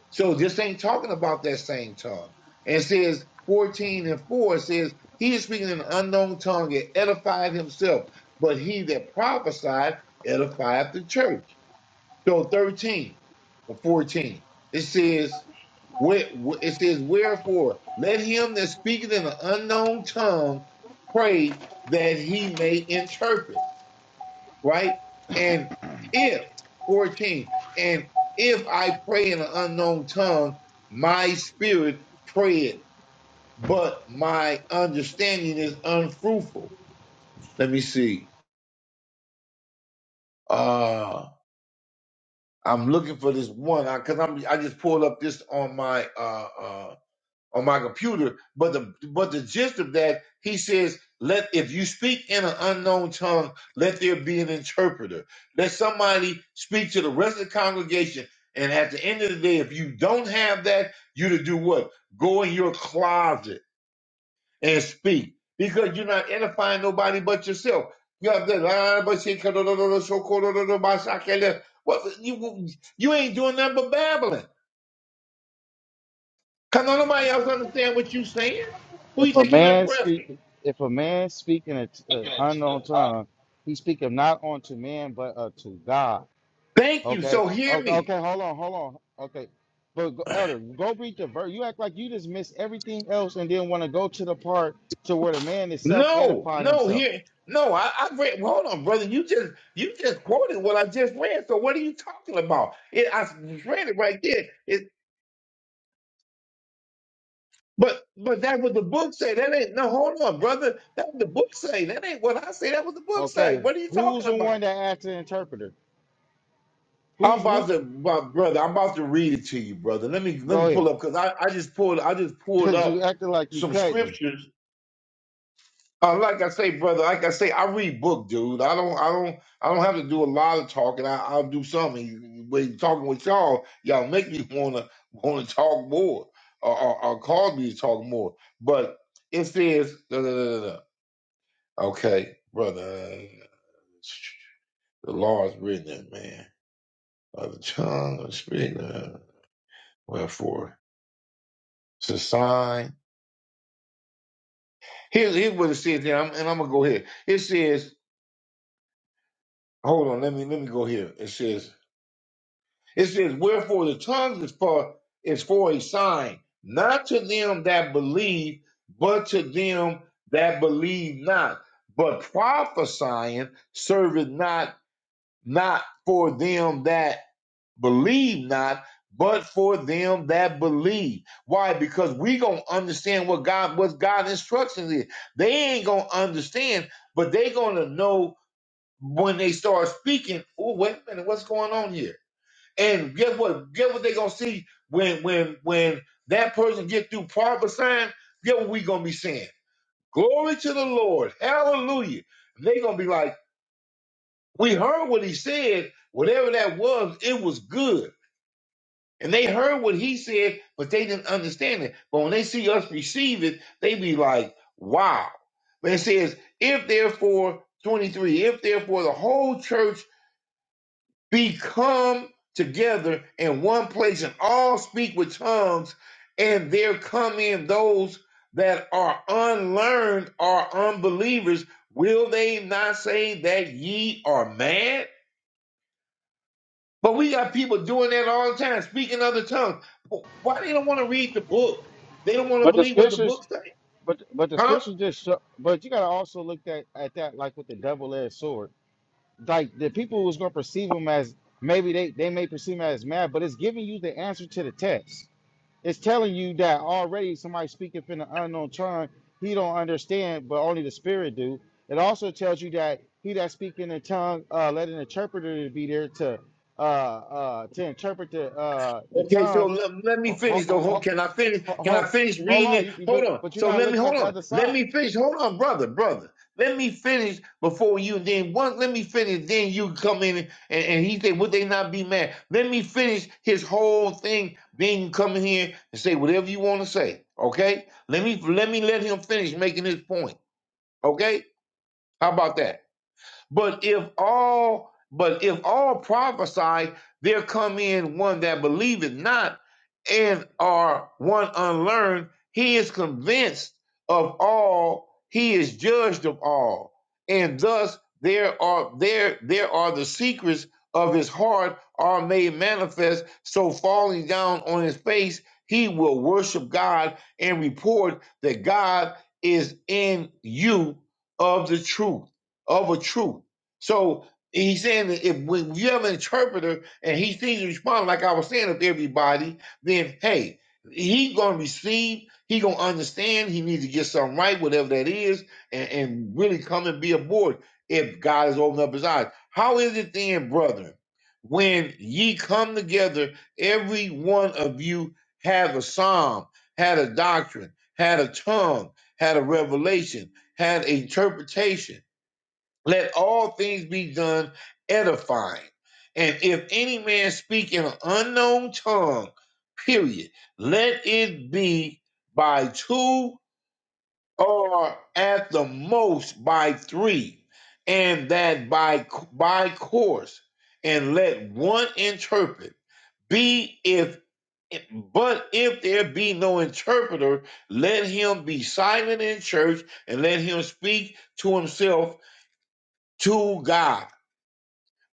[SPEAKER 5] So this ain't talking about that same tongue. And it says 14 and 4 it says, He is speaking in an unknown tongue and edified himself, but he that prophesied edified the church. So 13 or 14, it says, where, it says, Wherefore, let him that speaketh in an unknown tongue pray that he may interpret right? And if, 14, and if I pray in an unknown tongue, my spirit prayeth, but my understanding is unfruitful. Let me see. Uh, I'm looking for this one because I'm I just pulled up this on my uh, uh on my computer. But the but the gist of that, he says, let if you speak in an unknown tongue, let there be an interpreter. Let somebody speak to the rest of the congregation. And at the end of the day, if you don't have that, you to do what? Go in your closet and speak. Because you're not edifying nobody but yourself. You have that, "Ah, but she- What you you ain't doing nothing but babbling. Cause don't nobody else understand what you saying. Who you
[SPEAKER 4] If a
[SPEAKER 5] think you
[SPEAKER 4] man speak,
[SPEAKER 5] impressing?
[SPEAKER 4] if a man speak in an unknown tongue, he speaketh not unto man but unto God.
[SPEAKER 5] Thank you.
[SPEAKER 4] Okay.
[SPEAKER 5] So hear
[SPEAKER 4] Okay.
[SPEAKER 5] me.
[SPEAKER 4] Okay. Hold on. Hold on. Okay. But go- elder, go read the verse. You act like you just missed everything else and then want to go to the part to where the man is self
[SPEAKER 5] No,
[SPEAKER 4] edifying
[SPEAKER 5] no,
[SPEAKER 4] himself.
[SPEAKER 5] here, no. I, I read. Well, hold on, brother. You just you just quoted what I just read. So what are you talking about? It, I read it right there. It, but but that's what the book say. That ain't no. Hold on, brother. That's what the book say. That ain't what I say. That what the book say.
[SPEAKER 4] Okay.
[SPEAKER 5] What are you
[SPEAKER 4] Who's
[SPEAKER 5] talking
[SPEAKER 4] the one
[SPEAKER 5] about?
[SPEAKER 4] that asked the interpreter?
[SPEAKER 5] I'm
[SPEAKER 4] Who's
[SPEAKER 5] about
[SPEAKER 4] who?
[SPEAKER 5] to, my brother. I'm about to read it to you, brother. Let me let me
[SPEAKER 4] Go ahead.
[SPEAKER 5] pull up because I I just pulled I just pulled
[SPEAKER 4] Cause you
[SPEAKER 5] up
[SPEAKER 4] acted like you
[SPEAKER 5] some
[SPEAKER 4] couldn't.
[SPEAKER 5] scriptures Uh, like I say, brother, like I say, I read book, dude. I don't, I don't, I don't have to do a lot of talking. I, I'll do something. When talking with y'all, y'all make me wanna wanna talk more, or, or, or cause me to talk more. But it says, da, da, da, da, da. okay, brother, the law is written in man of the tongue of the spirit. Uh, wherefore, it's a sign. Here's here's what it says, and I'm, and I'm gonna go here. It says, hold on, let me let me go here. It says. It says, Wherefore the tongue is for is for a sign, not to them that believe, but to them that believe not. But prophesying serveth not not for them that believe not, but for them that believe. Why? Because we gonna understand what God what God instructions is. They ain't gonna understand, but they gonna know when they start speaking. Oh, wait a minute, what's going on here? And get what? Get what they gonna see when when when that person get through proper sign. Get what we gonna be saying? Glory to the Lord, Hallelujah! And they gonna be like, we heard what he said. Whatever that was, it was good. And they heard what he said, but they didn't understand it. But when they see us receive it, they be like, wow. But it says, if therefore, 23, if therefore the whole church be come together in one place and all speak with tongues, and there come in those that are unlearned or unbelievers, will they not say that ye are mad? But we got people doing that all the time, speaking other tongues. Why they don't want to read the book? They don't want to
[SPEAKER 4] But the
[SPEAKER 5] believe what the
[SPEAKER 4] scriptures
[SPEAKER 5] book says,
[SPEAKER 4] But but the
[SPEAKER 5] huh?
[SPEAKER 4] scripture just show, but you gotta also look at, at that like with the double edged sword. Like the people who's gonna perceive him as maybe they, they may perceive him as mad, but it's giving you the answer to the text. It's telling you that already somebody speaking in an unknown tongue, he don't understand, but only the spirit do. It also tells you that he that speak in a tongue, uh, let an interpreter be there to uh, uh, to interpret the uh, the
[SPEAKER 5] Okay, so
[SPEAKER 4] tongue.
[SPEAKER 5] let, let me
[SPEAKER 4] Hold,
[SPEAKER 5] finish. though. Ho-
[SPEAKER 4] hold,
[SPEAKER 5] can I finish? Can I
[SPEAKER 4] hold,
[SPEAKER 5] finish
[SPEAKER 4] hold
[SPEAKER 5] reading
[SPEAKER 4] on,
[SPEAKER 5] it?
[SPEAKER 4] you,
[SPEAKER 5] Hold
[SPEAKER 4] but
[SPEAKER 5] on.
[SPEAKER 4] but you're
[SPEAKER 5] So
[SPEAKER 4] not
[SPEAKER 5] let me
[SPEAKER 4] looking at
[SPEAKER 5] hold
[SPEAKER 4] the
[SPEAKER 5] on.
[SPEAKER 4] other side.
[SPEAKER 5] Let me finish. Hold on, brother, brother. Let me finish before you. Then once let me finish, then you come in and, and he said, "Would they not be mad?" Let me finish his whole thing. Then you come in here and say whatever you want to say. Okay? Let me let me let him finish making his point. Okay? How about that? But if all but if all prophesy, there come in one that believeth not, and are one unlearned, he is convinced of all, he is judged of all. And thus there are there there are the secrets of his heart are made manifest, so falling down on his face, he will worship God and report that God is in you of the truth of a truth. So he's saying that if when you have an interpreter and he sees you respond like I was saying with everybody, then hey, he gonna receive, he gonna understand, he needs to get something right, whatever that is, and, and really come and be aboard if God has opened up his eyes. How is it then, brethren, when ye come together, every one of you have a psalm, had a doctrine, had a tongue, had a revelation, had an interpretation let all things be done edifying. And if any man speak in an unknown tongue, period, let it be by two or at the most by three, and that by by course, and let one interpret. Be if but if there be no interpreter, let him be silent in church, and let him speak to himself to God.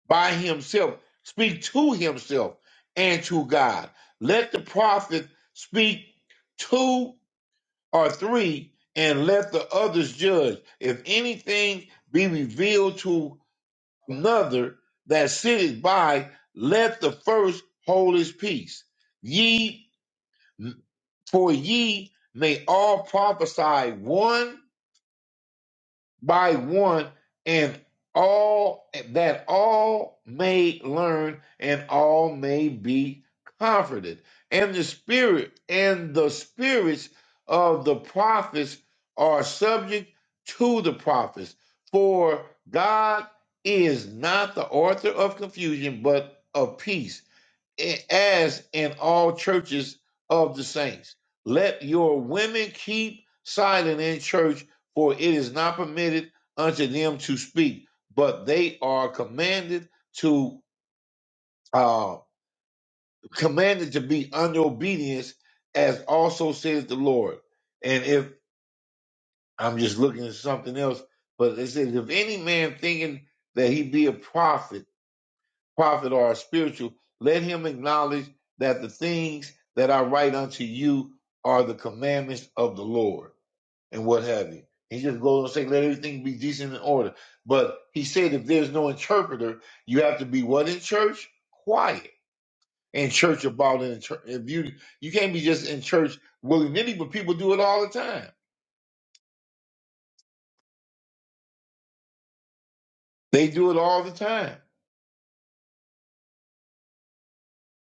[SPEAKER 5] by himself, speak to himself and to God. Let the prophet speak two or three, and let the others judge. If anything be revealed to another that sitteth by, let the first hold his peace. Ye, for ye may all prophesy one by one and all that all may learn and all may be comforted and the spirit and the spirits of the prophets are subject to the prophets for god is not the author of confusion but of peace as in all churches of the saints. Let your women keep silent in church, for it is not permitted unto them to speak, but they are commanded to uh, commanded to be under obedience, as also says the Lord. And if I'm just looking at something else, but it says, if any man thinking that he be a prophet prophet or a spiritual, let him acknowledge that the things that I write unto you are the commandments of the Lord and what have you. He just goes on saying let everything be decent and order. But he said, if there's no interpreter, you have to be what in church? Quiet. In church about in church. If you, you can't be just in church willy nilly, but people do it all the time. They do it all the time.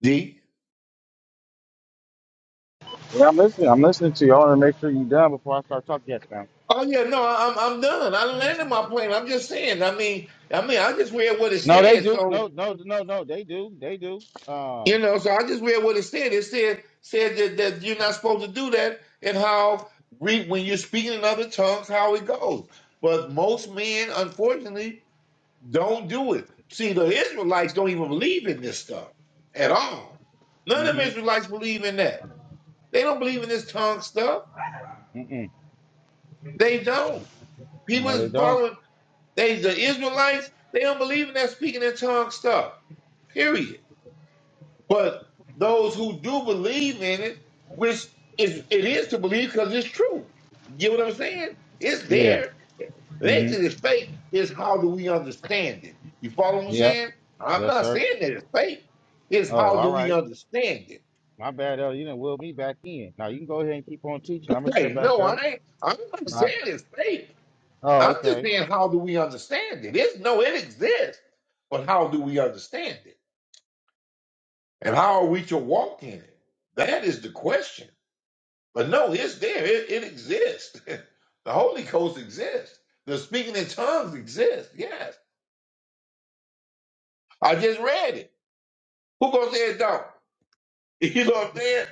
[SPEAKER 5] D.
[SPEAKER 4] Yeah, I'm listening. I'm listening to you. I want to make sure you're done before I start talking. Yes, ma'am.
[SPEAKER 5] Oh yeah, no, I- I'm I'm done. I landed my plane. I'm just saying. I mean, I mean, I just read what it
[SPEAKER 4] No, they
[SPEAKER 5] said.
[SPEAKER 4] do. No,
[SPEAKER 5] So
[SPEAKER 4] no, no, no. They do. They do. Um.
[SPEAKER 5] you know, so I just read what it said. It said said that, that you're not supposed to do that, and how re- when you're speaking in other tongues, how it goes. But most men, unfortunately, don't do it. See, the Israelites don't even believe in this stuff at all. None of them
[SPEAKER 4] Mhm.
[SPEAKER 5] Israelites believe in that. They don't believe in this tongue stuff.
[SPEAKER 4] Mm-mm.
[SPEAKER 5] They don't. He
[SPEAKER 4] No, they
[SPEAKER 5] was
[SPEAKER 4] don't.
[SPEAKER 5] following. They the Israelites, they don't believe in that speaking in tongues stuff. Period. But those who do believe in it, which is it is to believe because it's true. You get what I'm saying? It's
[SPEAKER 4] Yeah.
[SPEAKER 5] there. They
[SPEAKER 4] Mhm.
[SPEAKER 5] think it's fake. Is how do we understand it? You follow what I'm
[SPEAKER 4] Yeah.
[SPEAKER 5] saying? I'm
[SPEAKER 4] Yes,
[SPEAKER 5] not
[SPEAKER 4] sir.
[SPEAKER 5] saying that it's fake. It's
[SPEAKER 4] Oh,
[SPEAKER 5] how do
[SPEAKER 4] all
[SPEAKER 5] we
[SPEAKER 4] right.
[SPEAKER 5] understand it?
[SPEAKER 4] My bad, Ellie. You didn't will me back in. Now you can go ahead and keep on teaching. I'm gonna shut
[SPEAKER 5] Hey,
[SPEAKER 4] back
[SPEAKER 5] no, I
[SPEAKER 4] up.
[SPEAKER 5] ain't. I'm not saying
[SPEAKER 4] Not.
[SPEAKER 5] it's fake.
[SPEAKER 4] Oh,
[SPEAKER 5] I'm just
[SPEAKER 4] okay.
[SPEAKER 5] saying how do we understand it? It's no, it exists, but how do we understand it? And how are we to walk in it? That is the question. But no, it's there. It, it exists. the Holy Ghost exists. The speaking in tongues exists. Yes. I just read it. Who gonna say it don't? You know what I'm saying?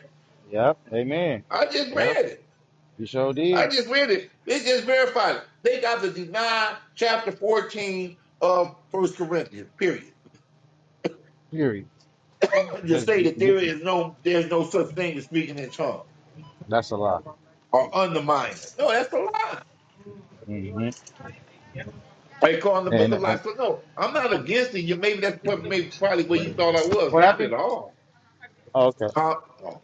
[SPEAKER 4] Yep. Amen.
[SPEAKER 5] I just
[SPEAKER 4] Yep.
[SPEAKER 5] read it.
[SPEAKER 4] You sure
[SPEAKER 5] I
[SPEAKER 4] did.
[SPEAKER 5] just read it. They just verified it. They got to deny chapter 14 of First Corinthians, period.
[SPEAKER 4] Period.
[SPEAKER 5] Just
[SPEAKER 4] Just,
[SPEAKER 5] say
[SPEAKER 4] y
[SPEAKER 5] that
[SPEAKER 4] y
[SPEAKER 5] there is no there's no such thing as speaking in tongues
[SPEAKER 4] that's a lie.
[SPEAKER 5] or undermining. it. No, that's a lie.
[SPEAKER 4] Mhm.
[SPEAKER 5] Like calling the book
[SPEAKER 4] And,
[SPEAKER 5] a lie.
[SPEAKER 4] and
[SPEAKER 5] So no, I'm not against it. You maybe that's what maybe probably where you thought I was.
[SPEAKER 4] what
[SPEAKER 5] Not at
[SPEAKER 4] happened?
[SPEAKER 5] all.
[SPEAKER 4] Oh, okay.
[SPEAKER 5] Huh? Oh,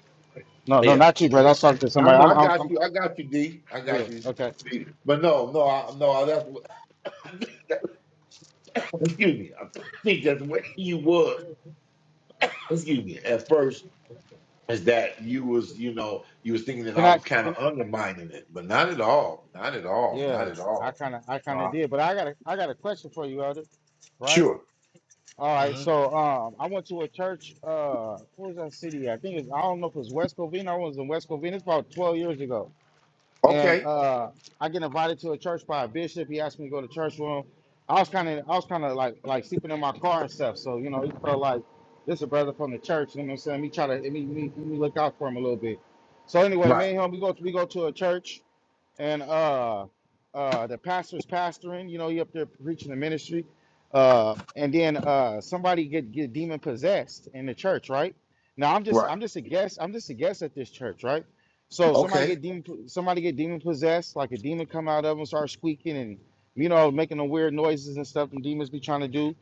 [SPEAKER 4] No, no,
[SPEAKER 5] yeah.
[SPEAKER 4] not you, brother. I was talking to
[SPEAKER 5] I
[SPEAKER 4] somebody.
[SPEAKER 5] know.
[SPEAKER 4] I'm.
[SPEAKER 5] I
[SPEAKER 4] I'm.
[SPEAKER 5] got
[SPEAKER 4] I'm
[SPEAKER 5] you. I got you, D. I
[SPEAKER 4] yeah.
[SPEAKER 5] got you,
[SPEAKER 4] Okay.
[SPEAKER 5] D. But no, no, I, no. I, that's what- excuse me. I think that's where you was. Excuse me. At first, is that you was you know you was thinking that
[SPEAKER 4] Can
[SPEAKER 5] I
[SPEAKER 4] I?
[SPEAKER 5] was kind
[SPEAKER 4] Can
[SPEAKER 5] of
[SPEAKER 4] I,
[SPEAKER 5] undermining it, but not at all. Not at all.
[SPEAKER 4] yeah?
[SPEAKER 5] Not at
[SPEAKER 4] I
[SPEAKER 5] all.
[SPEAKER 4] kind of, I kind of
[SPEAKER 5] Uh,
[SPEAKER 4] did, but I got a, I got a question for you, Elder. Right?
[SPEAKER 5] sure.
[SPEAKER 4] All right.
[SPEAKER 5] hmm
[SPEAKER 4] So, um, I went to a church. Uh, what was that city? I think it's, I don't know if it was West Covina. I was in West Covina. It's about twelve years ago, and
[SPEAKER 5] Okay.
[SPEAKER 4] uh, I get invited to a church by a bishop. He asked me to go to church with him. I was kind of, I was kind of like, like sleeping in my car and stuff. So, you know, he felt like this is a brother from the church. You know what I'm saying? Me try to, me, me, me look out for him a little bit. So anyway, me
[SPEAKER 5] Right.
[SPEAKER 4] and him, we go, we go to a church and uh uh the pastor's pastoring you know he up there preaching the ministry uh and then uh somebody get get demon possessed in the church right now i'm just
[SPEAKER 5] Right.
[SPEAKER 4] i'm just a guess i'm just a guess at this church right so somebody
[SPEAKER 5] Okay.
[SPEAKER 4] get demon somebody get demon possessed like a demon come out of them start squeaking and you know making the weird noises and stuff and demons be trying to do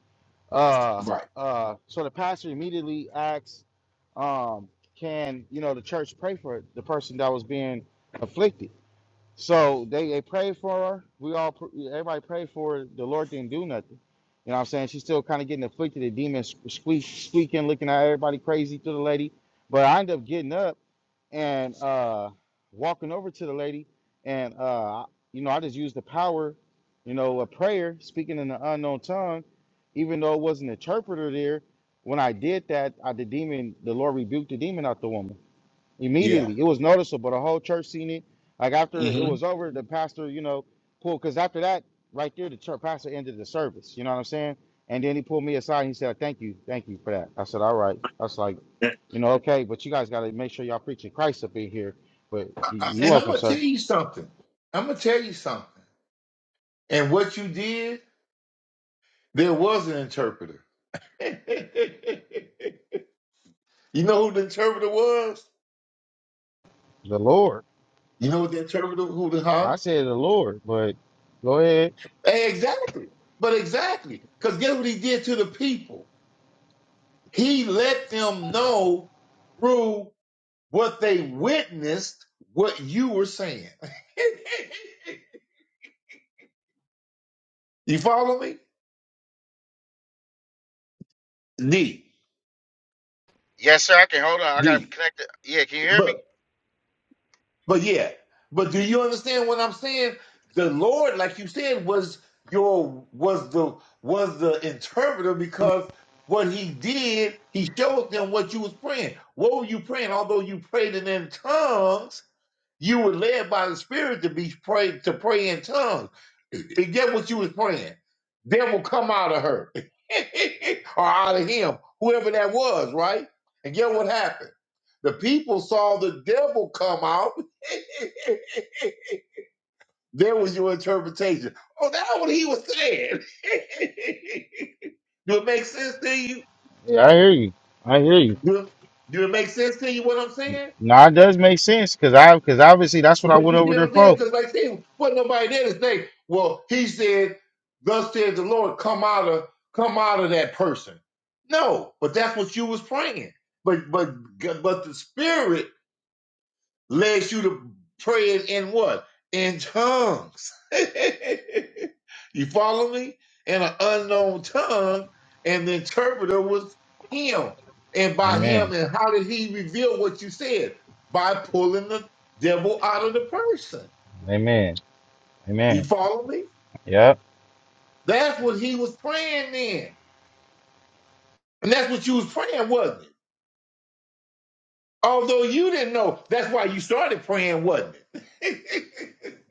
[SPEAKER 4] uh
[SPEAKER 5] Right.
[SPEAKER 4] uh so the pastor immediately asks um can you know the church pray for the person that was being afflicted so they, they prayed for her. We all pr- everybody prayed for her. The Lord didn't do nothing. You know what I'm saying? She's still kind of getting afflicted. The demon squeak, squeaking, looking at everybody crazy to the lady. But I ended up getting up and uh, walking over to the lady, and uh, you know I just used the power, you know, of prayer, speaking in an unknown tongue, even though it wasn't an interpreter there. When I did that, I, the demon, the Lord rebuked the demon out the woman
[SPEAKER 5] Yeah.
[SPEAKER 4] immediately. It was noticeable. The whole church seen it. Like after it
[SPEAKER 5] hmm
[SPEAKER 4] was over, the pastor, you know, pulled because after that, right there, the church pastor ended the service. You know what I'm saying? And then he pulled me aside and he said, "Thank you, thank you for that." I said, "All right." I was like, "You know, okay, but you guys got to make sure y'all preaching Christ up in here." But
[SPEAKER 5] I-
[SPEAKER 4] you are
[SPEAKER 5] and I'm
[SPEAKER 4] welcome,
[SPEAKER 5] gonna
[SPEAKER 4] sir.
[SPEAKER 5] tell you something. I'm gonna tell you something. And what you did, there was an interpreter. you know who the interpreter was?
[SPEAKER 4] The Lord.
[SPEAKER 5] You know what the interpreter who the huh?
[SPEAKER 4] I said the Lord, but go ahead.
[SPEAKER 5] Eh, Exactly. But exactly. Because guess what he did to the people? He let them know through what they witnessed what you were saying. you follow me? D.
[SPEAKER 4] Yes, sir. I can hold on. I got to
[SPEAKER 5] D.
[SPEAKER 4] connect it. Yeah, can you hear me?
[SPEAKER 5] But. But yeah, but do you understand what I'm saying? The Lord, like you said, was your was the was the interpreter because what he did, he showed them what you was praying. What were you praying? Although you prayed it in tongues, you were led by the Spirit to be pray to pray in tongues. And get what you was praying. Devil come out of her or out of him, whoever that was, right? And get what happened. The people saw the devil come out. there was your interpretation. Oh, that's what he was saying. Do it make sense to you?
[SPEAKER 4] Yeah, I hear you. I hear you.
[SPEAKER 5] Do it, do it make sense to you what I'm saying?
[SPEAKER 4] Now it does make sense because I because obviously that's what I
[SPEAKER 5] But you
[SPEAKER 4] went
[SPEAKER 5] see
[SPEAKER 4] over
[SPEAKER 5] what
[SPEAKER 4] there
[SPEAKER 5] I'm saying?
[SPEAKER 4] for.
[SPEAKER 5] Because like I said, wasn't nobody there to say, well, he said, thus says the Lord, come out of come out of that person. No, but that's what you was praying. But but but the spirit leads you to praying in what? In tongues. you follow me? In an unknown tongue, and the interpreter was him. And by
[SPEAKER 4] Amen.
[SPEAKER 5] him, and how did he reveal what you said? By pulling the devil out of the person.
[SPEAKER 4] Amen.
[SPEAKER 5] You
[SPEAKER 4] Amen.
[SPEAKER 5] follow me?
[SPEAKER 4] Yep.
[SPEAKER 5] That's what he was praying then. And that's what you was praying, wasn't it? Although you didn't know, that's why you started praying, wasn't it?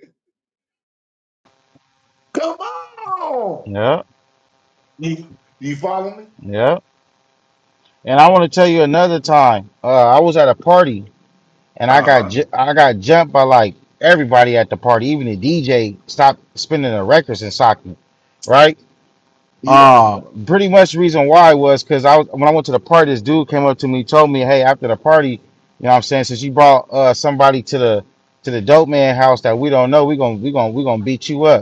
[SPEAKER 5] Come on.
[SPEAKER 4] Yep.
[SPEAKER 5] You, you follow me?
[SPEAKER 4] Yep. And I want to tell you another time. Uh, I was at a party and I
[SPEAKER 5] Uh
[SPEAKER 4] got
[SPEAKER 5] huh.
[SPEAKER 4] ju- I got jumped by like everybody at the party. Even the DJ stopped spinning the records and socked me. Right.
[SPEAKER 5] Yeah.
[SPEAKER 4] Um. Pretty much the reason why was because I was when I went to the party, this dude came up to me, told me, "Hey, after the party, you know what I'm saying, since you brought uh somebody to the to the dope man house that we don't know, we gonna we gonna we gonna beat you up."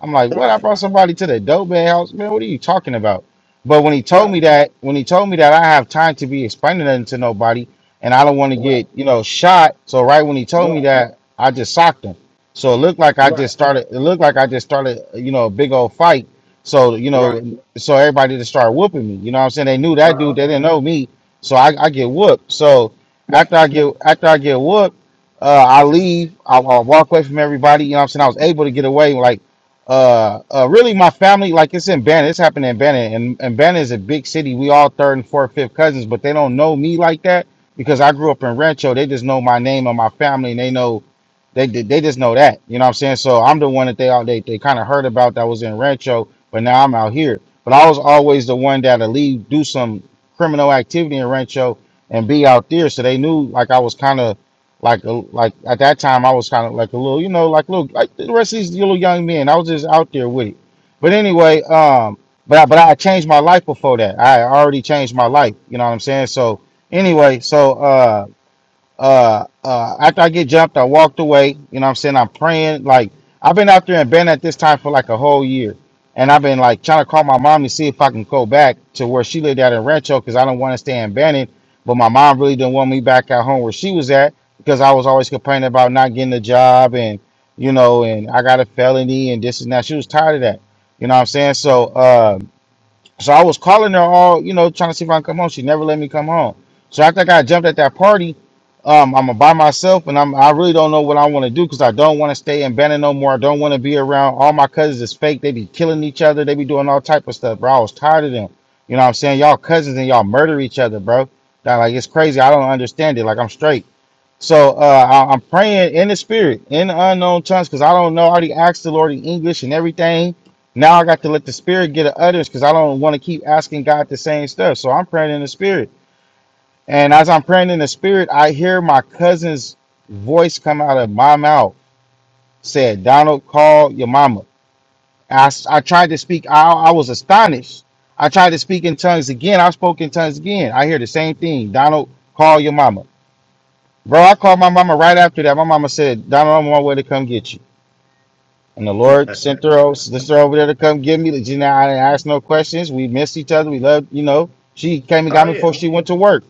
[SPEAKER 4] I'm like, what? I
[SPEAKER 5] Right.
[SPEAKER 4] brought somebody to the dope bag house, man. What are you talking about? But when he told
[SPEAKER 5] Right.
[SPEAKER 4] me that, when he told me that I have time to be explaining nothing to nobody, and I don't want to
[SPEAKER 5] Right.
[SPEAKER 4] get you know shot, so right when he told me
[SPEAKER 5] Right.
[SPEAKER 4] that, I just socked him. So it looked like I
[SPEAKER 5] Right.
[SPEAKER 4] just started. It looked like I just started, you know, a big old fight. So you
[SPEAKER 5] Right.
[SPEAKER 4] know, so everybody just started whooping me. You know what I'm saying? They knew that
[SPEAKER 5] Uh
[SPEAKER 4] dude.
[SPEAKER 5] huh.
[SPEAKER 4] They didn't know me, so I, I get whooped. So
[SPEAKER 5] Right.
[SPEAKER 4] after I get after I get whooped, uh, I leave. I, I walk away from everybody. You know what I'm saying? I was able to get away like uh, uh, really my family, like it's in Banner. It's happening in Banner, and and Banner is a big city. We all third and fourth, fifth cousins, but they don't know me like that because I grew up in Rancho. They just know my name and my family, and they know they they they just know that. You know what I'm saying? So I'm the one that they all they, they kind of heard about that was in Rancho, but now I'm out here. But I was always the one that'll leave, do some criminal activity in Rancho, and be out there. So they knew like I was kind of like a, like at that time, I was kind of like a little, you know, like little like the rest of these little young men. I was just out there with it. But anyway, um, but I, but I changed my life before that. I already changed my life. You know what I'm saying? So anyway, so uh uh, uh, after I get jumped, I walked away. You know what I'm saying? I'm praying. Like, I've been out there and been at this time for like a whole year. And I've been like trying to call my mom to see if I can go back to where she lived out in Rancho because I don't want to stay in Bannon. But my mom really didn't want me back at home where she was at because I was always complaining about not getting a job and, you know, and I got a felony and this and that. She was tired of that. You know what I'm saying? So, uh, so I was calling her all, you know, trying to see if I can come home. She never let me come home. So after I got jumped at that party, um, I'm by myself and I'm I really don't know what I want to do because I don't want to stay in Bannon no more. I don't want to be around all my cousins is fake. They be killing each other, they be doing all type of stuff, bro. I was tired of them. You know what I'm saying? Y'all cousins and y'all murder each other, bro. That like it's crazy. I don't understand it. Like I'm straight. So uh, I, I'm praying in the spirit, in the unknown tongues, because I don't know. I already asked the Lord in English and everything. Now I got to let the spirit get an utterance because I don't want to keep asking God the same stuff. So I'm praying in the spirit. And as I'm praying in the spirit, I hear my cousin's voice come out of my mouth. Said, Donald, call your mama. I, s- I tried to speak. I, I was astonished. I tried to speak in tongues again. I spoke in tongues again. I hear the same thing. Donald, call your mama. Bro, I called my mama right after that. My mama said, Donald, I'm on my way to come get you. And the Lord sent her, o- sent her over there to come get me. Like, You know, I didn't ask no questions. We missed each other. We loved, you know. She came and got
[SPEAKER 5] Oh
[SPEAKER 4] me
[SPEAKER 5] yeah.
[SPEAKER 4] before she went to work.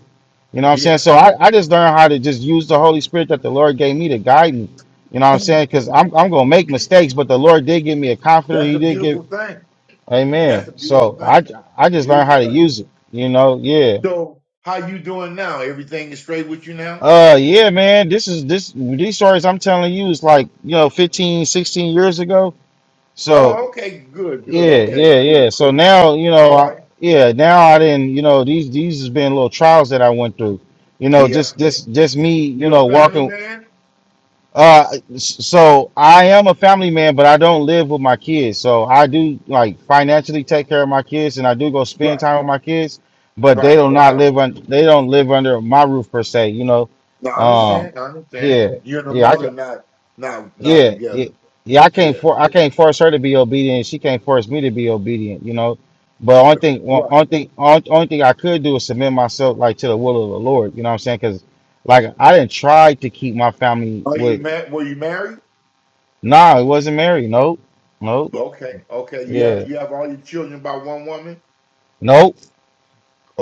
[SPEAKER 4] You know what I'm saying?
[SPEAKER 5] Yeah.
[SPEAKER 4] So I, I just learned how to just use the Holy Spirit that the Lord gave me to guide me. You know what I'm saying? Because I'm, I'm going to make mistakes, but the Lord did give me a comforter.
[SPEAKER 5] That's
[SPEAKER 4] He
[SPEAKER 5] the
[SPEAKER 4] did give,
[SPEAKER 5] beautiful thing. That's
[SPEAKER 4] amen.
[SPEAKER 5] a beautiful
[SPEAKER 4] So I,
[SPEAKER 5] thing.
[SPEAKER 4] I just learned
[SPEAKER 5] Beautiful
[SPEAKER 4] how to
[SPEAKER 5] thing.
[SPEAKER 4] use it, you know? Yeah.
[SPEAKER 5] So how you doing now? Everything is straight with you now?
[SPEAKER 4] Uh yeah, man. This is this these stories I'm telling you is like, you know, 15 16 years ago. So,
[SPEAKER 5] Oh, okay. Good. Good.
[SPEAKER 4] yeah,
[SPEAKER 5] Okay.
[SPEAKER 4] yeah,
[SPEAKER 5] Cool.
[SPEAKER 4] yeah. So
[SPEAKER 5] Cool.
[SPEAKER 4] now, you know,
[SPEAKER 5] All
[SPEAKER 4] I,
[SPEAKER 5] right.
[SPEAKER 4] yeah, now I didn't, you know, these these has been little trials that I went through. You know,
[SPEAKER 5] Yeah.
[SPEAKER 4] just just just me, you
[SPEAKER 5] you a
[SPEAKER 4] know,
[SPEAKER 5] family
[SPEAKER 4] walking
[SPEAKER 5] man.
[SPEAKER 4] uh, so I am a family man, but I don't live with my kids. So I do like financially take care of my kids, and I do go spend
[SPEAKER 5] Right.
[SPEAKER 4] time with my kids. But they
[SPEAKER 5] Right.
[SPEAKER 4] do not
[SPEAKER 5] Okay.
[SPEAKER 4] live on. They don't live under my roof per se. You know.
[SPEAKER 5] Now I
[SPEAKER 4] Um.
[SPEAKER 5] understand. I understand.
[SPEAKER 4] Yeah.
[SPEAKER 5] You and the
[SPEAKER 4] Yeah. I
[SPEAKER 5] mother
[SPEAKER 4] can.
[SPEAKER 5] not not not
[SPEAKER 4] Yeah. Yeah.
[SPEAKER 5] together.
[SPEAKER 4] Yeah, I can't
[SPEAKER 5] Yeah.
[SPEAKER 4] for I can't force her to be obedient. She can't force me to be obedient, you know. But only thing, one-
[SPEAKER 5] Right.
[SPEAKER 4] only thing, only only thing I could do is submit myself like to the will of the Lord. You know what I'm saying? Because like I didn't try to keep my family
[SPEAKER 5] Are you
[SPEAKER 4] with
[SPEAKER 5] married? Were you married?
[SPEAKER 4] Nah, it wasn't married. Nope. Nope.
[SPEAKER 5] Okay, okay. You
[SPEAKER 4] Yeah.
[SPEAKER 5] have you have all your children by one woman?
[SPEAKER 4] Nope.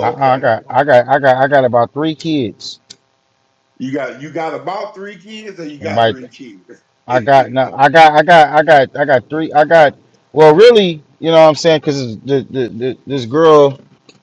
[SPEAKER 4] Uh-uh, I got I got I got I got about three kids.
[SPEAKER 5] You got you got about three kids or you got
[SPEAKER 4] By
[SPEAKER 5] three kids?
[SPEAKER 4] I got no, I got, I got, I got, I got three. I got, well, really, you know what I'm saying? Because the, the, the, this girl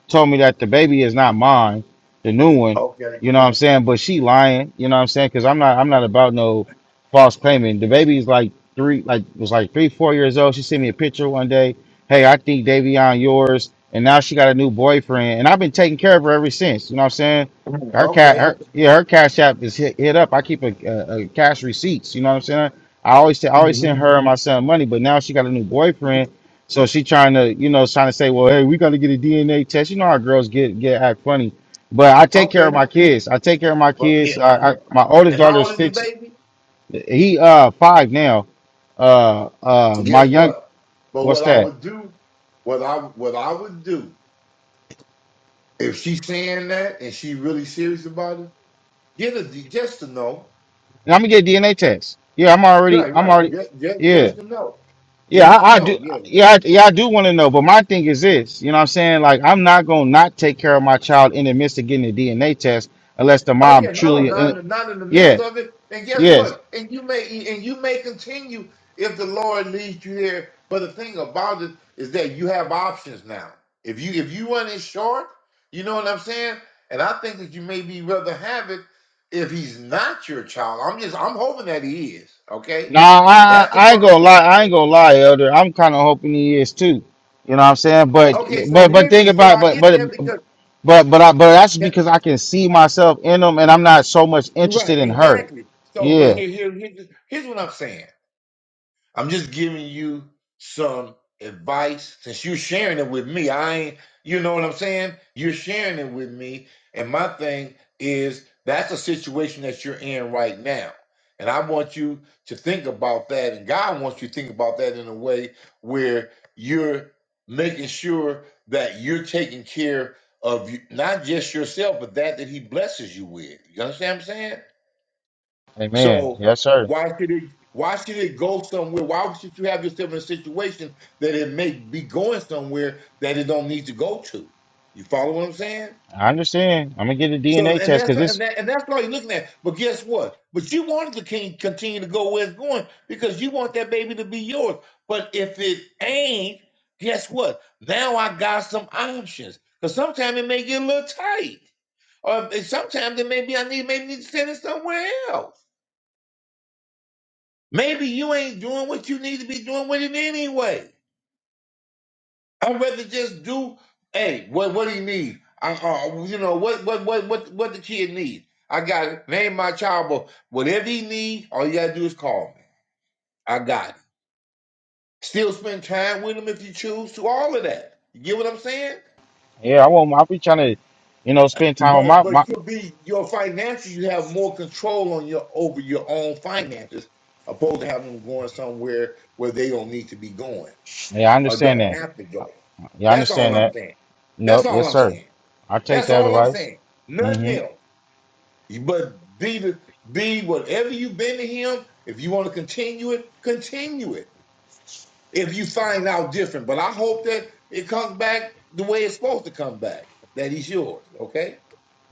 [SPEAKER 4] told me that the baby is not mine, the new one.
[SPEAKER 5] okay.
[SPEAKER 4] You know what I'm saying? But she lying. You know what I'm saying? Because I'm not, I'm not about no false claiming. The baby's like three, like was like three, four years old. She sent me a picture one day. Hey, I think Davion yours. And now she got a new boyfriend, and I've been taking care of her ever since. You know what I'm saying? Her cat,
[SPEAKER 5] Okay.
[SPEAKER 4] her yeah, her cash app is hit, hit up. I keep a, a, a cash receipts. You know what I'm saying? I always I always
[SPEAKER 5] hmm
[SPEAKER 4] send her and my son money, but now she got a new boyfriend, so she trying to you know trying to say, well, hey, we got to get a DNA test. You know how girls get get act funny, but I take care
[SPEAKER 5] Okay.
[SPEAKER 4] of my kids. I take care of my
[SPEAKER 5] Well, yeah.
[SPEAKER 4] kids. I, I my oldest
[SPEAKER 5] And
[SPEAKER 4] daughter
[SPEAKER 5] how
[SPEAKER 4] is
[SPEAKER 5] old is the
[SPEAKER 4] fix
[SPEAKER 5] baby?
[SPEAKER 4] he uh five now. Uh uh
[SPEAKER 5] So
[SPEAKER 4] my
[SPEAKER 5] Guess
[SPEAKER 4] young
[SPEAKER 5] what? But
[SPEAKER 4] what's
[SPEAKER 5] what I
[SPEAKER 4] that?
[SPEAKER 5] would do, what I what I would do, if she's saying that and she really serious about it, get a just to know.
[SPEAKER 4] And I'm gonna get a DNA test. Yeah, I'm already
[SPEAKER 5] Right,
[SPEAKER 4] I'm
[SPEAKER 5] right.
[SPEAKER 4] already
[SPEAKER 5] Just just,
[SPEAKER 4] yeah.
[SPEAKER 5] just to know.
[SPEAKER 4] Yeah,
[SPEAKER 5] Just
[SPEAKER 4] I,
[SPEAKER 5] to
[SPEAKER 4] I do.
[SPEAKER 5] know. Yeah.
[SPEAKER 4] Yeah, I, yeah, I do want to know. But my thing is this, you know what I'm saying? Like, I'm not going to not take care of my child in the midst of getting a DNA test unless the
[SPEAKER 5] Oh
[SPEAKER 4] mom
[SPEAKER 5] yeah, no,
[SPEAKER 4] truly.
[SPEAKER 5] not
[SPEAKER 4] uh,
[SPEAKER 5] in the, not in the
[SPEAKER 4] Yeah,
[SPEAKER 5] midst of it. And guess
[SPEAKER 4] yes.
[SPEAKER 5] what? And you may and you may continue if the Lord leads you there. But the thing about it is that you have options now. If you if you run it short, you know what I'm saying. And I think that you may be rather have it if he's not your child. I'm just I'm hoping that he is. Okay,
[SPEAKER 4] Nah, I, I
[SPEAKER 5] that's the
[SPEAKER 4] ain't gonna
[SPEAKER 5] first
[SPEAKER 4] lie.
[SPEAKER 5] thing.
[SPEAKER 4] I ain't
[SPEAKER 5] bro.
[SPEAKER 4] gonna lie, Elder. I'm kind of hoping he is too. You know what I'm saying? But
[SPEAKER 5] Okay, so
[SPEAKER 4] but but
[SPEAKER 5] hear
[SPEAKER 4] think
[SPEAKER 5] me. So
[SPEAKER 4] about
[SPEAKER 5] I
[SPEAKER 4] but
[SPEAKER 5] get
[SPEAKER 4] but
[SPEAKER 5] that because
[SPEAKER 4] but but I, but that's
[SPEAKER 5] yeah,
[SPEAKER 4] because I can see myself in him, and I'm not so much
[SPEAKER 5] right,
[SPEAKER 4] interested in her.
[SPEAKER 5] exactly. So, but
[SPEAKER 4] Yeah.
[SPEAKER 5] here here here's here's what I'm saying. I'm just giving you some advice since you're sharing it with me. I ain't, you know what I'm saying? You're sharing it with me. And my thing is that's a situation that you're in right now. And I want you to think about that. And God wants you to think about that in a way where you're making sure that you're taking care of you, not just yourself, but that that He blesses you with. You understand what I'm saying?
[SPEAKER 4] Amen.
[SPEAKER 5] So
[SPEAKER 4] Yes, sir.
[SPEAKER 5] why should it why should it go somewhere? Why should you have yourself in a situation that it may be going somewhere that it don't need to go to? You follow what I'm saying?
[SPEAKER 4] I understand. I'm gonna get a
[SPEAKER 5] So
[SPEAKER 4] DNA
[SPEAKER 5] and
[SPEAKER 4] test
[SPEAKER 5] that's
[SPEAKER 4] because this.
[SPEAKER 5] and that and that's all you're looking at. But guess what? But you wanted to can- continue to go where it's going because you want that baby to be yours. But if it ain't, guess what? Now I got some options. Because sometimes it may get a little tight. Or sometimes it may be I need maybe need to send it somewhere else. Maybe you ain't doing what you need to be doing with it anyway. I'd rather just do, hey, what what do you need? I, uh, you know, what what what what what the kid need? I got it. Name my child, but whatever he need, all you gotta do is call me. I got it. Still spend time with him if you choose to. All of that. You get what I'm saying?
[SPEAKER 4] Yeah, I want. I be trying to, you know, spend time with my
[SPEAKER 5] But
[SPEAKER 4] my.
[SPEAKER 5] but you'll be your financial. You have more control on your over your own finances, opposed to having them going somewhere where they don't need to be going.
[SPEAKER 4] Yeah, I
[SPEAKER 5] or
[SPEAKER 4] understand
[SPEAKER 5] don't
[SPEAKER 4] that.
[SPEAKER 5] have to join.
[SPEAKER 4] Yeah, I
[SPEAKER 5] That's all
[SPEAKER 4] understand
[SPEAKER 5] I'm
[SPEAKER 4] that.
[SPEAKER 5] saying. That's
[SPEAKER 4] Nope. Yes,
[SPEAKER 5] all I'm
[SPEAKER 4] sir.
[SPEAKER 5] saying.
[SPEAKER 4] I take
[SPEAKER 5] That's
[SPEAKER 4] that
[SPEAKER 5] all I'm
[SPEAKER 4] advice.
[SPEAKER 5] saying. Nothing
[SPEAKER 4] Mm-hmm.
[SPEAKER 5] else. But be the be whatever you've been to him. If you want to continue it, continue it. If you find out different, but I hope that it comes back the way it's supposed to come back. That he's yours. Okay.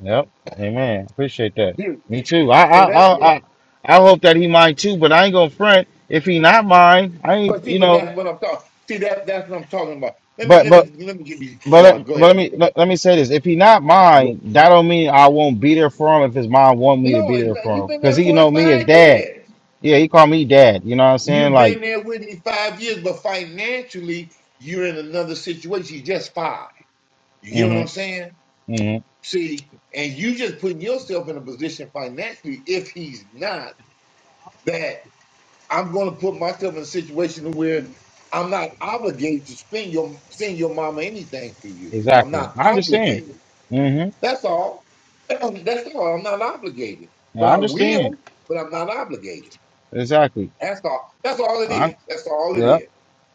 [SPEAKER 4] Yep. Amen. Appreciate that.
[SPEAKER 5] Period.
[SPEAKER 4] Me too. I I
[SPEAKER 5] So that's
[SPEAKER 4] I
[SPEAKER 5] it.
[SPEAKER 4] I, I hope that he mine too, but I ain't gonna front if he not mine. I
[SPEAKER 5] But
[SPEAKER 4] ain't
[SPEAKER 5] see,
[SPEAKER 4] you
[SPEAKER 5] but
[SPEAKER 4] know.
[SPEAKER 5] that's what I'm talking. See that that's what I'm talking about. Let me
[SPEAKER 4] But
[SPEAKER 5] let
[SPEAKER 4] but
[SPEAKER 5] me let me get you
[SPEAKER 4] but
[SPEAKER 5] going.
[SPEAKER 4] let-
[SPEAKER 5] Go
[SPEAKER 4] but let
[SPEAKER 5] ahead.
[SPEAKER 4] me let, let me say this. If he not
[SPEAKER 5] Go.
[SPEAKER 4] mine, that don't mean I won't be there for him if his mom want me to
[SPEAKER 5] No,
[SPEAKER 4] be there
[SPEAKER 5] exa-
[SPEAKER 4] for
[SPEAKER 5] you've
[SPEAKER 4] him.
[SPEAKER 5] been
[SPEAKER 4] Cause
[SPEAKER 5] there
[SPEAKER 4] he know
[SPEAKER 5] 45
[SPEAKER 4] me as dad.
[SPEAKER 5] years.
[SPEAKER 4] Yeah, he call me dad. You know what I'm saying?
[SPEAKER 5] You've
[SPEAKER 4] Like.
[SPEAKER 5] been there with me five years, but financially, you're in another situation. You just five. You get what I'm
[SPEAKER 4] Mm-hmm.
[SPEAKER 5] saying?
[SPEAKER 4] mm-hmm.
[SPEAKER 5] See, and you just putting yourself in a position financially, if he's not, that I'm going to put myself in a situation where I'm not obligated to spend your send your mama anything for you. I'm
[SPEAKER 4] Exactly.
[SPEAKER 5] not
[SPEAKER 4] I understand.
[SPEAKER 5] obligated.
[SPEAKER 4] Mm-hmm.
[SPEAKER 5] That's all. That's all. I'm not obligated,
[SPEAKER 4] Yeah,
[SPEAKER 5] but
[SPEAKER 4] I
[SPEAKER 5] I
[SPEAKER 4] understand.
[SPEAKER 5] will. But I'm not obligated.
[SPEAKER 4] Exactly.
[SPEAKER 5] That's all. That's all it is.
[SPEAKER 4] I
[SPEAKER 5] That's all it
[SPEAKER 4] yeah,
[SPEAKER 5] is.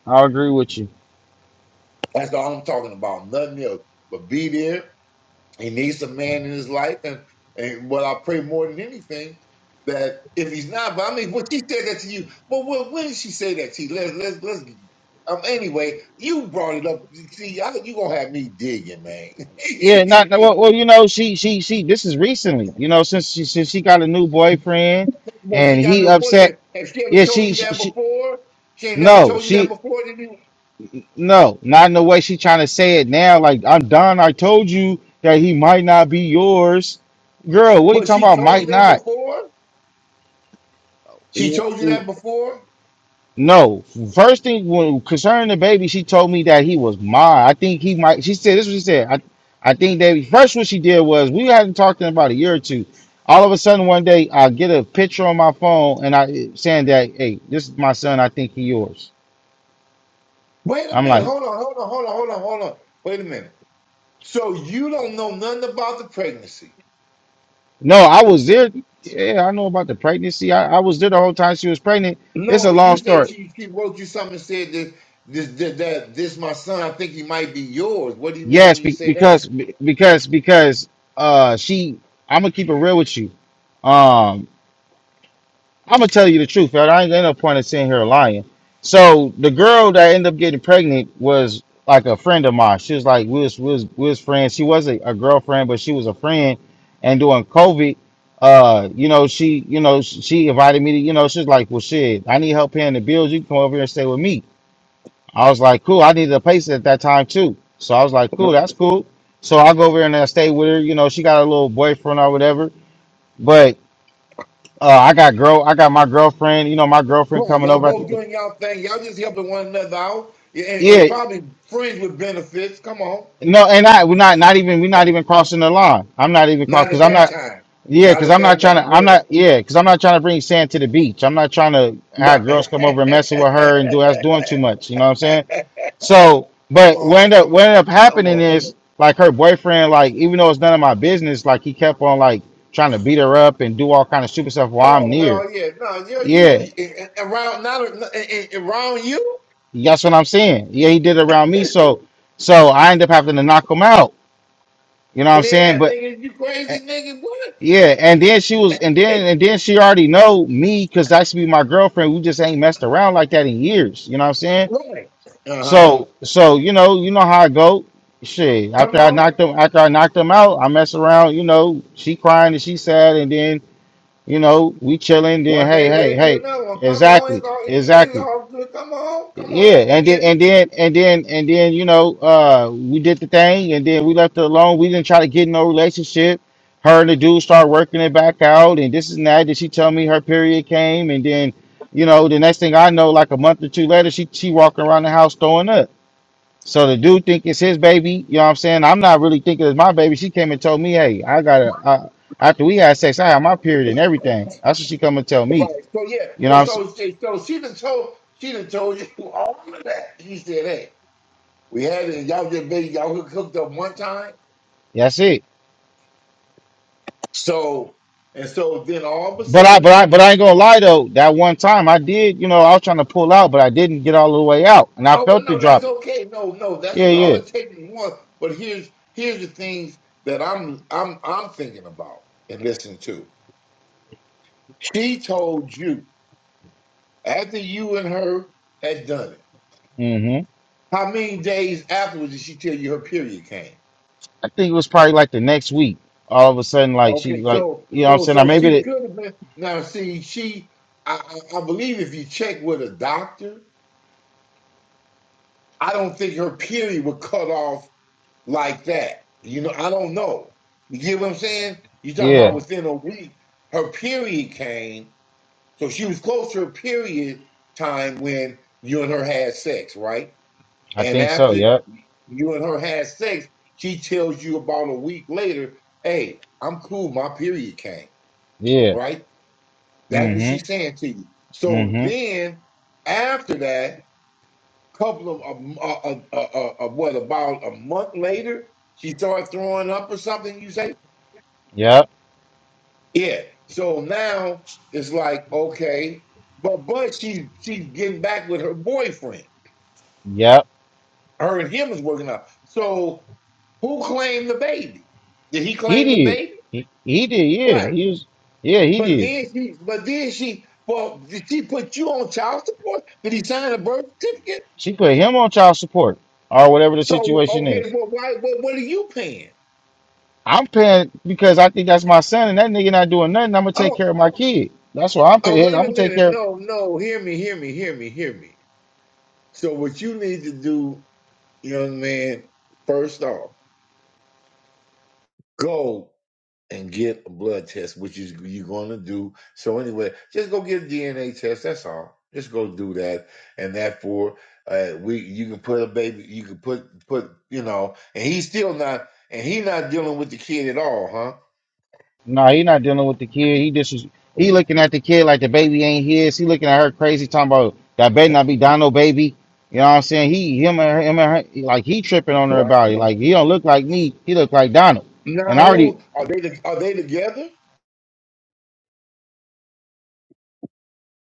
[SPEAKER 4] I agree with you.
[SPEAKER 5] That's all I'm talking about. Nothing else. But be there. He needs a man in his life. And, and what I pray more than anything, that if he's not, but I mean, what she said that to you, but when, when did she say that to you? Let's, let's, let's, um, anyway, you brought it up. See, I, you gonna have me digging, man.
[SPEAKER 4] Yeah, not no, well, well, you know, she she she this is recently, you know, since she since she got a new boyfriend
[SPEAKER 5] man,
[SPEAKER 4] and
[SPEAKER 5] she got a
[SPEAKER 4] he
[SPEAKER 5] new
[SPEAKER 4] upset.
[SPEAKER 5] boyfriend. Has she ever
[SPEAKER 4] Yeah,
[SPEAKER 5] told
[SPEAKER 4] she
[SPEAKER 5] you
[SPEAKER 4] she,
[SPEAKER 5] that
[SPEAKER 4] she
[SPEAKER 5] before? She ain't never
[SPEAKER 4] no,
[SPEAKER 5] told you that
[SPEAKER 4] she
[SPEAKER 5] before, did you?
[SPEAKER 4] no, not in the way she trying to say it now, like I'm done. I told you that he might not be yours. Girl, what are you
[SPEAKER 5] But
[SPEAKER 4] talking
[SPEAKER 5] she
[SPEAKER 4] about
[SPEAKER 5] told
[SPEAKER 4] might
[SPEAKER 5] you that
[SPEAKER 4] not?
[SPEAKER 5] before? She told you that before?
[SPEAKER 4] No, first thing when concerning the baby, she told me that he was mine. I think he might. She said this. Is what she said. I, I think they first what she did was we hadn't talked in about a year or two. All of a sudden one day I get a picture on my phone and I saying that hey, this is my son. I think he yours.
[SPEAKER 5] Wait a
[SPEAKER 4] I'm
[SPEAKER 5] minute.
[SPEAKER 4] like,
[SPEAKER 5] Hold on, hold on, hold on, hold on, hold on. Wait a minute. So you don't know nothing about the pregnancy.
[SPEAKER 4] no, I was there. Yeah, I know about the pregnancy. I, I was there the whole time she was pregnant. It's
[SPEAKER 5] No,
[SPEAKER 4] a
[SPEAKER 5] but
[SPEAKER 4] long
[SPEAKER 5] you say
[SPEAKER 4] story.
[SPEAKER 5] she, she wrote you something and said this, this, that, that, this, my son, I think he might be yours. What do you mean
[SPEAKER 4] Yes,
[SPEAKER 5] when you
[SPEAKER 4] be,
[SPEAKER 5] say
[SPEAKER 4] because
[SPEAKER 5] that?
[SPEAKER 4] because because uh she. I'm gonna keep it real with you Um, I'm gonna tell you the truth, man. I ain't got no point in sitting here lying. So the girl that ended up getting pregnant was like a friend of mine. She was like we was we was, we was friends. She wasn't a girlfriend, but she was a friend. And during COVID, uh, you know, she you know sh- she invited me to you know she's like, well, shit, I need help paying the bills. You can come over here and stay with me. I was like, cool. I needed a place at that time too. So I was like, cool,
[SPEAKER 5] Right.
[SPEAKER 4] that's cool. So I go over there and I stay with her. You know, she got a little boyfriend or whatever. but. Uh, I got girl, I got my girlfriend. You know, my girlfriend
[SPEAKER 5] Right.
[SPEAKER 4] coming
[SPEAKER 5] Y'all
[SPEAKER 4] over. I
[SPEAKER 5] both
[SPEAKER 4] think,
[SPEAKER 5] doing y'all thing. Y'all just helping one another out and,
[SPEAKER 4] yeah,
[SPEAKER 5] and probably friends with benefits. Come on.
[SPEAKER 4] no, and I we're not not even we're not even crossing the line. I'm not even cross
[SPEAKER 5] Not
[SPEAKER 4] because
[SPEAKER 5] at
[SPEAKER 4] I'm
[SPEAKER 5] that
[SPEAKER 4] not.
[SPEAKER 5] time.
[SPEAKER 4] Yeah,
[SPEAKER 5] Not
[SPEAKER 4] because
[SPEAKER 5] at
[SPEAKER 4] I'm not
[SPEAKER 5] that
[SPEAKER 4] trying to.
[SPEAKER 5] time. Go
[SPEAKER 4] I'm
[SPEAKER 5] ahead.
[SPEAKER 4] not. Yeah, because I'm not trying to bring sand to the beach. I'm not trying to
[SPEAKER 5] Right.
[SPEAKER 4] have girls come over and messing with her and do that's doing too much. You know what I'm saying? So,
[SPEAKER 5] Come
[SPEAKER 4] but what
[SPEAKER 5] on.
[SPEAKER 4] ended up what ended up
[SPEAKER 5] Come
[SPEAKER 4] happening
[SPEAKER 5] on.
[SPEAKER 4] is like her boyfriend, like even though it's none of my business, like he kept on like trying to beat her up and do all kind of stupid stuff while I'm
[SPEAKER 5] Oh,
[SPEAKER 4] near.
[SPEAKER 5] hell yeah. No, yeah, you,
[SPEAKER 4] Yeah.
[SPEAKER 5] you around, not a- around you?
[SPEAKER 4] That's what I'm saying. Yeah, he did it around me, so so I end up having to knock him out. You know what I'm saying?
[SPEAKER 5] Yeah,
[SPEAKER 4] But
[SPEAKER 5] nigga, you
[SPEAKER 4] eh,
[SPEAKER 5] crazy nigga, what?
[SPEAKER 4] yeah, and then she was, and then and then she already know me because that's be my girlfriend. We just ain't messed around like that in years. You know what I'm saying?
[SPEAKER 5] Right. Uh huh.
[SPEAKER 4] So so you know you know how I go. Shit, after
[SPEAKER 5] Come
[SPEAKER 4] I
[SPEAKER 5] on.
[SPEAKER 4] knocked him after I knocked him out, I mess around. You know, she crying and she sad, and then you know we chilling. Then
[SPEAKER 5] One
[SPEAKER 4] hey
[SPEAKER 5] thing
[SPEAKER 4] hey
[SPEAKER 5] led to
[SPEAKER 4] hey,
[SPEAKER 5] another one. Come on, it's
[SPEAKER 4] exactly
[SPEAKER 5] all it's, it's
[SPEAKER 4] exactly.
[SPEAKER 5] all good. Come on, come on,
[SPEAKER 4] Yeah,
[SPEAKER 5] we
[SPEAKER 4] and then
[SPEAKER 5] get it.
[SPEAKER 4] and then and then and then you know uh we did the thing and then we left it alone. We didn't try to get in no relationship. Her and the dude start working it back out and this and that. Did she tell me her period came and then you know the next thing I know, like a month or two later, she she walking around the house throwing up. So the dude think it's his baby. You know what I'm saying? I'm not really thinking it's my baby. She came and told me, hey, I got to I, after we had sex, I had my period and everything. That's what she come and tell me.
[SPEAKER 5] Right. So yeah.
[SPEAKER 4] You know
[SPEAKER 5] Well,
[SPEAKER 4] what I'm saying?
[SPEAKER 5] so she- so she done told she done told you all of that. She said, hey, we had it. Y'all just been y'all hooked up one time.
[SPEAKER 4] That's it.
[SPEAKER 5] So and so then all of a
[SPEAKER 4] But I, but
[SPEAKER 5] sudden,
[SPEAKER 4] I, but I ain't gonna lie though. That one time I did, you know, I was trying to pull out, but I didn't get all the way out, and I
[SPEAKER 5] oh well,
[SPEAKER 4] felt
[SPEAKER 5] no,
[SPEAKER 4] it
[SPEAKER 5] that's
[SPEAKER 4] dropping.
[SPEAKER 5] okay. No, no, that's
[SPEAKER 4] Yeah,
[SPEAKER 5] okay. all
[SPEAKER 4] yeah.
[SPEAKER 5] it takes is one. But here's here's the things that I'm I'm I'm thinking about and listening to. She told you after you and her had done it.
[SPEAKER 4] hmm
[SPEAKER 5] How many days afterwards did she tell you her period came?
[SPEAKER 4] I think it was probably like the next week. All of a sudden, like she,
[SPEAKER 5] Okay,
[SPEAKER 4] like
[SPEAKER 5] so
[SPEAKER 4] you know, what I'm
[SPEAKER 5] so
[SPEAKER 4] saying, I
[SPEAKER 5] so
[SPEAKER 4] maybe
[SPEAKER 5] she
[SPEAKER 4] it.
[SPEAKER 5] could have been. Now see, she I, I I believe if you check with a doctor, I don't think her period would cut off like that. You know, I don't know. You get what I'm saying? you talking
[SPEAKER 4] Yeah,
[SPEAKER 5] about within a week, her period came, so she was close to her period time when you and her had sex, right?
[SPEAKER 4] I
[SPEAKER 5] And
[SPEAKER 4] think so.
[SPEAKER 5] after
[SPEAKER 4] Yep.
[SPEAKER 5] you and her had sex, she tells you about a week later, hey, I'm cool, my period came,
[SPEAKER 4] Yeah.
[SPEAKER 5] right? That's what she's
[SPEAKER 4] Mm-hmm.
[SPEAKER 5] saying to you. So
[SPEAKER 4] Mm-hmm.
[SPEAKER 5] then after that, couple of, a, a, a, a, a- what, about a month later, she starts throwing up or something, you say?
[SPEAKER 4] Yep.
[SPEAKER 5] Yeah. So now it's like, okay, but but she she's getting back with her boyfriend.
[SPEAKER 4] Yep.
[SPEAKER 5] Her and him is working out. So who claimed the baby? Did he
[SPEAKER 4] He
[SPEAKER 5] claim the
[SPEAKER 4] did.
[SPEAKER 5] baby?
[SPEAKER 4] He, he did. Yeah.
[SPEAKER 5] Right.
[SPEAKER 4] He was. Yeah, he
[SPEAKER 5] But
[SPEAKER 4] did.
[SPEAKER 5] then she, but then she, well, did she put you on child support? Did he sign a birth certificate?
[SPEAKER 4] She put him on child support or whatever the
[SPEAKER 5] So
[SPEAKER 4] situation
[SPEAKER 5] okay,
[SPEAKER 4] is.
[SPEAKER 5] well, why? Well, what are you paying?
[SPEAKER 4] I'm paying because I think that's my son, and that nigga not doing nothing. I'm gonna take
[SPEAKER 5] Oh,
[SPEAKER 4] care of my kid. That's why I'm
[SPEAKER 5] oh,
[SPEAKER 4] paying.
[SPEAKER 5] wait
[SPEAKER 4] I'm
[SPEAKER 5] a
[SPEAKER 4] gonna take
[SPEAKER 5] minute.
[SPEAKER 4] care.
[SPEAKER 5] No, no, hear me, hear me, hear me, hear me. So what you need to do, young man, first off, go. and get a blood test, which is you're going to do. So anyway, just go get a DNA test. That's all. Just go do that, and that for uh, we you can put a baby, you can put put you know, and he's still not, and he not dealing with the kid at all, huh?
[SPEAKER 4] Nah, he not dealing with the kid. He just he
[SPEAKER 5] Yeah.
[SPEAKER 4] looking at the kid like the baby ain't his. He looking at her crazy, talking about that better not be Dono baby. You know what I'm saying? He him and her, him and her, like he tripping on her
[SPEAKER 5] Wow.
[SPEAKER 4] about it. Like he don't look like me. He look like Donald.
[SPEAKER 5] Now
[SPEAKER 4] And I already
[SPEAKER 5] who are they? to- Are they together?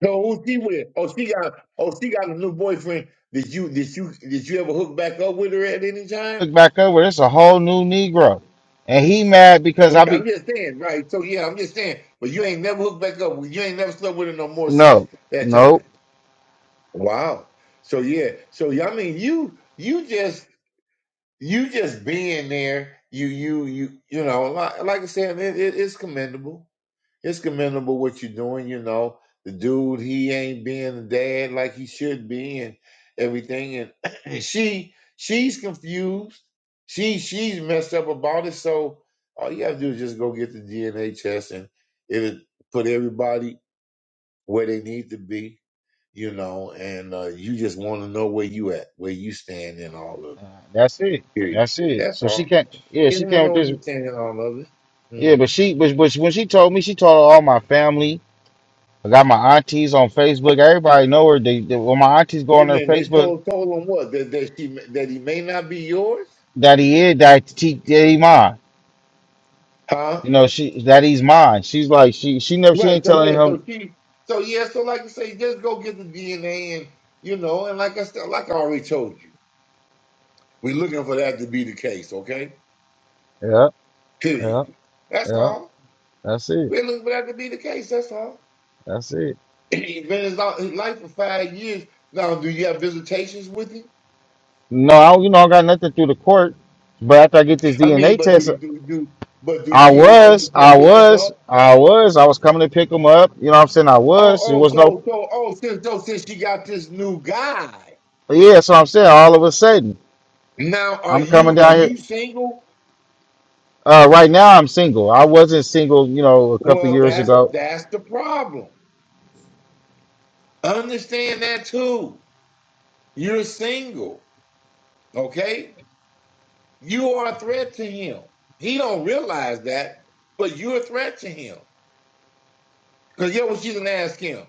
[SPEAKER 5] No, who's she with? Oh, she got oh she got a new boyfriend. Did you did you did you ever hook back up with her at any time?
[SPEAKER 4] look back over. It's a whole new Negro, and he mad because I
[SPEAKER 5] I'm
[SPEAKER 4] be
[SPEAKER 5] just saying, right? So yeah, I'm just saying. But you ain't never hooked back up. You ain't never slept with her no more since
[SPEAKER 4] no,
[SPEAKER 5] that time.
[SPEAKER 4] no.
[SPEAKER 5] Wow. So yeah. So yeah, I mean, you you just you just being there. You you you you know, like, like I said, it, it, it's commendable it's commendable what you're doing. You know, the dude he ain't being a dad like he should be, and everything. And she she's confused. She she's messed up about it. So all you have to do is just go get the DNA test, and it'll put everybody where they need to be. You know, and uh, you just want to know where you at, where you stand in all of it.
[SPEAKER 4] That's it.
[SPEAKER 5] Period.
[SPEAKER 4] That's it.
[SPEAKER 5] That's
[SPEAKER 4] So she
[SPEAKER 5] all.
[SPEAKER 4] can't. Yeah,
[SPEAKER 5] You
[SPEAKER 4] she
[SPEAKER 5] want to
[SPEAKER 4] can't with
[SPEAKER 5] know where
[SPEAKER 4] this.
[SPEAKER 5] you stand in all of it.
[SPEAKER 4] Yeah,
[SPEAKER 5] Mm-hmm.
[SPEAKER 4] but she, but, but when she told me, she told all my family. I got my aunties on Facebook. Everybody know her. They, they- when my aunties go
[SPEAKER 5] Wait
[SPEAKER 4] on
[SPEAKER 5] a
[SPEAKER 4] their
[SPEAKER 5] minute. They
[SPEAKER 4] Facebook,
[SPEAKER 5] told told him what that that she that he may not be yours,
[SPEAKER 4] that he is that he, that he mine.
[SPEAKER 5] huh?
[SPEAKER 4] You know, she that he's mine. She's like she she never she
[SPEAKER 5] Right.
[SPEAKER 4] ain't
[SPEAKER 5] So
[SPEAKER 4] telling
[SPEAKER 5] yeah.
[SPEAKER 4] him.
[SPEAKER 5] So she. So yeah. So like I say, just go get the DNA and you know and like I said, like I already told you, we're looking for that to be the case. Okay.
[SPEAKER 4] Yeah,
[SPEAKER 5] Period.
[SPEAKER 4] yeah,
[SPEAKER 5] That's
[SPEAKER 4] yeah.
[SPEAKER 5] all.
[SPEAKER 4] That's it.
[SPEAKER 5] We're looking for that to be the case. That's all.
[SPEAKER 4] That's it.
[SPEAKER 5] He's been his li- his life for five years now. Do you have visitations with him?
[SPEAKER 4] No, I, don't- you know I got nothing through the court. But after I get this
[SPEAKER 5] I
[SPEAKER 4] DNA
[SPEAKER 5] mean, but
[SPEAKER 4] test,
[SPEAKER 5] do do do but do
[SPEAKER 4] I
[SPEAKER 5] she allow you to
[SPEAKER 4] was,
[SPEAKER 5] come
[SPEAKER 4] I
[SPEAKER 5] pick him
[SPEAKER 4] was,
[SPEAKER 5] up?
[SPEAKER 4] I was, I was coming to pick him up. You know what I'm saying? I
[SPEAKER 5] Oh,
[SPEAKER 4] was. It
[SPEAKER 5] oh,
[SPEAKER 4] was no.
[SPEAKER 5] so so oh, since so since she got this new guy.
[SPEAKER 4] Yeah, so I'm saying all of a sudden.
[SPEAKER 5] Now, are
[SPEAKER 4] I'm coming
[SPEAKER 5] you are
[SPEAKER 4] down here.
[SPEAKER 5] you single?
[SPEAKER 4] Uh, right now, I'm single. I wasn't single, you know, a couple
[SPEAKER 5] Well,
[SPEAKER 4] years
[SPEAKER 5] that's
[SPEAKER 4] ago.
[SPEAKER 5] that's the problem. Understand that too. You're single, okay? You are a threat to him. He don't realize that, but you're a threat to him. Cause yeah, well, she didn't ask him.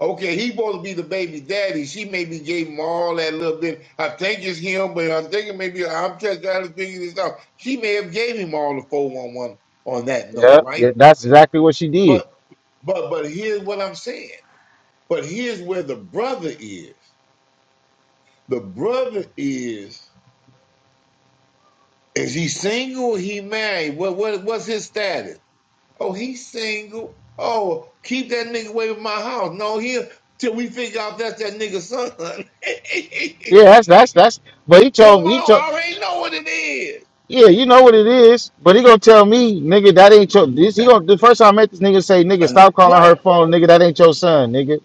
[SPEAKER 5] Okay, he supposed to be the baby daddy. She maybe gave him all that little bit. I think it's him, but I'm thinking maybe I'm just trying to figure this out. She may have gave him all the 411 on that note,
[SPEAKER 4] Yeah, yeah,
[SPEAKER 5] right?
[SPEAKER 4] that's exactly what she did.
[SPEAKER 5] But but but here's what I'm saying. But here's where the brother is. The brother is, is he single? He married? What, what, what's his status? Oh, he's single. Oh, keep that nigga away from my house. No, here till we figure out that's that nigga's son.
[SPEAKER 4] Yeah, that's that's that's. But he
[SPEAKER 5] Come
[SPEAKER 4] told me, he
[SPEAKER 5] on,
[SPEAKER 4] told,
[SPEAKER 5] I already know what it is.
[SPEAKER 4] yeah, you know what it is. But he gonna tell me, nigga, that ain't your. This he gonna the first time I met this nigga say, nigga,
[SPEAKER 5] Uh,
[SPEAKER 4] stop calling her
[SPEAKER 5] right.
[SPEAKER 4] phone, nigga, that ain't your son, nigga.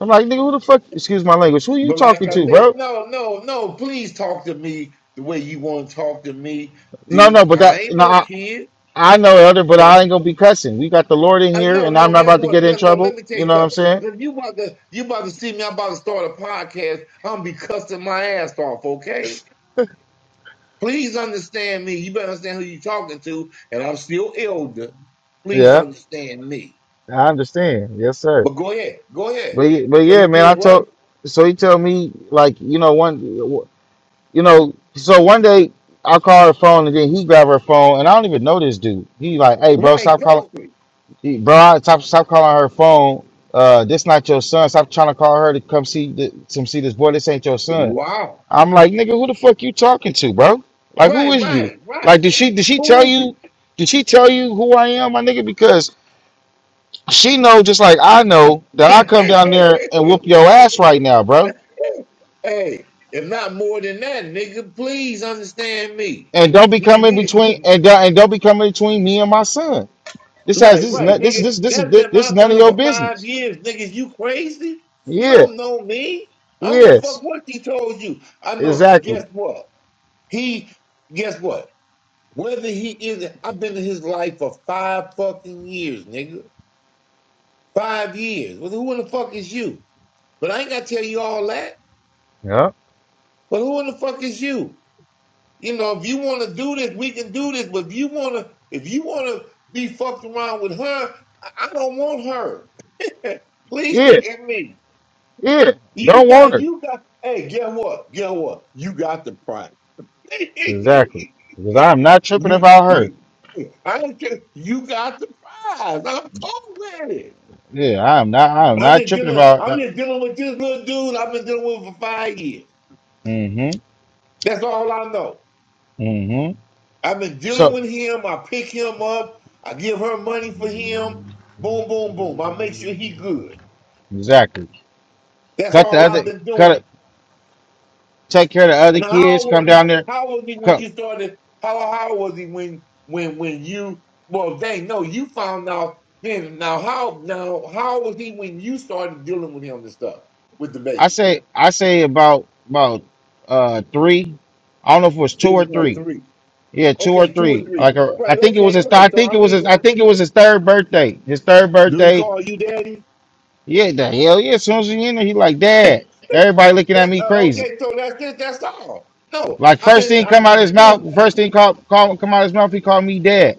[SPEAKER 4] I'm like, nigga, who the fuck? Excuse my language. Who you
[SPEAKER 5] But like
[SPEAKER 4] talking
[SPEAKER 5] I
[SPEAKER 4] to,
[SPEAKER 5] said,
[SPEAKER 4] bro?
[SPEAKER 5] no, no, no, please talk to me the way you want to talk to me,
[SPEAKER 4] No, no,
[SPEAKER 5] D.
[SPEAKER 4] but that
[SPEAKER 5] I ain't
[SPEAKER 4] no,
[SPEAKER 5] no
[SPEAKER 4] I,
[SPEAKER 5] kid.
[SPEAKER 4] I know elder, but
[SPEAKER 5] but.
[SPEAKER 4] I ain't gonna be cussing. We got the Lord in
[SPEAKER 5] Uh,
[SPEAKER 4] here,
[SPEAKER 5] no,
[SPEAKER 4] and I'm
[SPEAKER 5] no.
[SPEAKER 4] not
[SPEAKER 5] Guess
[SPEAKER 4] about to
[SPEAKER 5] what?
[SPEAKER 4] get in
[SPEAKER 5] Guess what? Let
[SPEAKER 4] trouble.
[SPEAKER 5] me tell
[SPEAKER 4] You
[SPEAKER 5] you
[SPEAKER 4] know what I'm
[SPEAKER 5] something.
[SPEAKER 4] saying?
[SPEAKER 5] If you about to, you about to see me. I'm about to start a podcast. I'm gonna be cussing my ass off. Okay. Please understand me. You better understand who you're talking to. And I'm still elder. Please
[SPEAKER 4] Yeah,
[SPEAKER 5] understand me.
[SPEAKER 4] I understand. Yes, sir.
[SPEAKER 5] But go ahead. Go ahead.
[SPEAKER 4] But y- but
[SPEAKER 5] But
[SPEAKER 4] yeah,
[SPEAKER 5] he
[SPEAKER 4] man, I
[SPEAKER 5] did what?
[SPEAKER 4] told so he told me like you know one you know so one day I call her phone and then he grab her phone and I don't even know this dude. He like, hey bro,
[SPEAKER 5] Right.
[SPEAKER 4] stop calling,
[SPEAKER 5] Exactly.
[SPEAKER 4] he- bro, I- stop stop calling her phone. Uh, this not your son. Stop trying to call her to come see the, to see this boy. This ain't your son.
[SPEAKER 5] Wow.
[SPEAKER 4] I'm like, nigga, who the fuck you talking to, bro? Like, who
[SPEAKER 5] Right.
[SPEAKER 4] is you?
[SPEAKER 5] Right. Right.
[SPEAKER 4] Like, did she did she
[SPEAKER 5] Who
[SPEAKER 4] tell
[SPEAKER 5] is
[SPEAKER 4] you?
[SPEAKER 5] you?
[SPEAKER 4] Did she tell you who I am, my nigga? Because she know just like I know that I come down there and whoop your ass right now, bro.
[SPEAKER 5] hey. If not more than that, nigga. Please understand me.
[SPEAKER 4] and don't be
[SPEAKER 5] Nigga,
[SPEAKER 4] coming
[SPEAKER 5] we
[SPEAKER 4] between and don't, and don't be coming between me and my son. This has
[SPEAKER 5] Right,
[SPEAKER 4] this is
[SPEAKER 5] right,
[SPEAKER 4] not this
[SPEAKER 5] nigga.
[SPEAKER 4] this this is
[SPEAKER 5] That's
[SPEAKER 4] this,
[SPEAKER 5] been
[SPEAKER 4] this is
[SPEAKER 5] my
[SPEAKER 4] none of
[SPEAKER 5] time
[SPEAKER 4] your
[SPEAKER 5] for five
[SPEAKER 4] business.
[SPEAKER 5] years, niggas. You crazy? You
[SPEAKER 4] Yeah,
[SPEAKER 5] don't know me. I don't give a
[SPEAKER 4] yes,
[SPEAKER 5] fuck what he told you. I know.
[SPEAKER 4] exactly.
[SPEAKER 5] Guess what? He, guess what? Whether he is, I've been in his life for five fucking years, nigga. Five years. Well, who in the fuck is you? But I ain't gotta tell you all that.
[SPEAKER 4] Yeah,
[SPEAKER 5] But who in the fuck is you? You know, if you want to do this, we can do this. But if you want to, if you want to be fucked around with her, I I don't want her. Please
[SPEAKER 4] yeah,
[SPEAKER 5] hear me.
[SPEAKER 4] yeah.
[SPEAKER 5] You
[SPEAKER 4] Don't want
[SPEAKER 5] got,
[SPEAKER 4] her
[SPEAKER 5] you got, hey, get what? Get what? You got the prize.
[SPEAKER 4] exactly because I am not tripping
[SPEAKER 5] you,
[SPEAKER 4] about her.
[SPEAKER 5] you, I don't care. You got the prize. I'm cool with it.
[SPEAKER 4] Yeah, I am not. I am
[SPEAKER 5] I'm
[SPEAKER 4] not
[SPEAKER 5] just
[SPEAKER 4] tripping
[SPEAKER 5] dealing,
[SPEAKER 4] about. uh,
[SPEAKER 5] I'm just dealing with this little dude I've been dealing with for five years.
[SPEAKER 4] Mm-hmm.
[SPEAKER 5] That's all I know.
[SPEAKER 4] Mm-hmm.
[SPEAKER 5] I've been dealing
[SPEAKER 4] So
[SPEAKER 5] with him. I pick him up. I give her money for him. Boom, boom, boom. I make sure he good.
[SPEAKER 4] exactly.
[SPEAKER 5] That's
[SPEAKER 4] Cut the
[SPEAKER 5] all
[SPEAKER 4] other.
[SPEAKER 5] I've been doing
[SPEAKER 4] Cut it. Take care of the other
[SPEAKER 5] And how old
[SPEAKER 4] kids. Come
[SPEAKER 5] was he?
[SPEAKER 4] down there.
[SPEAKER 5] How old was he when
[SPEAKER 4] Come.
[SPEAKER 5] you started? How how old was he when when when you? Well, dang, no, you found out then. Now how now how old was he when you started dealing with him and stuff with the
[SPEAKER 4] I
[SPEAKER 5] baby?
[SPEAKER 4] say. I say about about uh three. I don't know if it was two
[SPEAKER 5] He was
[SPEAKER 4] or
[SPEAKER 5] about
[SPEAKER 4] three
[SPEAKER 5] three.
[SPEAKER 4] Yeah, two or
[SPEAKER 5] Okay, two or
[SPEAKER 4] three.
[SPEAKER 5] three.
[SPEAKER 4] Like a, I
[SPEAKER 5] Right.
[SPEAKER 4] think it was
[SPEAKER 5] Okay.
[SPEAKER 4] his.
[SPEAKER 5] Right.
[SPEAKER 4] I
[SPEAKER 5] So
[SPEAKER 4] think it
[SPEAKER 5] I
[SPEAKER 4] was
[SPEAKER 5] mean,
[SPEAKER 4] his. I
[SPEAKER 5] but
[SPEAKER 4] think it was his third birthday. His third
[SPEAKER 5] do he
[SPEAKER 4] birthday.
[SPEAKER 5] call you daddy?
[SPEAKER 4] Yeah, the hell yeah. As soon as he in there, he like, Dad. Everybody looking at
[SPEAKER 5] That,
[SPEAKER 4] me
[SPEAKER 5] uh,
[SPEAKER 4] crazy.
[SPEAKER 5] okay. So that's it. That's all. No,
[SPEAKER 4] Like
[SPEAKER 5] I've
[SPEAKER 4] first
[SPEAKER 5] been.
[SPEAKER 4] thing come
[SPEAKER 5] I'm,
[SPEAKER 4] out
[SPEAKER 5] I'm
[SPEAKER 4] his
[SPEAKER 5] please
[SPEAKER 4] mouth. First thing call, call come out his mouth. He called me Dad.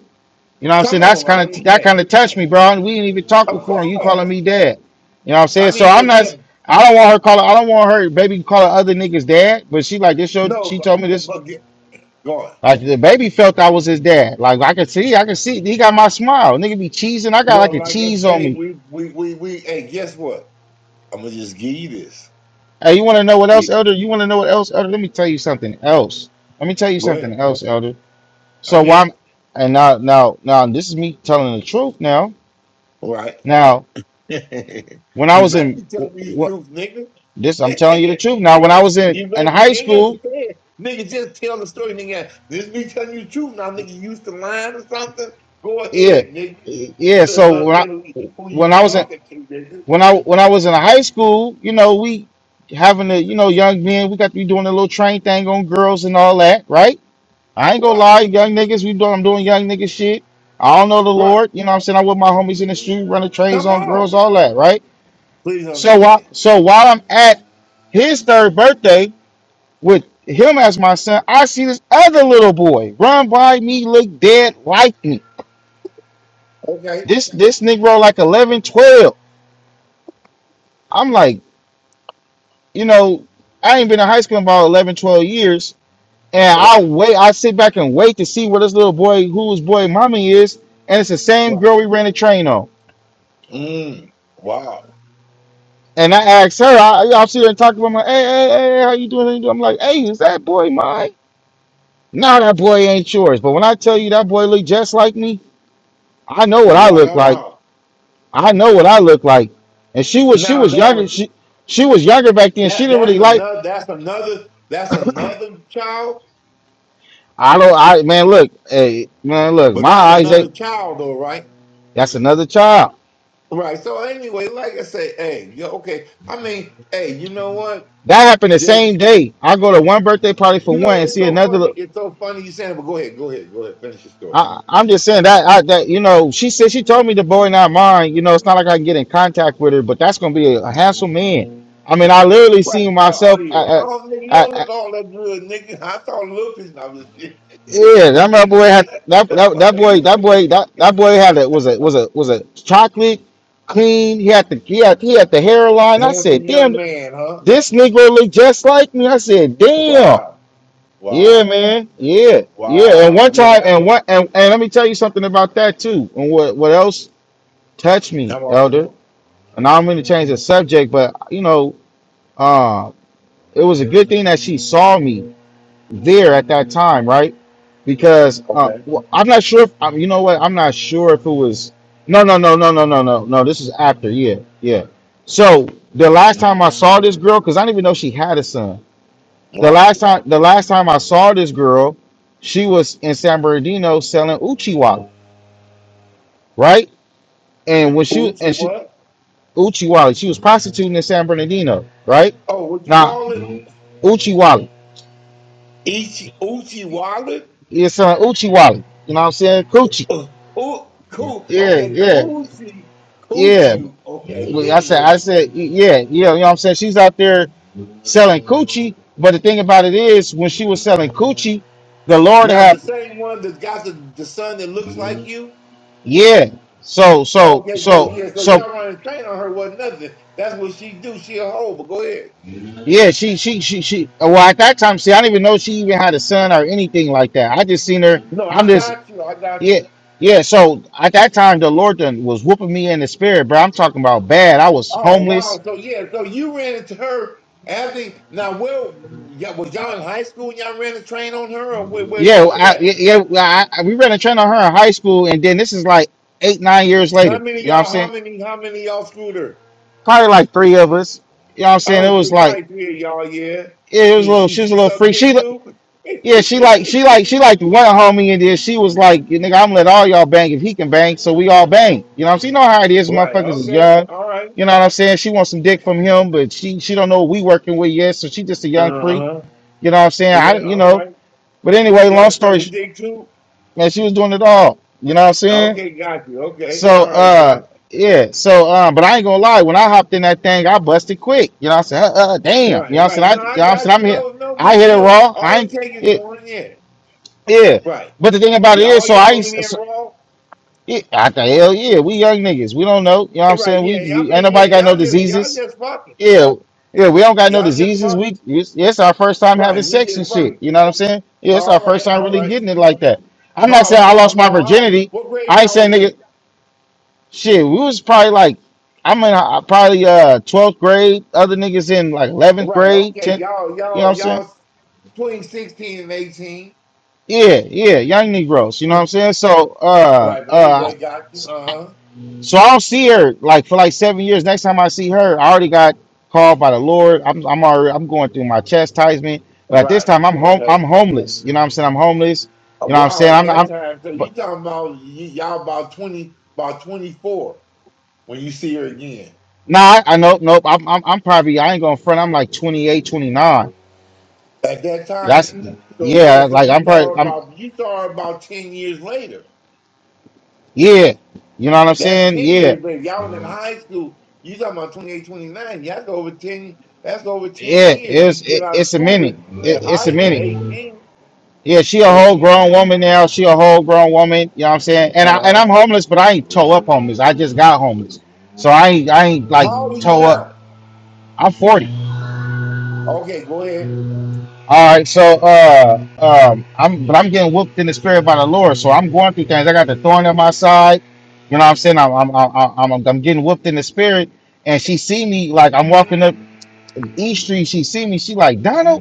[SPEAKER 4] You know what I'm
[SPEAKER 5] come
[SPEAKER 4] saying? That's
[SPEAKER 5] on. I
[SPEAKER 4] kind of
[SPEAKER 5] mean,
[SPEAKER 4] that
[SPEAKER 5] hey,
[SPEAKER 4] kind of touched me, bro. And we didn't even talk
[SPEAKER 5] of
[SPEAKER 4] before, and you calling
[SPEAKER 5] course.
[SPEAKER 4] me Dad. You know what I'm
[SPEAKER 5] I
[SPEAKER 4] saying? So
[SPEAKER 5] mean,
[SPEAKER 4] I'm
[SPEAKER 5] but
[SPEAKER 4] not.
[SPEAKER 5] yeah,
[SPEAKER 4] I don't want her calling. I don't want her baby calling other niggas Dad. But she like this. Your,
[SPEAKER 5] no,
[SPEAKER 4] she
[SPEAKER 5] but,
[SPEAKER 4] told me this.
[SPEAKER 5] but yeah, go on.
[SPEAKER 4] Like the baby felt I was his dad. Like I could see, I could see. He got my smile. Nigga be cheesing. I got like
[SPEAKER 5] Well,
[SPEAKER 4] a
[SPEAKER 5] like I
[SPEAKER 4] cheese on
[SPEAKER 5] say,
[SPEAKER 4] me.
[SPEAKER 5] we we we we. Hey, guess what? I'm gonna just give you this.
[SPEAKER 4] Hey, you want to know what else,
[SPEAKER 5] Get,
[SPEAKER 4] Elder? You want to know what else, Elder? Let me tell you something else. Let me tell you
[SPEAKER 5] go ahead.
[SPEAKER 4] something else, Elder. So
[SPEAKER 5] I'm
[SPEAKER 4] why?
[SPEAKER 5] here.
[SPEAKER 4] I'm, and now, now, now, this is me telling the truth. Now,
[SPEAKER 5] All right.
[SPEAKER 4] now,
[SPEAKER 5] you
[SPEAKER 4] when I was
[SPEAKER 5] better be
[SPEAKER 4] in, wh-
[SPEAKER 5] telling me the
[SPEAKER 4] wh-
[SPEAKER 5] truth, nigga.
[SPEAKER 4] this I'm telling you the truth. Now, when I was in
[SPEAKER 5] you
[SPEAKER 4] in
[SPEAKER 5] better.
[SPEAKER 4] high
[SPEAKER 5] You ain't got to say
[SPEAKER 4] school,
[SPEAKER 5] it, nigga. Just tell the story, nigga. This me telling you the truth now, nigga. You used to lying or something. Go
[SPEAKER 4] yeah,
[SPEAKER 5] ahead, nigga. You
[SPEAKER 4] yeah.
[SPEAKER 5] better
[SPEAKER 4] So when I
[SPEAKER 5] understand who, who
[SPEAKER 4] when
[SPEAKER 5] you
[SPEAKER 4] I was in
[SPEAKER 5] talking to, nigga.
[SPEAKER 4] when I when I was in high school, you know, we having a you know young men, we got to be doing a little train thing on girls and all that, right? I ain't gonna
[SPEAKER 5] Right.
[SPEAKER 4] lie, young niggas, we doing I'm doing young nigga shit. I don't know the
[SPEAKER 5] Right.
[SPEAKER 4] Lord, you know what I'm saying? I'm with my homies in the street running trains
[SPEAKER 5] Come
[SPEAKER 4] on girls,
[SPEAKER 5] on.
[SPEAKER 4] all that, right?
[SPEAKER 5] Please
[SPEAKER 4] So while
[SPEAKER 5] understand.
[SPEAKER 4] so while I'm at his third birthday with him as my son, I see this other little boy run by me, look dead like me.
[SPEAKER 5] Okay.
[SPEAKER 4] This this nigga like eleven, twelve. I'm like, you know, I ain't been in high school in about 11, 12 years. And I
[SPEAKER 5] Right.
[SPEAKER 4] wait, I sit back and wait to see where this little boy, whose boy mommy is. And it's the same
[SPEAKER 5] Right.
[SPEAKER 4] girl we ran the train on.
[SPEAKER 5] Mm. Wow.
[SPEAKER 4] And I asked her, I, I see her and talk to her. I'm like, hey, hey, hey, how you doing? How you doing? I'm like, hey, is that boy mine? No, that boy ain't yours. But when I tell you that boy look just like me, I know what I look like.
[SPEAKER 5] Wow.
[SPEAKER 4] I know what I look like. And she was, she
[SPEAKER 5] Now
[SPEAKER 4] was
[SPEAKER 5] that
[SPEAKER 4] younger.
[SPEAKER 5] was
[SPEAKER 4] She, she was younger back then. She
[SPEAKER 5] that
[SPEAKER 4] didn't
[SPEAKER 5] that's
[SPEAKER 4] really like.
[SPEAKER 5] another that's another that's another child,
[SPEAKER 4] I don't. I man, look, hey, man, look.
[SPEAKER 5] but
[SPEAKER 4] My
[SPEAKER 5] that's
[SPEAKER 4] eyes ain't.
[SPEAKER 5] another child though, right?
[SPEAKER 4] That's another child.
[SPEAKER 5] Right. So anyway, like I say, hey, yo, okay. I mean, hey, you know what?
[SPEAKER 4] That happened the
[SPEAKER 5] Just
[SPEAKER 4] same day. I go to one birthday party for
[SPEAKER 5] you
[SPEAKER 4] one
[SPEAKER 5] know,
[SPEAKER 4] and
[SPEAKER 5] it's
[SPEAKER 4] see
[SPEAKER 5] so
[SPEAKER 4] another.
[SPEAKER 5] funny. It's so funny you saying, it, but go ahead, go ahead, go ahead, finish your story.
[SPEAKER 4] I, I'm just saying that I, that you know she said she told me the boy not mine. You know it's not like I can get in contact with her, but that's gonna be a, a handsome man. I mean, I literally
[SPEAKER 5] Right.
[SPEAKER 4] seen
[SPEAKER 5] Uh, oh
[SPEAKER 4] myself. I,
[SPEAKER 5] yeah.
[SPEAKER 4] I,
[SPEAKER 5] Oh nigga, you
[SPEAKER 4] I,
[SPEAKER 5] don't
[SPEAKER 4] I,
[SPEAKER 5] look all that good, nigga. I saw Lupus and I was Did
[SPEAKER 4] yeah,
[SPEAKER 5] you
[SPEAKER 4] that my
[SPEAKER 5] make
[SPEAKER 4] boy
[SPEAKER 5] me
[SPEAKER 4] had that,
[SPEAKER 5] that?
[SPEAKER 4] that that boy that boy that that boy had a was a was a was a chocolate clean. He had the he had, he had the hairline. I
[SPEAKER 5] handsome
[SPEAKER 4] said,
[SPEAKER 5] young
[SPEAKER 4] damn,
[SPEAKER 5] man, huh?
[SPEAKER 4] this nigga look just like me. I said, damn.
[SPEAKER 5] Wow.
[SPEAKER 4] Yeah,
[SPEAKER 5] Wow.
[SPEAKER 4] man. Yeah, yeah. And
[SPEAKER 5] Wow.
[SPEAKER 4] one
[SPEAKER 5] Yeah,
[SPEAKER 4] time,
[SPEAKER 5] that
[SPEAKER 4] and
[SPEAKER 5] was
[SPEAKER 4] what, and, and let me tell you something about that too. And what, what else touched me,
[SPEAKER 5] come on.
[SPEAKER 4] Elder? And I don't mean to change the subject, but you know, uh, it was a good thing that she saw me there at that time, right? Because uh,
[SPEAKER 5] Okay.
[SPEAKER 4] well, I'm not sure if i You know what? I'm not sure if it was. No, no, no, no, no, no, no, no. This is after. Yeah, yeah. So the last time I saw this girl, because I didn't even know she had a son. The
[SPEAKER 5] Right.
[SPEAKER 4] last time the last time I saw this girl, she was in San Bernardino selling Uchiwali, right? And when she
[SPEAKER 5] Uchi
[SPEAKER 4] and she
[SPEAKER 5] what?
[SPEAKER 4] Uchiwali, she was prostituting in San Bernardino, right?
[SPEAKER 5] Oh, what you
[SPEAKER 4] Now
[SPEAKER 5] call it?
[SPEAKER 4] Uchiwali,
[SPEAKER 5] Ichi Uchi wallet?
[SPEAKER 4] it's uh, Uchiwali. You know what I'm saying? Coochie.
[SPEAKER 5] Uh, oh, cool.
[SPEAKER 4] Yeah,
[SPEAKER 5] Okay,
[SPEAKER 4] yeah,
[SPEAKER 5] Coochie.
[SPEAKER 4] yeah.
[SPEAKER 5] Coochie. Okay.
[SPEAKER 4] Well, I said, I
[SPEAKER 5] Anyway.
[SPEAKER 4] said, yeah, yeah. You know what I'm saying? She's out there selling coochie, but the thing about it is, when she was selling coochie, the Lord
[SPEAKER 5] Now the
[SPEAKER 4] had,
[SPEAKER 5] same one that's got the, the son that looks like you?
[SPEAKER 4] yeah. So, so,
[SPEAKER 5] Okay, so
[SPEAKER 4] so,
[SPEAKER 5] yeah, so
[SPEAKER 4] so
[SPEAKER 5] y'all running train on her was not nothing. That's what she do. She a hoe, but go ahead.
[SPEAKER 4] Yeah, she, she, she, she. uh, Well, at that time, see, I didn't even know she even had a son or anything like that. I just seen her.
[SPEAKER 5] No,
[SPEAKER 4] I'm
[SPEAKER 5] I
[SPEAKER 4] just,
[SPEAKER 5] got you. I got you.
[SPEAKER 4] yeah, yeah. So at that time, the Lord done was whooping me in the spirit, bro. I'm talking about bad. I was
[SPEAKER 5] Oh
[SPEAKER 4] homeless.
[SPEAKER 5] wow! So yeah, so you ran into her after. Now, where y'all, was y'all in high school? and Y'all ran a train on her, or where, where
[SPEAKER 4] Yeah,
[SPEAKER 5] y'all was
[SPEAKER 4] I,
[SPEAKER 5] at?
[SPEAKER 4] yeah. yeah, well, I, I- we ran a train on her in high school, and then this is like eight, nine years
[SPEAKER 5] How
[SPEAKER 4] later.
[SPEAKER 5] many
[SPEAKER 4] You know what I'm
[SPEAKER 5] y'all? How
[SPEAKER 4] saying?
[SPEAKER 5] many? How many y'all screwed her?
[SPEAKER 4] Probably like three of us. You know what I'm saying?
[SPEAKER 5] Oh,
[SPEAKER 4] It was
[SPEAKER 5] three,
[SPEAKER 4] like,
[SPEAKER 5] probably three of y'all. Yeah,
[SPEAKER 4] yeah, it was a
[SPEAKER 5] she
[SPEAKER 4] little.
[SPEAKER 5] she
[SPEAKER 4] She was a
[SPEAKER 5] she
[SPEAKER 4] little
[SPEAKER 5] sucked
[SPEAKER 4] freak. She,
[SPEAKER 5] dick too.
[SPEAKER 4] Yeah, she like she like she like one homie and then she was like, "Yeah, nigga, I'm let all y'all bang if he can bang, so we all bang. You know what I'm saying? You know how it is,
[SPEAKER 5] right.
[SPEAKER 4] motherfuckers is
[SPEAKER 5] Okay.
[SPEAKER 4] young.
[SPEAKER 5] All right.
[SPEAKER 4] You know what I'm saying? She wants some dick from him, but she she don't know what we working with yet, so she just a young
[SPEAKER 5] Uh
[SPEAKER 4] freak.
[SPEAKER 5] huh.
[SPEAKER 4] You know what I'm saying? I
[SPEAKER 5] Yeah.
[SPEAKER 4] you
[SPEAKER 5] All
[SPEAKER 4] know.
[SPEAKER 5] right.
[SPEAKER 4] But anyway,
[SPEAKER 5] She
[SPEAKER 4] long
[SPEAKER 5] like
[SPEAKER 4] story
[SPEAKER 5] sucking
[SPEAKER 4] sh-
[SPEAKER 5] dick too.
[SPEAKER 4] man, she was doing it all. You know what I'm saying?
[SPEAKER 5] Okay, got you. Okay,
[SPEAKER 4] So
[SPEAKER 5] all right, got
[SPEAKER 4] uh
[SPEAKER 5] you.
[SPEAKER 4] yeah, so um, but I ain't gonna lie, when I hopped in that thing, I busted quick. You know what I'm saying? Uh, uh, damn. You
[SPEAKER 5] Right,
[SPEAKER 4] know what I'm saying?
[SPEAKER 5] right. No,
[SPEAKER 4] I you
[SPEAKER 5] I
[SPEAKER 4] know what I'm
[SPEAKER 5] got
[SPEAKER 4] saying?
[SPEAKER 5] you.
[SPEAKER 4] I'm hit
[SPEAKER 5] No, no
[SPEAKER 4] I
[SPEAKER 5] big
[SPEAKER 4] hit it
[SPEAKER 5] deal.
[SPEAKER 4] raw. I
[SPEAKER 5] All it takes is
[SPEAKER 4] ain't.
[SPEAKER 5] one. Yeah.
[SPEAKER 4] Yeah,
[SPEAKER 5] Right.
[SPEAKER 4] but the thing about
[SPEAKER 5] The-
[SPEAKER 4] it is,
[SPEAKER 5] all
[SPEAKER 4] so I,
[SPEAKER 5] y'all in
[SPEAKER 4] used-
[SPEAKER 5] here
[SPEAKER 4] so,
[SPEAKER 5] raw.
[SPEAKER 4] yeah, I thought, hell yeah, we young niggas, we don't know. You know what
[SPEAKER 5] Eh,
[SPEAKER 4] I'm
[SPEAKER 5] Right,
[SPEAKER 4] saying? We,
[SPEAKER 5] yeah. I
[SPEAKER 4] we ain't
[SPEAKER 5] mean, yeah,
[SPEAKER 4] nobody got no
[SPEAKER 5] y'all just y'all
[SPEAKER 4] diseases.
[SPEAKER 5] just fucking.
[SPEAKER 4] Yeah, yeah, we don't got no
[SPEAKER 5] Y'all just
[SPEAKER 4] diseases.
[SPEAKER 5] fucking.
[SPEAKER 4] We, it's, it's our first time having
[SPEAKER 5] Right, we
[SPEAKER 4] sex
[SPEAKER 5] just
[SPEAKER 4] and shit.
[SPEAKER 5] fucking.
[SPEAKER 4] You know what I'm saying? Yeah, it's our
[SPEAKER 5] All
[SPEAKER 4] first
[SPEAKER 5] right,
[SPEAKER 4] time
[SPEAKER 5] all
[SPEAKER 4] really
[SPEAKER 5] right.
[SPEAKER 4] getting it like that. I'm
[SPEAKER 5] How
[SPEAKER 4] not saying I
[SPEAKER 5] how
[SPEAKER 4] lost my
[SPEAKER 5] No. how
[SPEAKER 4] virginity.
[SPEAKER 5] what grade
[SPEAKER 4] I ain't
[SPEAKER 5] y'all
[SPEAKER 4] saying
[SPEAKER 5] was
[SPEAKER 4] nigga,
[SPEAKER 5] in?
[SPEAKER 4] shit. We was probably like, I'm in uh, probably uh 12th grade. Other niggas in like 11th
[SPEAKER 5] Right,
[SPEAKER 4] grade,
[SPEAKER 5] okay,
[SPEAKER 4] 10th.
[SPEAKER 5] y'all,
[SPEAKER 4] You know what I'm
[SPEAKER 5] y'all,
[SPEAKER 4] saying?
[SPEAKER 5] y'all between sixteen and eighteen.
[SPEAKER 4] Yeah, yeah, young Negroes. You know what I'm
[SPEAKER 5] Mm.
[SPEAKER 4] saying? So, uh,
[SPEAKER 5] Right, but
[SPEAKER 4] uh.
[SPEAKER 5] anyway, got you. Uh huh.
[SPEAKER 4] So I don't see her like for like seven years. Next time I see her, I already got called by the Lord. I'm I'm already I'm going through my chastisement. But at this
[SPEAKER 5] Right.
[SPEAKER 4] time, I'm home.
[SPEAKER 5] Okay.
[SPEAKER 4] I'm homeless. You know what I'm saying? I'm homeless.
[SPEAKER 5] Uh,
[SPEAKER 4] You know what I'm
[SPEAKER 5] Wow,
[SPEAKER 4] saying?
[SPEAKER 5] at
[SPEAKER 4] I'm
[SPEAKER 5] that
[SPEAKER 4] I'm.
[SPEAKER 5] time, so
[SPEAKER 4] But
[SPEAKER 5] you talking about y- y'all about twenty, about twenty four when you see her again.
[SPEAKER 4] nah, I, know, nope nope. I'm, I'm I'm probably I ain't going to front. I'm like 28, 29.
[SPEAKER 5] at that time.
[SPEAKER 4] That's
[SPEAKER 5] So
[SPEAKER 4] yeah.
[SPEAKER 5] yeah, so
[SPEAKER 4] Like
[SPEAKER 5] you
[SPEAKER 4] I'm
[SPEAKER 5] saw
[SPEAKER 4] probably
[SPEAKER 5] her
[SPEAKER 4] I'm
[SPEAKER 5] about you saw her about ten years later.
[SPEAKER 4] yeah. You know what I'm
[SPEAKER 5] That's
[SPEAKER 4] saying?
[SPEAKER 5] ten
[SPEAKER 4] Yeah
[SPEAKER 5] years later. Y'all was in high school. You talking about twenty 29. Yeah, That's over ten. That's over ten
[SPEAKER 4] yeah.
[SPEAKER 5] years. You
[SPEAKER 4] It's
[SPEAKER 5] get
[SPEAKER 4] it,
[SPEAKER 5] out of
[SPEAKER 4] it's a
[SPEAKER 5] school
[SPEAKER 4] minute.
[SPEAKER 5] at,
[SPEAKER 4] It,
[SPEAKER 5] at
[SPEAKER 4] it's
[SPEAKER 5] high
[SPEAKER 4] a
[SPEAKER 5] at
[SPEAKER 4] minute.
[SPEAKER 5] eighteen.
[SPEAKER 4] Yeah, she a
[SPEAKER 5] But
[SPEAKER 4] whole grown woman now. She a whole grown woman. You know what I'm saying? And I and
[SPEAKER 5] uh,
[SPEAKER 4] I'm homeless, but I ain't toe up homeless. I just got homeless, so I ain't I ain't like
[SPEAKER 5] how old are you
[SPEAKER 4] toe up.
[SPEAKER 5] now?
[SPEAKER 4] I'm 40.
[SPEAKER 5] Okay, go ahead.
[SPEAKER 4] All right, so uh um I'm but I'm getting whooped in the spirit by the Lord. So I'm going through things. I got the thorn on my side. You know what I'm saying? I'm I'm I'm I'm, I'm getting whooped in the spirit, and she see me like I'm walking up East Street. She see me. She like Donald.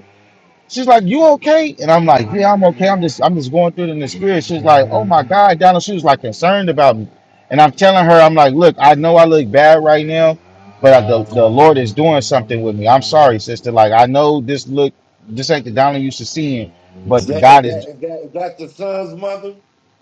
[SPEAKER 4] She's like, "You okay?" And I'm like, "Yeah, I'm okay. I'm just, I'm just going through it in the spirit." She's like, "Oh my God, Donald." She was like concerned about me, and I'm telling her, "I'm like, look, I know I look bad right now, but I, the the Lord is doing something with me. I'm sorry, sister. Like, I know this look, this ain't the Donald you used to seeing, but
[SPEAKER 5] Is that is
[SPEAKER 4] God is
[SPEAKER 5] that is that, is that the son's mother?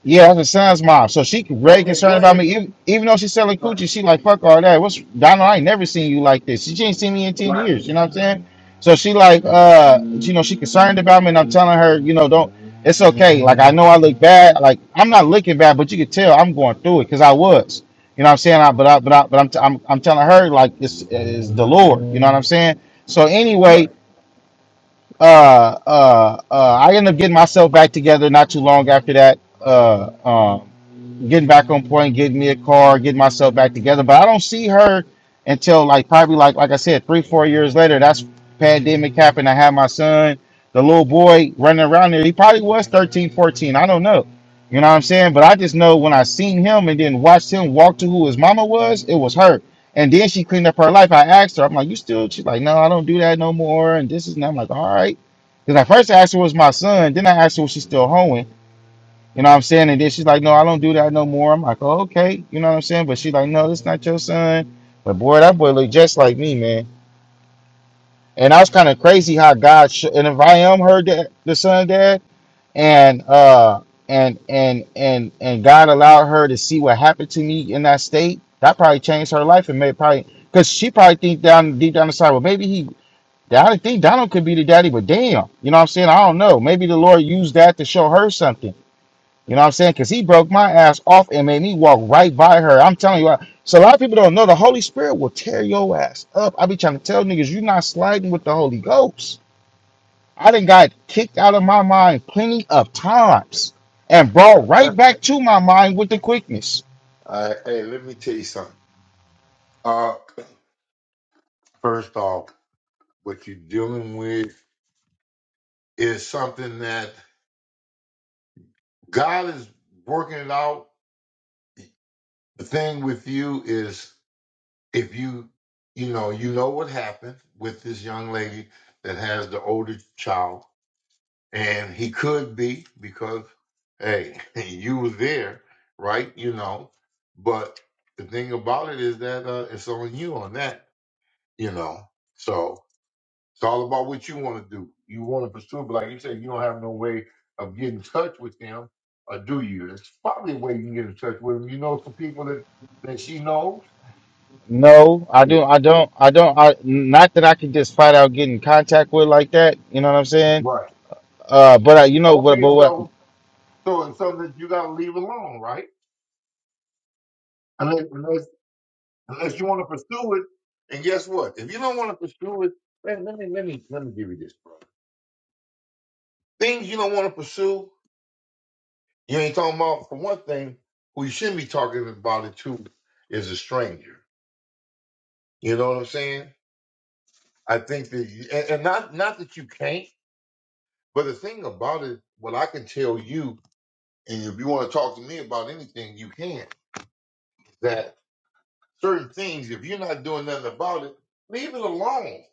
[SPEAKER 4] yeah, that's her son's mom. So she very
[SPEAKER 5] Okay,
[SPEAKER 4] concerned
[SPEAKER 5] go
[SPEAKER 4] about me.
[SPEAKER 5] ahead.
[SPEAKER 4] Even, even though she's selling
[SPEAKER 5] Right,
[SPEAKER 4] coochie, she like fuck all that. What's Donald? I ain't never seen you like this. She ain't seen me in ten
[SPEAKER 5] right,
[SPEAKER 4] years. You know what I'm saying? So she like, uh, you know, she concerned about me, and I'm telling her, you know, don't. It's okay. Like I know I look bad. Like I'm not looking bad, but you could tell I'm going through it because I was. You know what I'm saying? I, but I, but I, but I'm, t- I'm I'm telling her like this is the Lord. You know what I'm saying? So anyway,
[SPEAKER 5] right.
[SPEAKER 4] uh, uh, uh, I ended up getting myself back together not too long after that. Uh, um, getting back on point, getting me a car, getting myself back together. But I don't see her until like probably like like I said, three four years later. That's pandemic happened. I had my son, the little boy running around there. He probably was 13, 14. I don't know. You know what I'm saying? But I just know when I seen him and then watched him walk to who his mama was, it was her and then she cleaned up her life. I asked her, I'm like, you still? She's like, no, I don't do that no more. And this is, and I'm like, all right. Because I first asked her was my son. Then I asked her was she still hoeing. You know what I'm saying? And then she's like, no, I don't do that no more. I'm like, oh, okay. You know what I'm saying? But she's like, no, this not your son. But boy, that boy looked just like me, man. And I was kind of crazy how God, sh- and if I am her dad, the son dad, and uh and and and and God allowed her to see what happened to me in that state, that probably changed her life and made probably because she probably think down deep down inside, well maybe he I didn't think Donald could be the daddy, but damn, you know what I'm saying? I don't know. Maybe the Lord used that to show her something. You know what I'm saying? Because he broke my ass off and made me walk right by her. I'm telling you, I- so a lot of people don't know the Holy Spirit will tear your ass up. I be trying to tell niggas, you're not sliding with the Holy Ghost. I done got kicked out of my mind plenty of times and brought
[SPEAKER 5] All
[SPEAKER 4] right back to my mind with the quickness.
[SPEAKER 5] right, hey, let me tell you something. Uh, first off, what you dealing with? is something that God is working it out. The thing with you is if you, you know, you know what happened with this young lady that has the older child, and he could be because, hey, you were there, right? You know, but the thing about it is that uh, it's on you on that, you know. So It's all about what you want to do. You want to pursue it, but like you said, you don't have no way of getting in touch with them, or do you? It's probably a way you can get in touch with them. You know some people that, that she knows?
[SPEAKER 4] No, I do I don't I don't I not that I can just fight out get in contact with like that, you know what I'm saying?
[SPEAKER 5] Right.
[SPEAKER 4] Uh but I you know what
[SPEAKER 5] Okay,
[SPEAKER 4] but what
[SPEAKER 5] so so it's something that you gotta leave alone, right? Unless unless unless you want to pursue it. And guess what? If you don't want to pursue it, let, let me let me let me give you this, bro. Things you don't want to pursue, you ain't talking about for one thing, who you shouldn't be talking about it to is a stranger. You know what I'm saying? I think that, and, and not not that you can't, but the thing about it, what I can tell you, and if you want to talk to me about anything, you can. That certain things, if you're not doing nothing about it, leave it alone.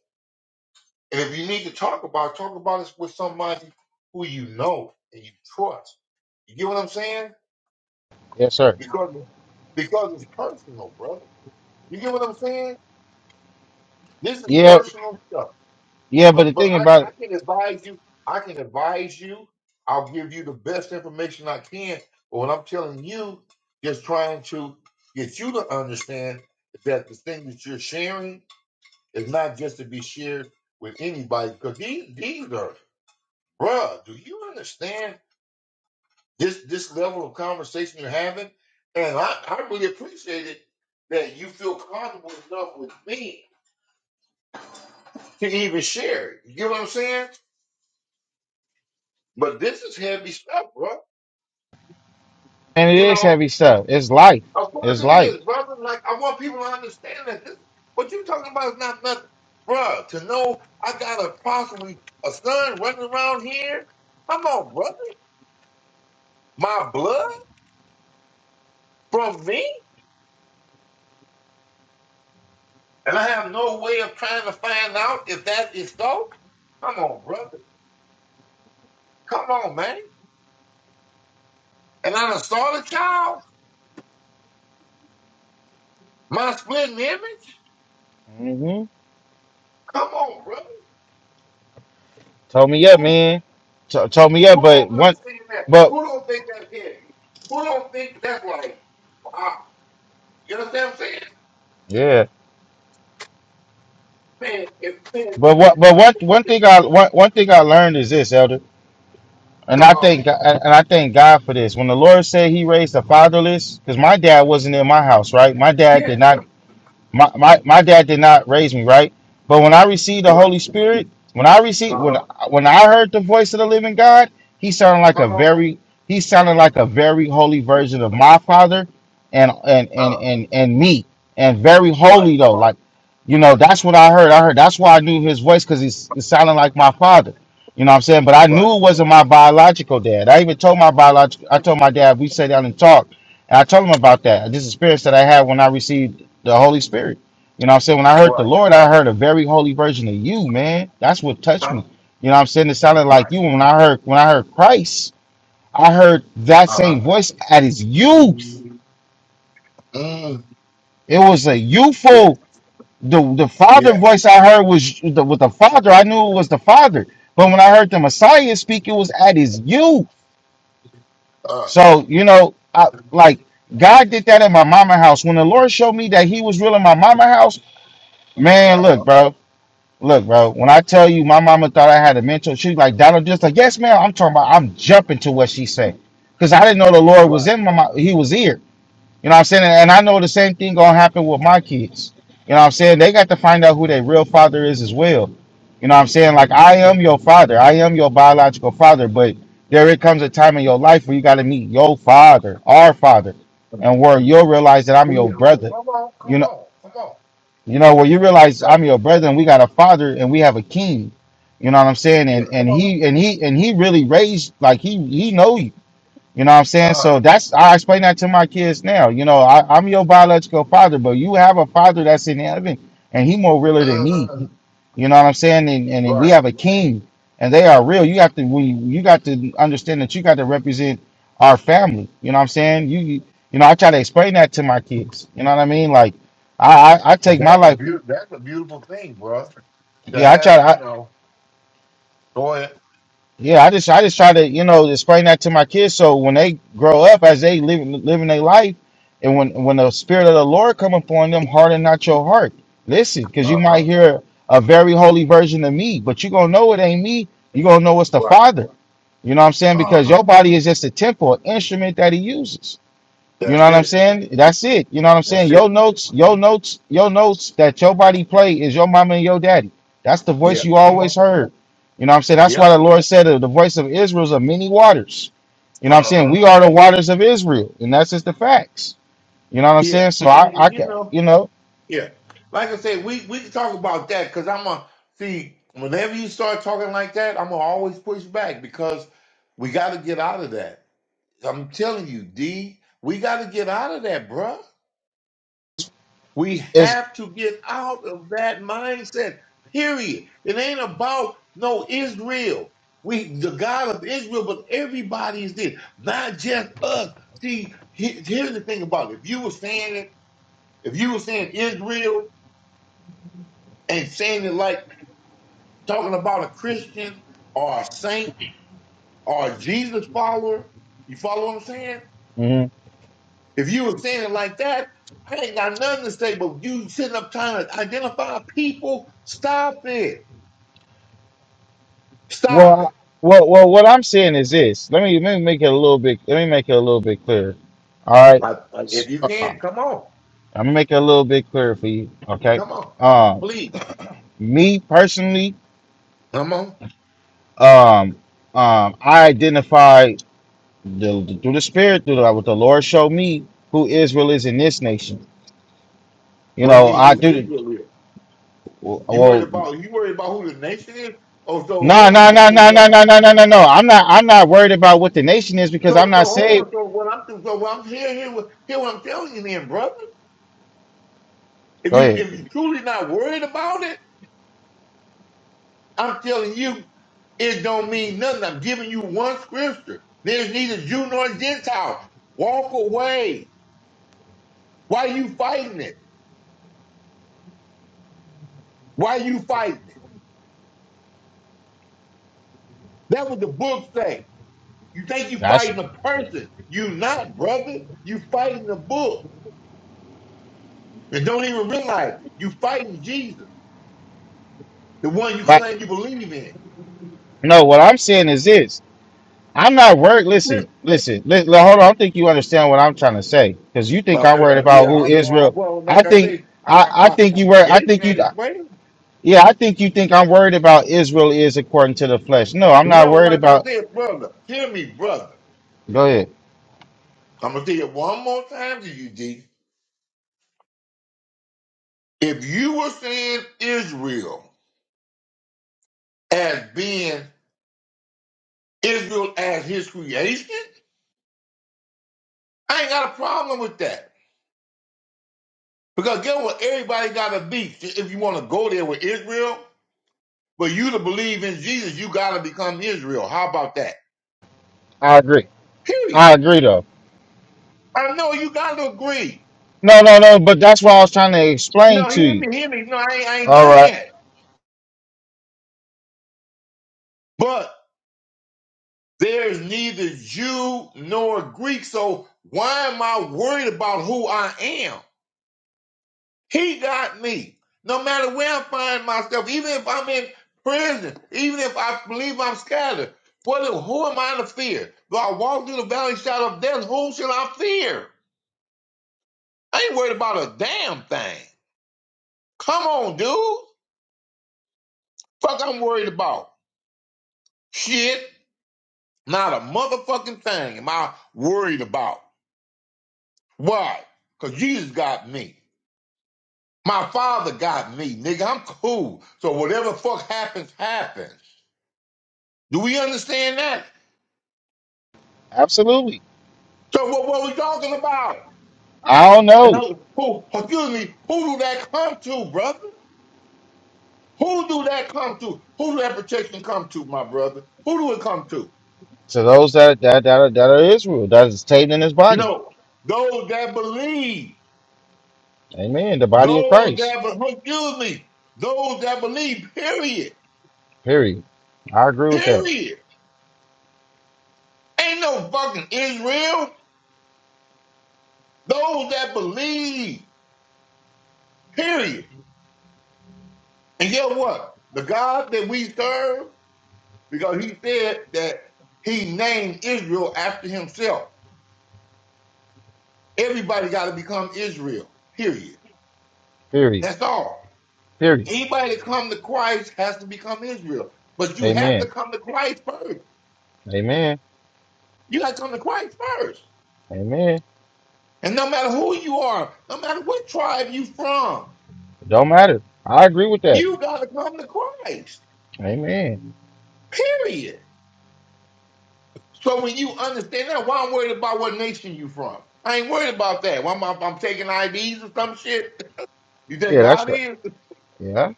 [SPEAKER 5] And if you need to talk about, it, talk about it with somebody who you know and you trust. You get what I'm saying?
[SPEAKER 4] yes sir.
[SPEAKER 5] Because because it's personal, brother. You get what I'm saying? This is
[SPEAKER 4] Yeah,
[SPEAKER 5] personal stuff.
[SPEAKER 4] yeah, but the
[SPEAKER 5] But but
[SPEAKER 4] thing
[SPEAKER 5] I,
[SPEAKER 4] about
[SPEAKER 5] I
[SPEAKER 4] it,
[SPEAKER 5] can advise you. I can advise you. I'll give you the best information I can. But what I'm telling you, just trying to get you to understand that the thing that you're sharing is not just to be shared with anybody. Because these these are, bruh. Do you understand this this level of conversation you're having? And I I really appreciate it that you feel comfortable enough with me to even share it. You get what I'm saying? But this is heavy stuff, bro.
[SPEAKER 4] and it
[SPEAKER 5] You
[SPEAKER 4] is
[SPEAKER 5] know,
[SPEAKER 4] heavy stuff. It's life.
[SPEAKER 5] of
[SPEAKER 4] It's
[SPEAKER 5] course it
[SPEAKER 4] life.
[SPEAKER 5] is, brother. Like I want people to understand that this what you talking about is not nothing, bruh. To know I got a possibly a son running around here. Come on, brother. My blood from me, and I have no way of trying to find out if that is so. Come on, brother. Come on, man. And I done saw the child, my splitting image.
[SPEAKER 4] Mhm.
[SPEAKER 5] Come on, brother.
[SPEAKER 4] Told me up,
[SPEAKER 5] Who
[SPEAKER 4] man. T- told me up,
[SPEAKER 5] who
[SPEAKER 4] but
[SPEAKER 5] don't
[SPEAKER 4] one
[SPEAKER 5] understand that?
[SPEAKER 4] but
[SPEAKER 5] Who don't think that's heavy? Who don't think that's like wow? You understand what I'm saying?
[SPEAKER 4] yeah.
[SPEAKER 5] man, if man,
[SPEAKER 4] But what but what one thing I one, one thing I learned is this, Elder And
[SPEAKER 5] come
[SPEAKER 4] I
[SPEAKER 5] on,
[SPEAKER 4] thank and I thank God for this. When the Lord said He raised the fatherless, because my dad wasn't in my house, right? My dad
[SPEAKER 5] yeah,
[SPEAKER 4] did not my, my my dad did not raise me right but when i received the
[SPEAKER 5] right,
[SPEAKER 4] holy spirit when i received
[SPEAKER 5] uh
[SPEAKER 4] when
[SPEAKER 5] huh,
[SPEAKER 4] when i heard the voice of the living god he sounded like a
[SPEAKER 5] come on,
[SPEAKER 4] very he sounded like a very holy version of my father and and and
[SPEAKER 5] uh,
[SPEAKER 4] and, and me and very
[SPEAKER 5] right,
[SPEAKER 4] holy
[SPEAKER 5] come
[SPEAKER 4] though
[SPEAKER 5] on,
[SPEAKER 4] like you know that's what i heard i heard that's why i knew his voice because he's it sounded like my father you know what i'm saying but i
[SPEAKER 5] right,
[SPEAKER 4] knew it wasn't my biological dad i even told my biological i told my dad we sat down and talked and i told him about that this experience that i had when i received the Holy Spirit. You know what I'm saying? When I heard the
[SPEAKER 5] right,
[SPEAKER 4] Lord, I heard a very holy version of you, man. That's what touched
[SPEAKER 5] uh,
[SPEAKER 4] me. You know what I'm saying? It sounded like
[SPEAKER 5] right,
[SPEAKER 4] you. When I heard when I heard Christ, I heard that
[SPEAKER 5] uh huh,
[SPEAKER 4] same voice at his youth.
[SPEAKER 5] mm, mm,
[SPEAKER 4] It was a
[SPEAKER 5] yeah,
[SPEAKER 4] youthful the the father
[SPEAKER 5] yeah,
[SPEAKER 4] voice I heard was the, with the father. I knew it was the father. But when I heard the Messiah speak, it was at his youth.
[SPEAKER 5] uh,
[SPEAKER 4] So, you know, I like God did that at my mama house. When the Lord showed me that he was real in my mama house, man, look,
[SPEAKER 5] uh,
[SPEAKER 4] bro. Look, bro, when I tell you my mama thought I had a mentor, she like, Donald, just like, yes, ma'am. I'm talking about, I'm jumping to what she said. Because I didn't know the Lord was
[SPEAKER 5] right,
[SPEAKER 4] in my mi-
[SPEAKER 5] mhm,
[SPEAKER 4] He was here. You know what I'm saying? And I know the same thing going to happen with my kids. You know what I'm saying? They got to find out who their real father is as well. You know what I'm saying? Like, I am your father. I am your biological father. But there it comes a time in your life where you got to meet your father, our father, and where you'll realize that I'm your
[SPEAKER 5] yeah, right.
[SPEAKER 4] brother.
[SPEAKER 5] come on, come on, come on,
[SPEAKER 4] You know, when you realize
[SPEAKER 5] That-
[SPEAKER 4] I'm your brother and we got a father and we have a king. You know what I'm saying?
[SPEAKER 5] yeah,
[SPEAKER 4] And and
[SPEAKER 5] come on,
[SPEAKER 4] he and he and he really raised like he he know you. You know what I'm saying?
[SPEAKER 5] uh,
[SPEAKER 4] So that's I explain that to my kids now. You know, I, I'm your biological father, but you have a father that's in heaven and he more realer than me.
[SPEAKER 5] uh,
[SPEAKER 4] You know what I'm saying? And, and we
[SPEAKER 5] right,
[SPEAKER 4] have a king, and they are real. You have to we you got to understand that you got to represent our family. You know what I'm saying? You you you know I try to explain that to my kids. You know what I mean? Like I I, I
[SPEAKER 5] And
[SPEAKER 4] take my
[SPEAKER 5] that's a
[SPEAKER 4] life.
[SPEAKER 5] beautiful, that's a beautiful thing, bro, to
[SPEAKER 4] Yeah, I
[SPEAKER 5] have,
[SPEAKER 4] try. To,
[SPEAKER 5] you
[SPEAKER 4] I,
[SPEAKER 5] know, go ahead,
[SPEAKER 4] yeah, I just I just try to you know explain that to my kids so when they grow up as they live living their life, and when when the spirit of the Lord come upon them, harden not your heart. Listen, because you
[SPEAKER 5] uh
[SPEAKER 4] might
[SPEAKER 5] huh,
[SPEAKER 4] hear a very holy version of me, but you gonna know it ain't me. You gonna know it's the
[SPEAKER 5] right,
[SPEAKER 4] Father. You know what I'm saying?
[SPEAKER 5] uh
[SPEAKER 4] Because
[SPEAKER 5] huh,
[SPEAKER 4] your body is just a temple, an instrument that He uses. You know
[SPEAKER 5] that's
[SPEAKER 4] what I'm
[SPEAKER 5] it,
[SPEAKER 4] saying? That's it. You know what I'm saying?
[SPEAKER 5] that's
[SPEAKER 4] Your
[SPEAKER 5] it,
[SPEAKER 4] notes, your
[SPEAKER 5] hmm
[SPEAKER 4] notes, your notes that your body play is your mama and your daddy. That's the voice
[SPEAKER 5] yeah,
[SPEAKER 4] you
[SPEAKER 5] come
[SPEAKER 4] always
[SPEAKER 5] on.
[SPEAKER 4] heard. You know what I'm saying? That's
[SPEAKER 5] Yeah.
[SPEAKER 4] why the Lord said that the voice of Israel is of many waters. You know what I'm saying?
[SPEAKER 5] Uh-huh.
[SPEAKER 4] We are the waters of Israel, and that's just the facts. You know what I'm
[SPEAKER 5] Yeah.
[SPEAKER 4] saying? So
[SPEAKER 5] I
[SPEAKER 4] I,
[SPEAKER 5] mean,
[SPEAKER 4] I
[SPEAKER 5] you
[SPEAKER 4] can,
[SPEAKER 5] know.
[SPEAKER 4] you know,
[SPEAKER 5] Yeah. Like I said, we we can talk about that because I'm a see. Whenever you start talking like that, I'm gonna always push back because we got to get out of that. I'm telling you, D, we got to get out of that, bruh. We
[SPEAKER 4] it's
[SPEAKER 5] have to get out of that mindset. Period. It ain't about no Israel. We the God of Israel, but everybody's there, not just us. See, he- here's the thing about it. If you were saying it. If you were saying Israel and saying it like talking about a Christian or a saint or a Jesus follower, you follow what I'm saying?
[SPEAKER 4] mhm.
[SPEAKER 5] If you were saying it like that, I ain't got nothing to say, but you sitting up trying to identify people, stop it. Stop it.
[SPEAKER 4] well, well, well. What I'm saying is this. Let me let me make it a little bit. Let me make it a little bit clearer. All right.
[SPEAKER 5] I, I,
[SPEAKER 4] S-
[SPEAKER 5] if you
[SPEAKER 4] uh, uh,
[SPEAKER 5] can, come on.
[SPEAKER 4] I'm gonna make it a little bit clearer for you. Okay.
[SPEAKER 5] Come on.
[SPEAKER 4] Um,
[SPEAKER 5] Please.
[SPEAKER 4] me personally,
[SPEAKER 5] Come on.
[SPEAKER 4] um, um, I identify the, through the Spirit, through the, what the Lord showed me, who Israel is in this nation. You
[SPEAKER 5] What do you
[SPEAKER 4] know,
[SPEAKER 5] mean
[SPEAKER 4] I
[SPEAKER 5] who
[SPEAKER 4] do.
[SPEAKER 5] Israel is? You worried
[SPEAKER 4] Well,
[SPEAKER 5] about you worried about who the nation is? Oh, so
[SPEAKER 4] no,
[SPEAKER 5] hold
[SPEAKER 4] no,
[SPEAKER 5] on, y'all.
[SPEAKER 4] no,
[SPEAKER 5] I mean,
[SPEAKER 4] no, no,
[SPEAKER 5] yo,
[SPEAKER 4] no, no, no, no. no. I'm not. I'm not worried about what the nation is because I'm
[SPEAKER 5] So,
[SPEAKER 4] not
[SPEAKER 5] so hold
[SPEAKER 4] saved.
[SPEAKER 5] on. So what I'm doing, so what I'm hearing here, what- hear what I'm telling you, then, brother. If
[SPEAKER 4] Go
[SPEAKER 5] you
[SPEAKER 4] ahead.
[SPEAKER 5] if you truly not worried about it, I'm telling you, it don't mean nothing. I'm giving you one scripture. There's neither Jew nor Gentile. Walk away. Why you fighting it? Why you fighting it? That what the book say. You think you
[SPEAKER 4] Gosh.
[SPEAKER 5] fighting a person? You not, brother. You fighting the book, and don't even realize it. You fighting Jesus, the one you
[SPEAKER 4] But
[SPEAKER 5] claim you believe in.
[SPEAKER 4] no, what I'm saying is this. I'm not worried. Listen, listen, listen. Hold on. I don't think you understand what I'm trying to say because you think I'm
[SPEAKER 5] Okay,
[SPEAKER 4] worried
[SPEAKER 5] uh,
[SPEAKER 4] about
[SPEAKER 5] yeah,
[SPEAKER 4] who
[SPEAKER 5] I know. I-
[SPEAKER 4] Israel.
[SPEAKER 5] Well,
[SPEAKER 4] I
[SPEAKER 5] like I
[SPEAKER 4] think
[SPEAKER 5] said, I,
[SPEAKER 4] I,
[SPEAKER 5] I,
[SPEAKER 4] I
[SPEAKER 5] I, I
[SPEAKER 4] think you were. I
[SPEAKER 5] gave you
[SPEAKER 4] think you.
[SPEAKER 5] any explaining.
[SPEAKER 4] Yeah, I think you think I'm worried about Israel is according to the flesh. No, I'm not
[SPEAKER 5] No,
[SPEAKER 4] worried
[SPEAKER 5] like I
[SPEAKER 4] about.
[SPEAKER 5] said, brother, hear me, brother.
[SPEAKER 4] Go ahead.
[SPEAKER 5] I'm gonna tell you one more time to you, G. If you were seeing Israel as being Israel as His creation, I ain't got a problem with that. Because guess what? Everybody got to be If you want to go there with Israel, but you to believe in Jesus, you got to become Israel. How about that?
[SPEAKER 4] I agree.
[SPEAKER 5] Period.
[SPEAKER 4] I agree, though.
[SPEAKER 5] I know you got to agree.
[SPEAKER 4] No, no, no. But that's what I was trying to explain
[SPEAKER 5] No,
[SPEAKER 4] to
[SPEAKER 5] hear
[SPEAKER 4] you.
[SPEAKER 5] me, hear me. No, I ain't, I ain't
[SPEAKER 4] All
[SPEAKER 5] done
[SPEAKER 4] right.
[SPEAKER 5] yet. But there's neither Jew nor Greek, so why am I worried about who I am? He got me. No matter where I find myself, even if I'm in prison, even if I believe I'm scattered, what, who am I to fear? Though I walk through the valley of the shadow of death, whom shall I fear? I ain't worried about a damn thing. Come on, dude. Fuck I'm worried about. Shit. Not a motherfucking thing am I worried about. Why? Because Jesus got me. My father got me, nigga. I'm cool. So whatever fuck happens, happens. Do we understand that?
[SPEAKER 4] Absolutely.
[SPEAKER 5] So what, what we talking about?
[SPEAKER 4] I don't
[SPEAKER 5] And
[SPEAKER 4] know.
[SPEAKER 5] who, who, excuse me, who do that come to, brother? Who do that come to? Who do that protection come to, my brother? Who do it come to?
[SPEAKER 4] To those that that that are, that are Israel, that is taken in His
[SPEAKER 5] You
[SPEAKER 4] body.
[SPEAKER 5] know, those that believe.
[SPEAKER 4] Amen. The body of
[SPEAKER 5] Those
[SPEAKER 4] Christ.
[SPEAKER 5] that, be- excuse me, those that believe, period.
[SPEAKER 4] Period. I agree with that.
[SPEAKER 5] Period. Ain't no fucking Israel. Those that believe, period. And guess what? The God that we serve, because he said that he named Israel after himself. Everybody got to become Israel, period.
[SPEAKER 4] Period.
[SPEAKER 5] That's all.
[SPEAKER 4] Period.
[SPEAKER 5] Anybody that come to Christ has to become Israel. But you have to
[SPEAKER 4] Amen.
[SPEAKER 5] come to Christ first.
[SPEAKER 4] Amen.
[SPEAKER 5] You got to come to Christ first.
[SPEAKER 4] Amen.
[SPEAKER 5] And no matter who you are, no matter what tribe you from,
[SPEAKER 4] It don't matter. I agree with that.
[SPEAKER 5] you got to come to Christ,
[SPEAKER 4] Amen.
[SPEAKER 5] period. So when you understand that, why I'm worried about what nation you from? I ain't worried about that. Why am I, I'm taking IDs or some shit? You think
[SPEAKER 4] Yeah, that's
[SPEAKER 5] God
[SPEAKER 4] the.
[SPEAKER 5] is?
[SPEAKER 4] Yeah.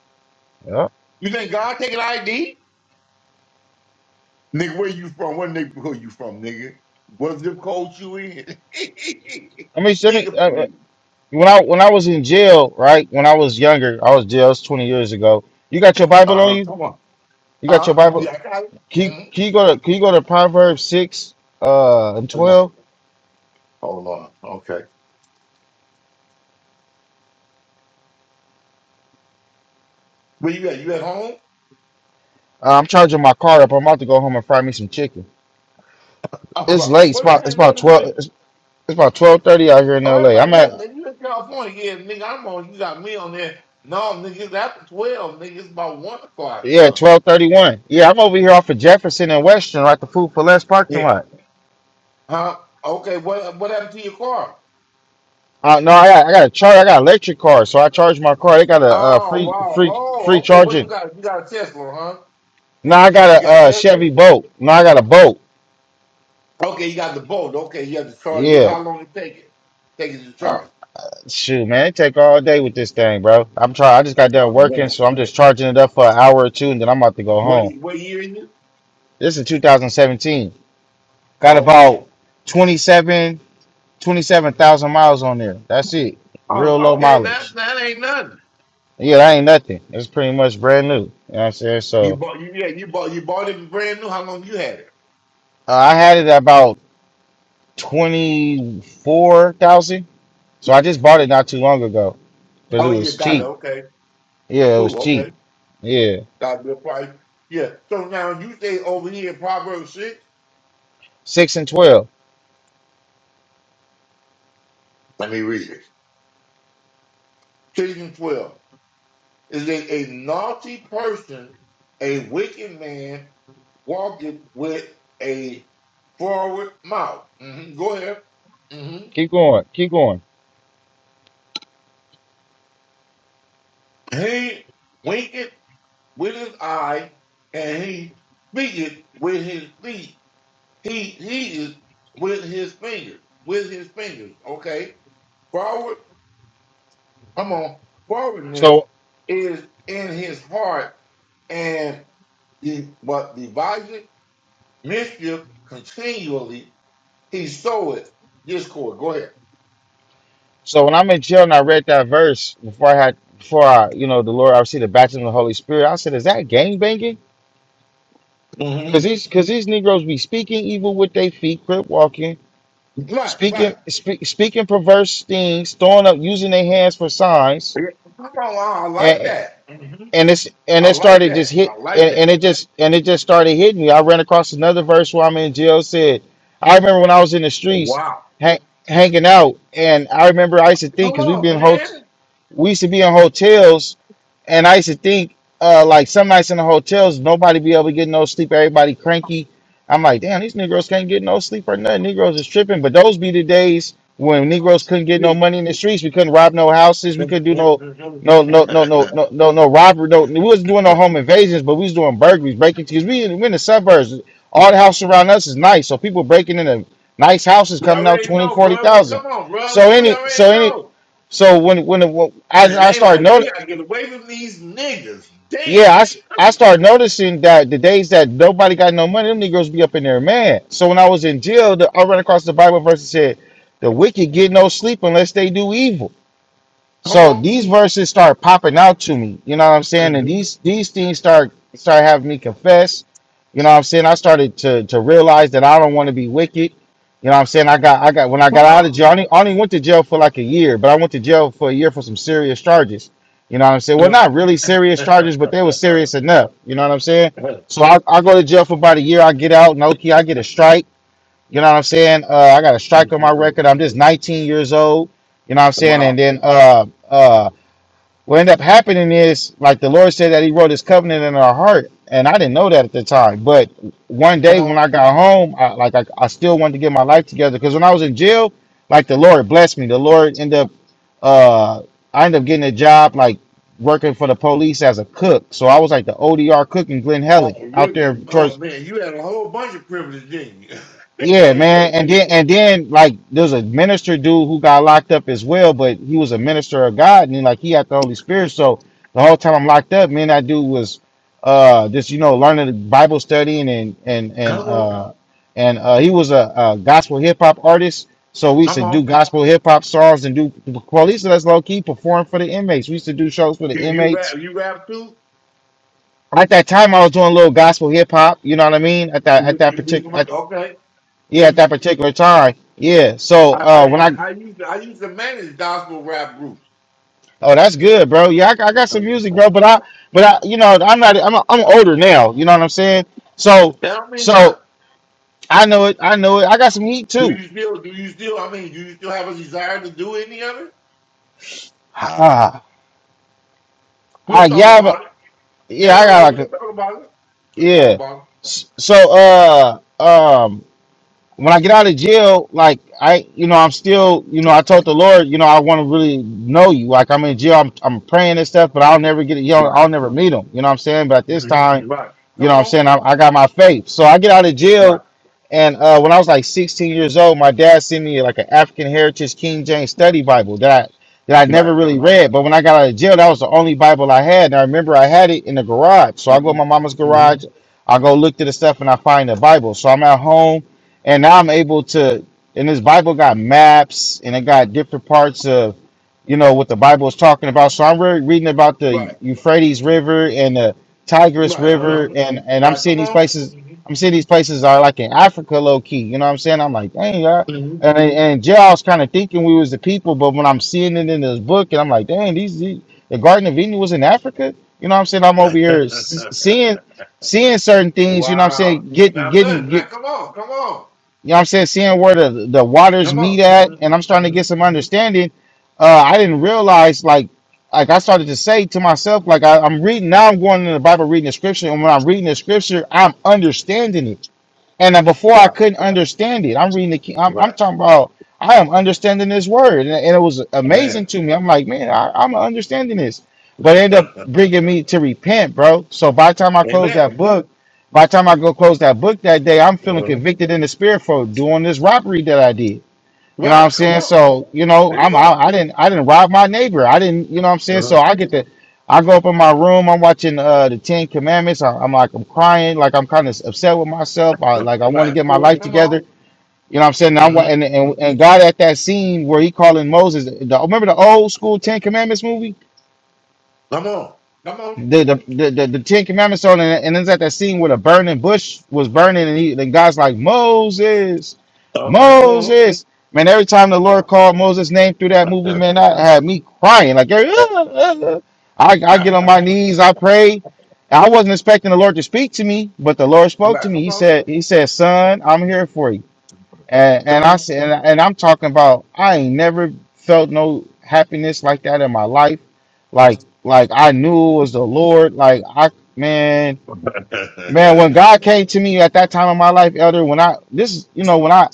[SPEAKER 4] Yeah.
[SPEAKER 5] You think God taking ID? Nigga, where you from? What neighborhood you from, nigga? What zip code you in?
[SPEAKER 4] I
[SPEAKER 5] nigga,
[SPEAKER 4] mean,
[SPEAKER 5] please.
[SPEAKER 4] when I when I was in jail, right? When I was younger, I was jail. It was twenty years ago. You got your Bible
[SPEAKER 5] Uh
[SPEAKER 4] on
[SPEAKER 5] huh.
[SPEAKER 4] you?
[SPEAKER 5] Come on.
[SPEAKER 4] You got your
[SPEAKER 5] Huh?
[SPEAKER 4] Bible?
[SPEAKER 5] Yeah, I got it.
[SPEAKER 4] Can you,
[SPEAKER 5] Mhm.
[SPEAKER 4] can you go to Can you go to Proverbs six uh, and
[SPEAKER 5] Hold on.
[SPEAKER 4] twelve?
[SPEAKER 5] Hold on. Okay. Where you at? You at home?
[SPEAKER 4] Uh, I'm charging my car up. I'm about to go home and fry me some chicken.
[SPEAKER 5] All
[SPEAKER 4] It's
[SPEAKER 5] right.
[SPEAKER 4] late. It's
[SPEAKER 5] What
[SPEAKER 4] about it's
[SPEAKER 5] time
[SPEAKER 4] about
[SPEAKER 5] is it? What?
[SPEAKER 4] twelve. It's, it's about twelve thirty out here in
[SPEAKER 5] Oh,
[SPEAKER 4] L.A. I'm
[SPEAKER 5] everybody, you
[SPEAKER 4] at
[SPEAKER 5] in, you in California, yeah, nigga, I'm on, you got me on there. No, nigga, it's after 12, nigga, it's about 1 o'clock.
[SPEAKER 4] yeah
[SPEAKER 5] Huh.
[SPEAKER 4] twelve thirty one. Yeah, I'm over here off of Jefferson and Western, right? The Food for Less parking
[SPEAKER 5] Yeah.
[SPEAKER 4] lot.
[SPEAKER 5] Huh? Okay, what what happened to your car?
[SPEAKER 4] Uh, no, I got I got a charge. I got an electric car, so I charge my car. They got a uh,
[SPEAKER 5] Oh,
[SPEAKER 4] free
[SPEAKER 5] wow.
[SPEAKER 4] free
[SPEAKER 5] Oh,
[SPEAKER 4] free
[SPEAKER 5] okay, what you
[SPEAKER 4] charging.
[SPEAKER 5] got? You got a Tesla, huh?
[SPEAKER 4] No, I got a
[SPEAKER 5] You got a
[SPEAKER 4] uh,
[SPEAKER 5] Tesla?
[SPEAKER 4] Chevy boat. No, I got a boat.
[SPEAKER 5] Okay, you got the boat. Okay, you have to charge it.
[SPEAKER 4] Yeah.
[SPEAKER 5] How long it take it? Take it to
[SPEAKER 4] Uh,
[SPEAKER 5] charge.
[SPEAKER 4] shoot, man, it take all day with this thing, bro. I'm trying. I just got done
[SPEAKER 5] Oh,
[SPEAKER 4] working,
[SPEAKER 5] man.
[SPEAKER 4] so I'm just charging it up for an hour or two, and then I'm about to go
[SPEAKER 5] What,
[SPEAKER 4] home.
[SPEAKER 5] e- what year is it?
[SPEAKER 4] This is 2017. Got
[SPEAKER 5] Okay.
[SPEAKER 4] about 27, 27,000 miles on there. That's it.
[SPEAKER 5] Oh,
[SPEAKER 4] Real low
[SPEAKER 5] okay, that
[SPEAKER 4] mileage.
[SPEAKER 5] that ain't nothing.
[SPEAKER 4] Yeah, that ain't nothing. It's pretty much brand new. You know what I'm saying?
[SPEAKER 5] You
[SPEAKER 4] So
[SPEAKER 5] bought, you, yeah, you bought, you bought it brand new. How long you had it?
[SPEAKER 4] uh, I had it at about 24,000. So I just bought it not too long ago because it
[SPEAKER 5] Oh, you
[SPEAKER 4] was
[SPEAKER 5] got it.
[SPEAKER 4] cheap.
[SPEAKER 5] Okay.
[SPEAKER 4] Yeah, it was
[SPEAKER 5] Cool.
[SPEAKER 4] cheap.
[SPEAKER 5] Okay.
[SPEAKER 4] Yeah,
[SPEAKER 5] God replied, Yeah. So now you say over here in Proverbs 6,
[SPEAKER 4] six and twelve.
[SPEAKER 5] let me read it. 6 and 12. Is that a naughty person, a wicked man, walketh with a forward mouth. hmm Go ahead. hmm
[SPEAKER 4] Keep going, keep going.
[SPEAKER 5] He winketh with his eye, and he speaketh with his feet. He he is with his fingers, with his fingers. Okay come on, forwardness
[SPEAKER 4] So,
[SPEAKER 5] is in his heart, and the what deviseth mischief continually he soweth discord. Go ahead.
[SPEAKER 4] so when I'm in jail and I read that verse before I had, before I, you know, the Lord, I received the baptism of the Holy Spirit. I said, is that gang banging? Because
[SPEAKER 5] Mm-hmm.
[SPEAKER 4] these, because these Negroes be speaking evil with their feet, crip walking,
[SPEAKER 5] Right, right.
[SPEAKER 4] speaking, spe- speaking perverse things, throwing up, using their hands for signs.
[SPEAKER 5] Yeah. Come on, I like that. hmm
[SPEAKER 4] and it's and
[SPEAKER 5] I
[SPEAKER 4] it
[SPEAKER 5] like
[SPEAKER 4] started just
[SPEAKER 5] that.
[SPEAKER 4] hit
[SPEAKER 5] I like
[SPEAKER 4] and, and
[SPEAKER 5] that.
[SPEAKER 4] it just and it just started hitting me. I ran across another verse where I'm in jail said, I remember when I was in the streets
[SPEAKER 5] Wow.
[SPEAKER 4] hang, hanging out, and I remember I used to
[SPEAKER 5] Come
[SPEAKER 4] think because we've
[SPEAKER 5] on,
[SPEAKER 4] been
[SPEAKER 5] man.
[SPEAKER 4] hot, we used to be in hotels, and I used to think uh, like some nights in the hotels nobody be able to get no sleep, everybody cranky. I'm like, damn, these Negroes can't get no sleep or nothing. Negroes is tripping, but those be the days when Negroes couldn't get no
[SPEAKER 5] We
[SPEAKER 4] money in the streets. We couldn't rob no houses. We couldn't do no no, no, no, no, no, no, no. Robert, no. We was doing no home invasions, but we was doing burglaries, breaking because we we in the suburbs. All the house around us is nice, so people breaking into nice houses
[SPEAKER 5] we
[SPEAKER 4] coming out
[SPEAKER 5] already
[SPEAKER 4] twenty,
[SPEAKER 5] know,
[SPEAKER 4] forty
[SPEAKER 5] bro. Well,
[SPEAKER 4] thousand.
[SPEAKER 5] come on, bro.
[SPEAKER 4] So
[SPEAKER 5] We
[SPEAKER 4] any,
[SPEAKER 5] already
[SPEAKER 4] so any,
[SPEAKER 5] know.
[SPEAKER 4] so when when, when I
[SPEAKER 5] And
[SPEAKER 4] I
[SPEAKER 5] they
[SPEAKER 4] started
[SPEAKER 5] like, we
[SPEAKER 4] noticing,
[SPEAKER 5] gotta get away from these niggas. Damn.
[SPEAKER 4] yeah, I s- I started noticing that the days that nobody got no money, them niggas be up in there, man. So when I was in jail, the, I ran across the Bible verse that said, "The wicked get no sleep unless they do evil."
[SPEAKER 5] Come
[SPEAKER 4] So these verses start popping out to me. You know what I'm saying? And
[SPEAKER 5] on.
[SPEAKER 4] these these things start start having me confess. You know what I'm saying? I started to to realize that I don't want to be wicked. You know what I'm saying? I got I got when I got
[SPEAKER 5] Come
[SPEAKER 4] out of
[SPEAKER 5] on.
[SPEAKER 4] jail, I only, I only went to jail for like a year, but I went to jail for a year for some serious charges. You know what I'm saying? Well, not
[SPEAKER 5] Wow.
[SPEAKER 4] really serious charges, but they were serious enough. You know what I'm saying? So I, I go to jail for about a year, I get out, and okay, I get a strike. You know what I'm saying? Uh, I got a strike on my record. I'm just 19 years old. You know what I'm saying? And
[SPEAKER 5] wow.
[SPEAKER 4] then uh, uh, what ended up happening is, like the Lord said, that He wrote His covenant in our heart, and I didn't know that at the time. But one
[SPEAKER 5] Come
[SPEAKER 4] day when
[SPEAKER 5] on.
[SPEAKER 4] I got home, I, like I, I still wanted to get my life together because when I was in jail, like the Lord blessed me. The Lord ended up, uh, I ended up getting a job like working for the police as a cook. So I was like the ODR cook in Glen Helen
[SPEAKER 5] Oh,
[SPEAKER 4] out
[SPEAKER 5] really?
[SPEAKER 4] there towards
[SPEAKER 5] Oh, man, you had a whole bunch of privilege, didn't you?
[SPEAKER 4] Yeah, man. And then and then like there's a minister dude who got locked up as well, but he was a minister of God and he, like he had the Holy Spirit. So the whole time I'm locked up, me and that dude was uh just you know learning the Bible studying and and and
[SPEAKER 5] come on.
[SPEAKER 4] uh and uh he was a, a gospel hip hop artist. So we used
[SPEAKER 5] Come
[SPEAKER 4] to do
[SPEAKER 5] on.
[SPEAKER 4] gospel hip hop songs and do well, at least that's low key perform for the inmates. We used to do shows for the
[SPEAKER 5] You, you
[SPEAKER 4] inmates.
[SPEAKER 5] rap, you rap too?
[SPEAKER 4] At that time, I was doing a little gospel hip hop. You know what I mean? At that at
[SPEAKER 5] You,
[SPEAKER 4] that
[SPEAKER 5] you, do
[SPEAKER 4] particular
[SPEAKER 5] some-
[SPEAKER 4] at
[SPEAKER 5] okay.
[SPEAKER 4] yeah, at
[SPEAKER 5] You,
[SPEAKER 4] that particular time. Yeah. So
[SPEAKER 5] I, I,
[SPEAKER 4] uh when I
[SPEAKER 5] I, I used to, I used to manage gospel rap groups.
[SPEAKER 4] oh that's good, bro. Yeah, I, I got some music, bro. But I but I you know I'm not I'm I'm older now. You know what I'm saying? So
[SPEAKER 5] That don't mean
[SPEAKER 4] so
[SPEAKER 5] nothing.
[SPEAKER 4] I know it. I know it. I got some heat
[SPEAKER 5] Do
[SPEAKER 4] too.
[SPEAKER 5] you still, do you still, I mean, do you still have a desire to do any of it?
[SPEAKER 4] Ah, I
[SPEAKER 5] We'll talk
[SPEAKER 4] yeah but,
[SPEAKER 5] about it.
[SPEAKER 4] yeah
[SPEAKER 5] That's
[SPEAKER 4] I
[SPEAKER 5] all right.
[SPEAKER 4] got
[SPEAKER 5] We'll
[SPEAKER 4] like a,
[SPEAKER 5] talk about it. We'll talk
[SPEAKER 4] yeah.
[SPEAKER 5] about
[SPEAKER 4] S- So uh um when I get out of jail, like I you know I'm still you know I told the Lord you know I want to really know you. Like I'm in jail, I'm I'm praying and stuff, but I'll never get it. You
[SPEAKER 5] it.
[SPEAKER 4] know
[SPEAKER 5] Right.
[SPEAKER 4] I'll never meet him. You know what I'm saying? But at this time.
[SPEAKER 5] Mhm. Right.
[SPEAKER 4] You know
[SPEAKER 5] Come
[SPEAKER 4] what I'm
[SPEAKER 5] on.
[SPEAKER 4] saying? I, I got my faith. So I get out of
[SPEAKER 5] Right.
[SPEAKER 4] jail, and uh, when I was like 16 years old, my dad sent me like an African Heritage King James Study Bible that I, that I
[SPEAKER 5] Right.
[SPEAKER 4] never really
[SPEAKER 5] Uh-huh.
[SPEAKER 4] read. But when I got out of jail, that was the only Bible I had. And I remember I had it in the garage. So I go
[SPEAKER 5] hmm
[SPEAKER 4] to my mama's
[SPEAKER 5] hmm
[SPEAKER 4] garage, I go look through the stuff, and I find the Bible. So I'm at home, and now I'm able to. And this Bible got maps, and it got different parts of you know what the Bible is talking about. So I'm re- reading about the
[SPEAKER 5] Right.
[SPEAKER 4] Euphrates
[SPEAKER 5] hmm
[SPEAKER 4] River and the Tigris
[SPEAKER 5] Right. Uh-huh.
[SPEAKER 4] River, and and I'm
[SPEAKER 5] Right.
[SPEAKER 4] seeing
[SPEAKER 5] Come
[SPEAKER 4] these
[SPEAKER 5] on.
[SPEAKER 4] places.
[SPEAKER 5] hmm
[SPEAKER 4] I'm seeing these places are like in Africa, low key. You know what I'm saying? I'm like, dang, y'all.
[SPEAKER 5] hmm
[SPEAKER 4] And and Jay, I was kind of thinking we was the people, but when I'm seeing it in this book, and I'm like, dang, these, these the Garden of Eden was in Africa. You know what I'm saying? I'm over here s- seeing seeing certain things. You know what I'm
[SPEAKER 5] wow.
[SPEAKER 4] saying? Getting
[SPEAKER 5] Now,
[SPEAKER 4] getting
[SPEAKER 5] man,
[SPEAKER 4] get
[SPEAKER 5] man, come on. Come on.
[SPEAKER 4] you know what I'm saying? Seeing where the, the waters
[SPEAKER 5] Come on.
[SPEAKER 4] meet at, and
[SPEAKER 5] hmm
[SPEAKER 4] I'm starting to
[SPEAKER 5] hmm
[SPEAKER 4] get some understanding. Uh, I didn't realize, like, like I started to say to myself, like I, I'm reading now. I'm going in the Bible, reading the scripture, and when I'm reading the scripture, I'm understanding it. And uh, before I
[SPEAKER 5] Right.
[SPEAKER 4] couldn't understand it, I'm reading the King. I'm, I'm
[SPEAKER 5] Right.
[SPEAKER 4] talking about I am understanding this word, and, and it was amazing
[SPEAKER 5] Man.
[SPEAKER 4] to me. I'm like, man, I, I'm understanding this, but it ended up bringing me to repent, bro. So by the time I close
[SPEAKER 5] Amen.
[SPEAKER 4] that book, by the time I go close that book that day, I'm feeling
[SPEAKER 5] hmm
[SPEAKER 4] convicted in the spirit for doing this robbery that I did. You know what I'm
[SPEAKER 5] Right. Come
[SPEAKER 4] saying?
[SPEAKER 5] on.
[SPEAKER 4] So, you know,
[SPEAKER 5] There you
[SPEAKER 4] I'm I,
[SPEAKER 5] go.
[SPEAKER 4] I didn't I didn't rob my neighbor. I didn't, you know what I'm saying? So
[SPEAKER 5] hmm
[SPEAKER 4] I get to I go up in my room, I'm watching uh the Ten Commandments. I, I'm like I'm crying, like I'm kind of upset with myself. I like I want
[SPEAKER 5] Right.
[SPEAKER 4] to
[SPEAKER 5] Of
[SPEAKER 4] get my
[SPEAKER 5] course.
[SPEAKER 4] life
[SPEAKER 5] Come on.
[SPEAKER 4] together. You know what I'm saying? And I
[SPEAKER 5] hmm
[SPEAKER 4] want and, and and God at that scene where he calling Moses. The, remember the old school Ten Commandments movie?
[SPEAKER 5] Come on. Come on.
[SPEAKER 4] the the, the, the the Ten Commandments on it, and it's at that scene where the burning bush was burning, and he and God's like Moses,
[SPEAKER 5] Okay. Come on.
[SPEAKER 4] Moses. Man, every time the Lord called Moses' name through that movie, man, I had me crying. Like, every- I, I get on my knees, I pray. I wasn't expecting the Lord to speak to me, but the Lord spoke to
[SPEAKER 5] right.
[SPEAKER 4] me.
[SPEAKER 5] Come
[SPEAKER 4] He
[SPEAKER 5] on.
[SPEAKER 4] said, He said, Son, I'm here for you. And, and
[SPEAKER 5] Come
[SPEAKER 4] I
[SPEAKER 5] on.
[SPEAKER 4] said, and and I'm talking about, I ain't never felt no happiness like that in my life. Like like I knew it was the Lord. Like I man
[SPEAKER 5] come
[SPEAKER 4] man when God came to me at that time in my life, Elder, when I this is you know when I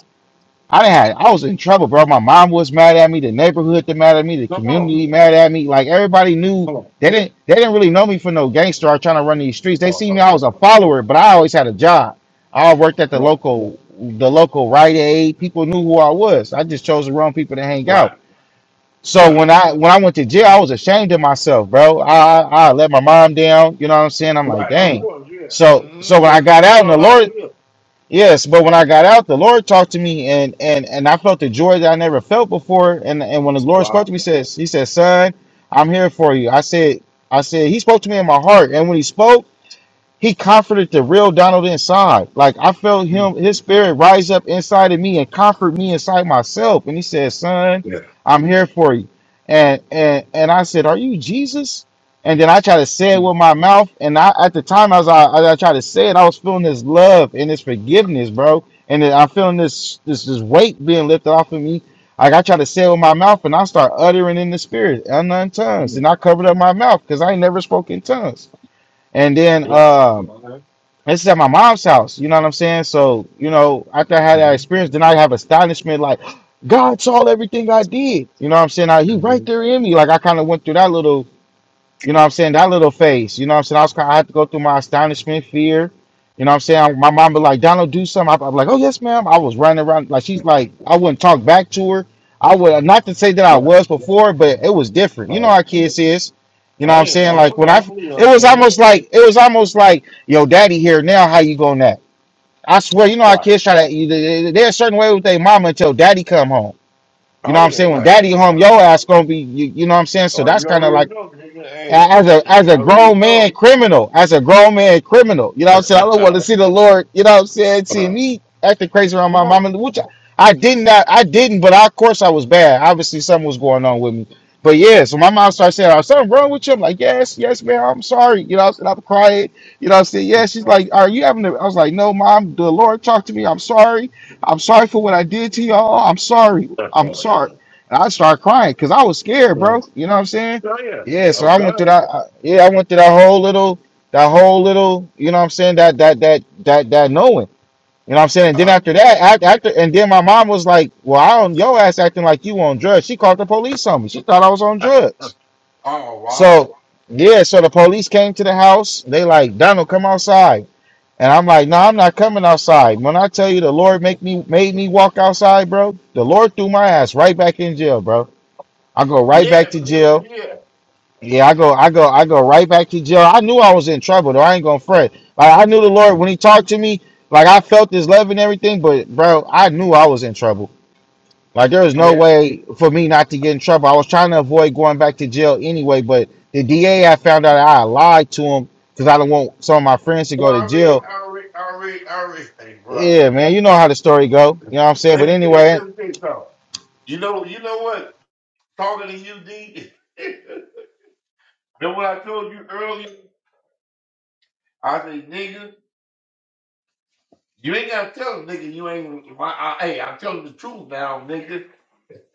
[SPEAKER 4] I didn't have I was in trouble, bro. My mom was mad at me, the neighborhood they mad at me, the
[SPEAKER 5] on.
[SPEAKER 4] community mad at me. Like everybody knew
[SPEAKER 5] Come on.
[SPEAKER 4] they didn't they didn't really know me for no gangster or trying to run these streets. They seen
[SPEAKER 5] Come
[SPEAKER 4] me I was a follower, but I always had a job. I worked at the
[SPEAKER 5] on.
[SPEAKER 4] local the local Rite Aid. People knew who I was. I just chose the wrong people to hang out.
[SPEAKER 5] Right.
[SPEAKER 4] So
[SPEAKER 5] Right.
[SPEAKER 4] when I when I went to jail, I
[SPEAKER 5] Mhm.
[SPEAKER 4] was ashamed of myself, bro. I I I let my mom down. You know what I'm saying? I'm like,
[SPEAKER 5] Right. Of
[SPEAKER 4] dang.
[SPEAKER 5] course, yeah.
[SPEAKER 4] So
[SPEAKER 5] hmm
[SPEAKER 4] so when I
[SPEAKER 5] Because
[SPEAKER 4] got
[SPEAKER 5] you
[SPEAKER 4] out, and the
[SPEAKER 5] start off
[SPEAKER 4] Lord,
[SPEAKER 5] good.
[SPEAKER 4] yes, but when I got out, the Lord talked to me, and and and I felt the joy that I never felt before. And and when the Lord spoke to
[SPEAKER 5] Wow.
[SPEAKER 4] me, he says he said, son, I'm here for you. I said I said he spoke to me in my heart, and when he spoke he comforted the real Donald inside. Like I felt
[SPEAKER 5] Mm.
[SPEAKER 4] him, his spirit rise up inside of me and comfort me inside myself. And he said, "Son,
[SPEAKER 5] Yeah.
[SPEAKER 4] I'm here for you." And and and I said, "Are you Jesus?" And then I tried to say it
[SPEAKER 5] Mm.
[SPEAKER 4] with my mouth. And I at the time as I as I tried to say it, I was feeling this love and this forgiveness, bro. And then I'm feeling this this this weight being lifted off of me. Like I tried to say it with my mouth, and I start uttering in the spirit, unknown tongues,
[SPEAKER 5] Mm.
[SPEAKER 4] and I covered up my mouth because I ain't never spoke in tongues. And then
[SPEAKER 5] Right.
[SPEAKER 4] um
[SPEAKER 5] Okay.
[SPEAKER 4] this is at my mom's house. You know what I'm saying? So, you know, after I had that
[SPEAKER 5] Mm-hmm.
[SPEAKER 4] experience, then I have astonishment like, God saw everything I did. You know what I'm saying? I, he
[SPEAKER 5] hmm
[SPEAKER 4] right there in me. Like I kind of went through that little you know what I'm saying? That little face. You know what I'm saying? I was cry- I had to go through my astonishment, fear. You know what I'm saying? My mom be like, Donald, do something. I'm like, oh yes, ma'am. I was running around like she's like, I wouldn't talk back to her. I would not to say that I
[SPEAKER 5] Yeah.
[SPEAKER 4] was before, but it was different. You know how
[SPEAKER 5] Um,
[SPEAKER 4] kids is. You know
[SPEAKER 5] I
[SPEAKER 4] what I'm
[SPEAKER 5] ain't
[SPEAKER 4] saying?
[SPEAKER 5] know.
[SPEAKER 4] Like
[SPEAKER 5] Come
[SPEAKER 4] when I,
[SPEAKER 5] on, please,
[SPEAKER 4] it
[SPEAKER 5] uh,
[SPEAKER 4] was
[SPEAKER 5] man.
[SPEAKER 4] almost like it was almost like, yo, daddy here now. How you going that? I swear, you know how
[SPEAKER 5] Right.
[SPEAKER 4] kids try to. they- they- They're a certain way with their mama until daddy come home. You know
[SPEAKER 5] I
[SPEAKER 4] what I'm saying?
[SPEAKER 5] ain't
[SPEAKER 4] When
[SPEAKER 5] right.
[SPEAKER 4] daddy
[SPEAKER 5] You know
[SPEAKER 4] home,
[SPEAKER 5] what
[SPEAKER 4] your
[SPEAKER 5] I'm
[SPEAKER 4] ass gonna be. You, you know what I'm saying? So
[SPEAKER 5] Oh,
[SPEAKER 4] that's
[SPEAKER 5] you
[SPEAKER 4] kind of like
[SPEAKER 5] already know, nigga.
[SPEAKER 4] a-
[SPEAKER 5] Hey,
[SPEAKER 4] As a as
[SPEAKER 5] you
[SPEAKER 4] a
[SPEAKER 5] already
[SPEAKER 4] grown man
[SPEAKER 5] know.
[SPEAKER 4] criminal, as a grown man criminal, you know what I'm saying? I don't want to
[SPEAKER 5] Come
[SPEAKER 4] see the Lord, you know what I'm saying, see me acting crazy around my mom
[SPEAKER 5] on.
[SPEAKER 4] and which I, I did not I didn't, but of course I was bad. Obviously something was going on with me. But yeah, so my mom started saying, oh, something wrong with you. I'm like, yes, yes, man, I'm sorry. You know what I'm saying? I'm crying. You know what I'm saying? Yeah, she's like, are you having a-" I was like, no, mom, the Lord talked to me. I'm sorry. I'm sorry for what I did to y'all. I'm sorry. I'm sorry. And I started crying because I was scared,
[SPEAKER 5] oh,
[SPEAKER 4] bro. You know what I'm saying?
[SPEAKER 5] yeah.
[SPEAKER 4] Yeah, so
[SPEAKER 5] Oh,
[SPEAKER 4] I went through
[SPEAKER 5] God.
[SPEAKER 4] that. I- Yeah, I went through that whole little, that whole little. You know what I'm saying? That that that that that knowing. You know what I'm saying? And then
[SPEAKER 5] I
[SPEAKER 4] after that,
[SPEAKER 5] understand.
[SPEAKER 4] after, after and then my mom was like, "Well, I don't. Your ass acting like you on drugs." She called the police on me. She thought I was on drugs.
[SPEAKER 5] Oh wow.
[SPEAKER 4] So yeah, so the police came to the house. They like, "Donald, come outside." And I'm like, "No, I'm not coming outside." When I tell you the Lord make me made me walk outside, bro, the Lord threw my ass right back in jail, bro. I go right back
[SPEAKER 5] Yeah,
[SPEAKER 4] to
[SPEAKER 5] because-
[SPEAKER 4] jail.
[SPEAKER 5] yeah.
[SPEAKER 4] Yeah, I go, I go, I go right back to jail. I knew I was in trouble though. I ain't gonna fret. Like I knew the Lord when He talked to me. Like I felt His love and everything, but bro, I knew I was in trouble. Like there was no
[SPEAKER 5] Yeah.
[SPEAKER 4] way for me not to get in trouble. I was trying to avoid going back to jail anyway, but the DA I found out I lied to him because I don't want some of my friends to go to
[SPEAKER 5] already,
[SPEAKER 4] jail.
[SPEAKER 5] sorry, already, sorry. Hey, bro.
[SPEAKER 4] Yeah, man, you know how the story go. You know what I'm saying? But
[SPEAKER 5] Let me tell you,
[SPEAKER 4] anyway,
[SPEAKER 5] let me tell you something. You know, you know what? Talking to you, D. Remember what I told you earlier? I say, nigga, you ain't gotta tell them, nigga you ain't. My, I, hey, I'm telling the truth now, nigga.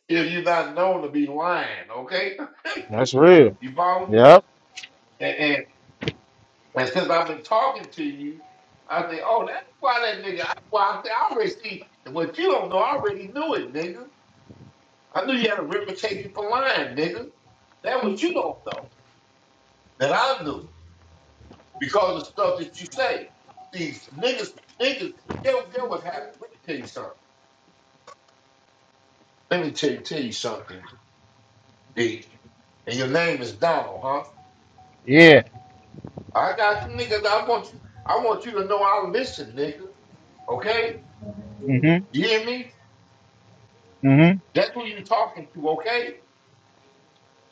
[SPEAKER 5] If you're not known to be lying, okay?
[SPEAKER 4] that's real.
[SPEAKER 5] You follow me?
[SPEAKER 4] Yep.
[SPEAKER 5] And, and and since I've been talking to you, I say, oh, that's why that nigga. That's why I say I already see what you don't know. I already knew it, nigga. I knew you had a reputation for lying, nigga. That what you don't know. That I knew because of stuff that you say. These niggas, niggas, yo, yo, what happened. Let me tell you something. Let me tell you, tell you something, D. And your name is Donald, huh?
[SPEAKER 4] Yeah.
[SPEAKER 5] I got you, niggas. I want you. I want you to know I listen, nigga. Okay?
[SPEAKER 4] Mhm.
[SPEAKER 5] You hear me?
[SPEAKER 4] Mhm.
[SPEAKER 5] That's who you talking to, okay?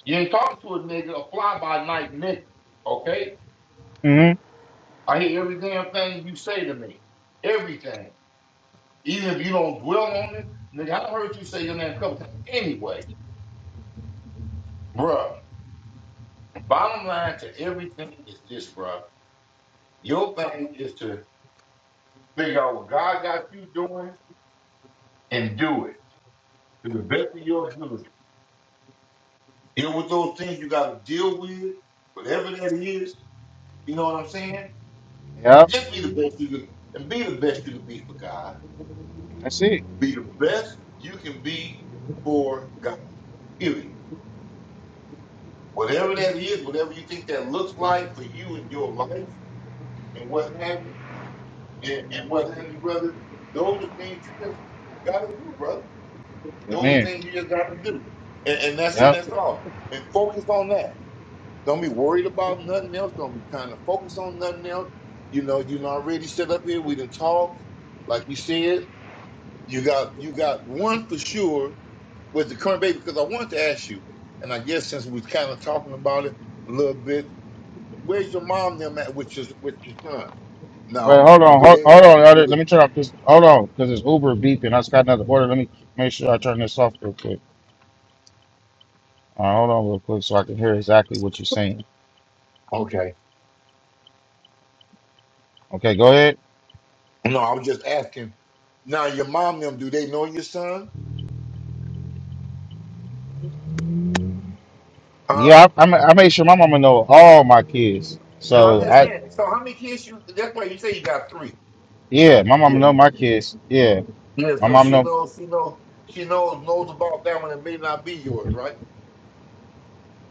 [SPEAKER 5] You ain't talking to a nigga, a fly by night nigga. Okay?
[SPEAKER 4] Mhm.
[SPEAKER 5] I hear every damn thing you say to me. Everything. Even if you don't dwell on it, nigga, I heard you say your name a couple times anyway. Bruh, bottom line to everything is this, bruh. Your thing is to figure out what God got you doing and do it to the best of your ability. Deal with those things you got to deal with, whatever that is. You know what I'm saying? And
[SPEAKER 4] Yep.
[SPEAKER 5] just be the best you can, and be the best you can be for God.
[SPEAKER 4] That's it.
[SPEAKER 5] Be the best you can be for God. Period. Whatever that is, whatever you think that looks like for you in your life and what have you, and, and what have you, brother. Those are things you just got to do, brother. Those are
[SPEAKER 4] Amen.
[SPEAKER 5] things you just got to do, and, and that's it.
[SPEAKER 4] Yep.
[SPEAKER 5] That's all. And focus on that. Don't be worried about nothing else. Don't be kind of focus on nothing else. You know, you done already sit up here. We done talked, like you said. You got you got one for sure with the current baby because I wanted to ask you, and I guess since we kind of talking about it a little bit, where's your mom and them at with your with your son?
[SPEAKER 4] Wait,
[SPEAKER 5] Now,
[SPEAKER 4] hold
[SPEAKER 5] or
[SPEAKER 4] on,
[SPEAKER 5] do
[SPEAKER 4] hold,
[SPEAKER 5] they
[SPEAKER 4] hold on. Elder.
[SPEAKER 5] have?
[SPEAKER 4] Let me turn off this. Hold on, because it's Uber beeping. I just got another order. Let me make sure I turn this off real quick. All right, hold on real quick so I can hear exactly what you're saying.
[SPEAKER 5] Okay.
[SPEAKER 4] Okay, go ahead.
[SPEAKER 5] No, I was just asking. Now your mom them, do they know your son? Huh?
[SPEAKER 4] Yeah, I, I, ma- I made sure my mama know all my kids.
[SPEAKER 5] No, I'm
[SPEAKER 4] So
[SPEAKER 5] just
[SPEAKER 4] I,
[SPEAKER 5] saying. So how many kids you that's why you say you got three.
[SPEAKER 4] yeah, my
[SPEAKER 5] Yeah,
[SPEAKER 4] mama know
[SPEAKER 5] yeah.
[SPEAKER 4] my kids. Yeah,
[SPEAKER 5] Yeah,
[SPEAKER 4] my
[SPEAKER 5] so
[SPEAKER 4] mama
[SPEAKER 5] she
[SPEAKER 4] know.
[SPEAKER 5] knows she knows she knows knows about that one that may not be yours, right?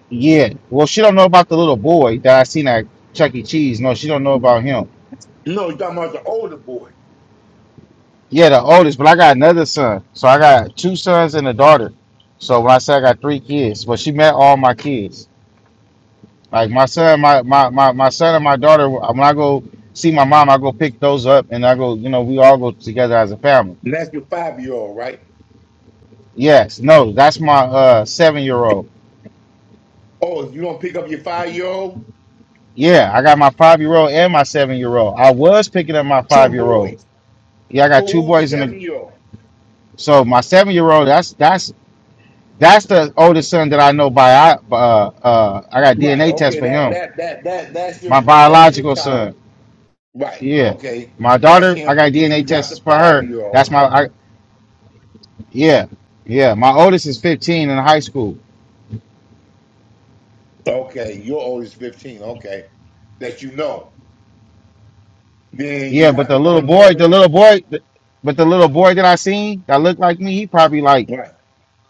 [SPEAKER 4] Yeah, well, she don't know about the little boy that I seen at Chuck E. Cheese. No, she don't know about him.
[SPEAKER 5] No, you're talking about the older boy.
[SPEAKER 4] Yeah, the oldest, but I got another son. So I got two sons and a daughter. So when I say I got three kids, but she met all my kids. Like my son, my, my my my son and my daughter. When I go see my mom, I go pick those up, and I go. You know, we all go together as a family.
[SPEAKER 5] And that's your five year old, right?
[SPEAKER 4] Yes, no, that's my uh seven year old.
[SPEAKER 5] Oh, you don't pick up your five year old?
[SPEAKER 4] Yeah, I got my five year old and my seven year old. I was picking up my
[SPEAKER 5] Two
[SPEAKER 4] five year old.
[SPEAKER 5] boys.
[SPEAKER 4] Yeah, I
[SPEAKER 5] Who,
[SPEAKER 4] got two
[SPEAKER 5] who's
[SPEAKER 4] boys
[SPEAKER 5] the
[SPEAKER 4] in the.
[SPEAKER 5] seven year old?
[SPEAKER 4] So my seven year old, that's that's that's the oldest son that I know by. I uh uh I got
[SPEAKER 5] Right,
[SPEAKER 4] DNA test
[SPEAKER 5] okay,
[SPEAKER 4] for
[SPEAKER 5] that
[SPEAKER 4] him.
[SPEAKER 5] that that that that's your
[SPEAKER 4] My
[SPEAKER 5] that's your
[SPEAKER 4] biological
[SPEAKER 5] child.
[SPEAKER 4] son.
[SPEAKER 5] Right,
[SPEAKER 4] Yeah,
[SPEAKER 5] okay.
[SPEAKER 4] my
[SPEAKER 5] That's
[SPEAKER 4] daughter, I
[SPEAKER 5] him,
[SPEAKER 4] got
[SPEAKER 5] and then
[SPEAKER 4] DNA
[SPEAKER 5] you got
[SPEAKER 4] tests
[SPEAKER 5] the
[SPEAKER 4] for
[SPEAKER 5] five
[SPEAKER 4] her.
[SPEAKER 5] year old.
[SPEAKER 4] That's my. I, Yeah, yeah. My oldest is 15 in high school.
[SPEAKER 5] Okay, your oldest 15. Okay, that you know. Then you
[SPEAKER 4] Yeah, but
[SPEAKER 5] got
[SPEAKER 4] the
[SPEAKER 5] the
[SPEAKER 4] little
[SPEAKER 5] one
[SPEAKER 4] boy, the
[SPEAKER 5] child.
[SPEAKER 4] little boy, but the little boy that I seen that looked like me, he probably like
[SPEAKER 5] Right.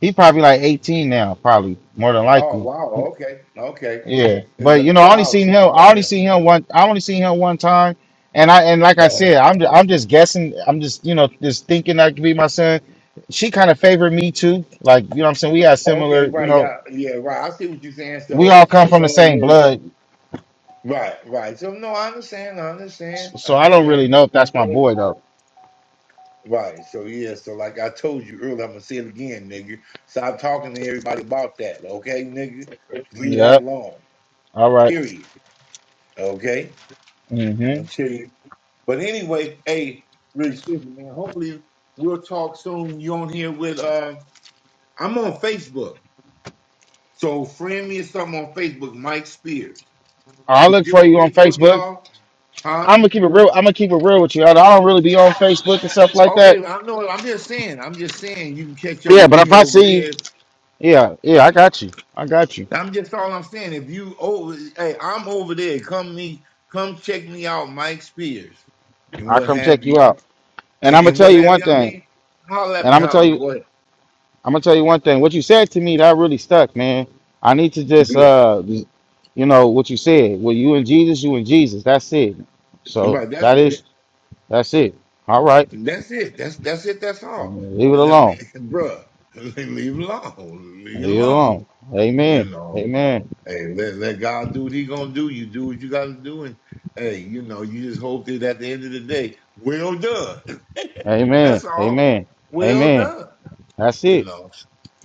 [SPEAKER 4] he probably like 18 now, probably more than
[SPEAKER 5] Oh,
[SPEAKER 4] likely.
[SPEAKER 5] wow. Okay. Okay.
[SPEAKER 4] Yeah,
[SPEAKER 5] It's
[SPEAKER 4] but
[SPEAKER 5] been
[SPEAKER 4] you
[SPEAKER 5] a
[SPEAKER 4] know, I only
[SPEAKER 5] while
[SPEAKER 4] seen
[SPEAKER 5] since you
[SPEAKER 4] him. I
[SPEAKER 5] saw
[SPEAKER 4] only
[SPEAKER 5] him.
[SPEAKER 4] seen him one. I only seen him one time, and I and like I said,
[SPEAKER 5] Uh-huh.
[SPEAKER 4] I'm just, I'm just guessing. I'm just you know just thinking that could be my son. She kind of favored me too. Like you know, what I'm saying we had similar.
[SPEAKER 5] Okay,
[SPEAKER 4] You
[SPEAKER 5] right.
[SPEAKER 4] know,
[SPEAKER 5] Yeah. Yeah, right. I see what you're saying.
[SPEAKER 4] we
[SPEAKER 5] So,
[SPEAKER 4] all come from
[SPEAKER 5] so
[SPEAKER 4] the
[SPEAKER 5] in other
[SPEAKER 4] same
[SPEAKER 5] words,
[SPEAKER 4] blood,
[SPEAKER 5] right, right. So, no, I understand. I understand. I
[SPEAKER 4] so I don't really
[SPEAKER 5] understand.
[SPEAKER 4] know if that's my
[SPEAKER 5] So,
[SPEAKER 4] boy though.
[SPEAKER 5] right. So, yeah. So, like I told you earlier, I'm going to say it again, nigga. Stop talking to everybody about that. Okay, nigga? Leave
[SPEAKER 4] Yeah.
[SPEAKER 5] that alone.
[SPEAKER 4] All right.
[SPEAKER 5] Period. Okay? I'm
[SPEAKER 4] hmm
[SPEAKER 5] going to tell you. But anyway, hey, really, excuse me, man. Hopefully, we'll talk soon. You on here with uh? I'm on Facebook, so friend me or something on Facebook, Mike Spears.
[SPEAKER 4] I'll
[SPEAKER 5] You
[SPEAKER 4] look
[SPEAKER 5] deal
[SPEAKER 4] for
[SPEAKER 5] with
[SPEAKER 4] you on
[SPEAKER 5] Facebook at
[SPEAKER 4] Facebook.
[SPEAKER 5] all,
[SPEAKER 4] I'm
[SPEAKER 5] huh?
[SPEAKER 4] gonna keep it real. I'm gonna keep it real with you. I don't really be on Facebook and stuff like that.
[SPEAKER 5] Okay, I know. I'm just saying. I'm just saying you can catch up
[SPEAKER 4] Yeah,
[SPEAKER 5] with
[SPEAKER 4] but if
[SPEAKER 5] me
[SPEAKER 4] I
[SPEAKER 5] over
[SPEAKER 4] see you,
[SPEAKER 5] there.
[SPEAKER 4] yeah, yeah, I got you. I got you.
[SPEAKER 5] I'm just all I'm saying. If you over, hey, I'm over there. Come me, come check me out, Mike Spears, and
[SPEAKER 4] I
[SPEAKER 5] what
[SPEAKER 4] come check
[SPEAKER 5] have
[SPEAKER 4] you
[SPEAKER 5] you,
[SPEAKER 4] out. And
[SPEAKER 5] and,
[SPEAKER 4] I'm gonna
[SPEAKER 5] and
[SPEAKER 4] tell
[SPEAKER 5] what
[SPEAKER 4] you
[SPEAKER 5] have
[SPEAKER 4] one
[SPEAKER 5] you. I
[SPEAKER 4] thing.
[SPEAKER 5] mean, holler at
[SPEAKER 4] And
[SPEAKER 5] me.
[SPEAKER 4] I'm gonna
[SPEAKER 5] How,
[SPEAKER 4] tell you.
[SPEAKER 5] go ahead.
[SPEAKER 4] I'm gonna tell you one thing. What you said to me that really stuck, man. I need to just,
[SPEAKER 5] Good.
[SPEAKER 4] uh, you know, what you said. Well, you and Jesus, you and Jesus. That's it. So
[SPEAKER 5] Right. That's
[SPEAKER 4] that
[SPEAKER 5] it.
[SPEAKER 4] is that's it. All right.
[SPEAKER 5] That's it. That's that's it. That's all.
[SPEAKER 4] Leave it
[SPEAKER 5] I mean,
[SPEAKER 4] alone.
[SPEAKER 5] bruh, leave it alone. Leave it
[SPEAKER 4] Leave it
[SPEAKER 5] alone.
[SPEAKER 4] alone.
[SPEAKER 5] You
[SPEAKER 4] Amen.
[SPEAKER 5] know,
[SPEAKER 4] Amen.
[SPEAKER 5] hey, let, let God do what He gonna do. You do what you gotta do, and hey, you know, you just hope that at the end of the day, well done.
[SPEAKER 4] Amen.
[SPEAKER 5] That's all.
[SPEAKER 4] Amen.
[SPEAKER 5] Well
[SPEAKER 4] Amen.
[SPEAKER 5] done.
[SPEAKER 4] That's
[SPEAKER 5] You
[SPEAKER 4] it.
[SPEAKER 5] know,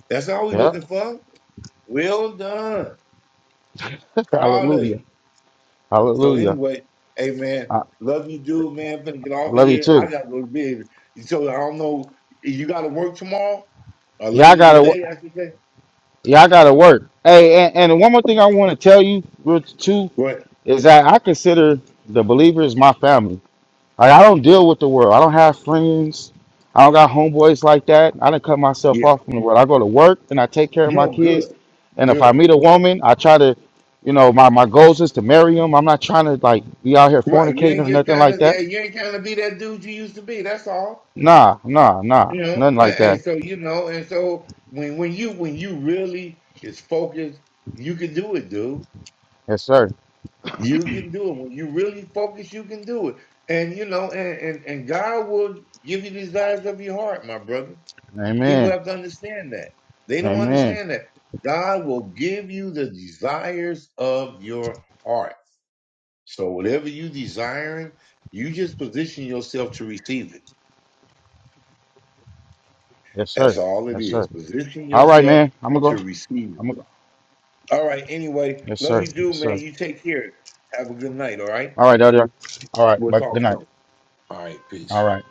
[SPEAKER 5] that's all we
[SPEAKER 4] Yep.
[SPEAKER 5] looking for. Well done. Proud of
[SPEAKER 4] Hallelujah.
[SPEAKER 5] you. So
[SPEAKER 4] Hallelujah.
[SPEAKER 5] anyway, hey man,
[SPEAKER 4] I,
[SPEAKER 5] love you, dude, man. I'm finna get
[SPEAKER 4] I
[SPEAKER 5] off of
[SPEAKER 4] love you
[SPEAKER 5] here. I
[SPEAKER 4] too.
[SPEAKER 5] gotta go to bed. So I don't know. You gotta work tomorrow or
[SPEAKER 4] Y'all
[SPEAKER 5] later
[SPEAKER 4] gotta wo-
[SPEAKER 5] today, I should say.
[SPEAKER 4] y'all gotta work. Hey, and, and one more thing I want to tell you real t- too
[SPEAKER 5] What?
[SPEAKER 4] is that I consider the believers my family. Like I don't deal with the world. I don't have friends. I don't got homeboys like that. I didn't cut myself
[SPEAKER 5] Yeah.
[SPEAKER 4] off from the world. I go to work and I take care of my
[SPEAKER 5] No, good.
[SPEAKER 4] kids. And if I
[SPEAKER 5] Good.
[SPEAKER 4] meet a woman, I try to, you know, my, my goals is to marry them. I'm not trying to like be out here
[SPEAKER 5] Right. You
[SPEAKER 4] fornicating
[SPEAKER 5] ain't
[SPEAKER 4] or
[SPEAKER 5] just
[SPEAKER 4] nothing
[SPEAKER 5] trying
[SPEAKER 4] like
[SPEAKER 5] to
[SPEAKER 4] that.
[SPEAKER 5] yeah, you ain't trying to be that dude you used to be. That's all.
[SPEAKER 4] Nah, nah, nah.
[SPEAKER 5] You know.
[SPEAKER 4] Nothing like that.
[SPEAKER 5] And so you know, and so when when you when you really is focused, you can do it, dude.
[SPEAKER 4] Yes, sir.
[SPEAKER 5] You can do it. When you really focus, you can do it. And you know, and, and, and God will give you the desires of your heart, my brother. People
[SPEAKER 4] Amen.
[SPEAKER 5] have to understand that. They don't
[SPEAKER 4] Amen.
[SPEAKER 5] understand that. God will give you the desires of your heart. So whatever you desiring, you just position yourself to receive it.
[SPEAKER 4] Yes,
[SPEAKER 5] That's
[SPEAKER 4] sir.
[SPEAKER 5] all it
[SPEAKER 4] Yes,
[SPEAKER 5] is.
[SPEAKER 4] sir.
[SPEAKER 5] Position
[SPEAKER 4] All right,
[SPEAKER 5] yourself
[SPEAKER 4] man. I'm gonna
[SPEAKER 5] to
[SPEAKER 4] go.
[SPEAKER 5] receive it.
[SPEAKER 4] I'm gonna go.
[SPEAKER 5] All right. Anyway,
[SPEAKER 4] Yes, sir.
[SPEAKER 5] love you, dude,
[SPEAKER 4] Yes, sir.
[SPEAKER 5] man. You take care. Have a good night. All right.
[SPEAKER 4] All right, Elder. All right.
[SPEAKER 5] We'll
[SPEAKER 4] But good
[SPEAKER 5] talk
[SPEAKER 4] night.
[SPEAKER 5] soon. All right.
[SPEAKER 4] All
[SPEAKER 5] Peace.
[SPEAKER 4] right.